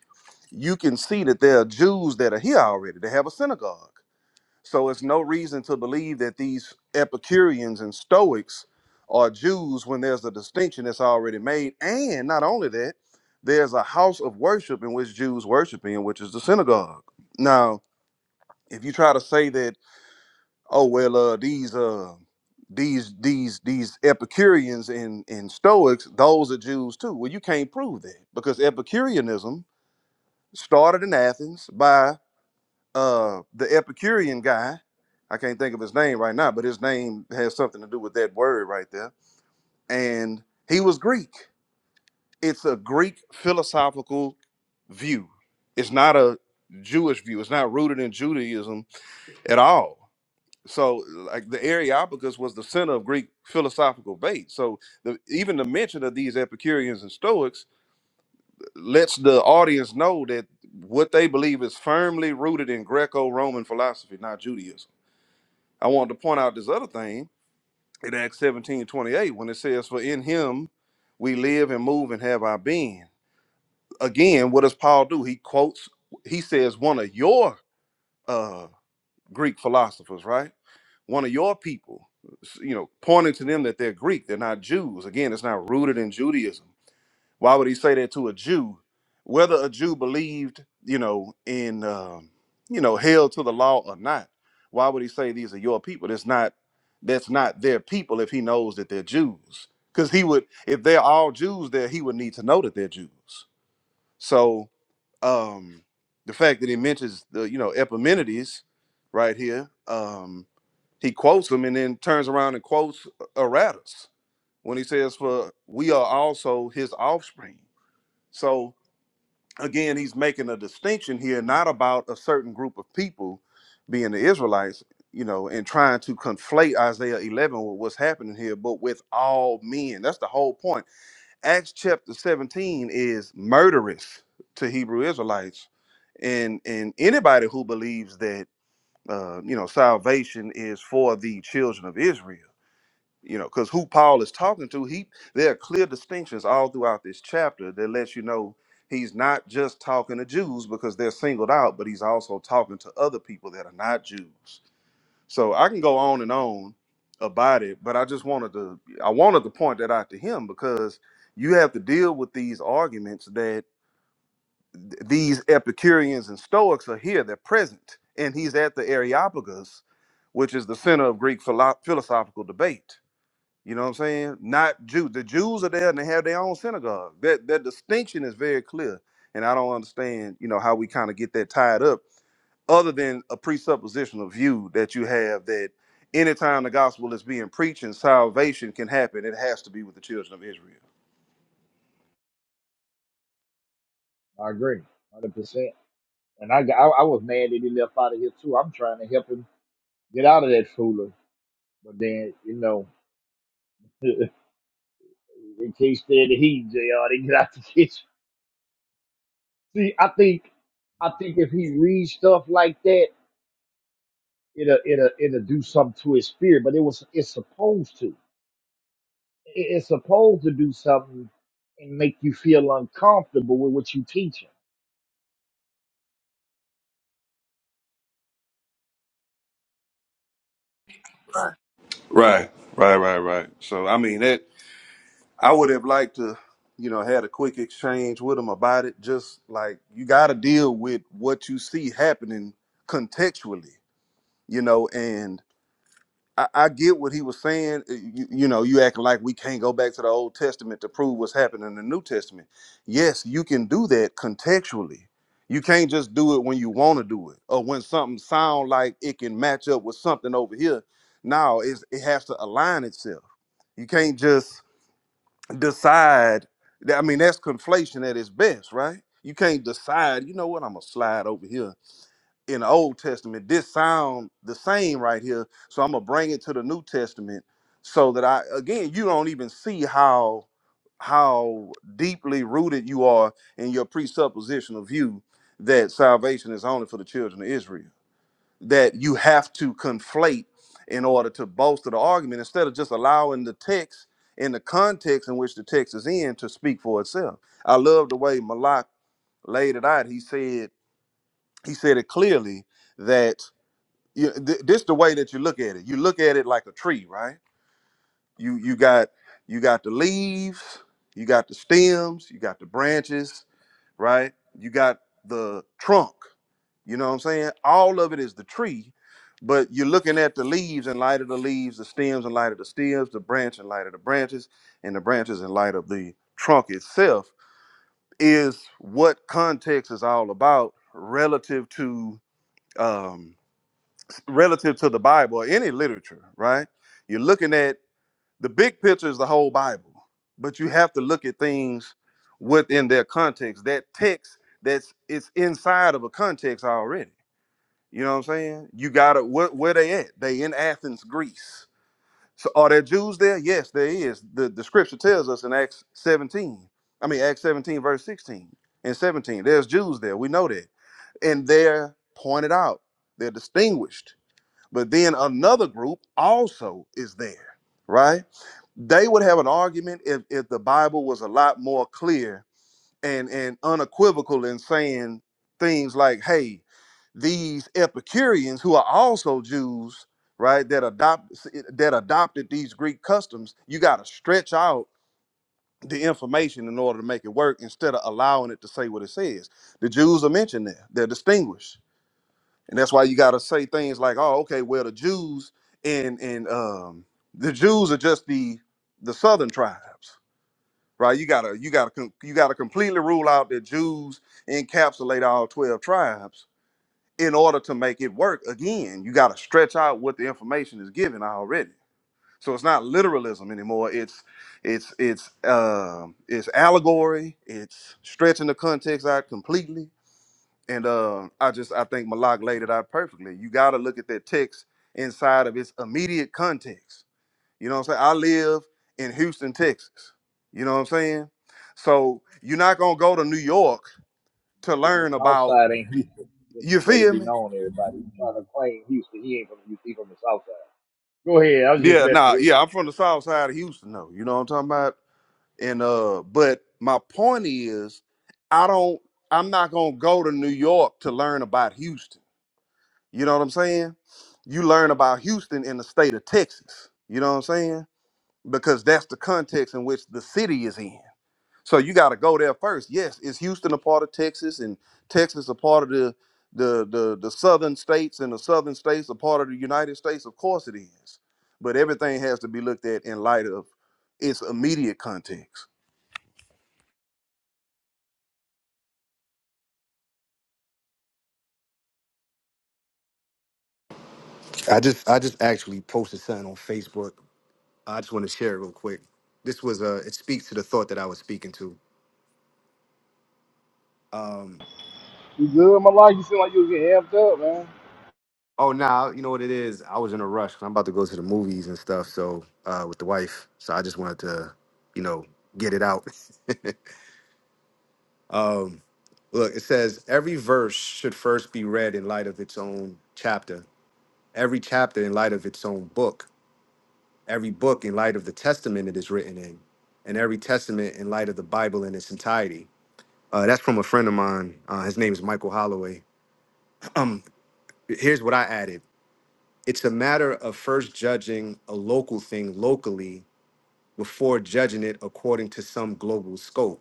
[SPEAKER 12] you can see that there are Jews that are here already. They have a synagogue so it's no reason to believe that these Epicureans and Stoics are Jews when there's a distinction that's already made. And not only that, there's a house of worship in which Jews worship in, which is the synagogue. Now, if you try to say that, oh well, uh, these uh, these these these Epicureans and and Stoics, those are Jews too. Well, you can't prove that because Epicureanism started in Athens by uh the Epicurean guy, I can't think of his name right now, but his name has something to do with that word right there. And he was Greek. It's a Greek philosophical view. It's not a Jewish view. It's not rooted in Judaism at all. So like the Areopagus was the center of Greek philosophical debate. So the, even the mention of these Epicureans and Stoics lets the audience know that what they believe is firmly rooted in Greco-Roman philosophy, not Judaism. I wanted to point out this other thing in Acts 17 28 when it says, For in him we live and move and have our being. Again, what does Paul do? He quotes, he says, one of your uh, Greek philosophers, right? One of your people, you know, pointing to them that they're Greek, they're not Jews. Again, it's not rooted in Judaism. Why would he say that to a Jew? Whether a Jew believed, you know, in, um, you know, held to the law or not, why would he say these are your people? That's not, that's not their people if he knows that they're Jews. Because he would, if they're all Jews there, he would need to know that they're Jews. So um, the fact that he mentions the, you know, Epimenides right here, um, he quotes him and then turns around and quotes uh, Aratus when he says, "For we are also his offspring." So again, he's making a distinction here, not about a certain group of people being the Israelites, you know, and trying to conflate Isaiah 11 with what's happening here, but with all men. That's the whole point. Acts chapter 17 is murderous to Hebrew Israelites. And, and anybody who believes that, uh, you know, salvation is for the children of Israel you know because who paul is talking to he there are clear distinctions all throughout this chapter that lets you know he's not just talking to jews because they're singled out but he's also talking to other people that are not jews so i can go on and on about it but i just wanted to i wanted to point that out to him because you have to deal with these arguments that th- these epicureans and stoics are here they're present and he's at the areopagus which is the center of greek philo- philosophical debate you know what I'm saying? Not Jew. The Jews are there and they have their own synagogue. That that distinction is very clear. And I don't understand, you know, how we kind of get that tied up, other than a presuppositional view that you have that anytime the gospel is being preached and salvation can happen, it has to be with the children of Israel.
[SPEAKER 9] I agree, hundred percent. And I, got- I I was mad that he left out of here too. I'm trying to help him get out of that fooler, but then you know, in case they're the heat, Jr. They get out the kitchen. See, I think I think if he reads stuff like that, it'll it'll it'll do something to his spirit. But it was it's supposed to. It- It's supposed to do something and make you feel uncomfortable with what you teaching.
[SPEAKER 12] Right, right, right, right. So I mean that I would have liked to, you know, had a quick exchange with him about it. Just like you got to deal with what you see happening contextually, you know. And I, I get what he was saying. Uh, You, you know, you acting like we can't go back to the Old Testament to prove what's happening in the New Testament. Yes, you can do that contextually. You can't just do it when you want to do it or when something sound like it can match up with something over here. No, it's, it has to align itself. You can't just decide. That, I mean, that's conflation at its best, right? You can't decide. You know what? I'm gonna slide over here in the Old Testament. This sound the same right here. So I'm gonna bring it to the New Testament so that I again you don't even see how how deeply rooted you are in your presupposition of you that salvation is only for the children of Israel. That you have to conflate in order to bolster the argument instead of just allowing the text in the context in which the text is in to speak for itself. I love the way Malak laid it out. He said he said it clearly that you, th- this the way that you look at it. You look at it like a tree, right? You you got you got the leaves, you got the stems, you got the branches, right? You got the trunk. You know what I'm saying? All of it is the tree, but you're looking at the leaves in light of the leaves, the stems in light of the stems, the branch in light of the branches, and the branches in light of the trunk itself is what context is all about relative to. um, relative to the Bible or any literature, right? You're looking at the big picture is the whole Bible, but you have to look at things within their context. That text that's it's inside of a context already. You know what I'm saying? You gotta where, where they at? They in Athens, Greece. So are there Jews there? Yes, there is. The the scripture tells us in Acts 17. I mean Acts 17, verse 16 and 17. There's Jews there. We know that. And they're pointed out. They're distinguished but then another group also is there, right? They would have an argument if, if the Bible was a lot more clear and, and unequivocal in saying things like, hey, these Epicureans who are also Jews, right, that adopt that adopted these Greek customs, you got to stretch out the information in order to make it work instead of allowing it to say what it says. The Jews are mentioned there. They're distinguished and that's why you got to say things like oh okay well the jews and and um the jews are just the the southern tribes right you gotta you gotta com- you gotta completely rule out that jews encapsulate all 12 tribes in order to make it work again you gotta stretch out what the information is given already so it's not literalism anymore it's it's it's um it's allegory it's stretching the context out completely and uh, I just I think Malak laid it out perfectly. You got to look at that text inside of its immediate context. You know what I'm saying? I live in Houston, Texas. You know what I'm saying? So you're not gonna go to New York to
[SPEAKER 9] The the
[SPEAKER 12] learn
[SPEAKER 9] South
[SPEAKER 12] about.
[SPEAKER 9] Side ain't Houston. Just
[SPEAKER 12] You
[SPEAKER 9] to let it
[SPEAKER 12] feel
[SPEAKER 9] be
[SPEAKER 12] me?
[SPEAKER 9] known, everybody. He's trying to claim Houston. He ain't from Houston. He from the South Side. Go ahead. I was just
[SPEAKER 12] Yeah,
[SPEAKER 9] messing
[SPEAKER 12] nah,
[SPEAKER 9] with.
[SPEAKER 12] yeah. I'm from the South Side of Houston, though. You know what I'm talking about? And uh, but my point is, I don't. I'm not gonna go to New York to learn about Houston. You know what I'm saying? You learn about Houston in the state of Texas. You know what I'm saying? Because that's the context in which the city is in. So you got to go there first. Yes, is Houston a part of Texas and Texas a part of the the the the southern states and the southern states a part of the United States? Of course it is. But everything has to be looked at in light of its immediate context.
[SPEAKER 5] I just I just actually posted something on Facebook. I just want to share it real quick. This was uh it speaks to the thought that I was speaking to.
[SPEAKER 4] You good, my life? You seem like you was getting amped up, man.
[SPEAKER 5] Oh, now you know what it is. I was in a rush 'cause I'm about to go to the movies and stuff. So uh, with the wife, so I just wanted to, you know, get it out. um, look, it says every verse should first be read in light of its own chapter. Every chapter in light of its own book. Every book in light of the testament it is written in, and every testament in light of the Bible in its entirety. Uh, that's from a friend of mine. Uh, his name is Michael Holloway. Um, here's what I added. it's a matter of first judging a local thing locally before judging it according to some global scope.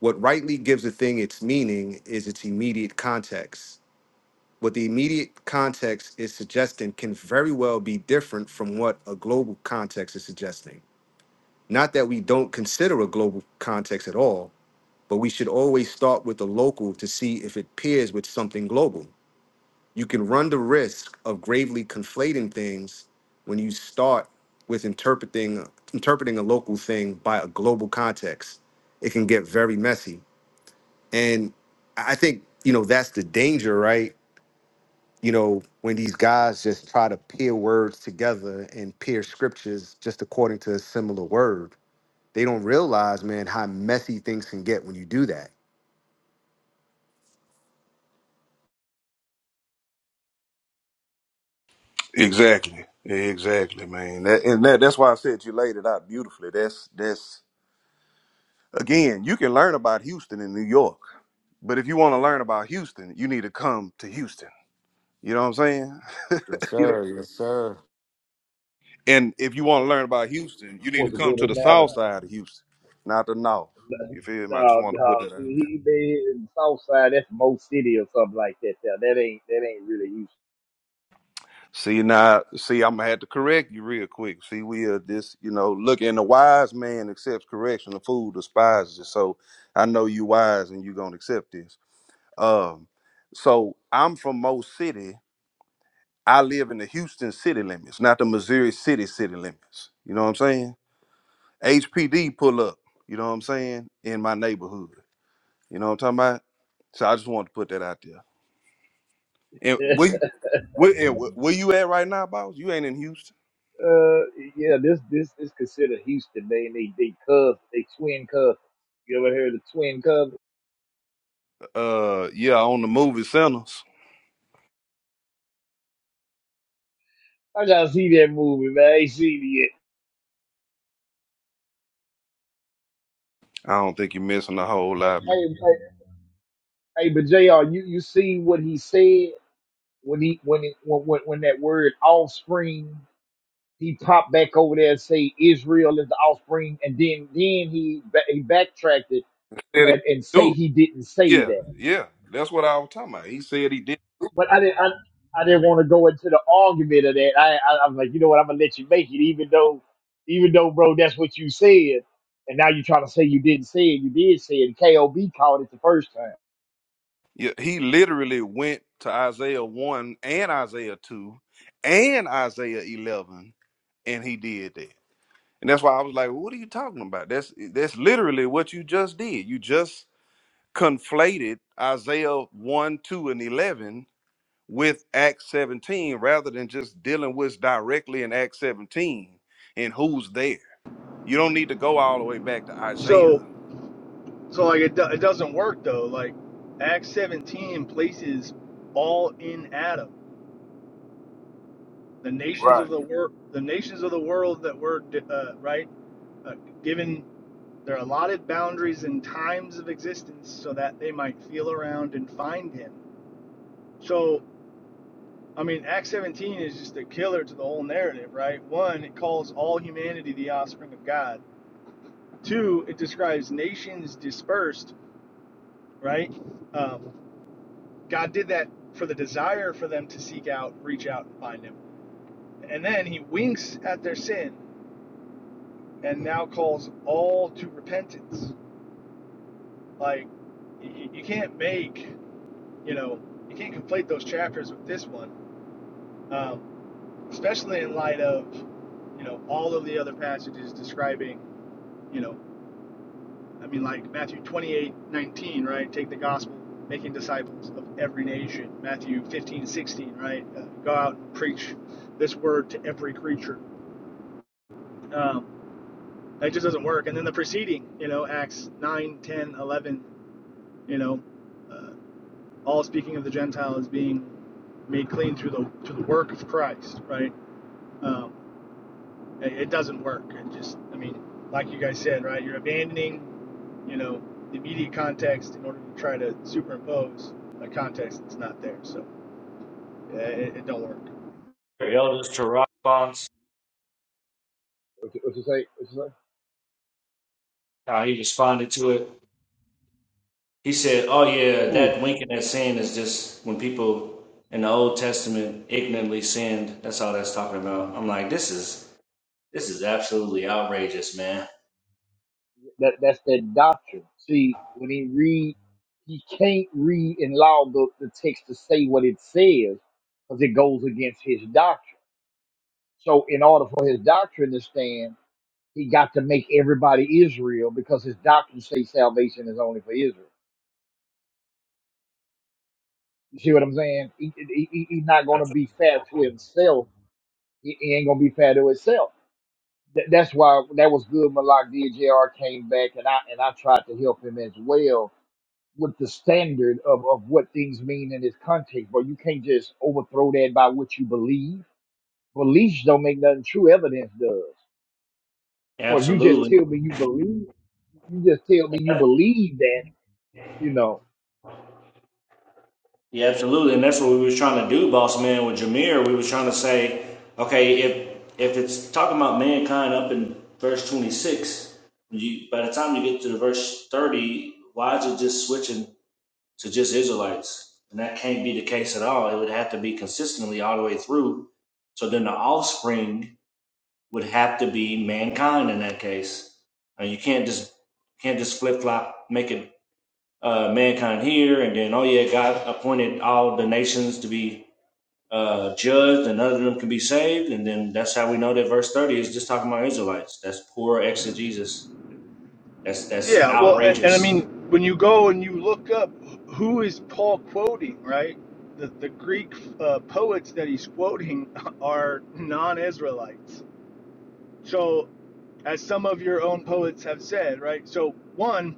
[SPEAKER 5] What rightly gives a thing its meaning is its immediate context. What the immediate context is suggesting can very well be different from what a global context is suggesting. Not that we don't consider a global context at all, but we should always start with the local to see if it pairs with something global. you can run the risk of gravely conflating things when you start with interpreting interpreting a local thing by a global context it can get very messy and i think you know that's the danger right you know when these guys just try to pair words together and pair scriptures just according to a similar word they don't realize man how messy things can get when you do that
[SPEAKER 12] Exactly. Exactly, man. That, and that, that's why I said you laid it out beautifully. That's that's Again, you can learn about Houston in New York, but if you want to learn about Houston, you need to come to Houston. You know what I'm saying?
[SPEAKER 5] yes
[SPEAKER 12] You know.
[SPEAKER 5] sir yes sir
[SPEAKER 12] And if you want to learn about Houston, you
[SPEAKER 9] That
[SPEAKER 12] need to
[SPEAKER 9] was a
[SPEAKER 12] come
[SPEAKER 9] good
[SPEAKER 12] to the south
[SPEAKER 9] analogy.
[SPEAKER 12] side of Houston, not the north. You feel me? I just
[SPEAKER 9] Uh,
[SPEAKER 12] wanted to put
[SPEAKER 9] uh,
[SPEAKER 12] that out there.
[SPEAKER 9] he they in South That's Mo City or something like that. There, that ain't that ain't really Houston.
[SPEAKER 12] See now, see, I'm gonna have to correct you real quick. See, we are this, you know, look, and the wise man accepts correction, the fool despises it. So I know you wise and you are gonna accept this. Um, so I'm from Mo City, I live in the Houston city limits, not the Missouri city city limits. You know what I'm saying? HPD pull up, you know what I'm saying, in my neighborhood. You know what I'm talking about? So I just wanted to put that out there. And where, where, and where where you at right now, boss? You ain't in Houston.
[SPEAKER 9] uh, yeah, this this is considered Houston. They they they cub they twin cub. You ever heard of twin cub?
[SPEAKER 12] Uh, yeah, on the movie centers.
[SPEAKER 9] I gotta see that movie, man. I ain't seen it yet.
[SPEAKER 12] I don't think you're missing a whole lot, man.
[SPEAKER 9] Hey, hey, hey, hey, but Jr., you you see what he said when he when it when when, when that word offspring. he popped back over there and say Israel is the offspring, and then then he ba- he backtracked it
[SPEAKER 12] Said he
[SPEAKER 9] and, and say
[SPEAKER 12] do it.
[SPEAKER 9] he didn't say
[SPEAKER 12] Yeah,
[SPEAKER 9] that.
[SPEAKER 12] yeah. That's what I was talking about. He said he did.
[SPEAKER 9] But I didn't I, I didn't want to go into the argument of that. I, I I was like, you know what, I'm gonna let you make it, even though even though bro, that's what you said, and now you're trying to say you didn't say it. You did say it. Kob called it the first time.
[SPEAKER 12] Yeah, he literally went to Isaiah 1 and Isaiah 2 and Isaiah 11 and he did that. And that's why I was like, what are you talking about? That's that's literally what you just did. You just conflated Isaiah 1, 2 and 11 with Acts 17 rather than just dealing with directly in Acts 17 and who's there. You don't need to go all the way back to Isaiah
[SPEAKER 1] So, so like it, do, it doesn't work though. Like Acts 17 places all in Adam, the nations
[SPEAKER 12] Right.
[SPEAKER 1] of the world, the nations of the world that were uh, right uh, given their allotted boundaries and times of existence, so that they might feel around and find him. So. I mean, Acts 17 is just a killer to the whole narrative, right? One, it calls all humanity the offspring of God. Two, it describes nations dispersed, right? Um, God did that for the desire for them to seek out, reach out, and find Him. And then He winks at their sin and now calls all to repentance. Like, you, you can't make, you know, you can't conflate those chapters with this one, um, especially in light of, you know, all of the other passages describing You know, I mean, like Matthew 28:19, right? Take the gospel, making disciples of every nation. Matthew 15:16, right? Uh, go out and preach this word to every creature. Um, that just doesn't work. And then the preceding, you know, Acts 9, ten, 11, you know, uh, all speaking of the Gentiles being made clean through the through the work of Christ, right? Um, it, it doesn't work. It just, I mean, like you guys said, right? You're abandoning you know, the immediate context in order to try to superimpose a context that's not there. So uh, it, it don't work.
[SPEAKER 2] Their elders to response,
[SPEAKER 9] What you what you say? What you say?
[SPEAKER 2] how he responded to it. He said, "Oh yeah,
[SPEAKER 9] Who?
[SPEAKER 2] that winking at sin is just when people in the Old Testament ignorantly sinned. That's all that's talking about." I'm like, this is this is absolutely outrageous, man.
[SPEAKER 9] That that's that doctrine. See, when he read, he can't read and allow the, the text to say what it says because it goes against his doctrine. So in order for his doctrine to stand, he got to make everybody Israel because his doctrine says salvation is only for Israel. You see what I'm saying? He, he, he- he's not going to
[SPEAKER 2] Absolutely.
[SPEAKER 9] be fair to himself. He, he ain't going to be fair to himself. That, that's why that was good. Malak DJR came back and I and I tried to help him as well with the standard of, of what things mean in this context, but you can't just overthrow that by what you believe. Beliefs don't make nothing true, evidence does. So if you just
[SPEAKER 2] Absolutely.
[SPEAKER 9] tell me you believe, you just tell me you believe that, you know,
[SPEAKER 2] Yeah, absolutely, and that's what we was trying to do, boss man. With Jameer, we was trying to say, okay, if if it's talking about mankind up in verse twenty six, you by the time you get to the verse thirty, why is it just switching to just Israelites? And that can't be the case at all. It would have to be consistently all the way through. So then the offspring would have to be mankind in that case, and you can't just can't just flip flop make it uh, mankind here, and then oh yeah, God appointed all the nations to be uh, judged, and none of them can be saved, and then that's how we know that verse thirty is just talking about Israelites. That's poor exegesis. That's that's
[SPEAKER 1] Yeah, well, and, and I
[SPEAKER 2] outrageous.
[SPEAKER 1] mean, when you go and you look up who is Paul quoting, right? The, the Greek uh, poets that he's quoting are non-Israelites. So, as some of your own poets have said, right? So, one,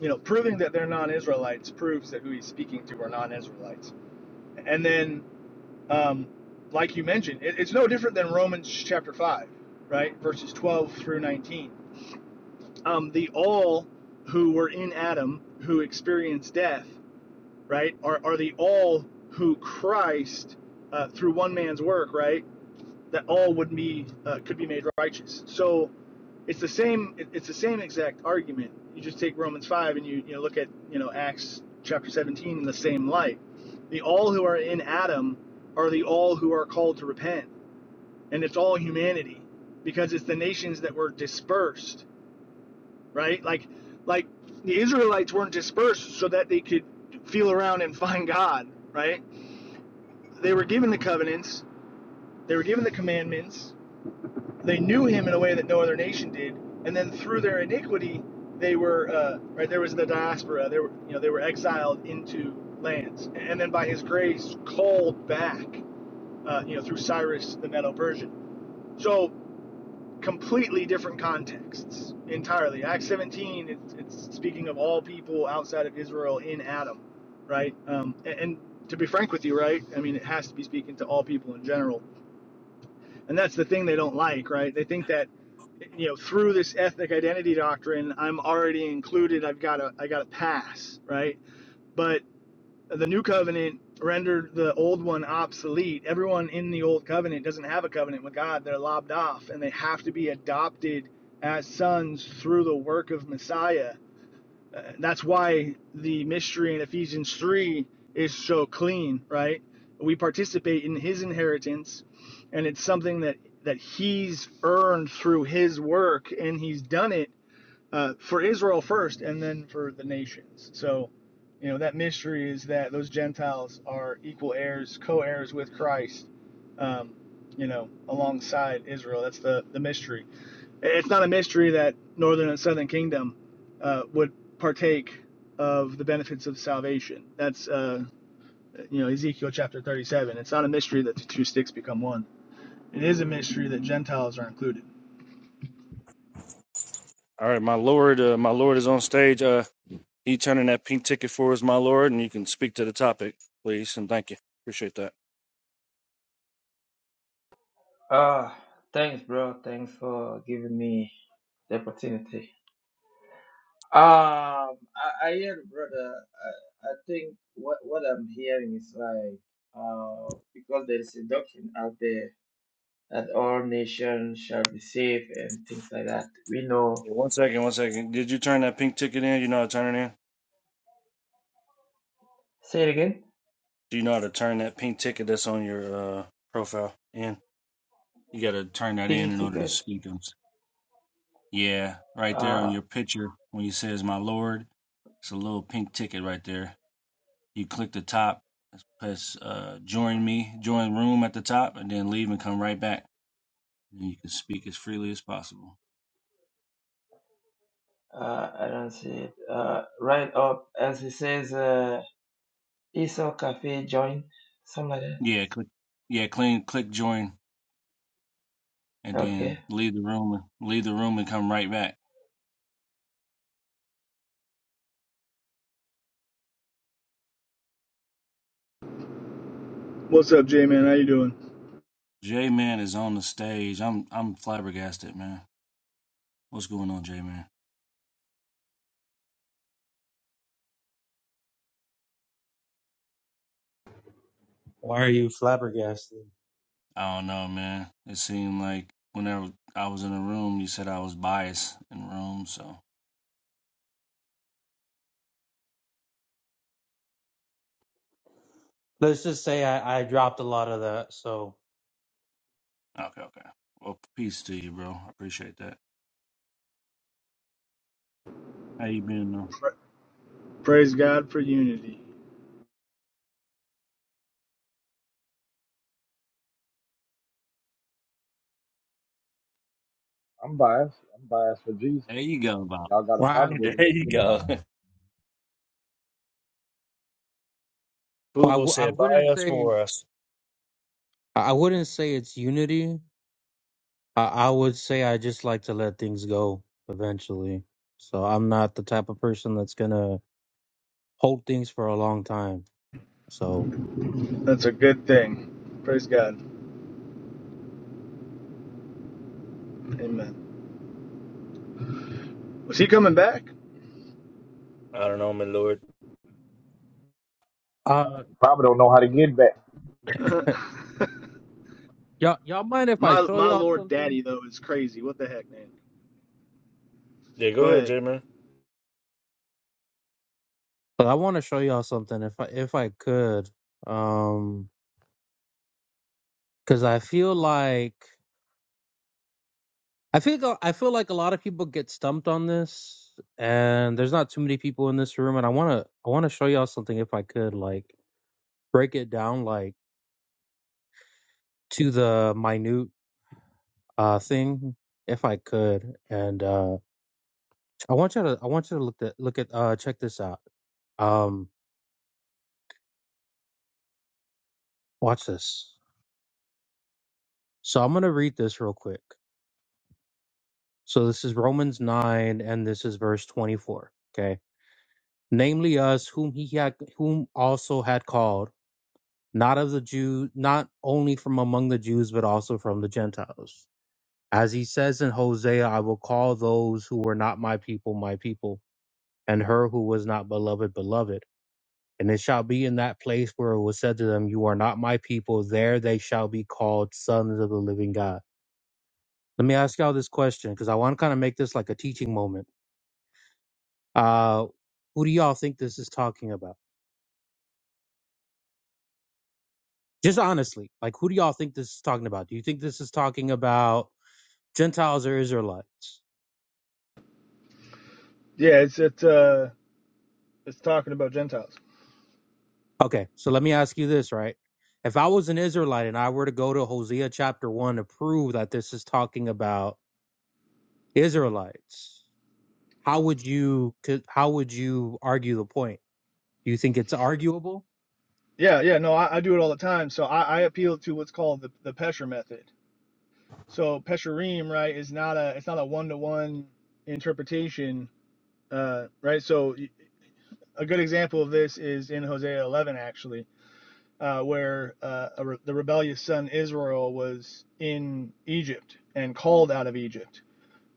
[SPEAKER 1] you know, proving that they're non-Israelites proves that who he's speaking to are non-Israelites. And then um, like you mentioned, it, it's no different than Romans chapter 5, right? Verses 12 through 19. Um, the all who were in Adam who experienced death, right, are, are the all who Christ, uh, through one man's work, right, that all would be, uh, could be made righteous. So it's the same, it's the same exact argument. You just take Romans 5 and you, you know, look at, you know, Acts chapter 17 in the same light. The all who are in Adam are the all who are called to repent and it's all humanity because it's the nations that were dispersed, right? Like like the Israelites weren't dispersed so that they could feel around and find God, right? They were given the covenants, they were given the commandments, they knew him in a way that no other nation did, and then through their iniquity they were uh, right there was the diaspora, they were you know they were exiled into lands and then by his grace called back uh, you know through Cyrus the Medo-Persian. So completely different contexts entirely. Acts 17, it's, it's speaking of all people outside of Israel in Adam, right? Um, and, and to be frank with you, right? I mean, it has to be speaking to all people in general. And that's the thing they don't like, right? They think that you know through this ethnic identity doctrine i'm already included i've got a i got a pass right but the new covenant rendered the old one obsolete. Everyone in the old covenant doesn't have a covenant with God. They're lobbed off and they have to be adopted as sons through the work of Messiah. Uh, that's why the mystery in Ephesians 3 is so clean, right? We participate in his inheritance and it's something that that he's earned through his work and he's done it uh, for Israel first and then for the nations. So, you know, that mystery is that those Gentiles are equal heirs, co heirs with Christ, um, you know, alongside Israel. That's the, the mystery. It's not a mystery that northern and southern kingdom uh, would partake of the benefits of salvation. That's, uh, you know, Ezekiel chapter 37. It's not a mystery that the two sticks become one. It is a mystery that Gentiles are included.
[SPEAKER 2] All right, my lord, uh, my lord is on stage. Uh, he turning that pink ticket for us, my lord, and you can speak to the topic, please, and thank you. Appreciate that.
[SPEAKER 13] Uh, thanks, bro. Thanks for giving me the opportunity. Um, I, I hear, brother. I, I think what what I'm hearing is like, uh, because there is a doctrine out there that all nations shall be safe and things like that. We know.
[SPEAKER 2] Yeah, one second, one second. Did you turn that pink ticket in? You know how to turn it in?
[SPEAKER 13] Say it again.
[SPEAKER 2] Do you know how to turn that pink ticket that's on your uh, profile in? You got to turn that in
[SPEAKER 13] Pink
[SPEAKER 2] in order to
[SPEAKER 13] ticket.
[SPEAKER 2] speak them. Yeah, right there on
[SPEAKER 13] Uh,
[SPEAKER 2] your picture when you says "My Lord," it's a little pink ticket right there. You click the top, press uh, "Join Me," join room at the top, and then leave and come right back. And you can speak as freely as possible.
[SPEAKER 13] uh, I don't see it. Uh, right up as it says. Uh, Esau Cafe join, something like that.
[SPEAKER 2] Yeah, click. Yeah, clean. Click join, and
[SPEAKER 13] Okay.
[SPEAKER 2] then leave the room. Leave the room and come right back.
[SPEAKER 1] What's up, J-Man? How you doing?
[SPEAKER 2] J Man is on the stage. I'm I'm flabbergasted, man. What's going on, J Man?
[SPEAKER 14] Why are you flabbergasted?
[SPEAKER 2] I don't know, man. It seemed like whenever I was in a room, you said I was biased in rooms. So
[SPEAKER 14] Let's just say I, I dropped a lot of that. So
[SPEAKER 2] okay, okay. Well, peace to you, bro. I appreciate that. How you been, though?
[SPEAKER 1] Praise God for unity.
[SPEAKER 9] I'm biased. I'm biased for Jesus.
[SPEAKER 2] There you go, Bob.
[SPEAKER 9] Y'all got a
[SPEAKER 14] well, I,
[SPEAKER 9] problem with
[SPEAKER 2] There
[SPEAKER 9] it, let's
[SPEAKER 2] you
[SPEAKER 9] get it
[SPEAKER 2] go.
[SPEAKER 9] on.
[SPEAKER 14] well,
[SPEAKER 2] Boo
[SPEAKER 14] I,
[SPEAKER 2] Boo
[SPEAKER 14] w- I
[SPEAKER 2] said, "Buy
[SPEAKER 14] wouldn't
[SPEAKER 2] us
[SPEAKER 14] say
[SPEAKER 2] for us."
[SPEAKER 14] I wouldn't say it's unity. I, I would say I just like to let things go eventually. So I'm not the type of person that's gonna hold things for a long time. So
[SPEAKER 1] That's a good thing. Praise God. Amen. Was he coming back?
[SPEAKER 2] I don't know, my Lord.
[SPEAKER 14] uh,
[SPEAKER 9] You probably don't know how to get back.
[SPEAKER 1] my
[SPEAKER 14] y'all y'all mind if I show
[SPEAKER 1] my
[SPEAKER 14] y'all
[SPEAKER 1] Lord
[SPEAKER 14] something?
[SPEAKER 1] Daddy though is crazy. What the heck, man?
[SPEAKER 2] Yeah, go
[SPEAKER 1] Go
[SPEAKER 2] ahead,
[SPEAKER 1] ahead.
[SPEAKER 2] J man.
[SPEAKER 14] But I want to show y'all something if I if I could, um, because I feel like. I feel I feel like a lot of people get stumped on this, and there's not too many people in this room. And I wanna I wanna show y'all something if I could, like break it down like to the minute uh thing if I could. And uh I want you to I want you to look at look at uh check this out. Um, watch this. So I'm gonna read this real quick. So this is Romans nine, and this is verse twenty four. Okay, namely us whom he had whom also had called. not of the Jew, not only from among the Jews, but also from the Gentiles. As he says in Hosea, I will call those who were not my people, my people, and her who was not beloved, beloved. And it shall be in that place where it was said to them, You are not my people, there they shall be called sons of the living God. Let me ask y'all this question, because I want to kind of make this like a teaching moment. Uh, who do y'all think this is talking about? Just honestly, like who do y'all think this is talking about? Do you think this is talking about Gentiles or Israelites?
[SPEAKER 1] Yeah, it's it's uh it's talking about Gentiles.
[SPEAKER 14] Okay, so let me ask you this, right? If I was an Israelite and I were to go to Hosea chapter 1 to prove that this is talking about Israelites, how would you could- how would you argue the point? Do you think it's arguable?
[SPEAKER 1] Yeah, yeah, no, I, I do it all the time. So I, I appeal to what's called the, the Pesher method. So Pesherim, right, is not a it's not a one to one interpretation, uh, right? So a good example of this is in Hosea 11, actually uh, where uh, a re- the rebellious son Israel was in Egypt and called out of Egypt.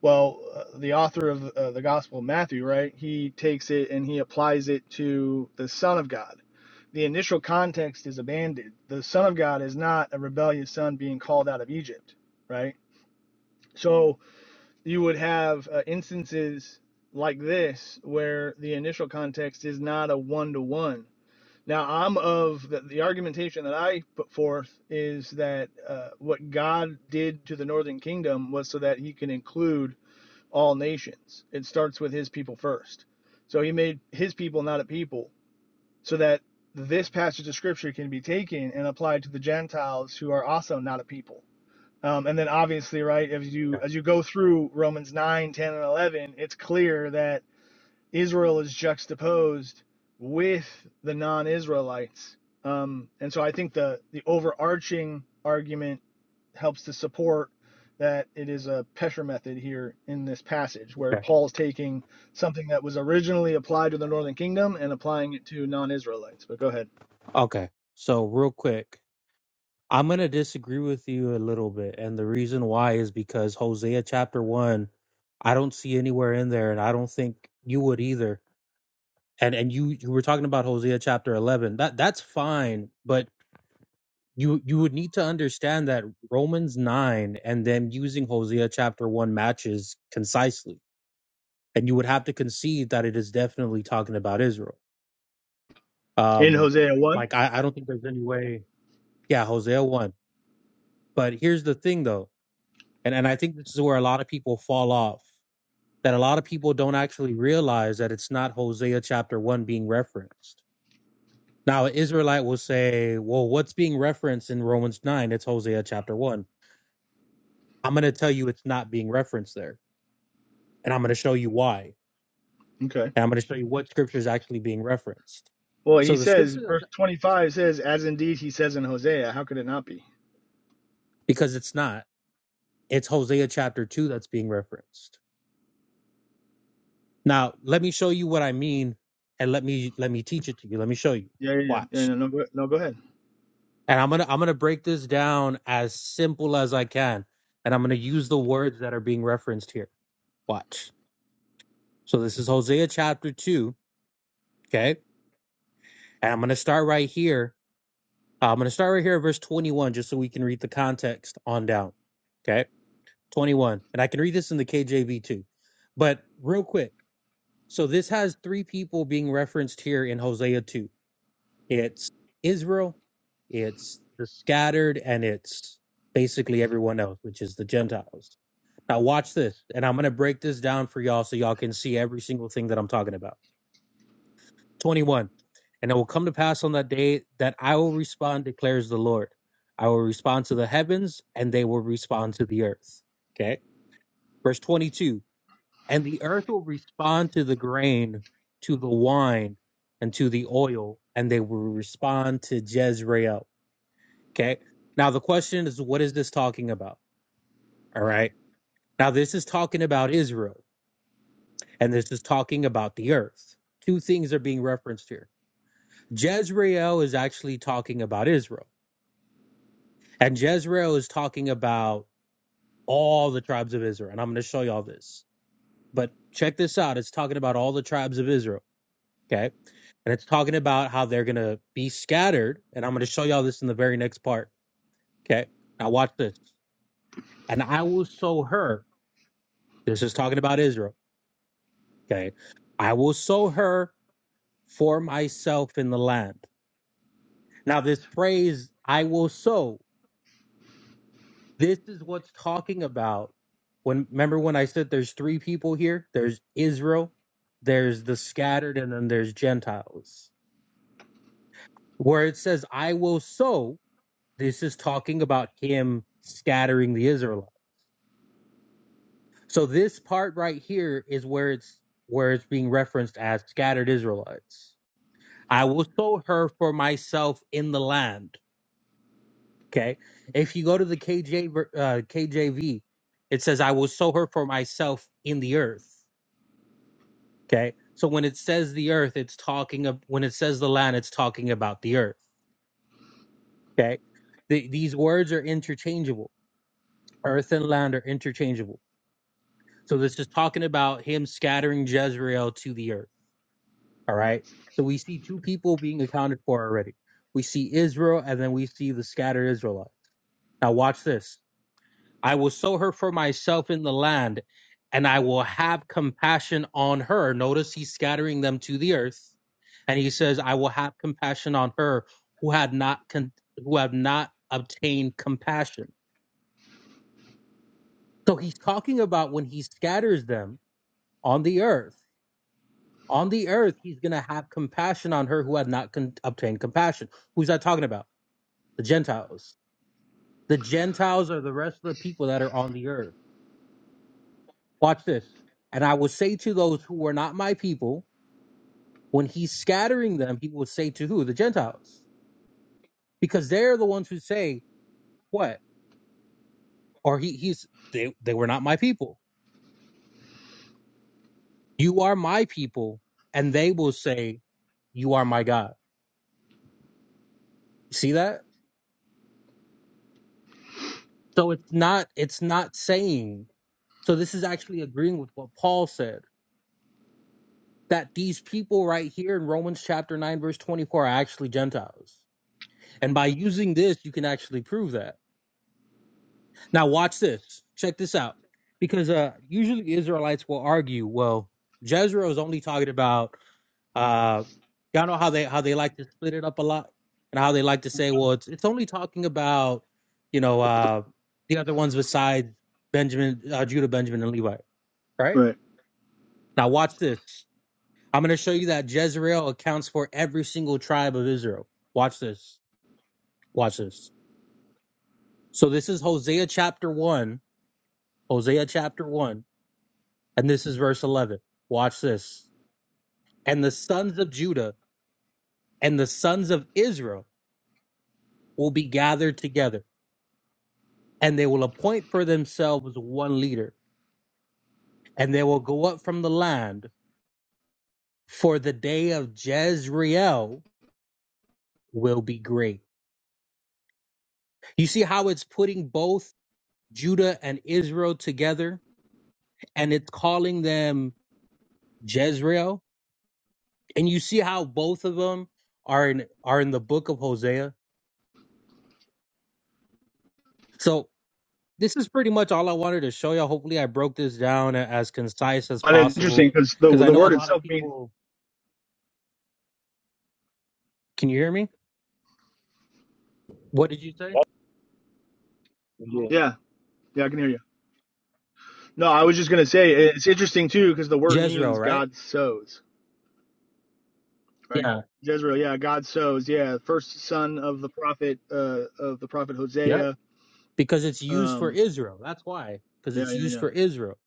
[SPEAKER 1] Well, uh, the author of uh, the Gospel of Matthew, right? He takes it and he applies it to the Son of God. The initial context is abandoned. The Son of God is not a rebellious son being called out of Egypt, right? So you would have uh, instances like this where the initial context is not a one to one now, I'm of the, the argumentation that I put forth is that uh, what God did to the northern kingdom was so that he can include all nations. It starts with his people first. So he made his people not a people, so that this passage of scripture can be taken and applied to the Gentiles who are also not a people. Um, and then obviously, right, as you
[SPEAKER 14] Okay.
[SPEAKER 1] as you go through Romans 9, 10, and 11, it's clear that Israel is juxtaposed with the non-Israelites. Um, and so I think the the overarching argument helps to support that it is a Pesher method here in this passage, where
[SPEAKER 14] Okay.
[SPEAKER 1] Paul's taking something that was originally applied to the northern kingdom and applying it to non-Israelites. But go ahead.
[SPEAKER 14] Okay, So real quick, I'm going to disagree with you a little bit and the reason why is because Hosea chapter 1 I don't see anywhere in there and I don't think you would either. And and you you were talking about Hosea chapter 11. That that's fine, but you you would need to understand that Romans 9 and them using Hosea chapter 1 matches concisely and you would have to concede that it is definitely talking about Israel
[SPEAKER 1] In
[SPEAKER 14] um
[SPEAKER 1] Hosea one.
[SPEAKER 14] like I, I don't think there's any way yeah Hosea 1 but here's the thing though and and I think this is where a lot of people fall off that a lot of people don't actually realize that it's not Hosea chapter 1 being referenced now an Israelite will say well what's being referenced in Romans 9 it's Hosea chapter 1 I'm going to tell you it's not being referenced there. And I'm going to show you why.
[SPEAKER 1] Okay.
[SPEAKER 14] And I'm going to show you what scripture is actually being referenced.
[SPEAKER 1] Well, he
[SPEAKER 14] So the
[SPEAKER 1] says,
[SPEAKER 14] scripture,
[SPEAKER 1] verse
[SPEAKER 14] that,
[SPEAKER 1] twenty-five says, "As indeed he says in Hosea, how could it not be?"
[SPEAKER 14] because it's not, it's Hosea chapter 2 that's being referenced. Now, let me show you what I mean and let me let me teach it to you. Let me show you.
[SPEAKER 1] Yeah, yeah, yeah. yeah
[SPEAKER 14] Watch.
[SPEAKER 1] no, no, go- no ahead.
[SPEAKER 14] And I'm going to I'm going to break this down as simple as I can and I'm going to use the words that are being referenced here. Watch. So this is Hosea chapter 2, okay? And I'm going to start right here Uh, I'm going to start right here at verse 21 just so we can read the context on down. Okay. 21. And I can read this in the KJV too. But real quick. So this has three people being referenced here in Hosea 2. It's Israel, it's the scattered, and it's basically everyone else, which is the Gentiles. Now watch this. And I'm going to break this down for y'all so y'all can see every single thing that I'm talking about. 21. And it will come to pass on that day that I will respond, declares the Lord. I will respond to the heavens, and they will respond to the earth. Okay. Verse 22. And the earth will respond to the grain, to the wine, and to the oil, and they will respond to Jezreel. Okay. Now, the question is, what is this talking about? All right. Now, this is talking about Israel, and this is talking about the earth. Two things are being referenced here Jezreel is actually talking about Israel. And Jezreel is talking about all the tribes of Israel. And I'm going to show y'all this. But check this out. It's talking about all the tribes of Israel. Okay. And it's talking about how they're going to be scattered. And I'm going to show y'all this in the very next part. Okay. Now watch this. And I will sow her. This is talking about Israel. Okay. I will sow her for myself in the land. Now, this phrase, I will sow, This is what's talking about when remember when I said there's three people here? There's Israel, there's the scattered, and then there's Gentiles. Where it says, I will sow, this is talking about him scattering the Israelites. So this part right here is where it's where it's being referenced as scattered Israelites. I will sow her for myself in the land. Okay. If you go to the KJ, ver- uh, KJV, it says, I will sow her for myself in the earth. Okay. So when it says the earth, it's talking of when it says the land, it's talking about the earth. Okay. The, these words are interchangeable. Earth and land are interchangeable. So this is talking about him scattering Jezreel to the earth. All right. So we see two people being accounted for already. We see Israel and then we see the scattered Israelite. Now watch this. I will sow her for myself in the land, and I will have compassion on her. Notice he's scattering them to the earth, and he says, "I will have compassion on her who had not con- who have not obtained compassion." So he's talking about when he scatters them on the earth. On the earth, he's going to have compassion on her who had not con- obtained compassion. Who's that talking about? The Gentiles. The Gentiles are the rest of the people that are on the earth Watch this. And I will say to those who were not my people, when he's scattering them, he will say to who? The Gentiles. Because they're the ones who say, what? Or he, he's, they, they were not my people. You are my people. And they will say, you are my God. See that? So it's not, it's not saying, so this is actually agreeing with what Paul said, that these people right here in Romans chapter 9, verse 24 are actually Gentiles. And by using this, you can actually prove that. Now watch this. Check this out. Because uh usually Israelites will argue, well, Jezreel is only talking about uh y'all know how they how they like to split it up a lot and how they like to say, well, it's it's only talking about, you know, uh the other ones besides Benjamin, uh, Judah, Benjamin, and Levi, right?
[SPEAKER 1] Right.
[SPEAKER 14] Now watch this. I'm gonna show you that Jezreel accounts for every single tribe of Israel. Watch this. Watch this. So this is Hosea chapter one. Hosea chapter one And this is verse 11. Watch this. And the sons of Judah and the sons of Israel will be gathered together, and they will appoint for themselves one leader, and they will go up from the land, for the day of Jezreel will be great. You see how it's putting both Judah and Israel together, and it's calling them Jezreel? And you see how both of them are in, are in the book of Hosea? So this is pretty much all I wanted to show you Hopefully, I broke this down a- as concise as
[SPEAKER 1] And it's interesting
[SPEAKER 14] possible
[SPEAKER 1] because the
[SPEAKER 14] because I
[SPEAKER 1] the
[SPEAKER 14] know a
[SPEAKER 1] word
[SPEAKER 14] lot of
[SPEAKER 1] itself means
[SPEAKER 14] people. Can you hear me? What did you say?
[SPEAKER 2] yeah.
[SPEAKER 1] Yeah, yeah, I can hear you. No, I was just gonna say it's interesting too because the word
[SPEAKER 14] Jezreel,
[SPEAKER 1] means
[SPEAKER 14] right?
[SPEAKER 1] God sows, right?
[SPEAKER 14] Yeah.
[SPEAKER 1] Jezreel, yeah, God sows, yeah, first son of the prophet, uh, of the prophet
[SPEAKER 14] Yep.
[SPEAKER 1] Hosea.
[SPEAKER 14] Because it's used for
[SPEAKER 1] Um,
[SPEAKER 14] Israel. That's why. Because
[SPEAKER 1] yeah,
[SPEAKER 14] it's
[SPEAKER 1] yeah,
[SPEAKER 14] used
[SPEAKER 1] yeah.
[SPEAKER 14] for Israel.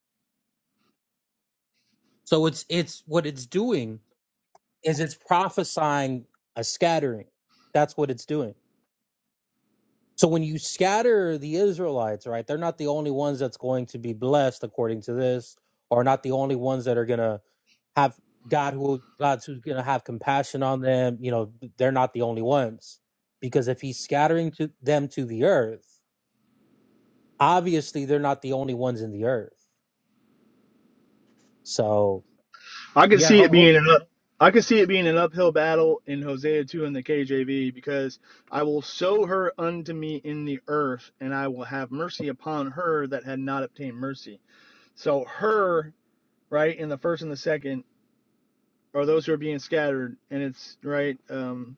[SPEAKER 14] So it's it's what it's doing is it's prophesying a scattering. That's what it's doing. So when you scatter the Israelites, right, they're not the only ones that's going to be blessed according to this, or not the only ones that are gonna have God who God's who's gonna have compassion on them. You know, they're not the only ones. Because if he's scattering to them to the earth, obviously they're not the only ones in the earth. So
[SPEAKER 1] I could
[SPEAKER 14] yeah,
[SPEAKER 1] see it
[SPEAKER 14] ho- ho-
[SPEAKER 1] being an up, I could see it being an uphill battle in Hosea two in the KJV because I will sow her unto me in the earth, and I will have mercy upon her that had not obtained mercy. So her, right, in the first and the second. Are those who are being scattered and it's right um,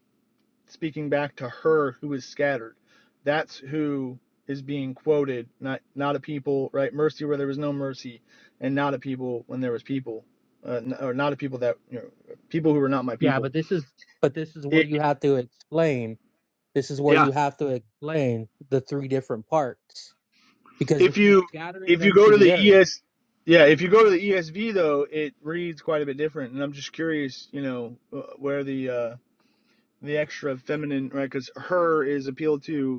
[SPEAKER 1] speaking back to her who is scattered that's who is being quoted not not a people right mercy where there was no mercy and not a people when there was people uh, or not a people that you know people who were not my
[SPEAKER 14] yeah,
[SPEAKER 1] people
[SPEAKER 14] but this is but this is where
[SPEAKER 1] it,
[SPEAKER 14] you have to explain. This is where
[SPEAKER 1] yeah
[SPEAKER 14] you have to explain the three different parts. Because
[SPEAKER 1] if
[SPEAKER 14] if he's
[SPEAKER 1] you
[SPEAKER 14] scattering
[SPEAKER 1] if you
[SPEAKER 14] them
[SPEAKER 1] go
[SPEAKER 14] to
[SPEAKER 1] to
[SPEAKER 14] the
[SPEAKER 1] the
[SPEAKER 14] earth
[SPEAKER 1] es yeah if you go to the esv though it reads quite a bit different and i'm just curious you know uh, where the uh the extra feminine right because her is appealed to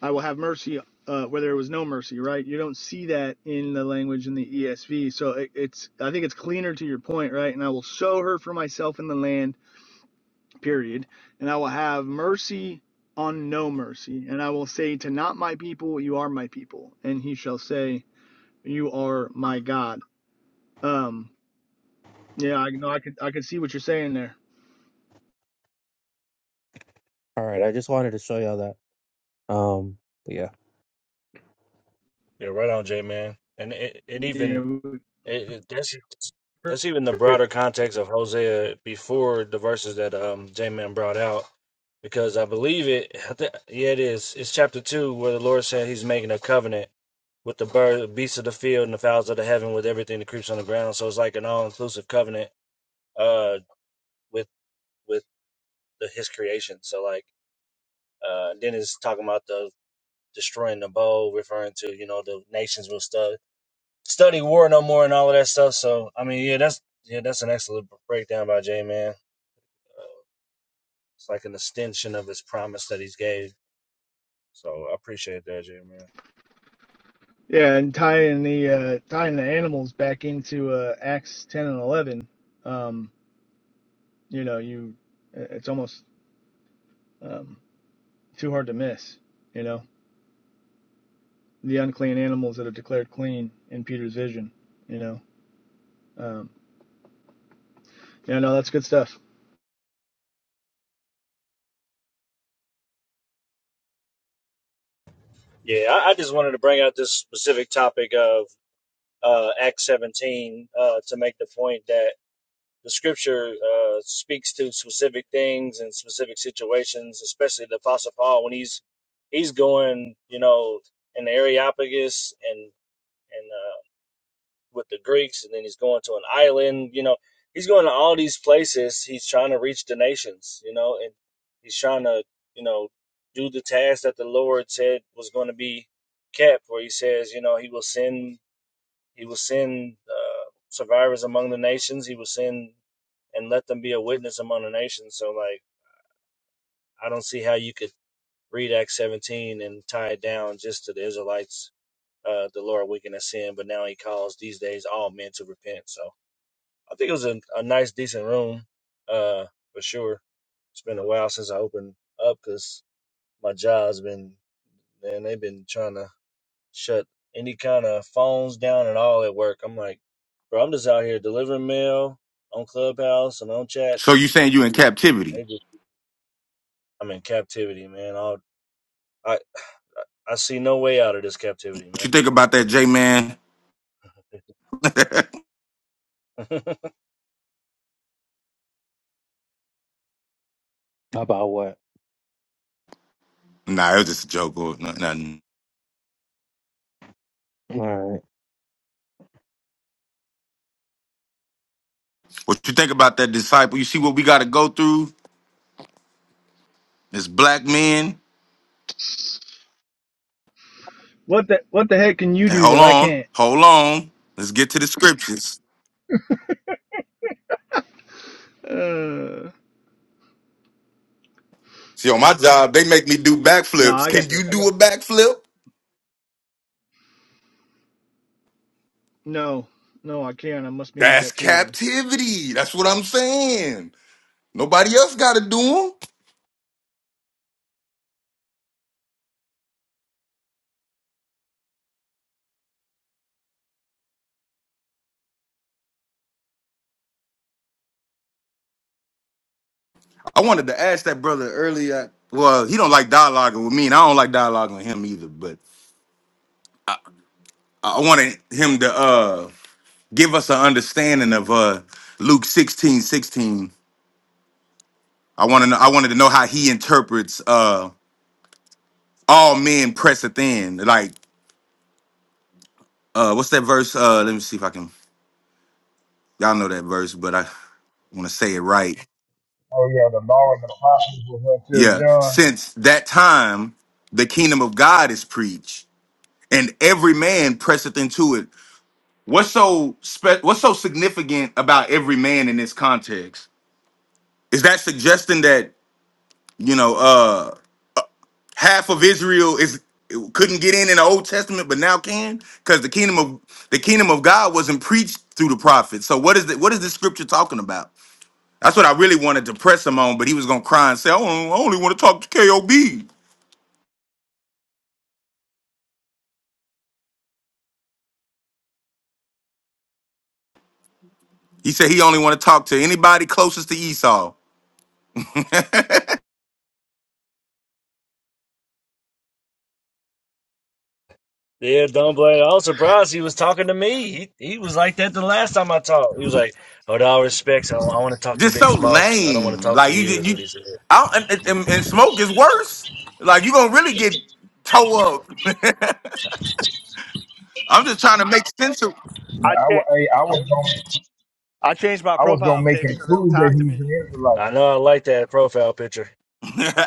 [SPEAKER 1] I will have mercy uh, where there was no mercy, right? You don't see that in the language in the ESV. So it, it's, I think it's cleaner to your point, right? And I will sow her for myself in the land, period. And I will have mercy on no mercy. And I will say to not my people, you are my people. And he shall say, you are my God. Um, yeah, I know. I could, I could see what you're saying there.
[SPEAKER 14] All right, I just wanted to show y'all that. Um, but yeah,
[SPEAKER 2] Yeah, right on, J man. And it, it
[SPEAKER 1] Yeah,
[SPEAKER 2] even
[SPEAKER 1] we-
[SPEAKER 2] It, it- that's that's even the broader context of Hosea before the verses that um J-Man brought out, because I believe it. I thi- Yeah, it is. It's chapter two where the Lord said He's making a covenant with the bird, beasts of the field, and the fowls of the heaven, with everything that creeps on the ground. So it's like an all-inclusive covenant, uh, with with the, His creation. So like, uh, then it's talking about the destroying the bow, referring to you know the nations will stuff study War No More and all of that stuff. So I mean, yeah, that's yeah, that's an excellent breakdown by J Man. Uh, it's like an extension of his promise that he's gave. So I appreciate that, J Man.
[SPEAKER 1] yeah, and tying the uh, tying the animals back into uh, Acts ten and eleven. Um, you know, you it's almost um, too hard to miss. You know, the unclean animals that are declared clean in Peter's vision. You know, um, yeah, no, that's good stuff.
[SPEAKER 2] Yeah, I, I just wanted to bring out this specific topic of uh, Acts 17 uh, to make the point that the scripture uh, speaks to specific things and specific situations, especially the Apostle Paul when he's he's going, you know, in the Areopagus and and uh, with the Greeks, and then he's going to an island. You know, he's going to all these places. He's trying to reach the nations. You know, and he's trying to you know do the task that the Lord said was going to be kept. Where He says, you know, He will send He will send uh, survivors among the nations. He will send and let them be a witness among the nations. So like, I don't see how you could read Acts 17 and tie it down just to the Israelites. Uh, the Lord weakened at sin, but now He calls these days all men to repent. So I think it was a, a nice, decent room, uh, for sure. It's been a while since I opened up because my job's been, man, they've been trying to shut any kind of phones down and all at work. I'm like, bro, I'm just out here delivering mail on Clubhouse and on
[SPEAKER 10] So
[SPEAKER 2] chats.
[SPEAKER 10] you saying you in captivity?
[SPEAKER 2] They just, I'm in captivity, man. I'll, I, I see no way out of this captivity,
[SPEAKER 10] What you
[SPEAKER 2] man.
[SPEAKER 10] think about that, J man?
[SPEAKER 14] about what?
[SPEAKER 10] Nah, it was just a joke or no- nothing.
[SPEAKER 14] All right.
[SPEAKER 10] What you think about that disciple? You see what we got to go through as black men.
[SPEAKER 1] What the what the heck can you
[SPEAKER 10] And
[SPEAKER 1] do
[SPEAKER 10] hold
[SPEAKER 1] that I
[SPEAKER 10] on,
[SPEAKER 1] can't?
[SPEAKER 10] hold on. Let's get to the scriptures.
[SPEAKER 1] Uh,
[SPEAKER 10] See, on my job, they make me do
[SPEAKER 1] no,
[SPEAKER 10] backflips.
[SPEAKER 1] I
[SPEAKER 10] Can
[SPEAKER 1] got
[SPEAKER 10] you
[SPEAKER 1] the I
[SPEAKER 10] do
[SPEAKER 1] got
[SPEAKER 10] a backflip?
[SPEAKER 1] no, no, I can't. I must be in
[SPEAKER 10] That's
[SPEAKER 1] captivity.
[SPEAKER 10] captivity. That's what I'm saying. Nobody else got to do them. I wanted to ask that brother earlier. Well, he don't like dialoguing with me, and I don't like dialoguing with him either. But I I wanted him to uh give us an understanding of uh Luke 16:16. I want to know. I wanted to know how he interprets uh all men presseth in. Like uh what's that verse? Uh let me see if I can y'all know that verse, but I want to say it right.
[SPEAKER 9] Oh yeah, the law and the prophets was until
[SPEAKER 10] Yeah.
[SPEAKER 9] John.
[SPEAKER 10] Since that time the kingdom of God is preached and every man presseth into it. What's so spe- what's so significant about every man in this context? Is that suggesting that, you know, uh, half of Israel is couldn't get in in the Old Testament, but now can because the kingdom of the kingdom of God wasn't preached through the prophets. So what is the, what is this scripture talking about? That's what I really wanted to press him on, but he was gonna cry and say, "I only, I only want to talk to Kob." He said he only want to talk to anybody closest to Esau.
[SPEAKER 2] Yeah, don't blame. I was surprised he was talking to me. He he was like that the last time I talked. He was like, "With all respects, I, I want to talk to
[SPEAKER 10] Just
[SPEAKER 2] Big
[SPEAKER 10] so
[SPEAKER 2] Smoke. I don't want
[SPEAKER 10] lame.
[SPEAKER 2] to talk
[SPEAKER 10] Like
[SPEAKER 2] to
[SPEAKER 10] you,
[SPEAKER 2] you." Is
[SPEAKER 10] you,
[SPEAKER 2] what he said.
[SPEAKER 10] I don't, and, and, and smoke is worse. Like you gonna really get toe up. I'm just trying to make sense of.
[SPEAKER 9] Man, I, wa- hey, I was gonna,
[SPEAKER 1] I changed my
[SPEAKER 9] I was gonna
[SPEAKER 1] profile
[SPEAKER 9] make
[SPEAKER 1] pic
[SPEAKER 9] him
[SPEAKER 1] so they don't
[SPEAKER 9] prove that
[SPEAKER 1] talk to me.
[SPEAKER 9] he's an Israelite.
[SPEAKER 2] I know. I like that profile picture.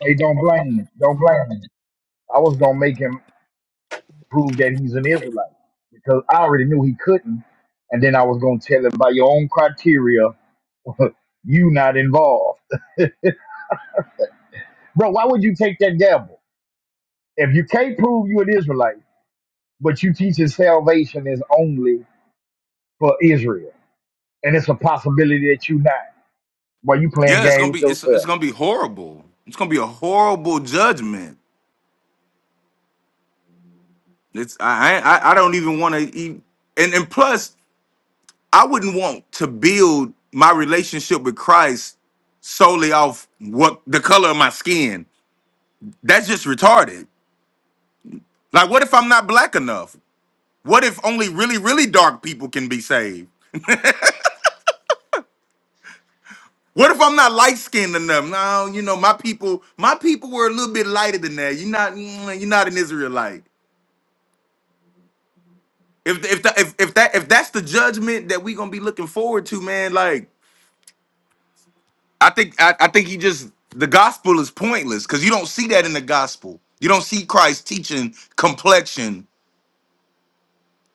[SPEAKER 9] Hey, don't blame me. Don't blame me. I was gonna make him. prove that he's an Israelite because I already knew he couldn't. And then I was going to tell him by your own criteria, you not involved. Bro, why would you take that gamble? If you can't prove you an Israelite, but you teach that salvation is only for Israel, and it's a possibility that you not, while you playing
[SPEAKER 10] Yeah, it's
[SPEAKER 9] game
[SPEAKER 10] gonna
[SPEAKER 9] with
[SPEAKER 10] be it's it's
[SPEAKER 9] yourself.
[SPEAKER 10] gonna be horrible. It's gonna be a horrible judgment. It's I I, I don't even want to eat. And and plus, I wouldn't want to build my relationship with Christ solely off what the color of my skin. That's just retarded. Like, what if I'm not black enough? What if only really really dark people can be saved? What if I'm not light skinned enough? No, you know my people. My people were a little bit lighter than that. You're not. mm, You're not an Israelite. If if that if, if that if that's the judgment that we gonna be looking forward to, man, like I think I, I think he just the gospel is pointless because you don't see that in the gospel. You don't see Christ teaching complexion.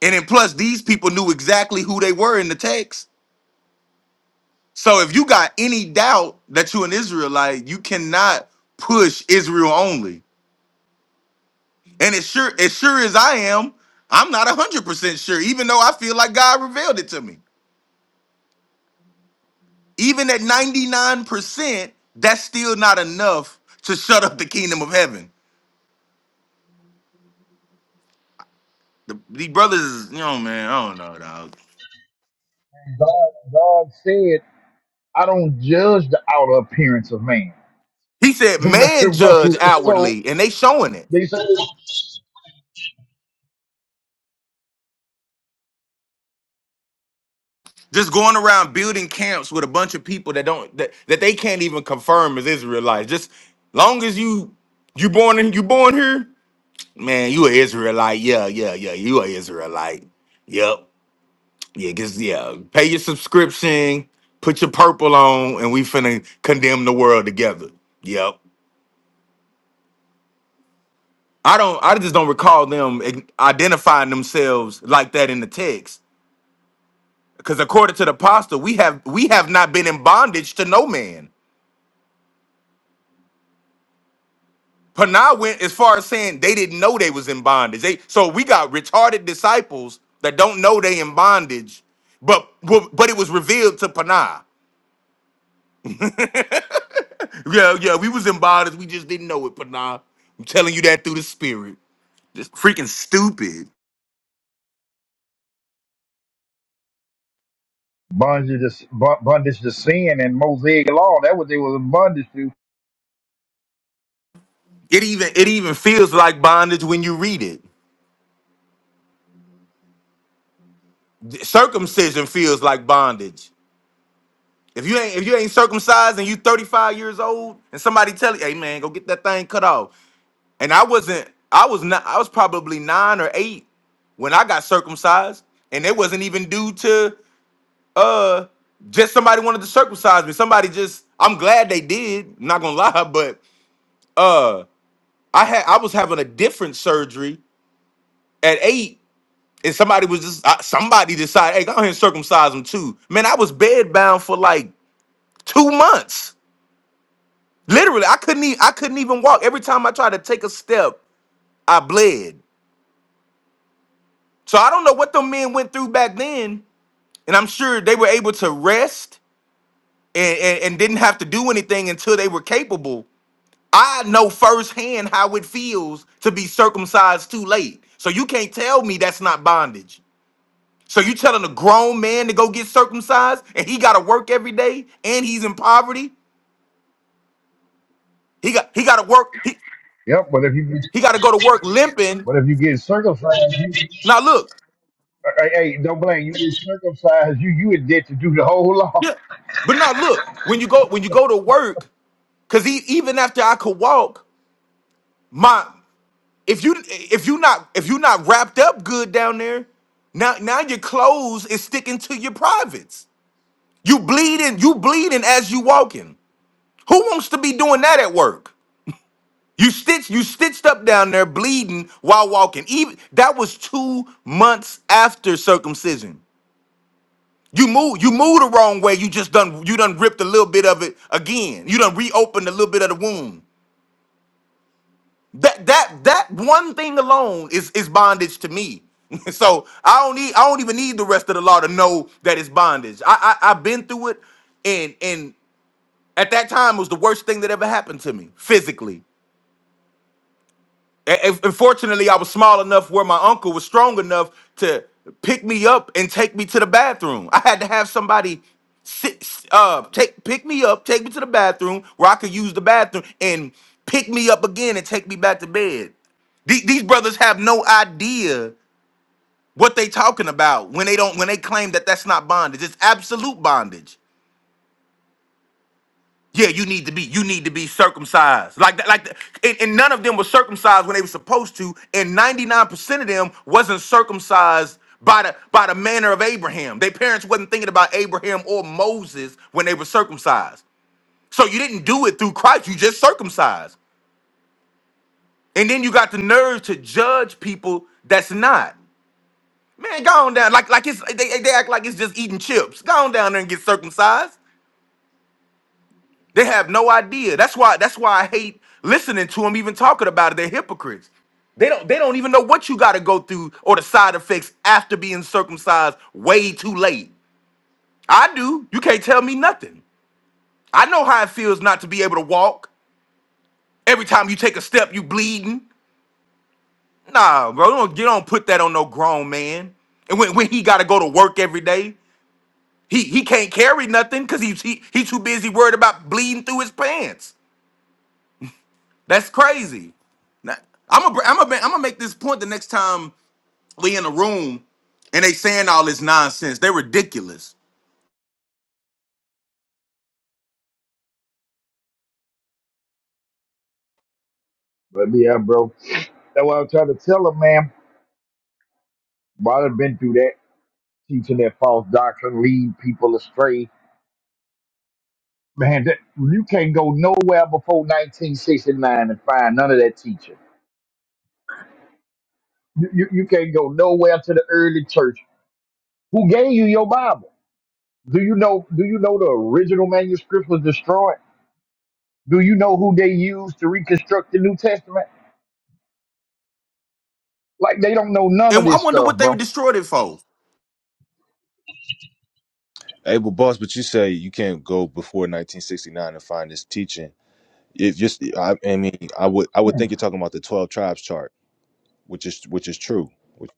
[SPEAKER 10] And then plus these people knew exactly who they were in the text. So if you got any doubt that you an Israelite, you cannot push Israel only. And as sure as sure as I am, I'm not hundred percent sure, even though I feel like God revealed it to me. Even at 99%, that's still not enough to shut up the kingdom of heaven. The, these brothers, is- you know, man, I don't know, dog.
[SPEAKER 9] God, God said, I don't judge the outer appearance of man.
[SPEAKER 10] He said, man judge
[SPEAKER 9] Bro, so
[SPEAKER 10] outwardly, and they showing it.
[SPEAKER 9] they said.
[SPEAKER 10] Just going around building camps with a bunch of people that don't that, that they can't even confirm as Israelites. Just long as you you born in you born here, man, you an Israelite. Yeah, yeah, yeah. You an Israelite. Yep. Yeah, just yeah. Pay your subscription, put your purple on, and we finna condemn the world together. Yep. I don't. I just don't recall them ig- identifying themselves like that in the text. Because according to the apostle, we have we have not been in bondage to no man. Panah went as far as saying they didn't know they was in bondage. They so we got retarded disciples that don't know they in bondage, but but it was revealed to Panah. Yeah, yeah, we was in bodies, we just didn't know it, but nah. I'm telling you that through the spirit. Just freaking stupid.
[SPEAKER 9] bondage to, bo- bondage to sin and Mosaic law. That what they was in bondage to.
[SPEAKER 10] It even it even feels like bondage when you read it. Circumcision feels like bondage. If you ain't if you ain't circumcised and you 35 years old and somebody tell you, hey man, go get that thing cut off. And I wasn't, I was not I was probably nine or eight when I got circumcised, and it wasn't even due to uh just somebody wanted to circumcise me. Somebody just I'm glad they did, not gonna lie, but uh I had I was having a different surgery at eight, and somebody was just uh, somebody decided, hey, go ahead and circumcise him too. Man, I was bedbound for like two months. Literally, I couldn't even I couldn't even walk. Every time I tried to take a step, I bled. So I don't know what them men went through back then, and I'm sure they were able to rest and, and, and didn't have to do anything until they were capable. I know firsthand how it feels to be circumcised too late. So you can't tell me that's not bondage. So you telling a grown man to go get circumcised and he gotta work every day and he's in poverty? He got he gotta work, he,
[SPEAKER 9] Yep. But if you get-
[SPEAKER 10] he gotta go to work limping.
[SPEAKER 9] but if you get circumcised, you, hey,
[SPEAKER 10] Now look,
[SPEAKER 9] hey, hey, don't blame you. Get circumcised, you you in debt to do the whole law.
[SPEAKER 10] yeah. But now look, when you go when you go to work, cause he, even after I could walk, my if you if you not if you not wrapped up good down there, now now your clothes is sticking to your privates. You bleeding, you bleeding as you walking. Who wants to be doing that at work? You stitched you stitched up down there bleeding while walking. Even that was two months after circumcision. You move you move the wrong way. You just done you done ripped a little bit of it again. You done reopened a little bit of the wound. That that that one thing alone is is bondage to me. so I don't need I don't even need the rest of the law to know that it's bondage. I, I I've been through it, and and at that time it was the worst thing that ever happened to me physically. A- a- Unfortunately, I was small enough where my uncle was strong enough to pick me up and take me to the bathroom. I had to have somebody sit, s- uh, take pick me up, take me to the bathroom where I could use the bathroom, and pick me up again and take me back to bed. The- These brothers have no idea what they talking about when they don't when they claim that that's not bondage. It's absolute bondage. Yeah, you need to be you need to be circumcised. Like that, like that. And, and none of them were circumcised when they were supposed to, and 99% of them wasn't circumcised by the by the manner of Abraham. Their parents wasn't thinking about Abraham or Moses when they were circumcised. So you didn't do it through Christ, you just circumcised. And then you got the nerve to judge people that's not. Man, go on down. Like like it's they, they act like it's just eating chips. Go on down there and get circumcised. They have no idea. That's why. That's why I hate listening to them even talking about it. They're hypocrites. They don't. They don't even know what you got to go through or the side effects after being circumcised way too late. I do. You can't tell me nothing. I know how it feels not to be able to walk. Every time you take a step, you bleeding. Nah, bro. Don't, you don't put that on no grown man. And when, when he got to go to work every day, he he can't carry nothing because he, he he too busy worried about bleeding through his pants. That's crazy. Now, I'm gonna I'm gonna I'm gonna make this point the next time we in a room and they saying all this nonsense. They're ridiculous.
[SPEAKER 9] But yeah, bro. That's what I'm trying to tell him, man. But I've been through that, teaching that false doctrine, lead people astray. Man, that, you can't go nowhere before 1969 and find none of that teaching. You, you, you can't go nowhere to the early church. Who gave you your Bible? Do you know? Do you know the original manuscript was destroyed? Do you know who they used to reconstruct the New Testament? Like they don't know none of
[SPEAKER 10] And I
[SPEAKER 9] this
[SPEAKER 10] wonder
[SPEAKER 9] stuff,
[SPEAKER 10] what they
[SPEAKER 9] bro.
[SPEAKER 10] destroyed it for.
[SPEAKER 8] Hey, but boss, but you say you can't go before 1969 and find this teaching. If just, I, I mean, I would, I would think you're talking about the 12 tribes chart, which is, which is true. Which-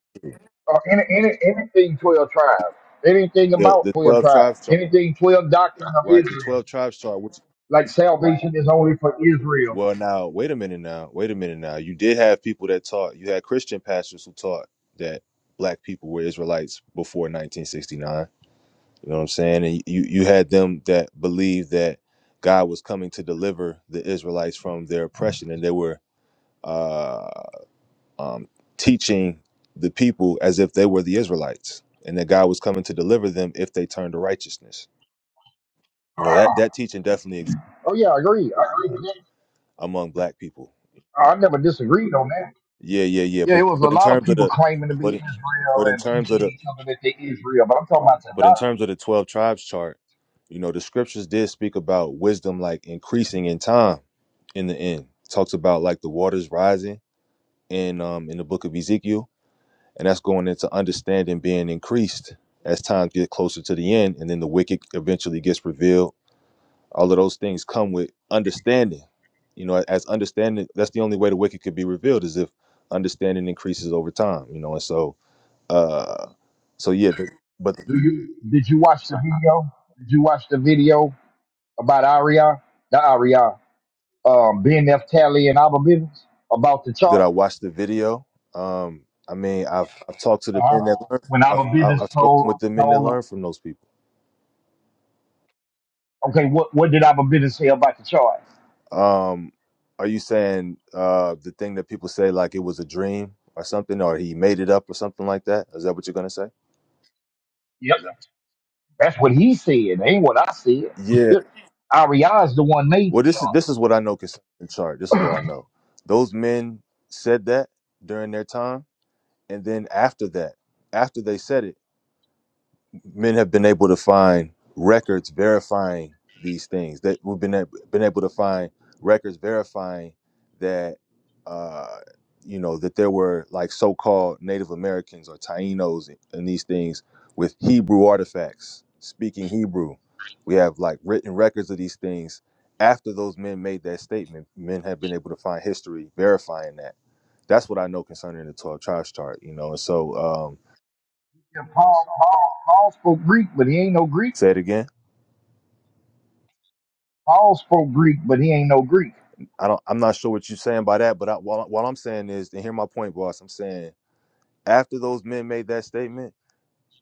[SPEAKER 9] Uh, any, any, anything twelve tribes, anything
[SPEAKER 8] The,
[SPEAKER 9] about
[SPEAKER 8] the
[SPEAKER 9] twelve
[SPEAKER 8] 12
[SPEAKER 9] tribes,
[SPEAKER 8] tribes chart,
[SPEAKER 9] anything twelve doctrine of
[SPEAKER 8] right? The
[SPEAKER 9] Israel,
[SPEAKER 8] 12 tribes chart, which.
[SPEAKER 9] like salvation is only for Israel.
[SPEAKER 8] Well, now wait a minute. Now wait a minute. Now you did have people that taught. You had Christian pastors who taught that black people were Israelites before 1969. You know what I'm saying? And you you had them that believed that God was coming to deliver the Israelites from their oppression, and they were uh, um, teaching the people as if they were the Israelites, and that God was coming to deliver them if they turned to righteousness. You know that that teaching definitely exists
[SPEAKER 9] Oh yeah, I agree. I agree.
[SPEAKER 8] uh,
[SPEAKER 9] with
[SPEAKER 8] among black people.
[SPEAKER 9] that. I never disagreed on that.
[SPEAKER 8] Yeah, yeah, yeah.
[SPEAKER 9] Yeah, it
[SPEAKER 8] But
[SPEAKER 9] was a
[SPEAKER 8] but in
[SPEAKER 9] lot of
[SPEAKER 8] terms of
[SPEAKER 9] people
[SPEAKER 8] the
[SPEAKER 9] claiming to be
[SPEAKER 8] but in-
[SPEAKER 9] Israel
[SPEAKER 8] but in
[SPEAKER 9] and
[SPEAKER 8] terms of
[SPEAKER 9] teaching
[SPEAKER 8] the
[SPEAKER 9] each other that they Israel, but I'm talking about the
[SPEAKER 8] but in
[SPEAKER 9] doctrine.
[SPEAKER 8] terms of the twelve tribes chart, you know, the scriptures did speak about wisdom like increasing in time in the end. Talks about like the waters rising in um in the book of Ezekiel. And that's going into understanding being increased as times get closer to the end and then the wicked eventually gets revealed. All of those things come with understanding. You know, as understanding that's the only way the wicked could be revealed is if understanding increases over time, you know, and so Uh, so yeah, but, but
[SPEAKER 9] Do you? Did you watch the video? Did you watch the video about Aria, the Aria, um, BNF Tally and Abba Business about the
[SPEAKER 8] did
[SPEAKER 9] chart.
[SPEAKER 8] I watch the video? Um, I mean, I've I've talked to the men
[SPEAKER 9] Uh-huh.
[SPEAKER 8] that learn.
[SPEAKER 9] When
[SPEAKER 8] I,
[SPEAKER 9] Abba
[SPEAKER 8] I,
[SPEAKER 9] Business
[SPEAKER 8] I've spoken with
[SPEAKER 9] told
[SPEAKER 8] the men that
[SPEAKER 9] told him,
[SPEAKER 8] learn from those people.
[SPEAKER 9] okay, what what did Abba Business say about the chart?
[SPEAKER 8] Um, are you saying uh, the thing that people say like it was a dream or something, or he made it up or something like that? Is that what you're gonna say?
[SPEAKER 9] Yep. That's what he said. Ain't what I said.
[SPEAKER 8] Yeah.
[SPEAKER 9] Aria is the one made
[SPEAKER 8] Well,
[SPEAKER 9] the
[SPEAKER 8] this is
[SPEAKER 9] chart.
[SPEAKER 8] this is what I know concerning Char. This is what I know. Those men said that during their time, and then after that, after they said it. men have been able to find records verifying these things that we've been ab- been able to find records verifying that uh you know that there were like so-called Native Americans or Tainos and these things with Hebrew artifacts speaking Hebrew we have like written records of these things after those men made that statement men have been able to find history verifying that that's what I know concerning the 12 tribes chart you know and so um
[SPEAKER 9] Yeah, Paul, Paul, Paul spoke Greek, but he ain't no Greek.
[SPEAKER 8] say it again
[SPEAKER 9] Paul spoke Greek, but he ain't no Greek.
[SPEAKER 8] I don't. I'm not sure what you're saying by that, but I, what, what I'm saying is, and hear my point, boss. I'm saying after those men made that statement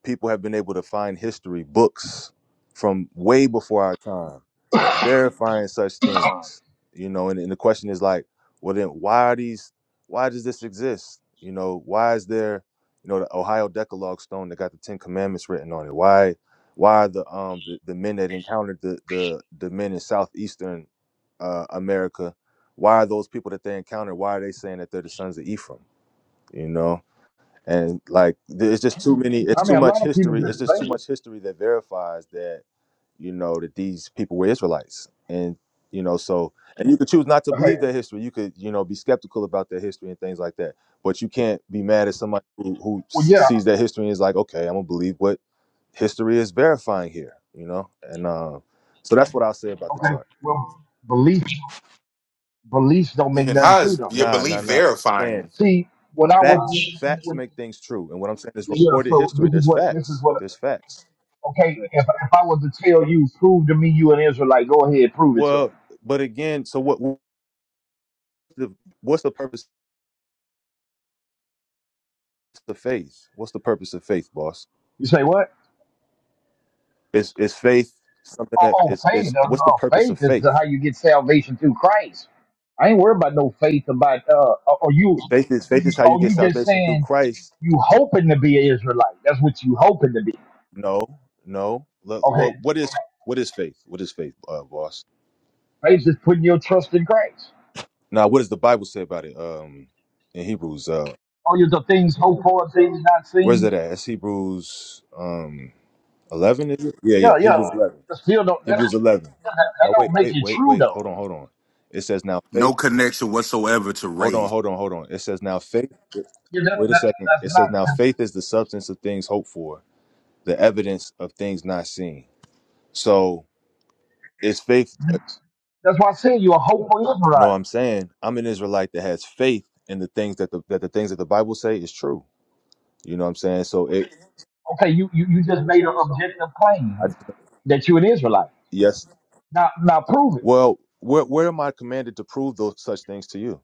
[SPEAKER 8] people have been able to find history books from way before our time verifying such things you know and, and the question is like well then why are these why does this exist you know why is there you know the ohio decalogue stone that got the ten commandments written on it why why are the um the, the men that encountered the, the the men in southeastern uh america why are those people that they encountered why are they saying that they're the sons of ephraim you know and like th- it's just too many it's
[SPEAKER 9] I mean,
[SPEAKER 8] too
[SPEAKER 9] a
[SPEAKER 8] much
[SPEAKER 9] lot of people
[SPEAKER 8] history it's
[SPEAKER 9] can
[SPEAKER 8] just too
[SPEAKER 9] say,
[SPEAKER 8] much history that verifies that you know that these people were israelites and you know so and you could choose not to
[SPEAKER 9] okay,
[SPEAKER 8] believe that history you could you know be skeptical about their history and things like that but you can't be mad at somebody who, who
[SPEAKER 9] well,
[SPEAKER 8] s-
[SPEAKER 9] yeah,
[SPEAKER 8] sees that history and is like okay i'm gonna believe what history is verifying here you know and uh, so that's what i'll say about the
[SPEAKER 9] okay,
[SPEAKER 8] chart
[SPEAKER 9] well, beliefs, beliefs don't make
[SPEAKER 10] And
[SPEAKER 9] nothing
[SPEAKER 10] how
[SPEAKER 9] true
[SPEAKER 10] is
[SPEAKER 9] though.
[SPEAKER 10] your
[SPEAKER 8] nah nah
[SPEAKER 10] belief
[SPEAKER 8] nah saying
[SPEAKER 10] verifying?
[SPEAKER 9] See, when I
[SPEAKER 8] facts
[SPEAKER 9] was,
[SPEAKER 8] facts make things true and what i'm saying is
[SPEAKER 9] Yeah,
[SPEAKER 8] recorded
[SPEAKER 9] so
[SPEAKER 8] history
[SPEAKER 9] this is
[SPEAKER 8] there's
[SPEAKER 9] what this is
[SPEAKER 8] facts
[SPEAKER 9] what
[SPEAKER 8] there's facts
[SPEAKER 9] okay, if if I was to tell you, prove to me you an Israelite, go ahead, prove it to me.
[SPEAKER 8] Well, but again, so what? What's the, what's the purpose of faith? What's the purpose of faith, boss?
[SPEAKER 9] You say what?
[SPEAKER 8] Is is faith something
[SPEAKER 9] Oh,
[SPEAKER 8] that
[SPEAKER 9] oh
[SPEAKER 8] is
[SPEAKER 9] faith.
[SPEAKER 8] is
[SPEAKER 9] Oh,
[SPEAKER 8] what's the
[SPEAKER 9] oh,
[SPEAKER 8] purpose
[SPEAKER 9] faith
[SPEAKER 8] of
[SPEAKER 9] is
[SPEAKER 8] faith?
[SPEAKER 9] how you get salvation through Christ. I ain't worried about no faith about uh or you
[SPEAKER 8] Faith is faith is how you
[SPEAKER 9] oh
[SPEAKER 8] get
[SPEAKER 9] you just
[SPEAKER 8] salvation through
[SPEAKER 9] saying
[SPEAKER 8] Christ.
[SPEAKER 9] you hoping to be an Israelite. That's what you hoping to be.
[SPEAKER 8] No, no. Le-
[SPEAKER 9] Okay.
[SPEAKER 8] Well, what is what is faith? What is faith, uh, boss?
[SPEAKER 9] Faith is putting your trust in Christ.
[SPEAKER 8] Now, what does the Bible say about it? Um, in Hebrews, uh,
[SPEAKER 9] Oh you the things hoped for, things not
[SPEAKER 8] where's
[SPEAKER 9] seen.
[SPEAKER 8] it at? It's Hebrews um eleven, is it? Yeah, yeah.
[SPEAKER 9] Yeah, yeah.
[SPEAKER 8] Hebrews eleven.
[SPEAKER 9] But still don't that,
[SPEAKER 8] Hebrews eleven.
[SPEAKER 9] that, that
[SPEAKER 8] Now, wait,
[SPEAKER 9] don't make
[SPEAKER 8] wait,
[SPEAKER 9] it
[SPEAKER 8] wait,
[SPEAKER 9] true
[SPEAKER 8] wait.
[SPEAKER 9] though.
[SPEAKER 8] Hold on, hold on. It says now faith.
[SPEAKER 10] No connection whatsoever to
[SPEAKER 8] Hold on,
[SPEAKER 10] race.
[SPEAKER 8] hold on, hold on. It says now faith.
[SPEAKER 9] Yeah, that,
[SPEAKER 8] Wait a
[SPEAKER 9] that,
[SPEAKER 8] second.
[SPEAKER 9] that's
[SPEAKER 8] It says
[SPEAKER 9] not.
[SPEAKER 8] now faith is the substance of things hoped for, the evidence of things not seen. So it's faith.
[SPEAKER 9] That's why I said you're a hopeful
[SPEAKER 8] No,
[SPEAKER 9] Israelite.
[SPEAKER 8] I'm saying I'm an Israelite that has faith in the things that the that the things that the Bible say is true. You know what I'm saying? So it.
[SPEAKER 9] Okay, you, you, you just made an objective claim
[SPEAKER 8] I,
[SPEAKER 9] that you're an Israelite.
[SPEAKER 8] yes.
[SPEAKER 9] Now now prove it.
[SPEAKER 8] Well, where where am I commanded to prove those such things to you?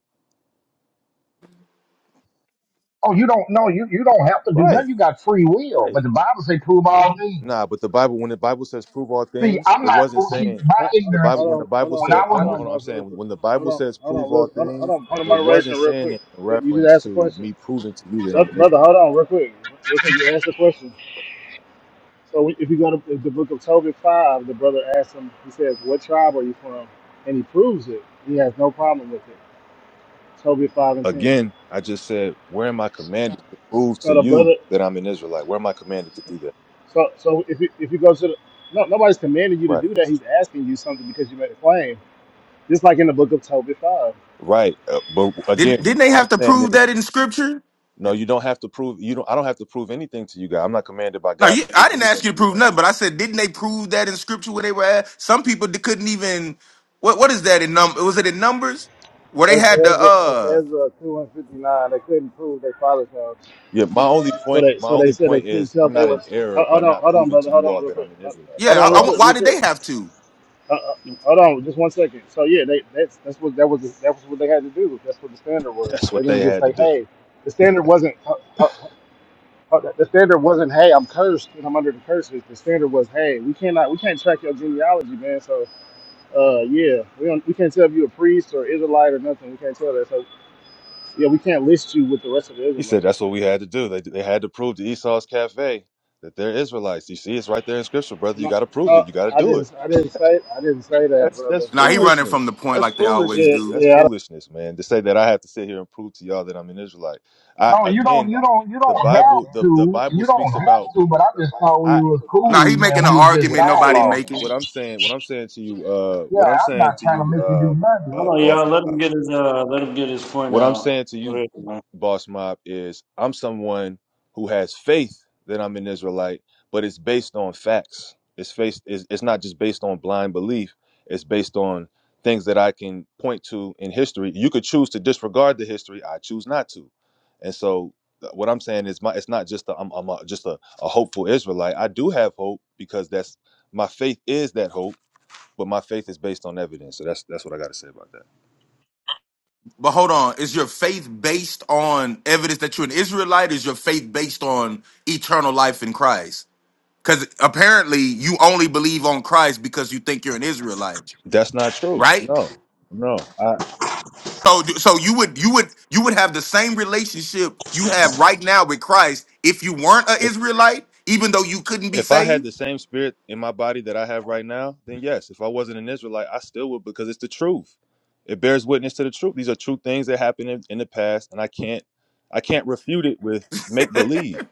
[SPEAKER 9] Oh, you don't know you, you don't have to do
[SPEAKER 8] Right.
[SPEAKER 9] nothing. You got free will.
[SPEAKER 8] Right.
[SPEAKER 9] But the Bible say prove all things.
[SPEAKER 8] Nah, but the Bible, when the Bible says prove all
[SPEAKER 9] See,
[SPEAKER 8] things,
[SPEAKER 9] I'm
[SPEAKER 8] it
[SPEAKER 9] not
[SPEAKER 8] wasn't
[SPEAKER 9] well, see
[SPEAKER 8] saying
[SPEAKER 9] my
[SPEAKER 4] Hold
[SPEAKER 8] the Bible.
[SPEAKER 9] ignorance
[SPEAKER 8] When the
[SPEAKER 4] on, hold
[SPEAKER 8] Bible
[SPEAKER 4] on,
[SPEAKER 9] when
[SPEAKER 8] said,
[SPEAKER 9] I
[SPEAKER 4] real-
[SPEAKER 8] hold
[SPEAKER 9] was
[SPEAKER 4] hold
[SPEAKER 8] on,
[SPEAKER 9] with
[SPEAKER 4] on,
[SPEAKER 8] hold on, I'm
[SPEAKER 4] boss, real
[SPEAKER 8] saying
[SPEAKER 4] quick.
[SPEAKER 8] when the
[SPEAKER 4] Hold
[SPEAKER 8] Bible
[SPEAKER 4] on,
[SPEAKER 8] says
[SPEAKER 4] hold
[SPEAKER 8] prove
[SPEAKER 4] on, real,
[SPEAKER 8] all
[SPEAKER 4] hold on, hold
[SPEAKER 8] things,
[SPEAKER 4] on. Point of
[SPEAKER 8] it wasn't
[SPEAKER 4] moderation, real
[SPEAKER 8] saying
[SPEAKER 4] quick.
[SPEAKER 8] it in
[SPEAKER 4] You you just
[SPEAKER 8] reference
[SPEAKER 4] asked a
[SPEAKER 8] to
[SPEAKER 4] question,
[SPEAKER 8] me proving to you that I'm
[SPEAKER 4] brother.
[SPEAKER 8] an
[SPEAKER 4] brother, Hold
[SPEAKER 8] Israelite.
[SPEAKER 4] on, real quick. Real quick, you asked a question. So if you go to the book of Tobit 5, the brother asks him, he says, What tribe are you from? And he proves it. He has no problem with it. Tobit 5 and 10.
[SPEAKER 8] Again, I just said, where am I commanded to prove
[SPEAKER 4] So
[SPEAKER 8] to
[SPEAKER 4] the
[SPEAKER 8] you
[SPEAKER 4] brother,
[SPEAKER 8] that I'm an Israelite? Where am I commanded to do that?
[SPEAKER 4] so so if you, if you go to the, no, nobody's commanding you to
[SPEAKER 8] Right,
[SPEAKER 4] do that. He's asking you something because you made a claim. Just like in the book of Tobit 5.
[SPEAKER 8] right. Uh, but
[SPEAKER 10] Didn't
[SPEAKER 8] again,
[SPEAKER 10] didn't they
[SPEAKER 8] what
[SPEAKER 10] have
[SPEAKER 8] I'm
[SPEAKER 10] to
[SPEAKER 8] saying
[SPEAKER 10] prove
[SPEAKER 8] is,
[SPEAKER 10] that in scripture?
[SPEAKER 8] no, you don't have to prove. You don't. I don't have to prove anything to you, God. I'm not commanded by
[SPEAKER 10] No,
[SPEAKER 8] God
[SPEAKER 10] you,
[SPEAKER 8] to
[SPEAKER 10] I
[SPEAKER 8] prove
[SPEAKER 10] didn't ask
[SPEAKER 8] anything
[SPEAKER 10] you to
[SPEAKER 8] to you.
[SPEAKER 10] prove nothing, but I said didn't they prove that in scripture where they were at? Some people d- couldn't even. What what is that in num? Was it in numbers where they
[SPEAKER 4] That's
[SPEAKER 10] had the
[SPEAKER 4] Ezra. That's
[SPEAKER 10] uh?
[SPEAKER 4] Ezra two and fifty nine. They couldn't prove their father's house.
[SPEAKER 8] Yeah, my only
[SPEAKER 4] So
[SPEAKER 8] point,
[SPEAKER 4] they
[SPEAKER 8] my
[SPEAKER 4] so they
[SPEAKER 8] only
[SPEAKER 4] said they
[SPEAKER 8] point
[SPEAKER 4] couldn't
[SPEAKER 8] is,
[SPEAKER 4] tell
[SPEAKER 8] I'm
[SPEAKER 4] if they
[SPEAKER 8] not in
[SPEAKER 4] was,
[SPEAKER 8] error
[SPEAKER 4] hold
[SPEAKER 8] by
[SPEAKER 4] hold on,
[SPEAKER 8] not
[SPEAKER 4] hold on,
[SPEAKER 8] proving
[SPEAKER 4] brother,
[SPEAKER 8] to
[SPEAKER 4] hold
[SPEAKER 8] you
[SPEAKER 4] on
[SPEAKER 8] all
[SPEAKER 4] real
[SPEAKER 8] that
[SPEAKER 4] quick.
[SPEAKER 8] I'm an
[SPEAKER 4] Hold
[SPEAKER 8] Israelite.
[SPEAKER 4] hold
[SPEAKER 8] That's
[SPEAKER 10] Yeah,
[SPEAKER 4] on
[SPEAKER 10] I,
[SPEAKER 4] real
[SPEAKER 8] all
[SPEAKER 10] I,
[SPEAKER 8] I'm
[SPEAKER 4] quick,
[SPEAKER 10] why
[SPEAKER 4] real
[SPEAKER 8] saying.
[SPEAKER 10] did
[SPEAKER 4] quick.
[SPEAKER 10] they have to?
[SPEAKER 4] Uh, uh, hold on, just one second. So yeah, they, that's that's what that was that was what they had to do. That's what the standard was.
[SPEAKER 8] That's
[SPEAKER 4] They
[SPEAKER 8] what they
[SPEAKER 4] didn't just
[SPEAKER 8] had to
[SPEAKER 4] say,
[SPEAKER 8] do.
[SPEAKER 4] "Hey, the standard wasn't uh, uh, uh, the standard wasn't, hey, I'm cursed and I'm under the curses." The standard was, "Hey, we cannot we can't track your genealogy, man. So uh, yeah, we don't we can't tell if you're a priest or Israelite or nothing. We can't tell that. So yeah, we can't list you with the rest of the
[SPEAKER 8] He said
[SPEAKER 4] Israelites.
[SPEAKER 8] that's what we had to do. They they had to prove to Esau's cafe that they're Israelites. You see, it's right there in Scripture, brother. You
[SPEAKER 4] No,
[SPEAKER 8] got to prove
[SPEAKER 4] no,
[SPEAKER 8] it. You got to
[SPEAKER 4] I
[SPEAKER 8] do it.
[SPEAKER 4] didn't I didn't say I didn't say that,
[SPEAKER 8] That's
[SPEAKER 4] brother.
[SPEAKER 8] that's
[SPEAKER 10] Now he
[SPEAKER 4] Like,
[SPEAKER 10] running from the
[SPEAKER 8] foolishness.
[SPEAKER 10] point
[SPEAKER 8] That's
[SPEAKER 10] like they always
[SPEAKER 4] yeah,
[SPEAKER 8] foolishness.
[SPEAKER 10] do.
[SPEAKER 8] That's
[SPEAKER 4] yeah. I don't,
[SPEAKER 8] foolishness, man. To say that I have to sit here and prove to y'all that I'm an Israelite. I
[SPEAKER 9] no, you don't
[SPEAKER 8] again,
[SPEAKER 9] you don't you
[SPEAKER 8] the
[SPEAKER 9] don't
[SPEAKER 8] Bible,
[SPEAKER 9] have
[SPEAKER 8] the the
[SPEAKER 9] to
[SPEAKER 8] Bible
[SPEAKER 9] you don't
[SPEAKER 8] speaks
[SPEAKER 9] have
[SPEAKER 8] about.
[SPEAKER 9] to, but I just thought we
[SPEAKER 8] I.
[SPEAKER 9] was
[SPEAKER 8] I
[SPEAKER 10] Now he
[SPEAKER 9] cool
[SPEAKER 10] making
[SPEAKER 9] and
[SPEAKER 10] an
[SPEAKER 9] we were just
[SPEAKER 8] what
[SPEAKER 10] argument
[SPEAKER 8] I'm
[SPEAKER 10] nobody
[SPEAKER 8] saying,
[SPEAKER 9] dialoguing.
[SPEAKER 8] what
[SPEAKER 10] making.
[SPEAKER 8] I'm saying, what I'm saying to you, uh,
[SPEAKER 9] Yeah,
[SPEAKER 8] what I'm
[SPEAKER 9] I'm
[SPEAKER 8] saying
[SPEAKER 9] not
[SPEAKER 8] to
[SPEAKER 9] trying
[SPEAKER 8] you,
[SPEAKER 9] to make you
[SPEAKER 8] uh,
[SPEAKER 9] do nothing.
[SPEAKER 8] uh
[SPEAKER 2] Hold on,
[SPEAKER 8] boss
[SPEAKER 2] y'all. Let him get his uh, let him get his point
[SPEAKER 8] what I'm
[SPEAKER 2] out.
[SPEAKER 8] saying to you, Boss Mob, is I'm someone who has faith that I'm an Israelite, but it's based on facts. It's based. It's, it's not just based on blind belief. It's based on things that I can point to in history. You could choose to disregard the history. I choose not to. And so, uh, what I'm saying is, my it's not just a, I'm, I'm a, just a, a hopeful Israelite. I do have hope because that's my faith is that hope, but my faith is based on evidence. So that's that's what I got to say about that.
[SPEAKER 10] But hold on, is your faith based on evidence that you're an Israelite? Is your faith based on eternal life in Christ? Because apparently you only believe on Christ because you think you're an Israelite,
[SPEAKER 8] That's not true.
[SPEAKER 10] right?
[SPEAKER 8] No, no. I,
[SPEAKER 10] So, do- so you would you would you would have the same relationship you have right now with Christ if you weren't an
[SPEAKER 8] if
[SPEAKER 10] Israelite, even though you couldn't be
[SPEAKER 8] if I
[SPEAKER 10] saved.
[SPEAKER 8] had the same spirit in my body that I have right now, then yes. If I wasn't an Israelite, I still would because it's the truth. It bears witness to the truth. These are true things that happened in, in the past, and I can't I can't refute it with make believe.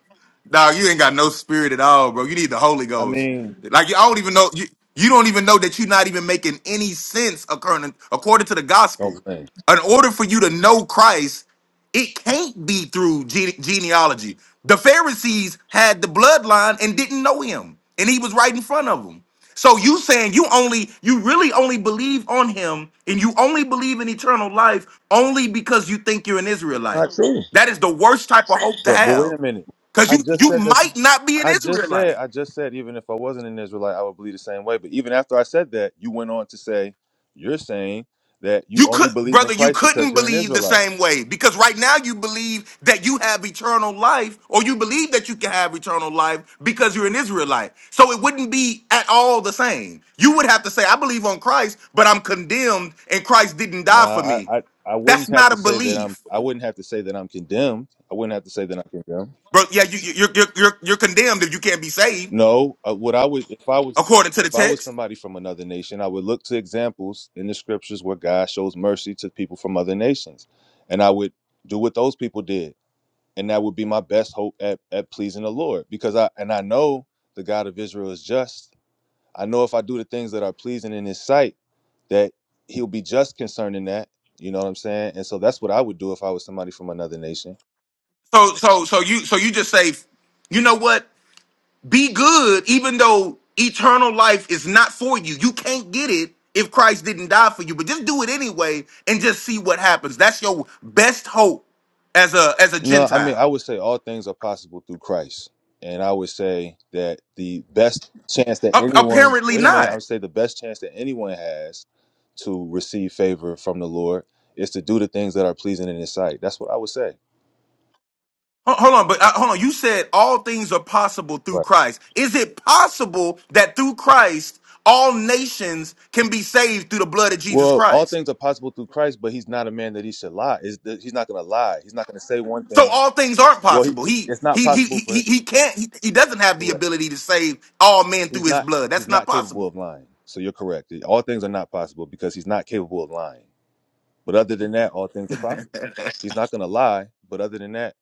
[SPEAKER 10] Dog, you ain't got no spirit at all, bro. You need the Holy
[SPEAKER 8] I
[SPEAKER 10] Ghost.
[SPEAKER 8] mean,
[SPEAKER 10] Like I don't even know you. You don't even know that you're not even making any sense according according to the gospel.
[SPEAKER 8] don't blame.
[SPEAKER 10] In order for you to know Christ, it can't be through gene- genealogy. The Pharisees had the bloodline and didn't know him, and he was right in front of them. So you saying you only you really only believe on him and you only believe in eternal life only because you think you're an
[SPEAKER 8] It's
[SPEAKER 10] Israelite.
[SPEAKER 8] not true.
[SPEAKER 10] That is the worst type of hope to
[SPEAKER 8] But but wait
[SPEAKER 10] have.
[SPEAKER 8] a minute.
[SPEAKER 10] Cause
[SPEAKER 8] I
[SPEAKER 10] you
[SPEAKER 8] just
[SPEAKER 10] you
[SPEAKER 8] said that's
[SPEAKER 10] might
[SPEAKER 8] not-
[SPEAKER 10] not be an
[SPEAKER 8] I just said
[SPEAKER 10] Israelite.
[SPEAKER 8] I just said even if I wasn't an Israelite, I would believe the same way. But even after I said that, you went on to say you're saying that
[SPEAKER 10] You
[SPEAKER 8] you only
[SPEAKER 10] could,
[SPEAKER 8] believe in
[SPEAKER 10] brother, you
[SPEAKER 8] Christ because
[SPEAKER 10] couldn't
[SPEAKER 8] you're an
[SPEAKER 10] believe the
[SPEAKER 8] Israelite.
[SPEAKER 10] same way because right now you believe that you have eternal life, or you believe that you can have eternal life because you're an Israelite. So it wouldn't be at all the same. You would have to say, "I believe on Christ, but I'm condemned, and Christ didn't die for
[SPEAKER 8] Nah,
[SPEAKER 10] me."
[SPEAKER 8] I, I, I
[SPEAKER 10] That's
[SPEAKER 8] wouldn't have
[SPEAKER 10] not a
[SPEAKER 8] to say that I'm
[SPEAKER 10] belief,
[SPEAKER 8] I wouldn't have to say that I'm condemned. I wouldn't have to say that I'm condemned.
[SPEAKER 10] bro. Yeah, you, you- you're, you're you're you're condemned if you can't be saved
[SPEAKER 8] No, uh, what I would if I was
[SPEAKER 10] according to the
[SPEAKER 8] if I was
[SPEAKER 10] text.
[SPEAKER 8] somebody from another nation, I would look to examples in the scriptures where God shows mercy to people from other nations, and I would do what those people did. and that would be my best hope at, at pleasing the lord because i and i know the god of israel is just i know if i do the things that are pleasing in his sight that he'll be just concerning that you know what i'm saying and so that's what i would do if i was somebody from another nation
[SPEAKER 10] So so so you so you just say, you know what? Be good, even though eternal life is not for you. You can't get it if Christ didn't die for you. But just do it anyway and just see what happens. That's your best hope as a as a
[SPEAKER 8] no i mean i
[SPEAKER 10] Gentile.
[SPEAKER 8] would say all things are possible through christ and i would say that the best chance that
[SPEAKER 10] Ap-
[SPEAKER 8] anyone
[SPEAKER 10] apparently
[SPEAKER 8] wait a minute i
[SPEAKER 10] not.
[SPEAKER 8] would say the best chance that anyone has to receive favor from the lord is to do the things that are pleasing in his sight that's what i would say
[SPEAKER 10] Ho- Hold on, but uh, hold on. You said all things are possible through
[SPEAKER 8] Right.
[SPEAKER 10] Christ. Is it possible that through Christ all nations can be saved through the blood of Jesus
[SPEAKER 8] Well, all
[SPEAKER 10] Christ?
[SPEAKER 8] things are possible through Christ, but he's not a man that he should lie. Is that he's not going to lie. He's not going to say one
[SPEAKER 10] So
[SPEAKER 8] thing.
[SPEAKER 10] all things aren't
[SPEAKER 8] Well, he,
[SPEAKER 10] possible. He
[SPEAKER 8] it's not
[SPEAKER 10] he he
[SPEAKER 8] possible
[SPEAKER 10] he
[SPEAKER 8] for
[SPEAKER 10] he
[SPEAKER 8] him.
[SPEAKER 10] he can't. He, he doesn't have the
[SPEAKER 8] Correct.
[SPEAKER 10] ability to save all men through
[SPEAKER 8] He's
[SPEAKER 10] his
[SPEAKER 8] not.
[SPEAKER 10] blood. That's
[SPEAKER 8] He's
[SPEAKER 10] not
[SPEAKER 8] not capable
[SPEAKER 10] possible.
[SPEAKER 8] of lying. So you're correct. All things are not possible because he's not capable of lying. But other than that, all things are possible. He's not going to lie. But other than that,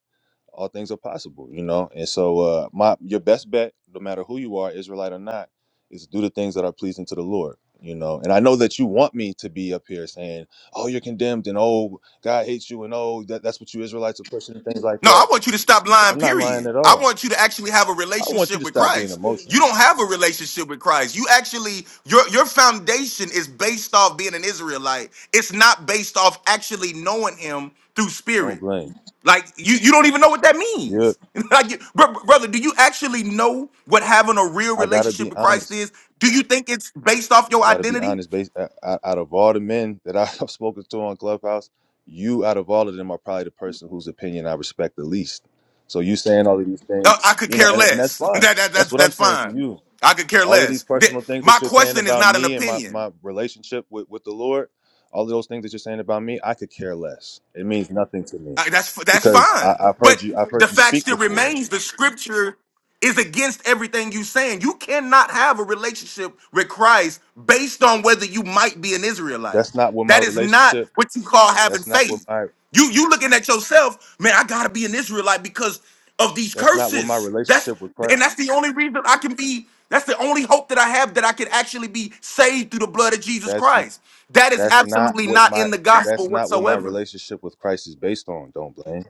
[SPEAKER 8] all things are possible, you know. And so, uh, my your best bet, no matter who you are, Israelite or not, is do the things that are pleasing to the Lord, you know. And I know that you want me to be up here saying, "Oh, you're condemned," and "Oh, God hates you," and "Oh, that, that's what you Israelites are pushing," and things like
[SPEAKER 10] No, I
[SPEAKER 8] that.
[SPEAKER 10] want you to stop lying.
[SPEAKER 8] I'm not lying
[SPEAKER 10] Period.
[SPEAKER 8] at
[SPEAKER 10] I
[SPEAKER 8] all.
[SPEAKER 10] want you to actually have a
[SPEAKER 8] I want you
[SPEAKER 10] relationship
[SPEAKER 8] to
[SPEAKER 10] with
[SPEAKER 8] stop being
[SPEAKER 10] Christ. You
[SPEAKER 8] emotional.
[SPEAKER 10] don't have a relationship with Christ. You actually your your foundation is based off being an Israelite. It's not based off actually knowing Him through
[SPEAKER 8] Don't
[SPEAKER 10] spirit.
[SPEAKER 8] blame.
[SPEAKER 10] Like you, you don't even know what that
[SPEAKER 8] Yep,
[SPEAKER 10] means. like, you- bro- brother, do you actually know what having a real
[SPEAKER 8] I gotta
[SPEAKER 10] relationship
[SPEAKER 8] be
[SPEAKER 10] with Christ
[SPEAKER 8] honest.
[SPEAKER 10] is? Do you think it's based off your
[SPEAKER 8] I got to be
[SPEAKER 10] identity?
[SPEAKER 8] honest. Based uh, out out of all the men that I've spoken to on Clubhouse, you out of all of them are probably the person whose opinion I respect the least. So you saying all of these
[SPEAKER 10] Uh,
[SPEAKER 8] things,
[SPEAKER 10] I could
[SPEAKER 8] you know,
[SPEAKER 10] care
[SPEAKER 8] and, and that's
[SPEAKER 10] less.
[SPEAKER 8] fine.
[SPEAKER 10] that, that
[SPEAKER 8] That's
[SPEAKER 10] that's
[SPEAKER 8] what I'm
[SPEAKER 10] that's
[SPEAKER 8] saying to
[SPEAKER 10] fine.
[SPEAKER 8] you.
[SPEAKER 10] I could care
[SPEAKER 8] All of these
[SPEAKER 10] less. Th-
[SPEAKER 8] personal things
[SPEAKER 10] my
[SPEAKER 8] that you're saying
[SPEAKER 10] question is
[SPEAKER 8] about
[SPEAKER 10] not an
[SPEAKER 8] me and my
[SPEAKER 10] opinion.
[SPEAKER 8] my relationship with with the Lord, all of those things that you're saying about me, I could care less. It means nothing to me
[SPEAKER 10] Uh, that's that's
[SPEAKER 8] because I,
[SPEAKER 10] fine.
[SPEAKER 8] I've heard
[SPEAKER 10] But
[SPEAKER 8] you. I've
[SPEAKER 10] the
[SPEAKER 8] heard you
[SPEAKER 10] fact
[SPEAKER 8] speak
[SPEAKER 10] still
[SPEAKER 8] before.
[SPEAKER 10] remains: the scripture is against everything you saying. You cannot have a relationship with Christ based on whether you might be an Israelite.
[SPEAKER 8] That's not what my
[SPEAKER 10] That is not
[SPEAKER 8] relationship.
[SPEAKER 10] what you call having
[SPEAKER 8] That's not what
[SPEAKER 10] faith.
[SPEAKER 8] my.
[SPEAKER 10] You you looking at yourself, man. I gotta be an Israelite because of these
[SPEAKER 8] That's not what my
[SPEAKER 10] curses. That's
[SPEAKER 8] relationship with Christ.
[SPEAKER 10] and that's the only reason I can be. That's the only hope that I have that I can actually be saved through the blood of Jesus
[SPEAKER 8] That's
[SPEAKER 10] Christ. That is
[SPEAKER 8] That's not
[SPEAKER 10] absolutely
[SPEAKER 8] what
[SPEAKER 10] not
[SPEAKER 8] my
[SPEAKER 10] in the gospel
[SPEAKER 8] that's not what my
[SPEAKER 10] whatsoever.
[SPEAKER 8] relationship with Christ is based on. Don't blame.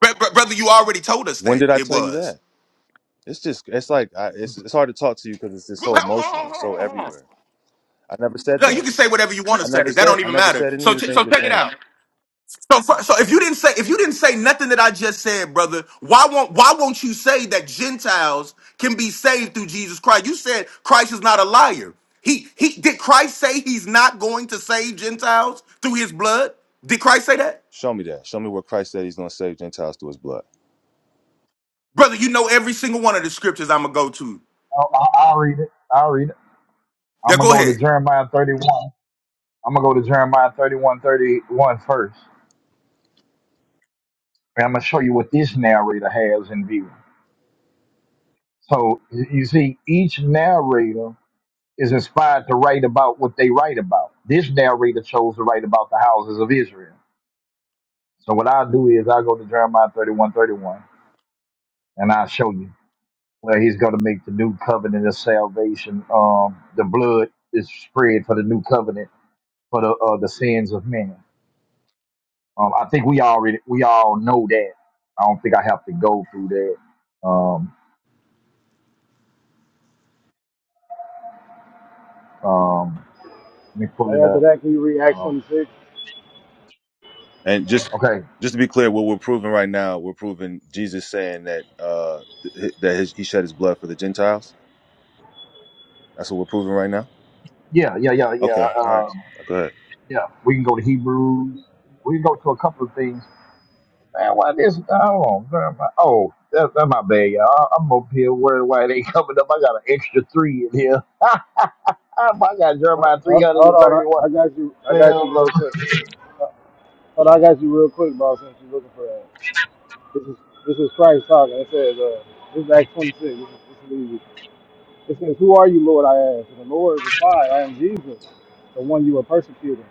[SPEAKER 10] Br- br- brother, you already told us
[SPEAKER 8] When
[SPEAKER 10] that
[SPEAKER 8] did I
[SPEAKER 10] it
[SPEAKER 8] tell you
[SPEAKER 10] was.
[SPEAKER 8] that? It's just it's like I, it's it's hard to talk to you because it's just
[SPEAKER 10] Well,
[SPEAKER 8] so
[SPEAKER 10] hold on,
[SPEAKER 8] emotional,
[SPEAKER 10] hold on,
[SPEAKER 8] it's so
[SPEAKER 10] hold on.
[SPEAKER 8] everywhere. I never said
[SPEAKER 10] No, you
[SPEAKER 8] that.
[SPEAKER 10] can say whatever you want to
[SPEAKER 8] I
[SPEAKER 10] say.
[SPEAKER 8] never
[SPEAKER 10] That
[SPEAKER 8] said
[SPEAKER 10] don't
[SPEAKER 8] I
[SPEAKER 10] even
[SPEAKER 8] never
[SPEAKER 10] matter.
[SPEAKER 8] said any
[SPEAKER 10] So,
[SPEAKER 8] of the
[SPEAKER 10] t- so
[SPEAKER 8] things you're
[SPEAKER 10] check it
[SPEAKER 8] saying.
[SPEAKER 10] out. So, fu- so if you didn't say if you didn't say nothing that I just said, brother, why won't why won't you say that Gentiles can be saved through Jesus Christ? You said Christ is not a liar. He he did Christ say he's not going to save Gentiles through his blood? Did Christ say that,
[SPEAKER 8] Show me that. Show me where Christ said He's going to save Gentiles through His blood.
[SPEAKER 10] brother? You know every single one of the scriptures I'm gonna go to.
[SPEAKER 9] I, I, I'll read it. I'll read it. I'm
[SPEAKER 10] Now
[SPEAKER 9] gonna
[SPEAKER 10] go
[SPEAKER 9] go to
[SPEAKER 10] ahead.
[SPEAKER 9] Jeremiah 31. I'm gonna go to Jeremiah 31, thirty-one first, and I'm gonna show you what this narrator has in view. So y- you see, each narrator is inspired to write about what they write about. This narrator chose to write about the houses of Israel. So what I'll do is I'll go to Jeremiah 31:31 and I'll show you where he's gonna make the new covenant of salvation. Um, the blood is spread for the new covenant for the uh, the sins of men. Um, I think we already we all know that. I don't think I have to go through that. Um, um, let me pull it
[SPEAKER 4] after
[SPEAKER 9] up.
[SPEAKER 4] that, can you read Acts
[SPEAKER 9] Um,
[SPEAKER 4] 26?
[SPEAKER 8] And just
[SPEAKER 9] okay.
[SPEAKER 8] just to be clear, what we're proving right now, we're proving Jesus saying that uh th- that his, He shed His blood for the Gentiles. That's what we're proving right now.
[SPEAKER 9] Yeah, yeah, yeah, yeah.
[SPEAKER 8] Okay. All right.
[SPEAKER 9] Um,
[SPEAKER 8] Go ahead.
[SPEAKER 9] yeah, we can go to Hebrews. We can go to a couple of things. Man, why this? Hold on. where am I? Oh, that, that's my bad, y'all. I- I'm up here worried why it ain't coming up. I got an extra three in here. I got
[SPEAKER 4] Hold
[SPEAKER 9] Jeremiah
[SPEAKER 4] hold- hold on,
[SPEAKER 9] 331.
[SPEAKER 4] I, I got you. I got you
[SPEAKER 9] Well,
[SPEAKER 4] real quick. Uh, Hold on, I got you real quick, boss. Since you're looking for that, this is this is Christ talking. It says, uh, "This is Acts 26." This is, this is easy. It says, "Who are you, Lord?" I asked. And the Lord replied, "I am Jesus, the one you are persecuting.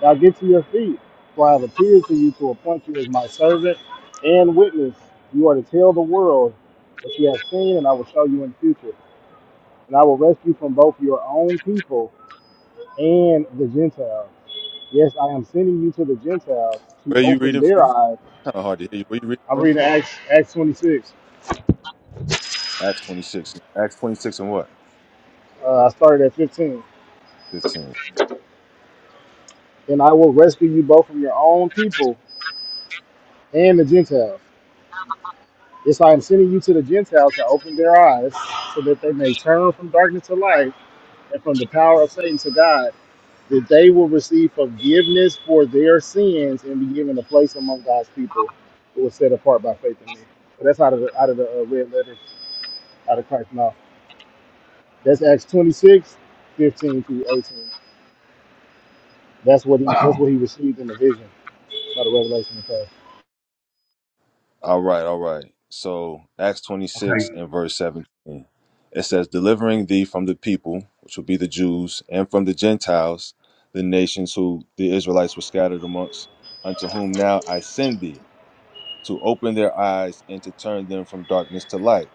[SPEAKER 4] Now get to your feet, for I have appeared to you to appoint you as my servant and witness. You are to tell the world what you have seen, and I will show you in the future. And I will rescue from both your own people and the Gentiles." Yes, I am sending you to the Gentiles to
[SPEAKER 8] Where are you
[SPEAKER 4] open
[SPEAKER 8] reading
[SPEAKER 4] their
[SPEAKER 8] from?
[SPEAKER 4] eyes.
[SPEAKER 8] Kind of hard to hear you. Where you reading
[SPEAKER 4] I'm
[SPEAKER 8] from?
[SPEAKER 4] reading Acts, Acts 26.
[SPEAKER 8] Acts 26. Acts 26 and what?
[SPEAKER 4] Uh, I started at 15.
[SPEAKER 8] 15.
[SPEAKER 4] And I will rescue you both from your own people and the Gentiles. Yes, I am sending you to the Gentiles to open their eyes so that they may turn from darkness to light and from the power of Satan to God, that they will receive forgiveness for their sins and be given a place among God's people who was set apart by faith in me. So that's out of the, out of the uh, red letters, out of Christ's mouth. That's Acts twenty six, fifteen 15 through 18. That's what
[SPEAKER 9] uh,
[SPEAKER 4] he that's what
[SPEAKER 9] okay.
[SPEAKER 4] he received in the vision by the revelation of God.
[SPEAKER 8] All right, all right. So, Acts 26 and verse 17. It says, Delivering thee from the people, which will be the Jews, and from the Gentiles, the nations who the Israelites were scattered amongst, unto whom now I send thee, to open their eyes and to turn them from darkness to light.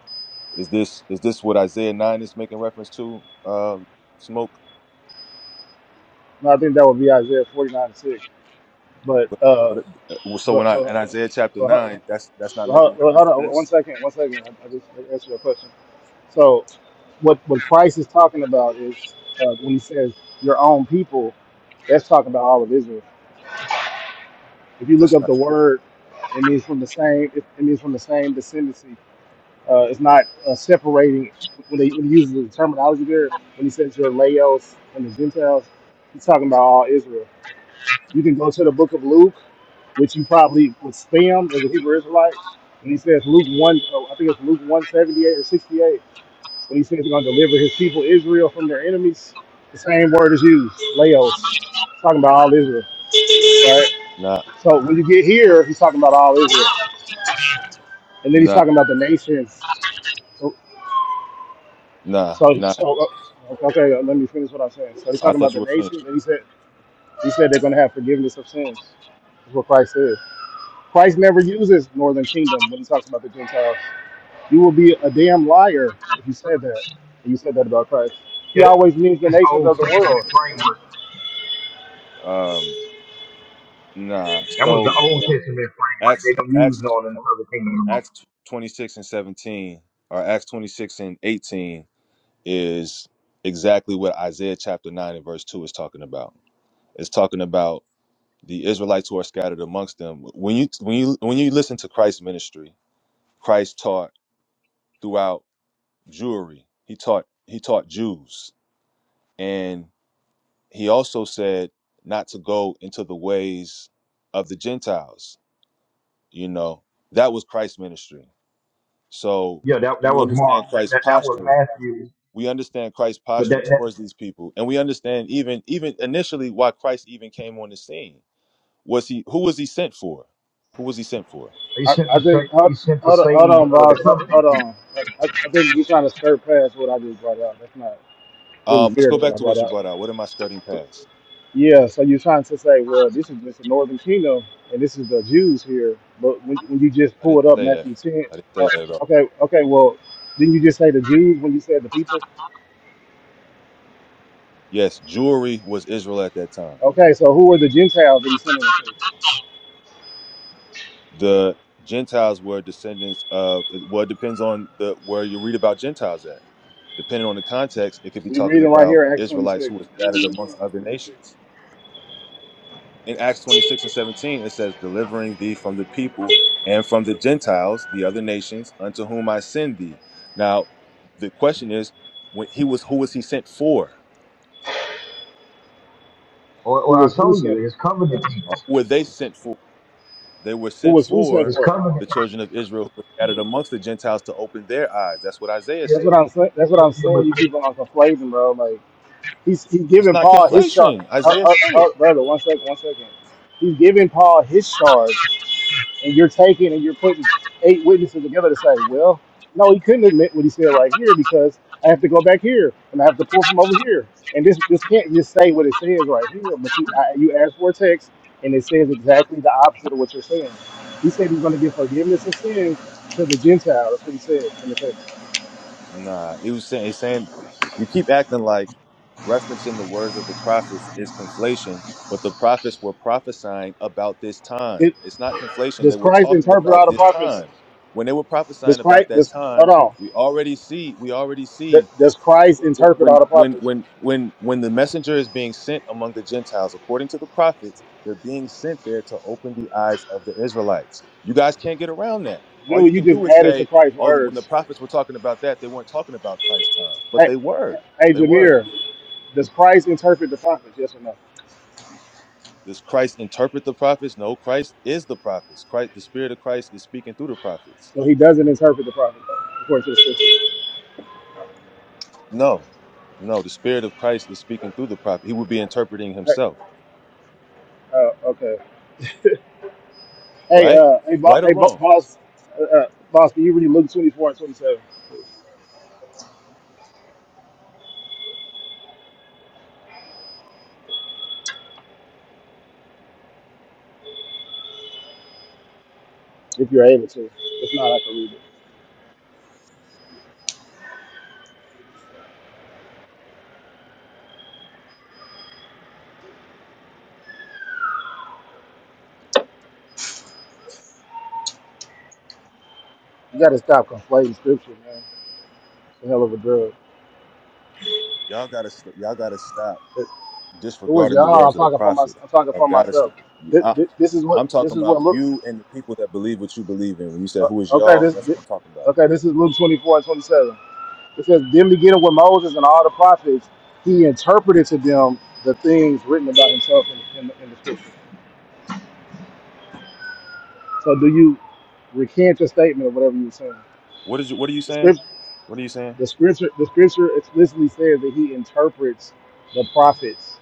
[SPEAKER 8] Is this is this what Isaiah 9 is making reference to? Um, smoke.
[SPEAKER 4] Now I think that would be Isaiah 49 and 6. But
[SPEAKER 8] But,
[SPEAKER 4] uh
[SPEAKER 8] but uh, so
[SPEAKER 4] but,
[SPEAKER 8] when I
[SPEAKER 4] uh,
[SPEAKER 8] in Isaiah chapter
[SPEAKER 4] but, hold-
[SPEAKER 8] 9, that's that's not making
[SPEAKER 4] hold
[SPEAKER 8] reference
[SPEAKER 4] on
[SPEAKER 8] to this.
[SPEAKER 4] one second, one second. I, I just I answered your question. So what what Christ is talking about is uh, when he says your own people, that's talking about all of Israel. If you look
[SPEAKER 8] That's
[SPEAKER 4] up
[SPEAKER 8] not
[SPEAKER 4] the
[SPEAKER 8] true.
[SPEAKER 4] word, it means from the same it, it means from the same descendancy Uh, it's not uh, separating when he, when he uses the terminology there. When he says your Laos and the Gentiles, he's talking about all Israel. You can go to the Book of Luke, which you probably would spam as a Hebrew Israelite. And he says Luke one, oh, I think it's Luke one seventy eight or sixty eight, when he says he's going to deliver his people Israel from their enemies. The same word is used, Laos, It's talking about all Israel, right?
[SPEAKER 8] Nah,
[SPEAKER 4] So when you get here, he's talking about all Israel, and then he's
[SPEAKER 8] nah,
[SPEAKER 4] talking about the nations. So
[SPEAKER 8] nah,
[SPEAKER 4] So,
[SPEAKER 8] nah.
[SPEAKER 4] so uh, okay, uh, let me finish what I'm saying. So he's
[SPEAKER 8] I
[SPEAKER 4] talking about
[SPEAKER 8] thought you
[SPEAKER 4] the
[SPEAKER 8] were finished.
[SPEAKER 4] nation. Then he said, he said they're going to have forgiveness of sins. That's what Christ says. Christ never uses northern kingdom when he talks about the Gentiles. You will be a damn liar if you said that. If you said that about Christ. He
[SPEAKER 9] Yeah, that-
[SPEAKER 4] always means the
[SPEAKER 9] This
[SPEAKER 4] nations
[SPEAKER 9] old
[SPEAKER 4] of the world.
[SPEAKER 9] Testament framework.
[SPEAKER 8] Um, nah.
[SPEAKER 9] That was
[SPEAKER 8] So
[SPEAKER 9] the Old Testament framework.
[SPEAKER 8] Acts,
[SPEAKER 9] They don't use
[SPEAKER 8] Acts,
[SPEAKER 9] none in the other kingdom no more.
[SPEAKER 8] Acts twenty six and seventeen, or Acts twenty six and eighteen, is exactly what Isaiah chapter nine and verse two is talking about. It's talking about the Israelites who are scattered amongst them. When you when you when you listen to Christ's ministry, Christ taught throughout Jewry. He taught he taught Jews, and. he also said not to go into the ways of the Gentiles. You know, that was Christ's ministry. So
[SPEAKER 9] Yeah, that that
[SPEAKER 8] we
[SPEAKER 9] was Mark.
[SPEAKER 8] understand
[SPEAKER 9] That
[SPEAKER 8] Christ's
[SPEAKER 9] that, that was
[SPEAKER 8] posture.
[SPEAKER 9] Matthew.
[SPEAKER 8] We understand Christ's
[SPEAKER 9] But
[SPEAKER 8] posture
[SPEAKER 9] that, that
[SPEAKER 8] towards these people, and we understand even even initially why Christ even came on the scene. Was he who was he sent for? Who was he sent for?
[SPEAKER 9] they
[SPEAKER 4] I,
[SPEAKER 9] sent to
[SPEAKER 4] I think.
[SPEAKER 9] save, he
[SPEAKER 4] Hold,
[SPEAKER 9] sent to
[SPEAKER 4] hold, on- hold
[SPEAKER 9] save
[SPEAKER 4] on,
[SPEAKER 9] uh, the
[SPEAKER 4] boss. Hold,
[SPEAKER 9] covenant
[SPEAKER 4] hold
[SPEAKER 9] people.
[SPEAKER 4] on. I, I I think he's trying to skirt past what I just brought out. That's not really
[SPEAKER 8] Um, let's
[SPEAKER 4] fair
[SPEAKER 8] go
[SPEAKER 4] to what
[SPEAKER 8] back
[SPEAKER 4] I
[SPEAKER 8] to
[SPEAKER 4] brought
[SPEAKER 8] what you
[SPEAKER 4] out.
[SPEAKER 8] brought out. What am I skirting past?
[SPEAKER 4] Yeah, so you're trying to say, well, this is just the northern kingdom, and this is the Jews here. But when, when you just
[SPEAKER 8] I didn't
[SPEAKER 4] pulled up
[SPEAKER 8] say that.
[SPEAKER 4] Matthew 10,
[SPEAKER 8] I didn't say
[SPEAKER 4] uh,
[SPEAKER 8] that at all.
[SPEAKER 4] okay, okay, well, didn't you just say the Jews when you said the people?
[SPEAKER 8] Yes, jewelry was Israel at that time.
[SPEAKER 4] Okay, so who are the Gentiles that he's sending them to?
[SPEAKER 8] the Gentiles were descendants of. Well, it depends on the where you read about Gentiles at. Depending on the context, it could be
[SPEAKER 4] We
[SPEAKER 8] talking
[SPEAKER 4] reading right
[SPEAKER 8] about
[SPEAKER 4] here in Acts
[SPEAKER 8] Israelites who
[SPEAKER 4] 26.
[SPEAKER 8] were scattered amongst other nations. In Acts 26 and 17, it says, "Delivering thee from the people and from the Gentiles, the other nations, unto whom I send thee." Now, the question is, when he was, who was he sent for?
[SPEAKER 9] Or,
[SPEAKER 4] Who
[SPEAKER 9] or I
[SPEAKER 4] was who
[SPEAKER 9] told you,
[SPEAKER 4] sent?
[SPEAKER 9] his covenant people.
[SPEAKER 8] Or Who were they sent for? They were
[SPEAKER 4] Who
[SPEAKER 8] sent
[SPEAKER 4] was who sent
[SPEAKER 8] for
[SPEAKER 9] His
[SPEAKER 4] for?
[SPEAKER 9] covenant.
[SPEAKER 8] the children of Israel who were scattered amongst the Gentiles to open their eyes. That's what Isaiah
[SPEAKER 9] It,
[SPEAKER 4] That's what
[SPEAKER 9] it,
[SPEAKER 8] said.
[SPEAKER 4] I'm saying.
[SPEAKER 9] it,
[SPEAKER 4] That's what
[SPEAKER 9] it,
[SPEAKER 4] I'm
[SPEAKER 9] it
[SPEAKER 4] saying.
[SPEAKER 9] was,
[SPEAKER 4] You keep on conflating, bro. Like he's he's
[SPEAKER 8] That's
[SPEAKER 4] giving
[SPEAKER 8] not
[SPEAKER 4] Paul his charge.
[SPEAKER 8] conflation.
[SPEAKER 4] Uh,
[SPEAKER 8] Isaiah
[SPEAKER 4] uh,
[SPEAKER 8] said
[SPEAKER 4] uh,
[SPEAKER 8] it.
[SPEAKER 4] brother, one second, one second. He's giving Paul his charge and you're taking and you're putting eight witnesses together to say, well, no, he couldn't admit what he said right here because I have to go back here and I have to pull from over here. And this this can't just say what it says right here, but you I, you ask for a text and it says exactly the opposite of what you're saying. He said he's going to give forgiveness of sins to the Gentile. That's what he says in the text.
[SPEAKER 8] Nah, he was saying, he's saying you keep acting like referencing the words of the prophets is conflation, but the prophets were prophesying about this time.
[SPEAKER 4] It,
[SPEAKER 8] It's not conflation.
[SPEAKER 4] does
[SPEAKER 8] They were
[SPEAKER 4] Christ
[SPEAKER 8] talking
[SPEAKER 4] interpret all
[SPEAKER 8] about
[SPEAKER 4] the
[SPEAKER 8] this
[SPEAKER 4] prophets?
[SPEAKER 8] time. When they were
[SPEAKER 4] Does
[SPEAKER 8] prophesying about
[SPEAKER 4] Christ
[SPEAKER 8] that
[SPEAKER 4] does
[SPEAKER 8] time,
[SPEAKER 4] hold on?
[SPEAKER 8] we already see, we already see
[SPEAKER 4] Th- Does Christ
[SPEAKER 8] when
[SPEAKER 4] interpret all the
[SPEAKER 8] when when
[SPEAKER 4] prophets?
[SPEAKER 8] when when when the messenger is being sent among the gentiles according to the prophets they're being sent there to open the eyes of the israelites you guys can't get around that all you
[SPEAKER 4] Dude, you
[SPEAKER 8] can
[SPEAKER 4] just
[SPEAKER 8] do is
[SPEAKER 4] added to
[SPEAKER 8] say
[SPEAKER 4] Christ's
[SPEAKER 8] oh when the
[SPEAKER 4] words.
[SPEAKER 8] prophets were talking about that they weren't talking about christ's time but
[SPEAKER 4] Hey,
[SPEAKER 8] they were
[SPEAKER 4] hey,
[SPEAKER 8] they were
[SPEAKER 4] Jameer. Does Christ interpret the prophets? Yes or no?
[SPEAKER 8] does christ interpret the prophets no christ is the prophets christ the spirit of christ is speaking through the prophets
[SPEAKER 4] So he doesn't interpret the prophets according to the scripture.
[SPEAKER 8] no no the spirit of christ is speaking through the prophet he would be interpreting himself
[SPEAKER 4] Hey, uh, okay. Hey,
[SPEAKER 8] right
[SPEAKER 4] uh, hey, bo-
[SPEAKER 8] right or
[SPEAKER 4] hey, bo-
[SPEAKER 8] wrong
[SPEAKER 4] boss, uh, uh, boss, can you read Luke twenty four and twenty seven if you're able to? If not, I can read it. You got to stop conflating scripture, man. It's a hell of a drug.
[SPEAKER 8] y'all gotta st- y'all gotta stop
[SPEAKER 4] It, it was
[SPEAKER 8] disregarding the
[SPEAKER 4] y'all. I'm
[SPEAKER 8] words of the
[SPEAKER 4] talking for
[SPEAKER 8] prophet
[SPEAKER 4] myself. I'm talking
[SPEAKER 8] of
[SPEAKER 4] for
[SPEAKER 8] God is.
[SPEAKER 4] myself. This,
[SPEAKER 8] I,
[SPEAKER 4] this, is what
[SPEAKER 8] I'm
[SPEAKER 4] this
[SPEAKER 8] talking
[SPEAKER 4] is
[SPEAKER 8] about
[SPEAKER 4] what Luke.
[SPEAKER 8] you and the people that believe what you believe in. When you said
[SPEAKER 4] Uh,
[SPEAKER 8] who is
[SPEAKER 4] okay,
[SPEAKER 8] y'all,
[SPEAKER 4] this,
[SPEAKER 8] that's
[SPEAKER 4] this
[SPEAKER 8] what I'm talking about.
[SPEAKER 4] okay. This is Luke 24 and 27. It says, then beginning with Moses and all the prophets, he interpreted to them the things written about himself in, in, in the scripture. So do you recant your statement or whatever you were saying?
[SPEAKER 8] What is you? What are you
[SPEAKER 4] The
[SPEAKER 8] saying?
[SPEAKER 4] script,
[SPEAKER 8] What are you saying?
[SPEAKER 4] the scripture, the scripture explicitly says that he interprets the prophets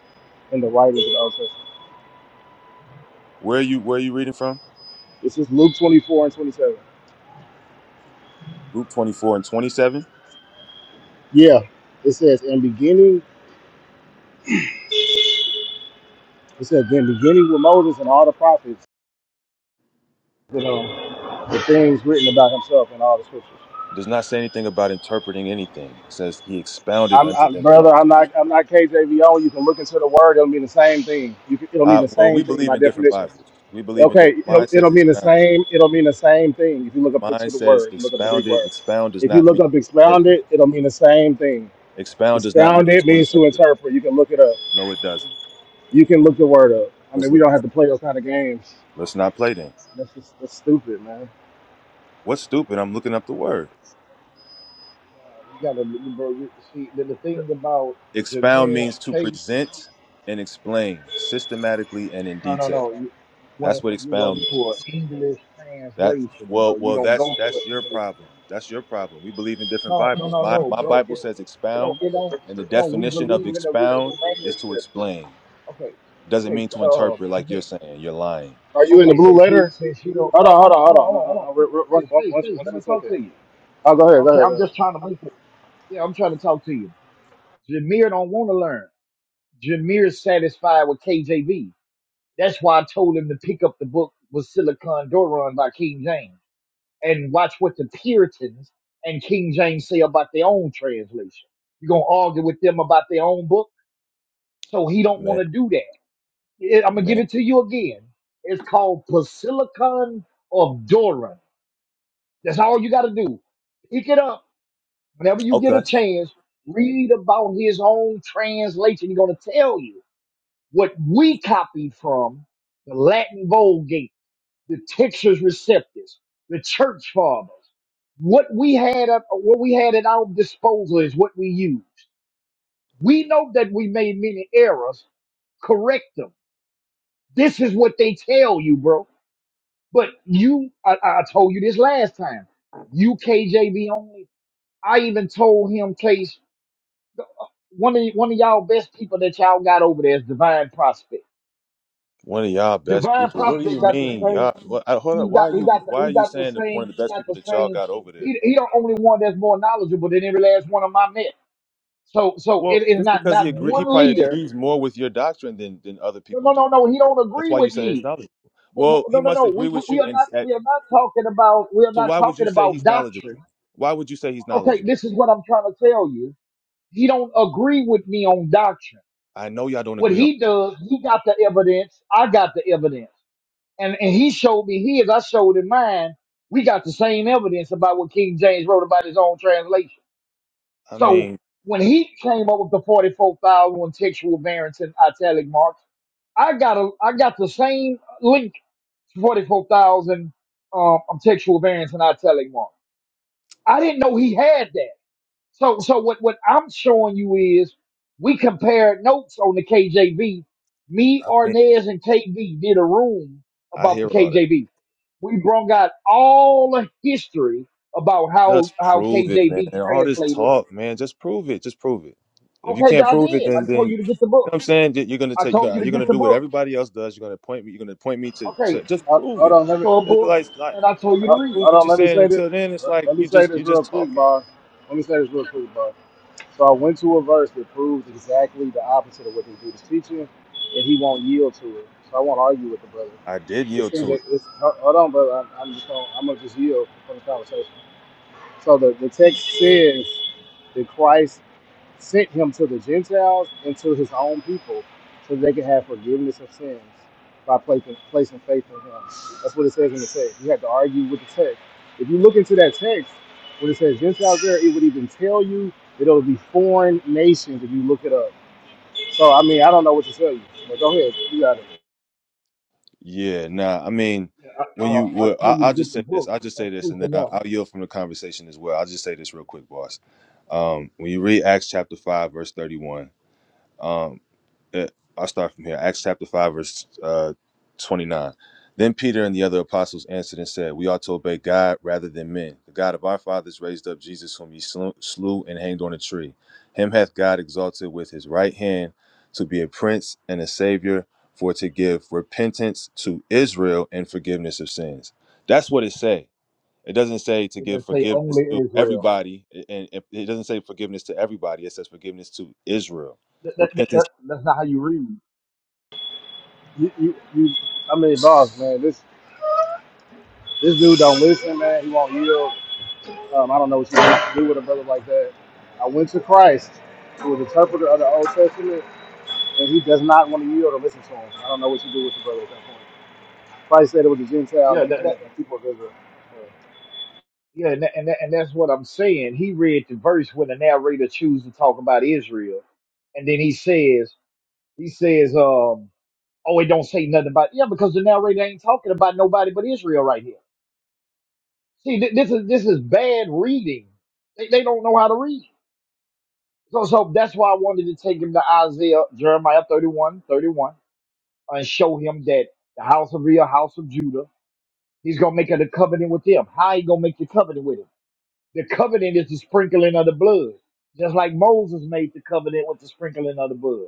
[SPEAKER 4] and the writers of the Old Testament.
[SPEAKER 8] Where are you? Where are you reading from?
[SPEAKER 4] This is Luke 24 and 27.
[SPEAKER 8] Luke 24 and 27.
[SPEAKER 4] Yeah, it says, and beginning, it says, then beginning with Moses and all the prophets, you know, the things written about himself in all the scriptures.
[SPEAKER 8] It does not say anything about interpreting anything. It says he expounded
[SPEAKER 4] I'm,
[SPEAKER 8] unto
[SPEAKER 4] I'm
[SPEAKER 8] them. And all.
[SPEAKER 4] brother. I'm not. I'm not KJVO. You can look into the word. It'll mean the same thing. You can, it'll mean
[SPEAKER 8] Uh,
[SPEAKER 4] the
[SPEAKER 8] well, we
[SPEAKER 4] same thing
[SPEAKER 8] believe
[SPEAKER 4] by
[SPEAKER 8] in different
[SPEAKER 4] definition.
[SPEAKER 8] Bibles. We believe in
[SPEAKER 4] Okay.
[SPEAKER 8] different.
[SPEAKER 4] It'll,
[SPEAKER 8] Mine says
[SPEAKER 4] it'll mean the
[SPEAKER 8] expounded.
[SPEAKER 4] same. It'll mean the same thing if you look up
[SPEAKER 8] Mine
[SPEAKER 4] to the
[SPEAKER 8] says
[SPEAKER 4] word. Look up the Greek
[SPEAKER 8] expounded.
[SPEAKER 4] word.
[SPEAKER 8] Expound does
[SPEAKER 4] If you
[SPEAKER 8] not
[SPEAKER 4] look
[SPEAKER 8] mean
[SPEAKER 4] up
[SPEAKER 8] interpret.
[SPEAKER 4] expounded, it'll mean the same thing.
[SPEAKER 8] Expound does not mean
[SPEAKER 4] Expounded
[SPEAKER 8] to
[SPEAKER 4] means to
[SPEAKER 8] interpret.
[SPEAKER 4] interpret. You can look it up.
[SPEAKER 8] No, it doesn't.
[SPEAKER 4] You can look the word up. I
[SPEAKER 8] Let's
[SPEAKER 4] mean, we
[SPEAKER 8] look
[SPEAKER 4] don't
[SPEAKER 8] it up.
[SPEAKER 4] have to play those kind of games.
[SPEAKER 8] Let's not play then.
[SPEAKER 4] That's just that's stupid, man.
[SPEAKER 8] What's stupid? I'm looking up the word.
[SPEAKER 9] Uh, you gotta, bro. You see the, the thing about
[SPEAKER 8] Expound
[SPEAKER 9] Jameer
[SPEAKER 8] means to
[SPEAKER 9] case.
[SPEAKER 8] present and explain systematically and in
[SPEAKER 9] No, no,
[SPEAKER 8] detail.
[SPEAKER 9] no. You you
[SPEAKER 8] That's
[SPEAKER 9] went,
[SPEAKER 8] what
[SPEAKER 9] you went
[SPEAKER 8] expound
[SPEAKER 9] to an
[SPEAKER 8] means.
[SPEAKER 9] English
[SPEAKER 8] That's
[SPEAKER 9] translation,
[SPEAKER 8] well,
[SPEAKER 9] bro. You
[SPEAKER 8] well,
[SPEAKER 9] don't
[SPEAKER 8] that's
[SPEAKER 9] go to an
[SPEAKER 8] that's your
[SPEAKER 9] English. translation.
[SPEAKER 8] problem. That's your problem. We believe in different
[SPEAKER 9] No, no,
[SPEAKER 8] Bibles.
[SPEAKER 9] no,
[SPEAKER 8] My
[SPEAKER 9] no,
[SPEAKER 8] my
[SPEAKER 9] bro.
[SPEAKER 8] Bible says
[SPEAKER 9] No,
[SPEAKER 8] expound,
[SPEAKER 9] it don't.
[SPEAKER 8] and the
[SPEAKER 9] No, we
[SPEAKER 8] definition of
[SPEAKER 9] believe in original
[SPEAKER 8] expound is to
[SPEAKER 9] manuscript.
[SPEAKER 8] explain.
[SPEAKER 9] Okay,
[SPEAKER 8] doesn't
[SPEAKER 9] okay,
[SPEAKER 8] mean to
[SPEAKER 9] uh,
[SPEAKER 8] interpret like you're
[SPEAKER 9] Jamil.
[SPEAKER 8] saying. You're lying,
[SPEAKER 4] Are you in the
[SPEAKER 9] Okay,
[SPEAKER 4] blue
[SPEAKER 9] since you
[SPEAKER 4] letter?
[SPEAKER 9] since you don't,
[SPEAKER 4] Hold on.
[SPEAKER 9] oh,
[SPEAKER 4] Hold
[SPEAKER 9] hold on,
[SPEAKER 4] on. Hold
[SPEAKER 9] hold on,
[SPEAKER 4] on.
[SPEAKER 9] hold
[SPEAKER 4] No.
[SPEAKER 9] on, hold
[SPEAKER 4] No. No.
[SPEAKER 9] on.
[SPEAKER 4] We're, we're, one,
[SPEAKER 9] Please,
[SPEAKER 4] one,
[SPEAKER 9] please,
[SPEAKER 4] one,
[SPEAKER 9] please, let
[SPEAKER 4] one
[SPEAKER 9] me talk
[SPEAKER 4] second.
[SPEAKER 9] to you.
[SPEAKER 4] Oh, go ahead. Go
[SPEAKER 9] Okay,
[SPEAKER 4] ahead.
[SPEAKER 9] I'm
[SPEAKER 4] Go ahead.
[SPEAKER 9] just trying to make it. Yeah, I'm trying to talk to you. Jameer don't want to learn. Jameer's satisfied with KJV. That's why I told him to pick up the book with Silicon Doron by King James and watch what the Puritans and King James say about their own translation. You're gonna argue with them about their own book, so he don't want
[SPEAKER 8] man.
[SPEAKER 9] to do that. I'm gonna give
[SPEAKER 8] Man,
[SPEAKER 9] it to you again. It's called Basilicon of Doran. That's all you got to do. Pick it up whenever you get
[SPEAKER 8] okay.
[SPEAKER 9] a chance. Read about his own translation. He's gonna tell you what we copied from the Latin Vulgate, the Textus Receptus, the Church Fathers. What we had at what we had at our disposal is what we used. We know that we made many errors. Correct them. This is what they tell you, bro. But you, I, I told you this last time. You KJV only. I even told him, Case, one of y- one of y'all best people that y'all got over there is Divine Prospect.
[SPEAKER 8] One of y'all best
[SPEAKER 9] Divine
[SPEAKER 8] people. What do
[SPEAKER 9] Prospect
[SPEAKER 8] you
[SPEAKER 9] got the
[SPEAKER 8] mean,
[SPEAKER 9] same.
[SPEAKER 8] y'all? What, I, hold
[SPEAKER 9] He
[SPEAKER 8] up. Why
[SPEAKER 9] got
[SPEAKER 8] are
[SPEAKER 9] he
[SPEAKER 8] you?
[SPEAKER 9] got the,
[SPEAKER 8] Why are
[SPEAKER 9] he
[SPEAKER 8] you
[SPEAKER 9] got the
[SPEAKER 8] saying that
[SPEAKER 9] same.
[SPEAKER 8] one of the
[SPEAKER 9] He
[SPEAKER 8] best
[SPEAKER 9] got
[SPEAKER 8] people
[SPEAKER 9] the
[SPEAKER 8] that y'all
[SPEAKER 9] same.
[SPEAKER 8] got over there?
[SPEAKER 9] He he the only one that's more knowledgeable than every last one of my men. So so
[SPEAKER 8] Well,
[SPEAKER 9] it is
[SPEAKER 8] just
[SPEAKER 9] not
[SPEAKER 8] because he
[SPEAKER 9] not
[SPEAKER 8] agree, he
[SPEAKER 9] one
[SPEAKER 8] probably
[SPEAKER 9] leader.
[SPEAKER 8] agrees more with your doctrine than than other
[SPEAKER 9] No
[SPEAKER 8] people
[SPEAKER 9] no
[SPEAKER 8] do.
[SPEAKER 9] no no. He don't
[SPEAKER 8] That's
[SPEAKER 9] agree
[SPEAKER 8] why you
[SPEAKER 9] with
[SPEAKER 8] say it's
[SPEAKER 9] me.
[SPEAKER 8] knowledgeable.
[SPEAKER 9] No
[SPEAKER 8] Well, he
[SPEAKER 9] no no.
[SPEAKER 8] must
[SPEAKER 9] no.
[SPEAKER 8] agree
[SPEAKER 9] We, we
[SPEAKER 8] with
[SPEAKER 9] we
[SPEAKER 8] you,
[SPEAKER 9] are
[SPEAKER 8] and
[SPEAKER 9] not
[SPEAKER 8] at,
[SPEAKER 9] we are not talking about we are
[SPEAKER 8] so
[SPEAKER 9] not
[SPEAKER 8] why would you
[SPEAKER 9] talking
[SPEAKER 8] say
[SPEAKER 9] about
[SPEAKER 8] he's
[SPEAKER 9] doctrine.
[SPEAKER 8] knowledgeable? Why would you say he's
[SPEAKER 9] Okay,
[SPEAKER 8] knowledgeable?
[SPEAKER 9] this is what I'm trying to tell you. He don't agree with me on doctrine.
[SPEAKER 8] I know y'all don't
[SPEAKER 9] What
[SPEAKER 8] agree on.
[SPEAKER 9] he does, he got the evidence, I got the evidence. And and he showed me his, I showed him mine. We got the same evidence about what King James wrote about his own translation.
[SPEAKER 8] I
[SPEAKER 9] So
[SPEAKER 8] mean,
[SPEAKER 9] when he came up with the 44,000 textual variants in italic marks, I got a I got the same link to 44,000 um, textual variants in italic marks. I didn't know he had that. So, so what, what I'm showing you is we compared notes on the KJV. Me,
[SPEAKER 8] I mean,
[SPEAKER 9] Arnez, and KV did a room
[SPEAKER 8] I
[SPEAKER 9] about
[SPEAKER 8] hear
[SPEAKER 9] the
[SPEAKER 8] all that.
[SPEAKER 9] KJV. We brought out all the history about how,
[SPEAKER 8] Just
[SPEAKER 9] how
[SPEAKER 8] prove it, man.
[SPEAKER 9] KJV
[SPEAKER 8] All this
[SPEAKER 9] translated.
[SPEAKER 8] talk, man. Just prove it. Just prove it. If you
[SPEAKER 9] Okay,
[SPEAKER 8] can't
[SPEAKER 9] I
[SPEAKER 8] prove it,
[SPEAKER 9] did. I
[SPEAKER 8] then
[SPEAKER 9] told
[SPEAKER 8] then
[SPEAKER 9] you to
[SPEAKER 8] you
[SPEAKER 9] get the book.
[SPEAKER 8] know what I'm saying Then you're gonna
[SPEAKER 9] I
[SPEAKER 8] take you
[SPEAKER 9] told you
[SPEAKER 8] got
[SPEAKER 9] to
[SPEAKER 8] you're
[SPEAKER 9] get
[SPEAKER 8] gonna
[SPEAKER 9] the
[SPEAKER 8] do what
[SPEAKER 9] book.
[SPEAKER 8] everybody else does. You're gonna point me. You're gonna point me to,
[SPEAKER 9] Okay,
[SPEAKER 8] to just
[SPEAKER 4] Hold
[SPEAKER 8] prove
[SPEAKER 4] hold
[SPEAKER 8] it.
[SPEAKER 4] on. Let me.
[SPEAKER 9] so a
[SPEAKER 8] It's
[SPEAKER 9] book,
[SPEAKER 8] like like
[SPEAKER 9] and I told you
[SPEAKER 8] like
[SPEAKER 9] to
[SPEAKER 4] Uh,
[SPEAKER 8] just
[SPEAKER 9] read it.
[SPEAKER 8] prove
[SPEAKER 4] hold
[SPEAKER 8] what
[SPEAKER 4] on,
[SPEAKER 8] you're
[SPEAKER 4] let me
[SPEAKER 8] saying.
[SPEAKER 4] say this.
[SPEAKER 8] Until then, it's
[SPEAKER 4] Let
[SPEAKER 8] like
[SPEAKER 4] let me
[SPEAKER 8] you
[SPEAKER 4] say
[SPEAKER 8] just you
[SPEAKER 4] this
[SPEAKER 8] just
[SPEAKER 4] real quick,
[SPEAKER 8] talking.
[SPEAKER 4] boss. Let me say this real quick, boss. So I went to a verse that proves exactly the opposite of what this dude is teaching, and he won't yield to it. So I won't argue with the brother.
[SPEAKER 8] I did
[SPEAKER 4] It's
[SPEAKER 8] yield
[SPEAKER 4] in the,
[SPEAKER 8] to it.
[SPEAKER 4] it's, ho- hold on, brother. I'm, I'm just gonna, I'm gonna just yield from the conversation. So the, the text says that Christ sent him to the Gentiles and to his own people so they could have forgiveness of sins by placing, placing faith in him. That's what it says in the text. You have to argue with the text. If you look into that text, when it says Gentiles there, it would even tell you that it'll be foreign nations if you look it up. So, I mean, I don't know what to tell you, but go ahead. You got it.
[SPEAKER 8] Yeah. Nah. I mean,
[SPEAKER 9] Yeah, I,
[SPEAKER 8] when
[SPEAKER 9] uh,
[SPEAKER 8] you
[SPEAKER 9] I
[SPEAKER 8] well, I,
[SPEAKER 9] told you to
[SPEAKER 8] I'll just
[SPEAKER 9] get the
[SPEAKER 8] say this.
[SPEAKER 9] book.
[SPEAKER 8] I'll just say
[SPEAKER 9] That's
[SPEAKER 8] this,
[SPEAKER 9] proof
[SPEAKER 8] and then I,
[SPEAKER 9] enough.
[SPEAKER 8] I'll yield from the conversation as well. I'll just say this real quick, boss. Um, when you read Acts chapter five, verse thirty-one. Um, eh, I'll start from here. Acts chapter 5, verse uh, 29. Then Peter and the other apostles answered and said, We ought to obey God rather than men. The God of our fathers raised up Jesus, whom ye slew, slew and hanged on a tree. Him hath God exalted with his right hand to be a prince and a savior, for to give repentance to Israel and forgiveness of sins. That's what it says. It doesn't say to
[SPEAKER 9] It
[SPEAKER 8] give
[SPEAKER 9] doesn't say
[SPEAKER 8] forgiveness
[SPEAKER 9] only
[SPEAKER 8] to
[SPEAKER 9] Israel.
[SPEAKER 8] everybody, and and it doesn't say forgiveness to everybody. It says forgiveness to Israel.
[SPEAKER 9] That, that, that,
[SPEAKER 8] Repentance
[SPEAKER 9] that- that's not how you read.
[SPEAKER 4] You, you, you I mean, boss, man, this, this dude don't listen, man. He won't yield. Um, I don't know what you do with a brother like that. I went to Christ, who was the interpreter of the Old Testament, and he does not want to yield or listen to him. I don't know what you do with the brother at that point. Probably said it was the Gentiles
[SPEAKER 9] Yeah,
[SPEAKER 4] and,
[SPEAKER 9] that,
[SPEAKER 4] and
[SPEAKER 9] that-
[SPEAKER 4] the people of Israel. It's
[SPEAKER 9] Yeah, and, tha- and, tha- and that's what I'm saying. He read the verse when the narrator chooses to talk about Israel, and then he says, he says, um, oh, it don't say nothing about yeah, because the narrator ain't talking about nobody but Israel right here. See, th- this is this is bad reading. They, they don't know how to read. So so that's why I wanted to take him to Isaiah, Jeremiah 31 31 and show him that the house of real house of Judah, he's gonna make a covenant with them. How he gonna make the covenant with him? The covenant is the sprinkling of the blood, just like Moses made the covenant with the sprinkling of the blood.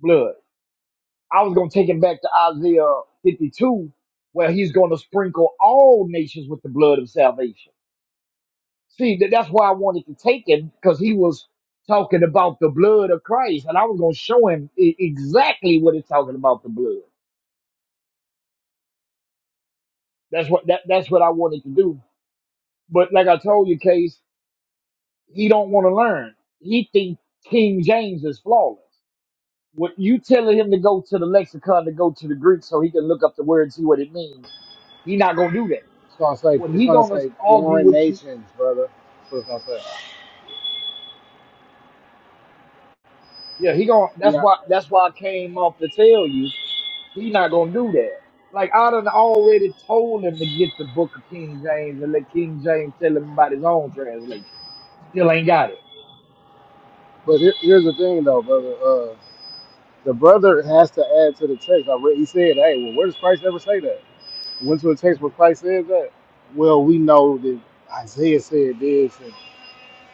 [SPEAKER 9] Blood. I was gonna take him back to Isaiah 52, where he's gonna sprinkle all nations with the blood of salvation. See, that, that's why I wanted to take him because he was talking about the blood of Christ, and I was gonna show him e- exactly what it's talking about the blood. That's what that, that's what I wanted to do. But like I told you, Case, he don't want to learn. He thinks King James is flawless. What you telling him to go to the lexicon to go to the Greek so he can look up the word and see what it means? He not gonna do that.
[SPEAKER 4] gonna say
[SPEAKER 9] When
[SPEAKER 4] it's
[SPEAKER 9] he
[SPEAKER 4] gonna
[SPEAKER 9] gonna
[SPEAKER 4] say
[SPEAKER 9] argue
[SPEAKER 4] foreign
[SPEAKER 9] with you,
[SPEAKER 4] nations, brother. That's what it's gonna say.
[SPEAKER 9] yeah, he gonna. That's
[SPEAKER 4] Yeah,
[SPEAKER 9] why. That's why I came off to tell you he not gonna do that. Like I done already told him to get the book of King James and let King James tell him about his own translation. Still ain't got it.
[SPEAKER 4] but here, here's the thing though, brother. Uh, the brother has to add to the text. I read, he said, "Hey, well, where does Christ ever say that?" Went to a text where Christ says that. Well, we know that Isaiah said this, and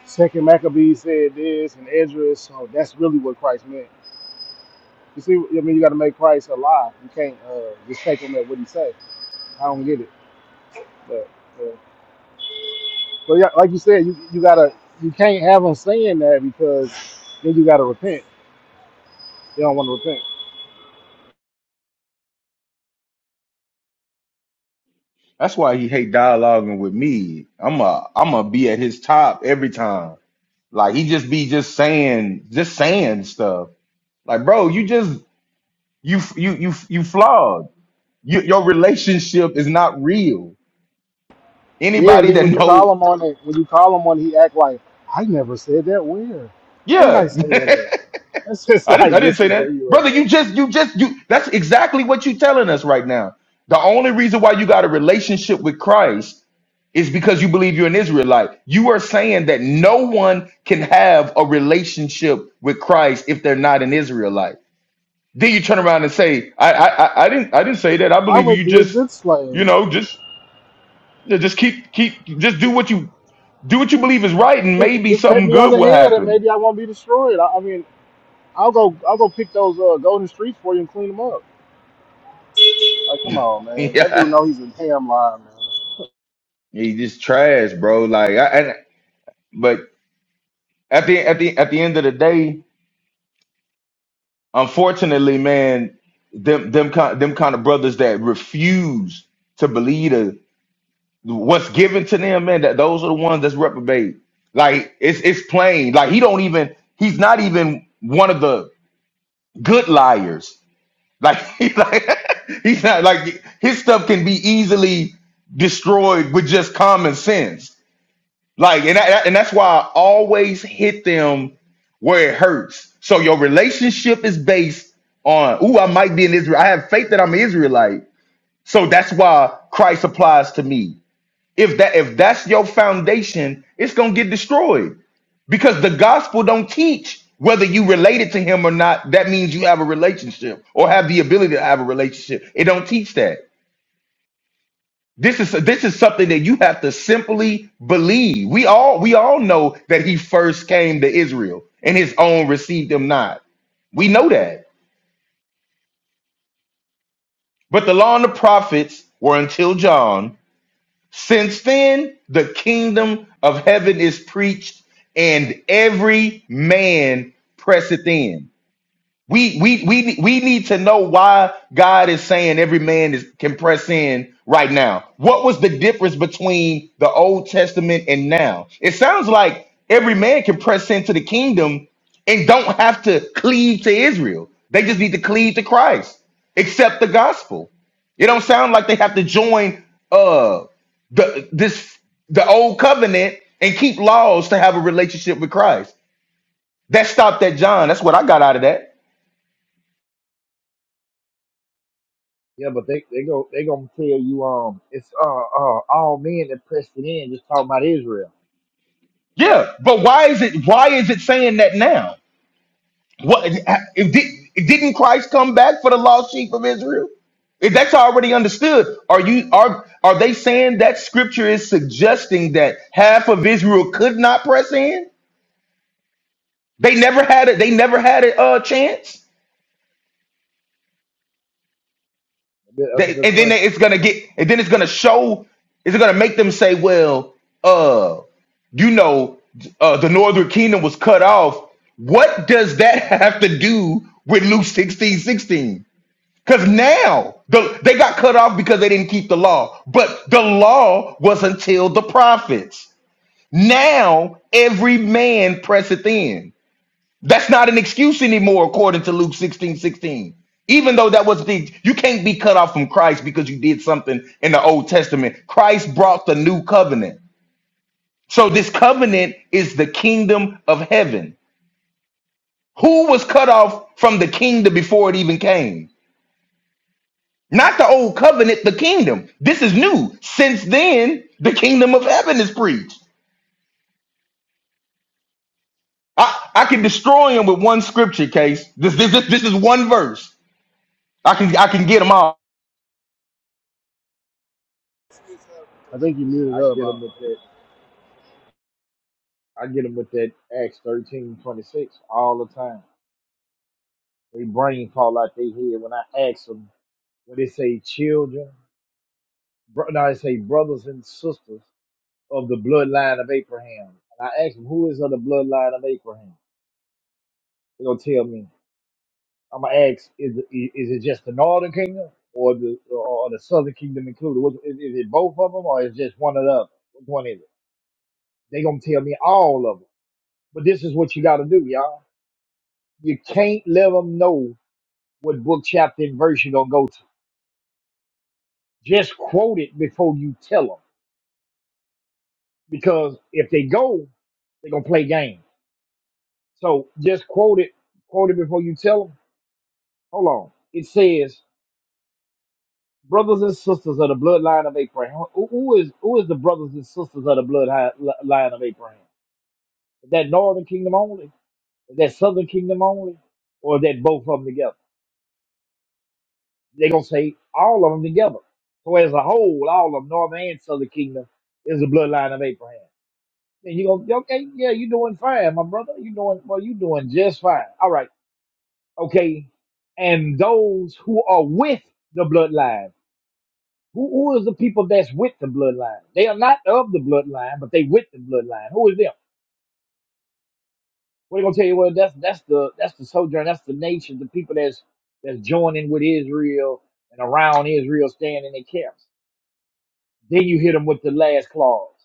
[SPEAKER 4] Second Maccabees said this, and Ezra. So that's really what Christ meant. You see, I mean, you got to make Christ alive. You can't uh, just take him at what he say. I don't get it. But, uh, but yeah, like you said, you you gotta you can't have him saying that because then you gotta repent. They don't want to repent.
[SPEAKER 10] That's why he hate dialoguing with me. I'm a I'm a be at his top every time. Like he just be just saying just saying stuff. Like bro, you just you you you you flawed. You, your relationship is not real.
[SPEAKER 4] Yeah, and
[SPEAKER 10] Anybody
[SPEAKER 4] then
[SPEAKER 10] that
[SPEAKER 4] when you call
[SPEAKER 10] know
[SPEAKER 4] him on it, when you call him on, it, he act like I never said that. Where? Where did I
[SPEAKER 10] yeah,
[SPEAKER 4] say that at? That's just
[SPEAKER 10] I didn't
[SPEAKER 4] like
[SPEAKER 10] I didn't say that,
[SPEAKER 4] disingenuous.
[SPEAKER 10] brother.
[SPEAKER 4] Bro.
[SPEAKER 10] You just you just you. That's exactly what you telling us right now. The only reason why you got a relationship with Christ It's because you believe you're an Israelite. You are saying that no one can have a relationship with Christ if they're not an Israelite. Then you turn around and say, I I, I I didn't I didn't say that. I
[SPEAKER 4] I
[SPEAKER 10] believe
[SPEAKER 4] would
[SPEAKER 10] you
[SPEAKER 4] be a
[SPEAKER 10] just,
[SPEAKER 4] good
[SPEAKER 10] you
[SPEAKER 4] slave.
[SPEAKER 10] know, just just keep keep just do what you do what you believe is right and
[SPEAKER 4] Just
[SPEAKER 10] maybe
[SPEAKER 4] just pat
[SPEAKER 10] something
[SPEAKER 4] me on
[SPEAKER 10] good
[SPEAKER 4] the
[SPEAKER 10] will
[SPEAKER 4] head and
[SPEAKER 10] happen.
[SPEAKER 4] maybe I won't be destroyed. I, I mean, I'll go I'll go pick those uh, golden streets for you and clean them up. Like, come on, man. That dude
[SPEAKER 10] Yeah.
[SPEAKER 4] know he's a ham line, man.
[SPEAKER 10] he just trash, bro. Like I and but at the at the at the end of the day, unfortunately, man, them them kind them kind of brothers that refuse to believe the what's given to them, man, that those are the ones that's reprobate. Like it's it's plain. Like he don't even he's not even one of the good liars. Like he's like he's not like his stuff can be easily destroyed with just common sense. Like and I, and that's why I always hit them where it hurts. So your relationship is based on, ooh, I might be an Israel. I have faith that I'm an Israelite. So that's why Christ applies to me if that if that's your foundation it's going to get destroyed because the gospel don't teach whether you related to him or not that means you have a relationship or have the ability to have a relationship it don't teach that this is this is something that you have to simply believe we all we all know that he first came to israel and his own received him not we know that but the law and the prophets were until john Since then, the kingdom of heaven is preached, and every man presseth in. We we we we need to know why God is saying every man is can press in right now. What was the difference between the Old Testament and now? It sounds like every man can press into the kingdom and don't have to cleave to Israel. They just need to cleave to Christ, accept the gospel. It don't sound like they have to join uh the this the old covenant and keep laws to have a relationship with Christ. That stopped at John. That's what I got out of that.
[SPEAKER 9] Yeah, but they they go they gonna tell you um it's uh uh all men that pressed it in just talking about Israel.
[SPEAKER 10] Yeah, but why is it why is it saying that now? What if did, didn't Christ come back for the lost sheep of Israel? If that's already understood, are you are are they saying that scripture is suggesting that half of Israel could not press in? They never had it. They never had a uh, chance.
[SPEAKER 9] That's a
[SPEAKER 10] They,
[SPEAKER 9] good
[SPEAKER 10] and then
[SPEAKER 9] question.
[SPEAKER 10] it's gonna get, and then it's gonna show, it's gonna make them say, well, uh, you know, uh, the Northern Kingdom was cut off. What does that have to do with Luke 16 16? Because now the, they got cut off because they didn't keep the law, but the law was until the prophets. Now every man presseth in. That's not an excuse anymore, according to Luke 16 16. Even though that was the, you can't be cut off from Christ because you did something in the Old Testament. Christ brought the new covenant. So this covenant is the kingdom of heaven. Who was cut off from the kingdom before it even came? Not the old covenant, the kingdom. This is new. Since then, the kingdom of heaven is preached. I, I can destroy him with one scripture case. This, this, this, this is one verse. I can I can get them all.
[SPEAKER 4] I think he
[SPEAKER 9] Yeah,
[SPEAKER 4] muted
[SPEAKER 9] I
[SPEAKER 4] up.
[SPEAKER 9] get
[SPEAKER 4] I,
[SPEAKER 9] him with that. I get them with that Acts thirteen twenty six all the time. They brain fall out their head when I ask them when they say children. Bro, no, they say brothers and sisters of the bloodline of Abraham. And I ask them who is of the bloodline of Abraham. They're gonna tell me. I'm gonna ask is it, is it just the northern kingdom or the or the southern kingdom included? What, is, is it both of them or is it just one of them? Which one is it? They gonna tell me all of them. But this is what you gotta do, y'all. You can't let them know what book, chapter, and verse you're gonna go to. Just quote it before you tell them, because if they go, they're gonna play game. So just quote it, quote it before you tell them. Hold on. It says, "Brothers and sisters of the bloodline of Abraham." Who, who is who is the brothers and sisters of the bloodline of Abraham? Is that northern kingdom only? Is that southern kingdom only? Or is that both of them together? They're gonna say all of them together. So as a whole, all of northern and southern kingdom is the bloodline of Abraham. And you go, okay, yeah, you doing fine, my brother. You doing well, you doing just fine. All right, okay. And those who are with the bloodline, who, who is the people that's with the bloodline? They are not of the bloodline, but they with the bloodline. Who is them? What they gonna tell you? Well, that's that's the that's the sojourn, that's the nation, the people that's that's joining with Israel and around Israel, staying in their camps. Then you hit them with the last clause: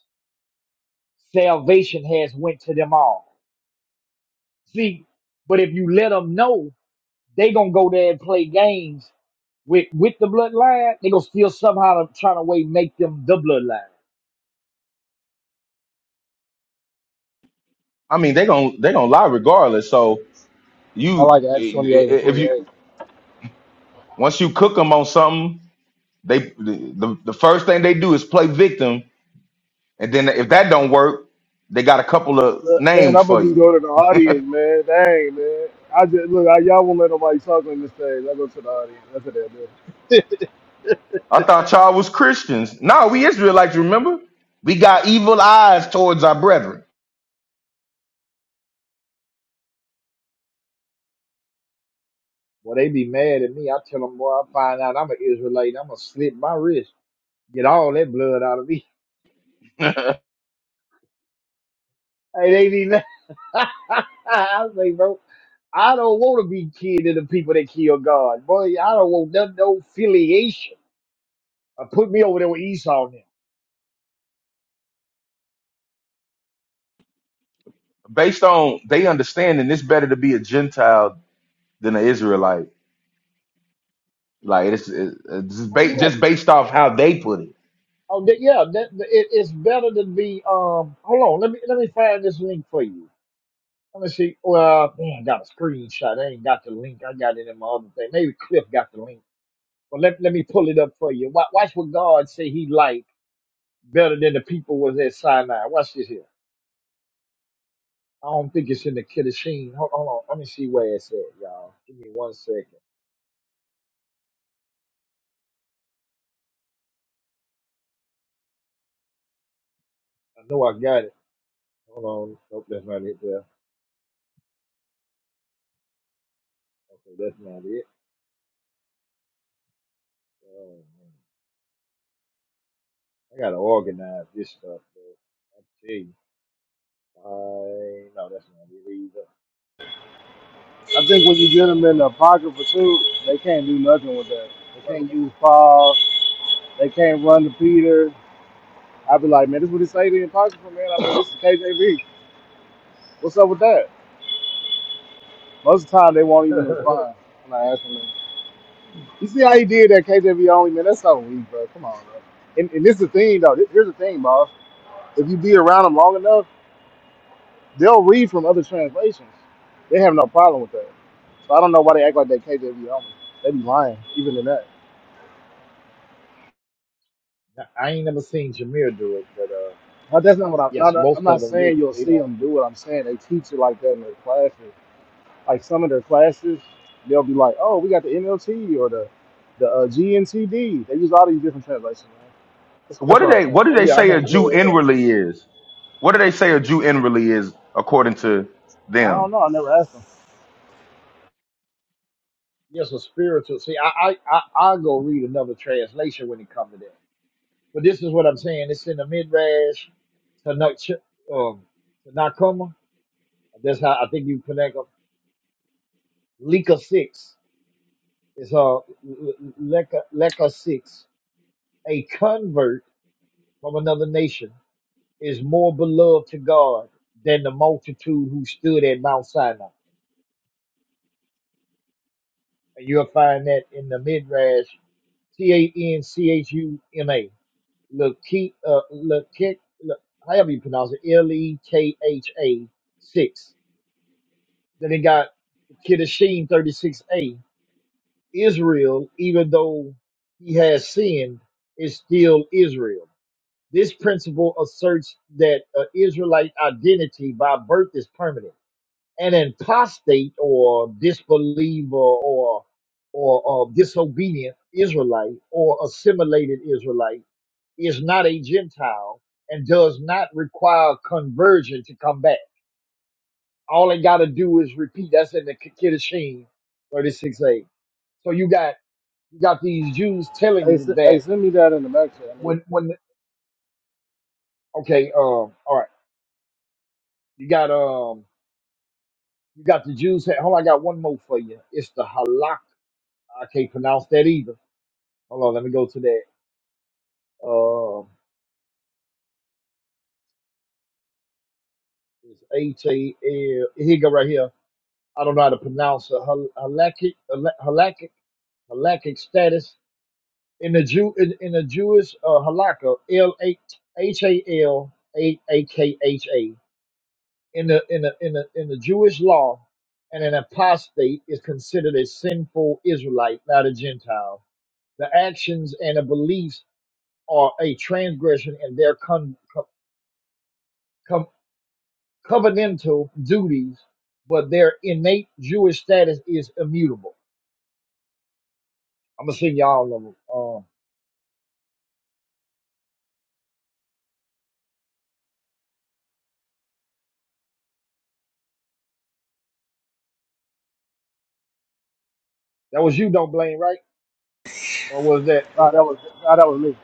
[SPEAKER 9] salvation has went to them all. See, but if you let them know they gonna go there and play games with with the bloodline. They gonna still somehow to try to way make them the bloodline.
[SPEAKER 10] I mean, they gonna they gonna lie regardless. So
[SPEAKER 4] I
[SPEAKER 10] you,
[SPEAKER 4] like
[SPEAKER 10] i-
[SPEAKER 4] Acts 28 and
[SPEAKER 10] i- if
[SPEAKER 4] 28.
[SPEAKER 10] you once you cook them on something, they the, the the first thing they do is play victim, and then if that don't work, they got a couple of
[SPEAKER 4] Look, Man,
[SPEAKER 10] names
[SPEAKER 4] I'm gonna
[SPEAKER 10] for
[SPEAKER 4] just
[SPEAKER 10] you.
[SPEAKER 4] go to the audience, man. Dang, man. I just look. I, y'all won't let nobody talk on the stage. I go to the audience. That's what they do.
[SPEAKER 10] I thought y'all was Christians. No, we Israelites. Remember, we got evil eyes towards our brethren
[SPEAKER 9] Well, they be mad at me. I tell them, boy, I find out I'm an Israelite. I'm gonna slit my wrist, get all that blood out of me. Hey, they be mad. I say, bro, I don't want to be kin to the people that kill God, boy. I don't want none no affiliation. Uh, put me over there with Esau now.
[SPEAKER 10] based on they understanding. It's better to be a Gentile than an Israelite. Like it's, it's
[SPEAKER 9] Oh
[SPEAKER 10] ba- just
[SPEAKER 9] yeah,
[SPEAKER 10] based off how they put it.
[SPEAKER 9] oh that, yeah. That, it, it's better to be. Um, hold on. Let me let me find this link for you. Let me see. Well, man, I got a screenshot. I ain't got the link. I got it in my other thing. Maybe Cliff got the link. But let, let me pull it up for you. Wa- Watch what God say he liked better than the people was at Sinai. Watch this here. I don't think it's in the Kiddushin. Hold, hold on. Let me see where it's at, y'all. Give me one second. I know I got it. Hold on. Nope, that's not it there. Okay, that's not it. Oh, man. I got to organize this stuff, though. I tell you. I, no, that's not it
[SPEAKER 4] I think when you get them in the apocrypha too, they can't do nothing with that. They can't use Paul. They can't run to Peter. I'd be like, man, this is what it say in the apocrypha, man. I
[SPEAKER 9] either. Uh,
[SPEAKER 4] mean, this is KJV. What's up with that? Most of the time, they won't even
[SPEAKER 9] well,
[SPEAKER 4] respond when I ask them. You see how he did that KJV only, man? That's so weak, bro. Come on, bro. And, and this is the thing, though. This- Here's the thing, boss. If you be around them long enough, they'll read from other translations. They have no problem with that. So I don't know why they act like they KJV only. They be lying, even in that.
[SPEAKER 9] Now, I ain't never seen Jameer do it, but uh,
[SPEAKER 4] Now, that's not what I'm
[SPEAKER 9] yes,
[SPEAKER 4] not.
[SPEAKER 9] most
[SPEAKER 4] I'm not
[SPEAKER 9] of them do.
[SPEAKER 4] saying you'll
[SPEAKER 9] They
[SPEAKER 4] see
[SPEAKER 9] don't.
[SPEAKER 4] them do it. I'm saying they teach it like that in their classes. Like some of their classes, they'll be like, "Oh, we got the NLT or the the uh, GNTD." They use all these different translations, man. That's,
[SPEAKER 10] What
[SPEAKER 4] that's
[SPEAKER 10] do
[SPEAKER 4] what I'm
[SPEAKER 10] they What
[SPEAKER 4] saying.
[SPEAKER 10] do
[SPEAKER 9] Oh
[SPEAKER 10] they
[SPEAKER 9] yeah, I
[SPEAKER 10] say
[SPEAKER 9] know.
[SPEAKER 10] a
[SPEAKER 9] Yeah,
[SPEAKER 10] Jew
[SPEAKER 9] yeah.
[SPEAKER 10] inwardly is? What do they say a Jew inwardly is according to
[SPEAKER 4] I
[SPEAKER 10] them?
[SPEAKER 4] don't know. I never asked them.
[SPEAKER 9] Yes, a spiritual. See, I I I I'll go read another translation when it comes to that. But this is what I'm saying. It's in the midrash to um to That's how I think you connect them. Leka six is uh Leka Leka six. A convert from another nation is more beloved to God than the multitude who stood at Mount Sinai. You'll find that in the Midrash, T A N C H U M A, Lekik, uh, Lekik, Le- however you pronounce it, L E K H A 6. Then it got Kiddushin 36a. Israel, even though he has sinned, is still Israel. This principle asserts that uh, Israelite identity by birth is permanent an apostate or disbeliever or or, or disobedient Israelite or assimilated Israelite is not a Gentile and does not require conversion to come back. All they got to do is repeat. That's in the K- Kiddushin 36a. So you got you got these Jews telling
[SPEAKER 4] Hey,
[SPEAKER 9] you
[SPEAKER 4] s-
[SPEAKER 9] that
[SPEAKER 4] hey, send me that in the back chat. nigga.
[SPEAKER 9] when when okay um all right you got um you got the Jews. Hold on, I got one more for you. It's the halak. I can't pronounce that either. Hold on, let me go to that. Uh, it's H A L. Here you go right here. I don't know how to pronounce it. Hal- Halakhic, Hal- halakhic, halakhic status in the Jew in, in the Jewish uh, halakha. L A H A L A A K H A. In the in the in the in the Jewish law, and an apostate is considered a sinful Israelite, not a Gentile. The actions and the beliefs are a transgression, and they're con- covenantal duties, but their innate Jewish status is immutable. I'm gonna send y'all all of them. Um, that was you, don't blame, right? Or was that?
[SPEAKER 4] Nah, that was nah, that was me.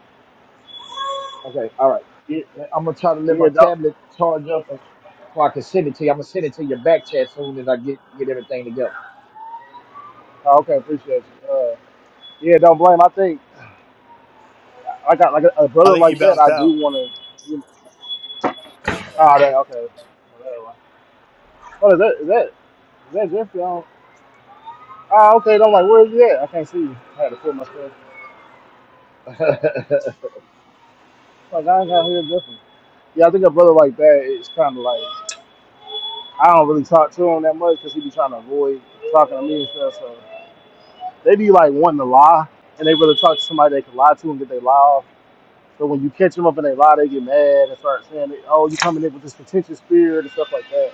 [SPEAKER 9] Okay, all right.
[SPEAKER 4] Yeah,
[SPEAKER 9] Now, I'm gonna try to let
[SPEAKER 4] yeah
[SPEAKER 9] my
[SPEAKER 4] don't.
[SPEAKER 9] tablet charge up and- so I can send it to you. I'm gonna send it to your back chat soon as I get get everything together
[SPEAKER 4] Oh, okay, appreciate you. Uh, yeah, don't blame. I think I got like a, a
[SPEAKER 1] I
[SPEAKER 4] brother
[SPEAKER 1] think you
[SPEAKER 4] like that.
[SPEAKER 1] bounced
[SPEAKER 4] I
[SPEAKER 1] out.
[SPEAKER 4] do want to. You know, ah, that okay. What is that? Is that is that Jeffrey? I don't, ah, okay. I'm like, where is he at? I can't see. you. I had to pull my stuff. Like I ain't got here Jeffrey. Yeah, I think a brother like that. It's kind of like I don't really talk to him that much because he be trying to avoid talking to me and stuff. So they be like wanting to lie, and they rather talk to somebody they can lie to and get their lie off So when you catch them up in a lie, they get mad and start saying, "Oh, you coming in with this contentious spirit and stuff like that."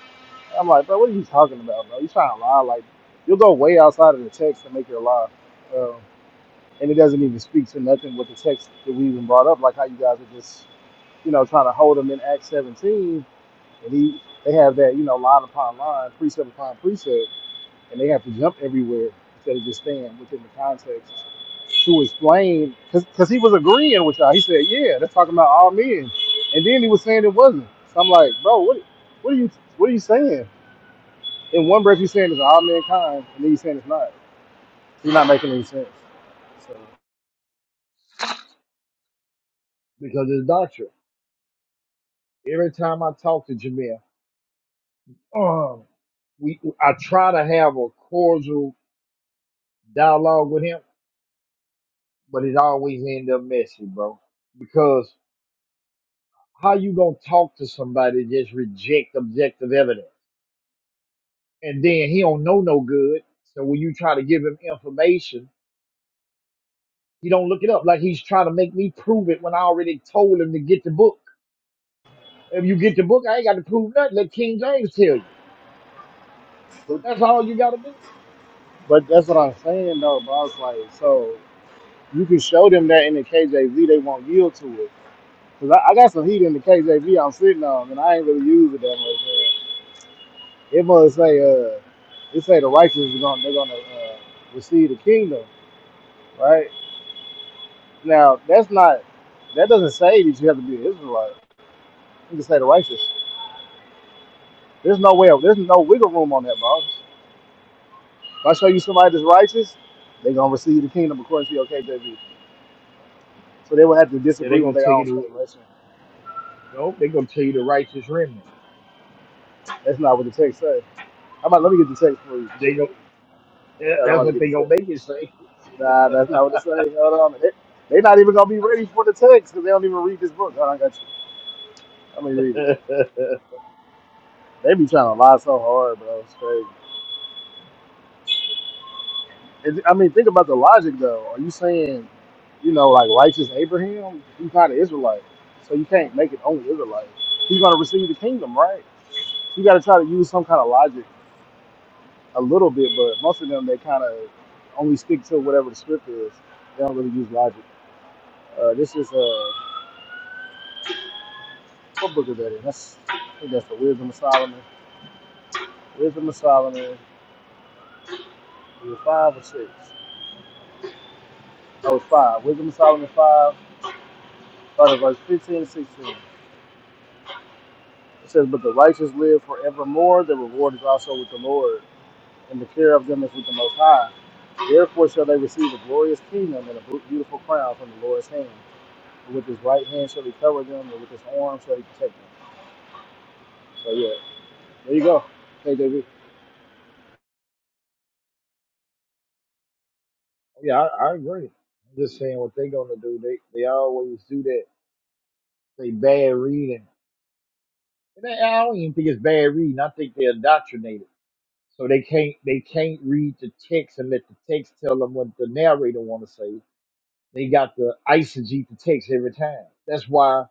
[SPEAKER 4] And I'm like, bro, what are you talking about, bro? You trying to lie? Like, you'll go way outside of the text to make your lie, um, and it doesn't even speak to nothing with the text that we even brought up, like how you guys are just, you know, trying to hold them in Acts 17, and he, they have that, you know, line upon line, precept upon precept, and they have to jump everywhere instead of just staying within the context to explain because he was agreeing with y'all. He said, "Yeah, that's talking about all men," and then he was saying it wasn't. So I'm like, bro, what what are you what are you saying? In one breath, you're saying it's all mankind, and then you're saying it's not. You're not making any sense. So,
[SPEAKER 9] because it's doctrine. Every time I talk to Jameer, um, we I try to have a cordial dialogue with him, but it always end up messy, bro. Because How you gonna talk to somebody that just reject objective evidence? And then he don't know no good. So when you try to give him information, he don't look it up. Like he's trying to make me prove it when I already told him to get the book. If you get the book, I ain't got to prove nothing. Let King James tell you.
[SPEAKER 4] but,
[SPEAKER 9] That's all you got to do.
[SPEAKER 4] but that's what I'm saying though, bro. It's like, so you can show them that in the KJV, they won't yield to it. Cause I, I got some heat in the KJV I'm sitting on, and I ain't really use it that much. Man. It must say, uh, it say the righteous is gonna they're gonna uh, receive the kingdom, right? Now that's not that doesn't say that you have to be an Israelite. You can say the righteous. There's no way. There's no wiggle room on that, boss. If I show you somebody that's righteous, they're gonna receive the kingdom according to your KJV. So they will have to
[SPEAKER 9] Yeah, they
[SPEAKER 4] disagree with
[SPEAKER 9] gonna
[SPEAKER 4] their
[SPEAKER 9] tell you
[SPEAKER 4] own
[SPEAKER 9] the
[SPEAKER 4] speculation.
[SPEAKER 9] no. They gonna tell you the righteous remnant.
[SPEAKER 4] That's not what the text says. How about let me get the text for you?
[SPEAKER 9] They go.
[SPEAKER 4] Hold on, I'm
[SPEAKER 9] That's
[SPEAKER 4] about to
[SPEAKER 9] what they
[SPEAKER 4] get the
[SPEAKER 9] gonna
[SPEAKER 4] text.
[SPEAKER 9] make you say.
[SPEAKER 4] Nah, that's not what it says. Hold on. They, they're not even gonna be ready for the text because they don't even read this book. Hold on, I got you. Let me read it. They be trying to lie so hard, bro. It's crazy. Is- I mean, think about the logic though. Are you saying, you know, like righteous Abraham? He's not an Israelite, so you can't make it only Israelite. He's gonna receive the kingdom, right? So You got to try to use some kind of logic a little bit, but most of them they kind of only stick to whatever the script is. They don't really use logic. Uh, this is uh, what book is that in? That's I think that's the Wisdom of Solomon. Wisdom of Solomon, is it five or six? Oh, it's five. Wisdom of Solomon five, starting at verse fifteen and sixteen. It says, But the righteous live forevermore, the reward is also with the Lord, and the care of them is with the Most High. Therefore shall they receive a glorious kingdom and a beautiful crown from the Lord's hand. And with his right hand shall he cover them, and with his arm shall he protect them. So, yeah, there you go. KJV.
[SPEAKER 9] Yeah, I, I agree. I'm just saying what they gonna do. They they always do that. They bad reading. And I I don't even think it's bad reading. I think they're indoctrinated, so they can't they can't read the text and let the text tell them what the narrator want to say. They got to eisegete the text every time. That's why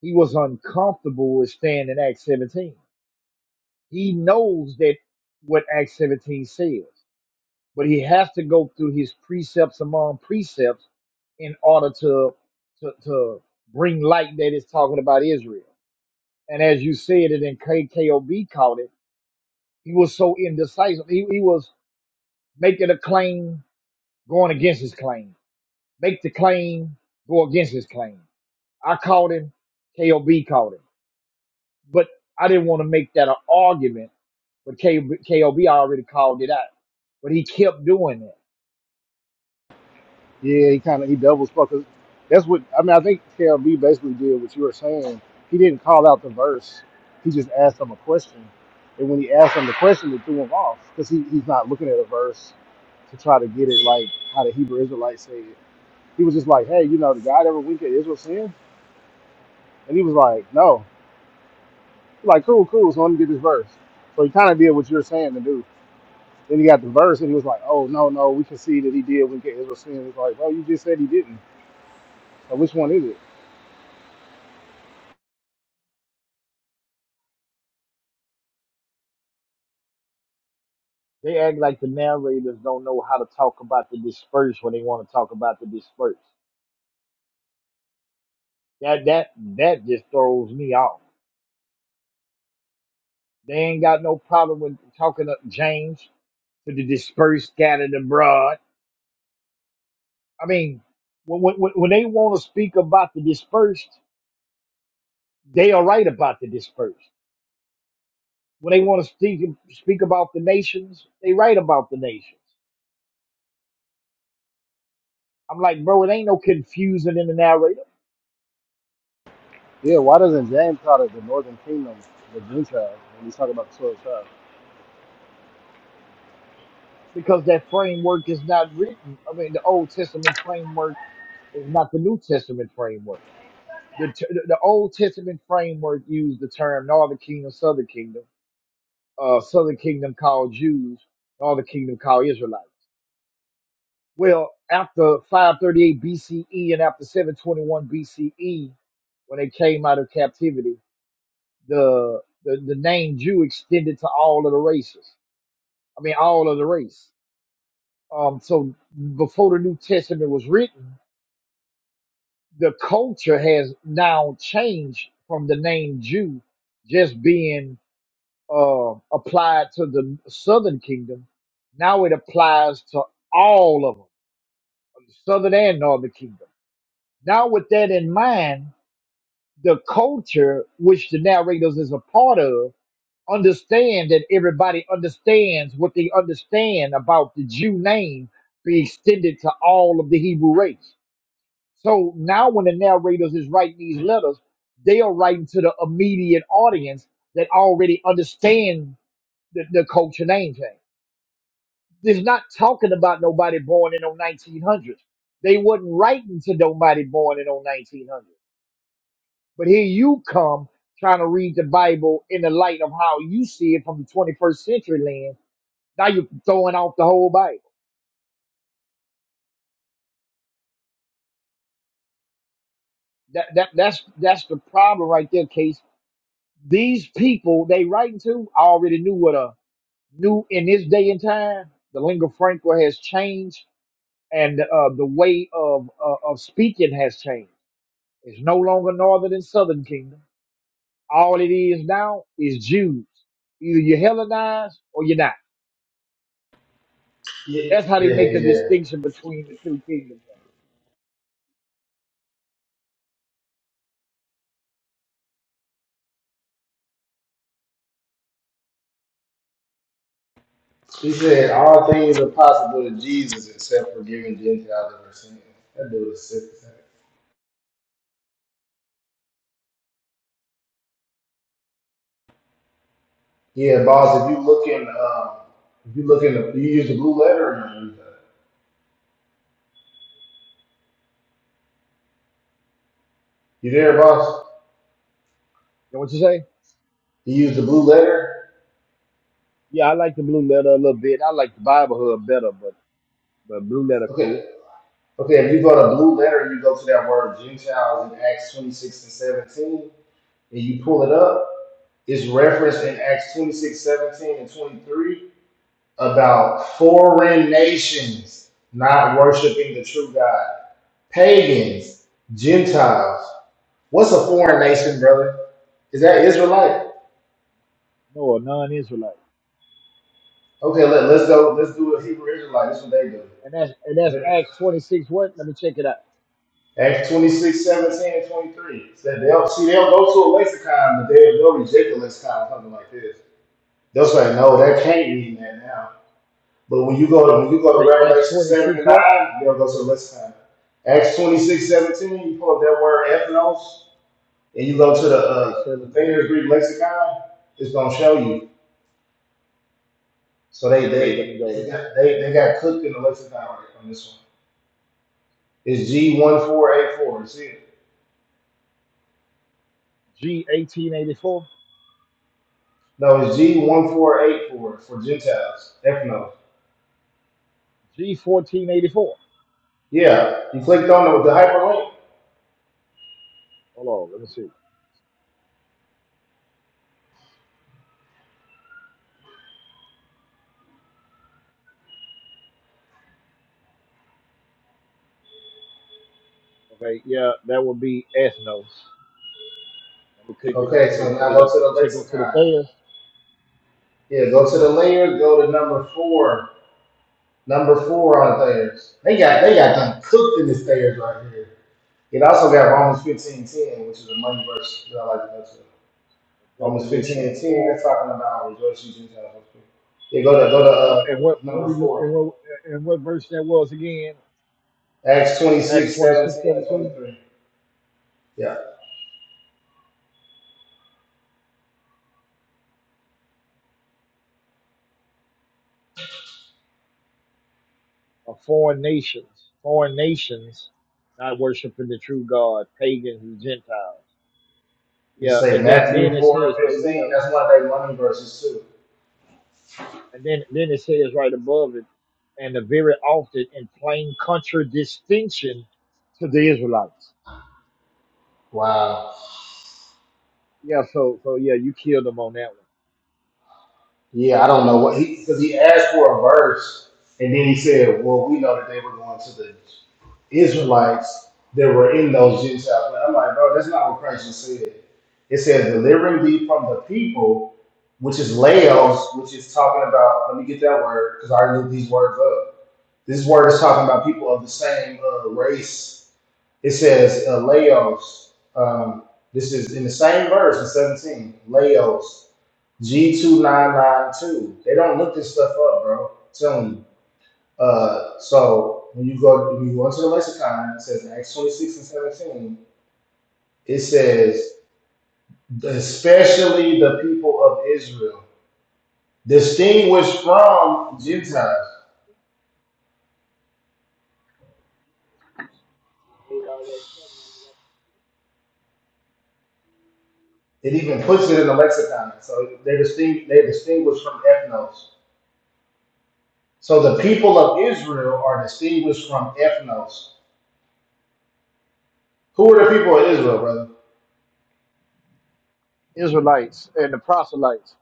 [SPEAKER 9] he was uncomfortable with staying in Acts 17. He knows that what Acts 17 says, but he has to go through his precepts among precepts in order to to, to bring light that it's talking about Israel. And as you said, it in KKOB called it He was so indecisive. He, he was making a claim, going against his claim. Make the claim, go against his claim. I called him. KOB called him. But I didn't want to make that an argument. But KOB, KOB already called it out. But he kept doing it.
[SPEAKER 4] Yeah, he kind of he doubles fuckers. That's what I mean. I think KLB basically did what you were saying. He didn't call out the verse. He just asked him a question, and when he asked him the question, it threw him off because he, he's not looking at a verse to try to get it like how the Hebrew Israelites say it. He was just like, "Hey, you know, did God ever wink at Israel sin?" And he was like, "No." He's like, "Cool, cool. So let me get this verse." So he kind of did what you're saying to do. Then he got the verse, and he was like, "Oh no, no, we can see that he did wink at Israel sin." It's like, "Well, you just said he didn't. So which one is it?"
[SPEAKER 9] They act like the narrators don't know how to talk about the dispersed when they want to talk about the dispersed. That that that just throws me off. They ain't got no problem with talking to James to the dispersed, scattered abroad. I mean, when, when, when they want to speak about the dispersed, they are right about the dispersed. When they want to speak speak about the nations, they right about the nations. I'm like, bro, it ain't no confusing in the narrative
[SPEAKER 4] Yeah, why doesn't James call it the Northern Kingdom, the Gentiles, when he's talking about the twelve tribes?
[SPEAKER 9] because that framework is not written. I mean, the Old Testament framework is not the New Testament framework. The, t- the the Old Testament framework used the term Northern Kingdom, Southern Kingdom. Uh, Southern Kingdom called Jews, Northern Kingdom called Israelites. Well, after 538 BCE and after 721 BCE, when they came out of captivity, the the, the name Jew extended to all of the races. I mean, all of the race. Um, so before the New Testament was written, the culture has now changed from the name Jew just being uh, applied to the Southern Kingdom. Now it applies to all of them, Southern and Northern Kingdom. Now, with that in mind, the culture which the narrators is a part of understand that everybody understands what they understand about the Jew name be extended to all of the Hebrew race. So now when the narrators is writing these letters, they are writing to the immediate audience that already understand the, the culture name thing. It's not talking about nobody born in the 1900s. They wasn't writing to nobody born in the 1900s. But here you come trying to read the Bible in the light of how you see it from the 21st century lens. Now you're throwing out the whole Bible. That, that that's that's the problem right there, Case. These people they writing to I already knew what a new in this day and time the lingua franca has changed and uh, the way of uh, of speaking has changed. It's no longer northern and southern kingdom. All it is now is Jews. Either you're Hellenized or you're not
[SPEAKER 4] Yeah,
[SPEAKER 9] That's how they
[SPEAKER 4] yeah,
[SPEAKER 9] make a
[SPEAKER 4] yeah.
[SPEAKER 9] distinction between the two kingdoms.
[SPEAKER 4] He said all things are possible to Jesus except for giving Gentiles their sins. That dude is sick. as heck. Yeah, boss. If you look in, um, if you look in, the, you use the blue letter. Or not use that? You there, boss?
[SPEAKER 9] You know what you say?
[SPEAKER 4] You use the blue letter.
[SPEAKER 9] Yeah, I like the blue letter a little bit. I like the Biblehood better, but but blue letter cool.
[SPEAKER 4] Okay, okay. If you go to blue letter, you go to that word Gentiles in Acts twenty six and seventeen, and you pull it up. It's referenced in Acts 26:17 and 23. about foreign nations not worshiping the true God, pagans, Gentiles. What's a foreign nation, brother? Is that Israelite?
[SPEAKER 9] No, a non-Israelite.
[SPEAKER 4] Okay, let, let's go. Let's do a Hebrew Israelite. That's what they do.
[SPEAKER 9] And that's and that's Acts twenty six. What? Let me check it out.
[SPEAKER 4] Acts 26, 17, and 23. Said they'll, see, they'll go to a lexicon, but they'll, they'll reject the lexicon, something like this. They'll say, no, that can't mean that now. But when you go to when you go to
[SPEAKER 9] Okay, Acts
[SPEAKER 4] Revelation
[SPEAKER 9] twenty
[SPEAKER 4] seven
[SPEAKER 9] six.
[SPEAKER 4] and
[SPEAKER 9] What?
[SPEAKER 4] nine, you gotta go to the rest of time. Acts 26 17. you pull up that word ethnos, and you go to the
[SPEAKER 9] Okay,
[SPEAKER 4] uh the
[SPEAKER 9] seventeen.
[SPEAKER 4] Thayer's Greek lexicon, it's gonna show you. So they
[SPEAKER 9] Okay, let me
[SPEAKER 4] they
[SPEAKER 9] go
[SPEAKER 4] they
[SPEAKER 9] there.
[SPEAKER 4] got they, they got cooked in the lexicon right on this one. It's G one four eight four. See it?
[SPEAKER 9] G eighteen eighty four.
[SPEAKER 4] No, it's G one four eight four for Gentiles. Ethnos.
[SPEAKER 9] G fourteen eighty four.
[SPEAKER 4] Yeah, you clicked on the, the hyperlink.
[SPEAKER 9] Hold on, let me see. Okay, yeah, that would be ethnos. Let me click it up.
[SPEAKER 4] Okay,
[SPEAKER 9] Let me
[SPEAKER 4] so
[SPEAKER 9] pull
[SPEAKER 4] now
[SPEAKER 9] it
[SPEAKER 4] go
[SPEAKER 9] up.
[SPEAKER 4] to the
[SPEAKER 9] You say go to the
[SPEAKER 4] lexicon.
[SPEAKER 9] Thayers.
[SPEAKER 4] Yeah, go to the layer, go to number four Number four on Thayers. They got they got them cooked in this Thayers right here. It also got Romans fifteen ten, which is a money verse that I like to go to. Romans fifteen
[SPEAKER 9] Definition
[SPEAKER 4] and ten,
[SPEAKER 9] four.
[SPEAKER 4] talking about rejoice you Gentiles. Yeah, go to go to
[SPEAKER 9] Uh,
[SPEAKER 4] uh,
[SPEAKER 9] and what what
[SPEAKER 4] number
[SPEAKER 9] we look- and
[SPEAKER 4] four.
[SPEAKER 9] what, and what verse that was again?
[SPEAKER 4] Acts
[SPEAKER 9] Acts
[SPEAKER 4] 26,
[SPEAKER 9] twenty six
[SPEAKER 4] and
[SPEAKER 9] seventeen.
[SPEAKER 4] twenty three. Yeah.
[SPEAKER 9] Of foreign nations, foreign nations, not worshiping the true God, pagans and Gentiles.
[SPEAKER 4] Just
[SPEAKER 9] Yeah,
[SPEAKER 4] say
[SPEAKER 9] and then then
[SPEAKER 4] Matthew
[SPEAKER 9] it
[SPEAKER 4] four
[SPEAKER 9] says
[SPEAKER 4] and
[SPEAKER 9] right
[SPEAKER 4] fifteen.
[SPEAKER 9] here,
[SPEAKER 4] That's one of their money verses too.
[SPEAKER 9] and then then it says right above it, and the very often in plain contradistinction to the Israelites.
[SPEAKER 4] Wow.
[SPEAKER 9] Yeah, so so yeah, you killed them on that one.
[SPEAKER 4] Yeah, I don't know what he because he asked for a verse, and then he said, "Well, we know that they were going to the Israelites that were in those Gentiles." But I'm like, bro, that's not what Christ just said. It says, "Delivering thee from the people," which is laos, which is talking about. Let me get that word because I already knew these words up. This word is talking about people of the same uh, race. It says uh, laos. Um, this is in the same verse in 17. Laos G two nine nine two. They don't look this stuff up, bro. Tell me. Uh, so when you go when you go into the lexicon, it says in Acts twenty six and seventeen. It says especially the people of Israel, distinguished from Gentiles. It even puts it in the lexicon. So they're distinct. They're distinguished from ethnos. So the people of Israel are distinguished from ethnos. Who are the people of Israel, brother?
[SPEAKER 9] Israelites and the proselytes.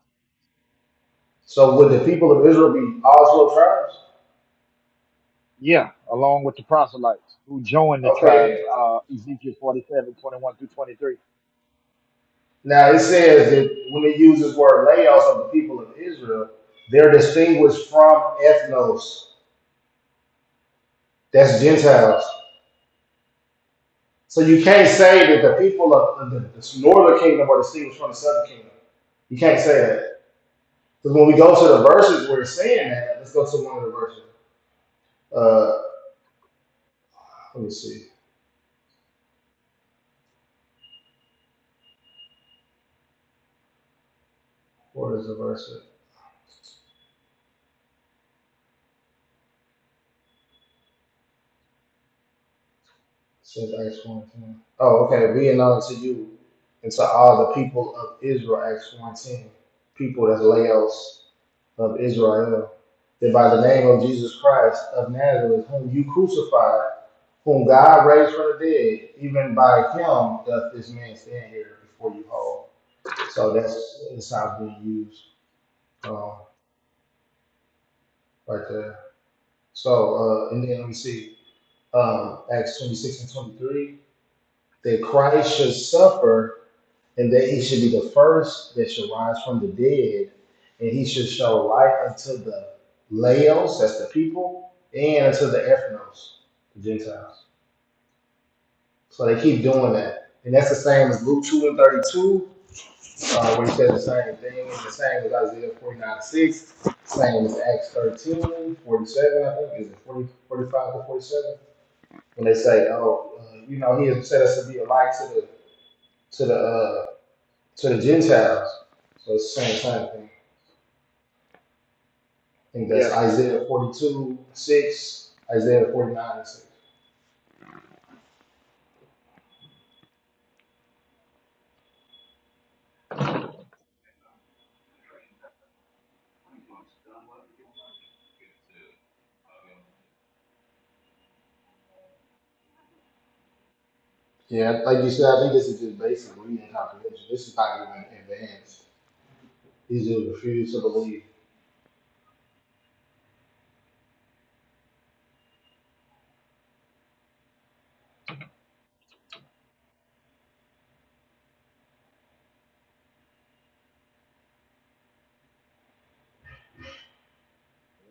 [SPEAKER 4] So would the people of Israel be all twelve tribes?
[SPEAKER 9] Yeah, along with the proselytes who joined the
[SPEAKER 4] Okay,
[SPEAKER 9] tribes, uh, Ezekiel 47, 21 through 23.
[SPEAKER 4] Now it says that when it uses word laos of the people of Israel, they're distinguished from ethnos. That's Gentiles. So you can't say that the people of the, the northern kingdom are distinguished from the southern kingdom. You can't say that. Because when we go to the verses where it's saying that, let's go to one of the verses. Uh, let me see. Where is the verse? at? says Acts 1 ten. Oh, okay. Be it known to you and to all the people of Israel, Acts one 10. People that's Laos. of Israel, that by the name of Jesus Christ of Nazareth, whom you crucified, whom God raised from the dead, even by him doth this man stand here before you whole. So that's that's how it's being used um, right there. So, uh, and then let me see, um, Acts 26 and 23, that Christ should suffer and that he should be the first that should rise from the dead, and he should show light unto the Laos, that's the people, and unto the Ethnos, the Gentiles. So they keep doing that. And that's the same as Luke 2 and 32, uh, where he said the same thing, the same as Isaiah 49 6, same as Acts 13 forty-seven. I think, is it 40, 45 to 47? When they say, oh, uh, you know, he has set us to be a light to the, to the, uh, to the Gentiles. So it's the same, same thing. I think that's
[SPEAKER 9] Yeah,
[SPEAKER 4] Isaiah 42, 6, Isaiah 49, and 6. Yeah, like you said, I think this is just basic reading comprehension. This is not even advanced. These just refuse to believe.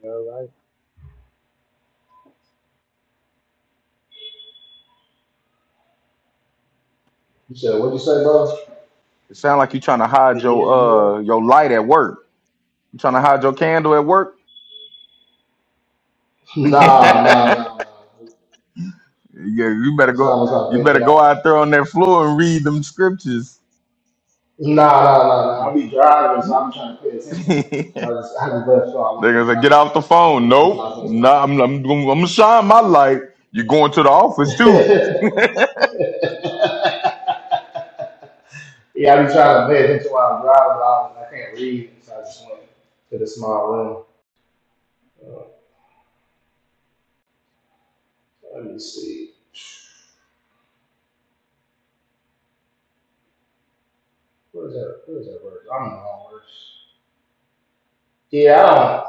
[SPEAKER 9] all right.
[SPEAKER 4] You said, what'd you say, bro?
[SPEAKER 10] It sounds like you trying to
[SPEAKER 9] I say,
[SPEAKER 10] hide your
[SPEAKER 9] yeah, you right.
[SPEAKER 10] uh your light at work. You trying to hide your candle at work?
[SPEAKER 4] Nah, nah,
[SPEAKER 10] yeah,
[SPEAKER 4] nah, nah.
[SPEAKER 10] you better
[SPEAKER 4] That's not
[SPEAKER 10] go
[SPEAKER 4] what's not
[SPEAKER 10] you
[SPEAKER 4] good that I
[SPEAKER 10] better go
[SPEAKER 4] want.
[SPEAKER 10] out there on that floor and read them scriptures.
[SPEAKER 4] Nah, nah, nah, nah. I'll be driving, so I'll be trying to pay attention. So
[SPEAKER 10] They're
[SPEAKER 4] I just, I just left so I wouldn't be
[SPEAKER 10] gonna say, get
[SPEAKER 4] driving.
[SPEAKER 10] off the phone.
[SPEAKER 4] Be
[SPEAKER 10] Nope.
[SPEAKER 4] trying to
[SPEAKER 10] Nah, I'm, I'm, gonna- I'm gonna shine my light. You're going to the office too.
[SPEAKER 4] pay attention. Yeah, I be trying to pay attention while I'm driving, but I, I can't read, so I just went to the small room. So Let me see. Where's that? Where's that word? I'm in the wrong verse. Yeah, I don't.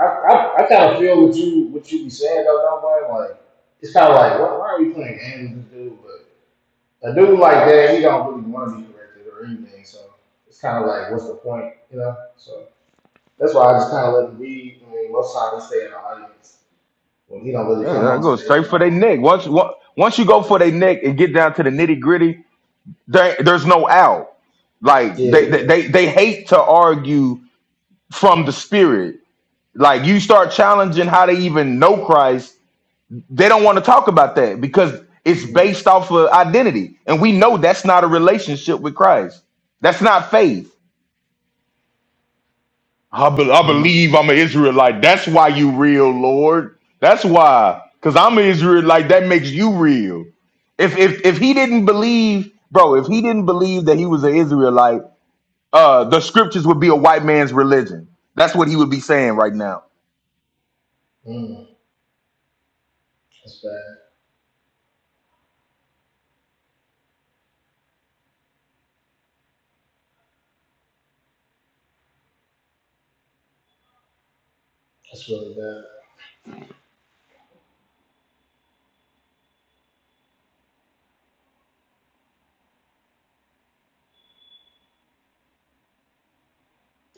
[SPEAKER 4] I, I, I kind of feel what you what you be saying though, don't blame. Like it's kind of like why, why are we playing games with this dude? But a dude like that, he don't really want to be corrected or anything. So it's kind of like what's the point, you know? So that's why I just kind of let him be. I mean, most times he stay in the audience when he don't really
[SPEAKER 10] Yeah,
[SPEAKER 4] come
[SPEAKER 10] yeah,
[SPEAKER 4] on
[SPEAKER 10] go
[SPEAKER 4] stage.
[SPEAKER 10] straight
[SPEAKER 4] When
[SPEAKER 10] for
[SPEAKER 4] I
[SPEAKER 10] their
[SPEAKER 4] want
[SPEAKER 10] neck.
[SPEAKER 4] him.
[SPEAKER 10] Once on- once you go for their neck and get down to the nitty gritty, there, there's no out. Like they, they
[SPEAKER 4] Yeah,
[SPEAKER 10] they they hate to argue from the spirit. Like you start challenging how they even know Christ, they don't want to talk about that because it's based off of identity. And we know that's not a relationship with Christ. That's not faith. I, be- I
[SPEAKER 4] Mm-hmm.
[SPEAKER 10] believe I'm an Israelite. That's why you real, Lord. That's why. Because I'm an Israelite. That makes you real. If, if if he didn't believe, bro, if he didn't believe that he was an Israelite, uh, the scriptures would be a white man's religion. That's what he would be saying right now
[SPEAKER 4] Mm. That's bad. That's really bad.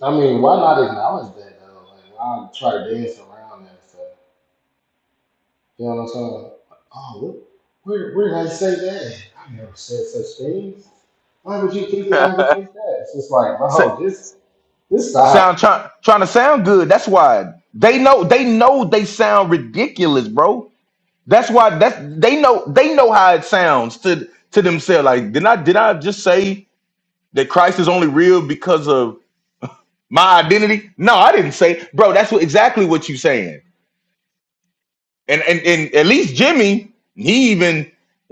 [SPEAKER 4] I mean, why not acknowledge that though? Like, why try to dance around that stuff? You know what I'm saying? Like, oh, what, where, where did I say that? I never said such things. Why would you think that I would think that? It's just like,
[SPEAKER 10] So,
[SPEAKER 4] bro, just, just stop.
[SPEAKER 10] sound trying trying to sound good. That's why they know they know they sound ridiculous, bro. That's why that's they know they know how it sounds to to themselves. Like, did I did I just say that Christ is only real because of my identity? No, I didn't say, bro. That's what exactly what you saying. And and and at least Jimmy, he even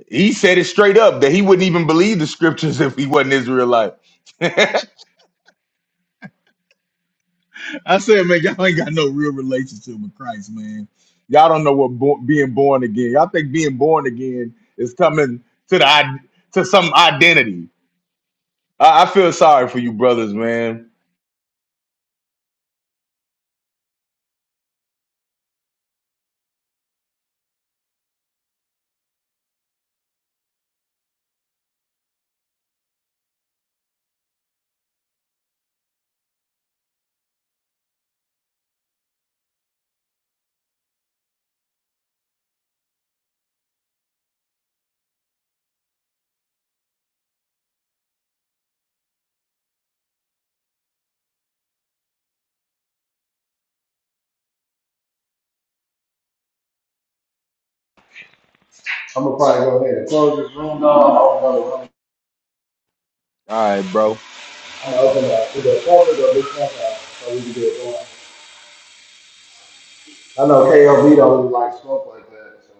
[SPEAKER 10] he said it straight up that he wouldn't even believe the scriptures if he wasn't Israelite. I said, man, y'all ain't got no real relationship with Christ, man. Y'all don't know what bo- being born again. Y'all think being born again is coming to the id- to some identity. I, I feel sorry for you, brothers, man.
[SPEAKER 4] I'm gonna probably go ahead and close this room. No, I'm gonna room.
[SPEAKER 10] All right, bro.
[SPEAKER 4] I'm gonna open up either a corner or this one, out so we can get it going. I know KOV don't really like smoke like that. So.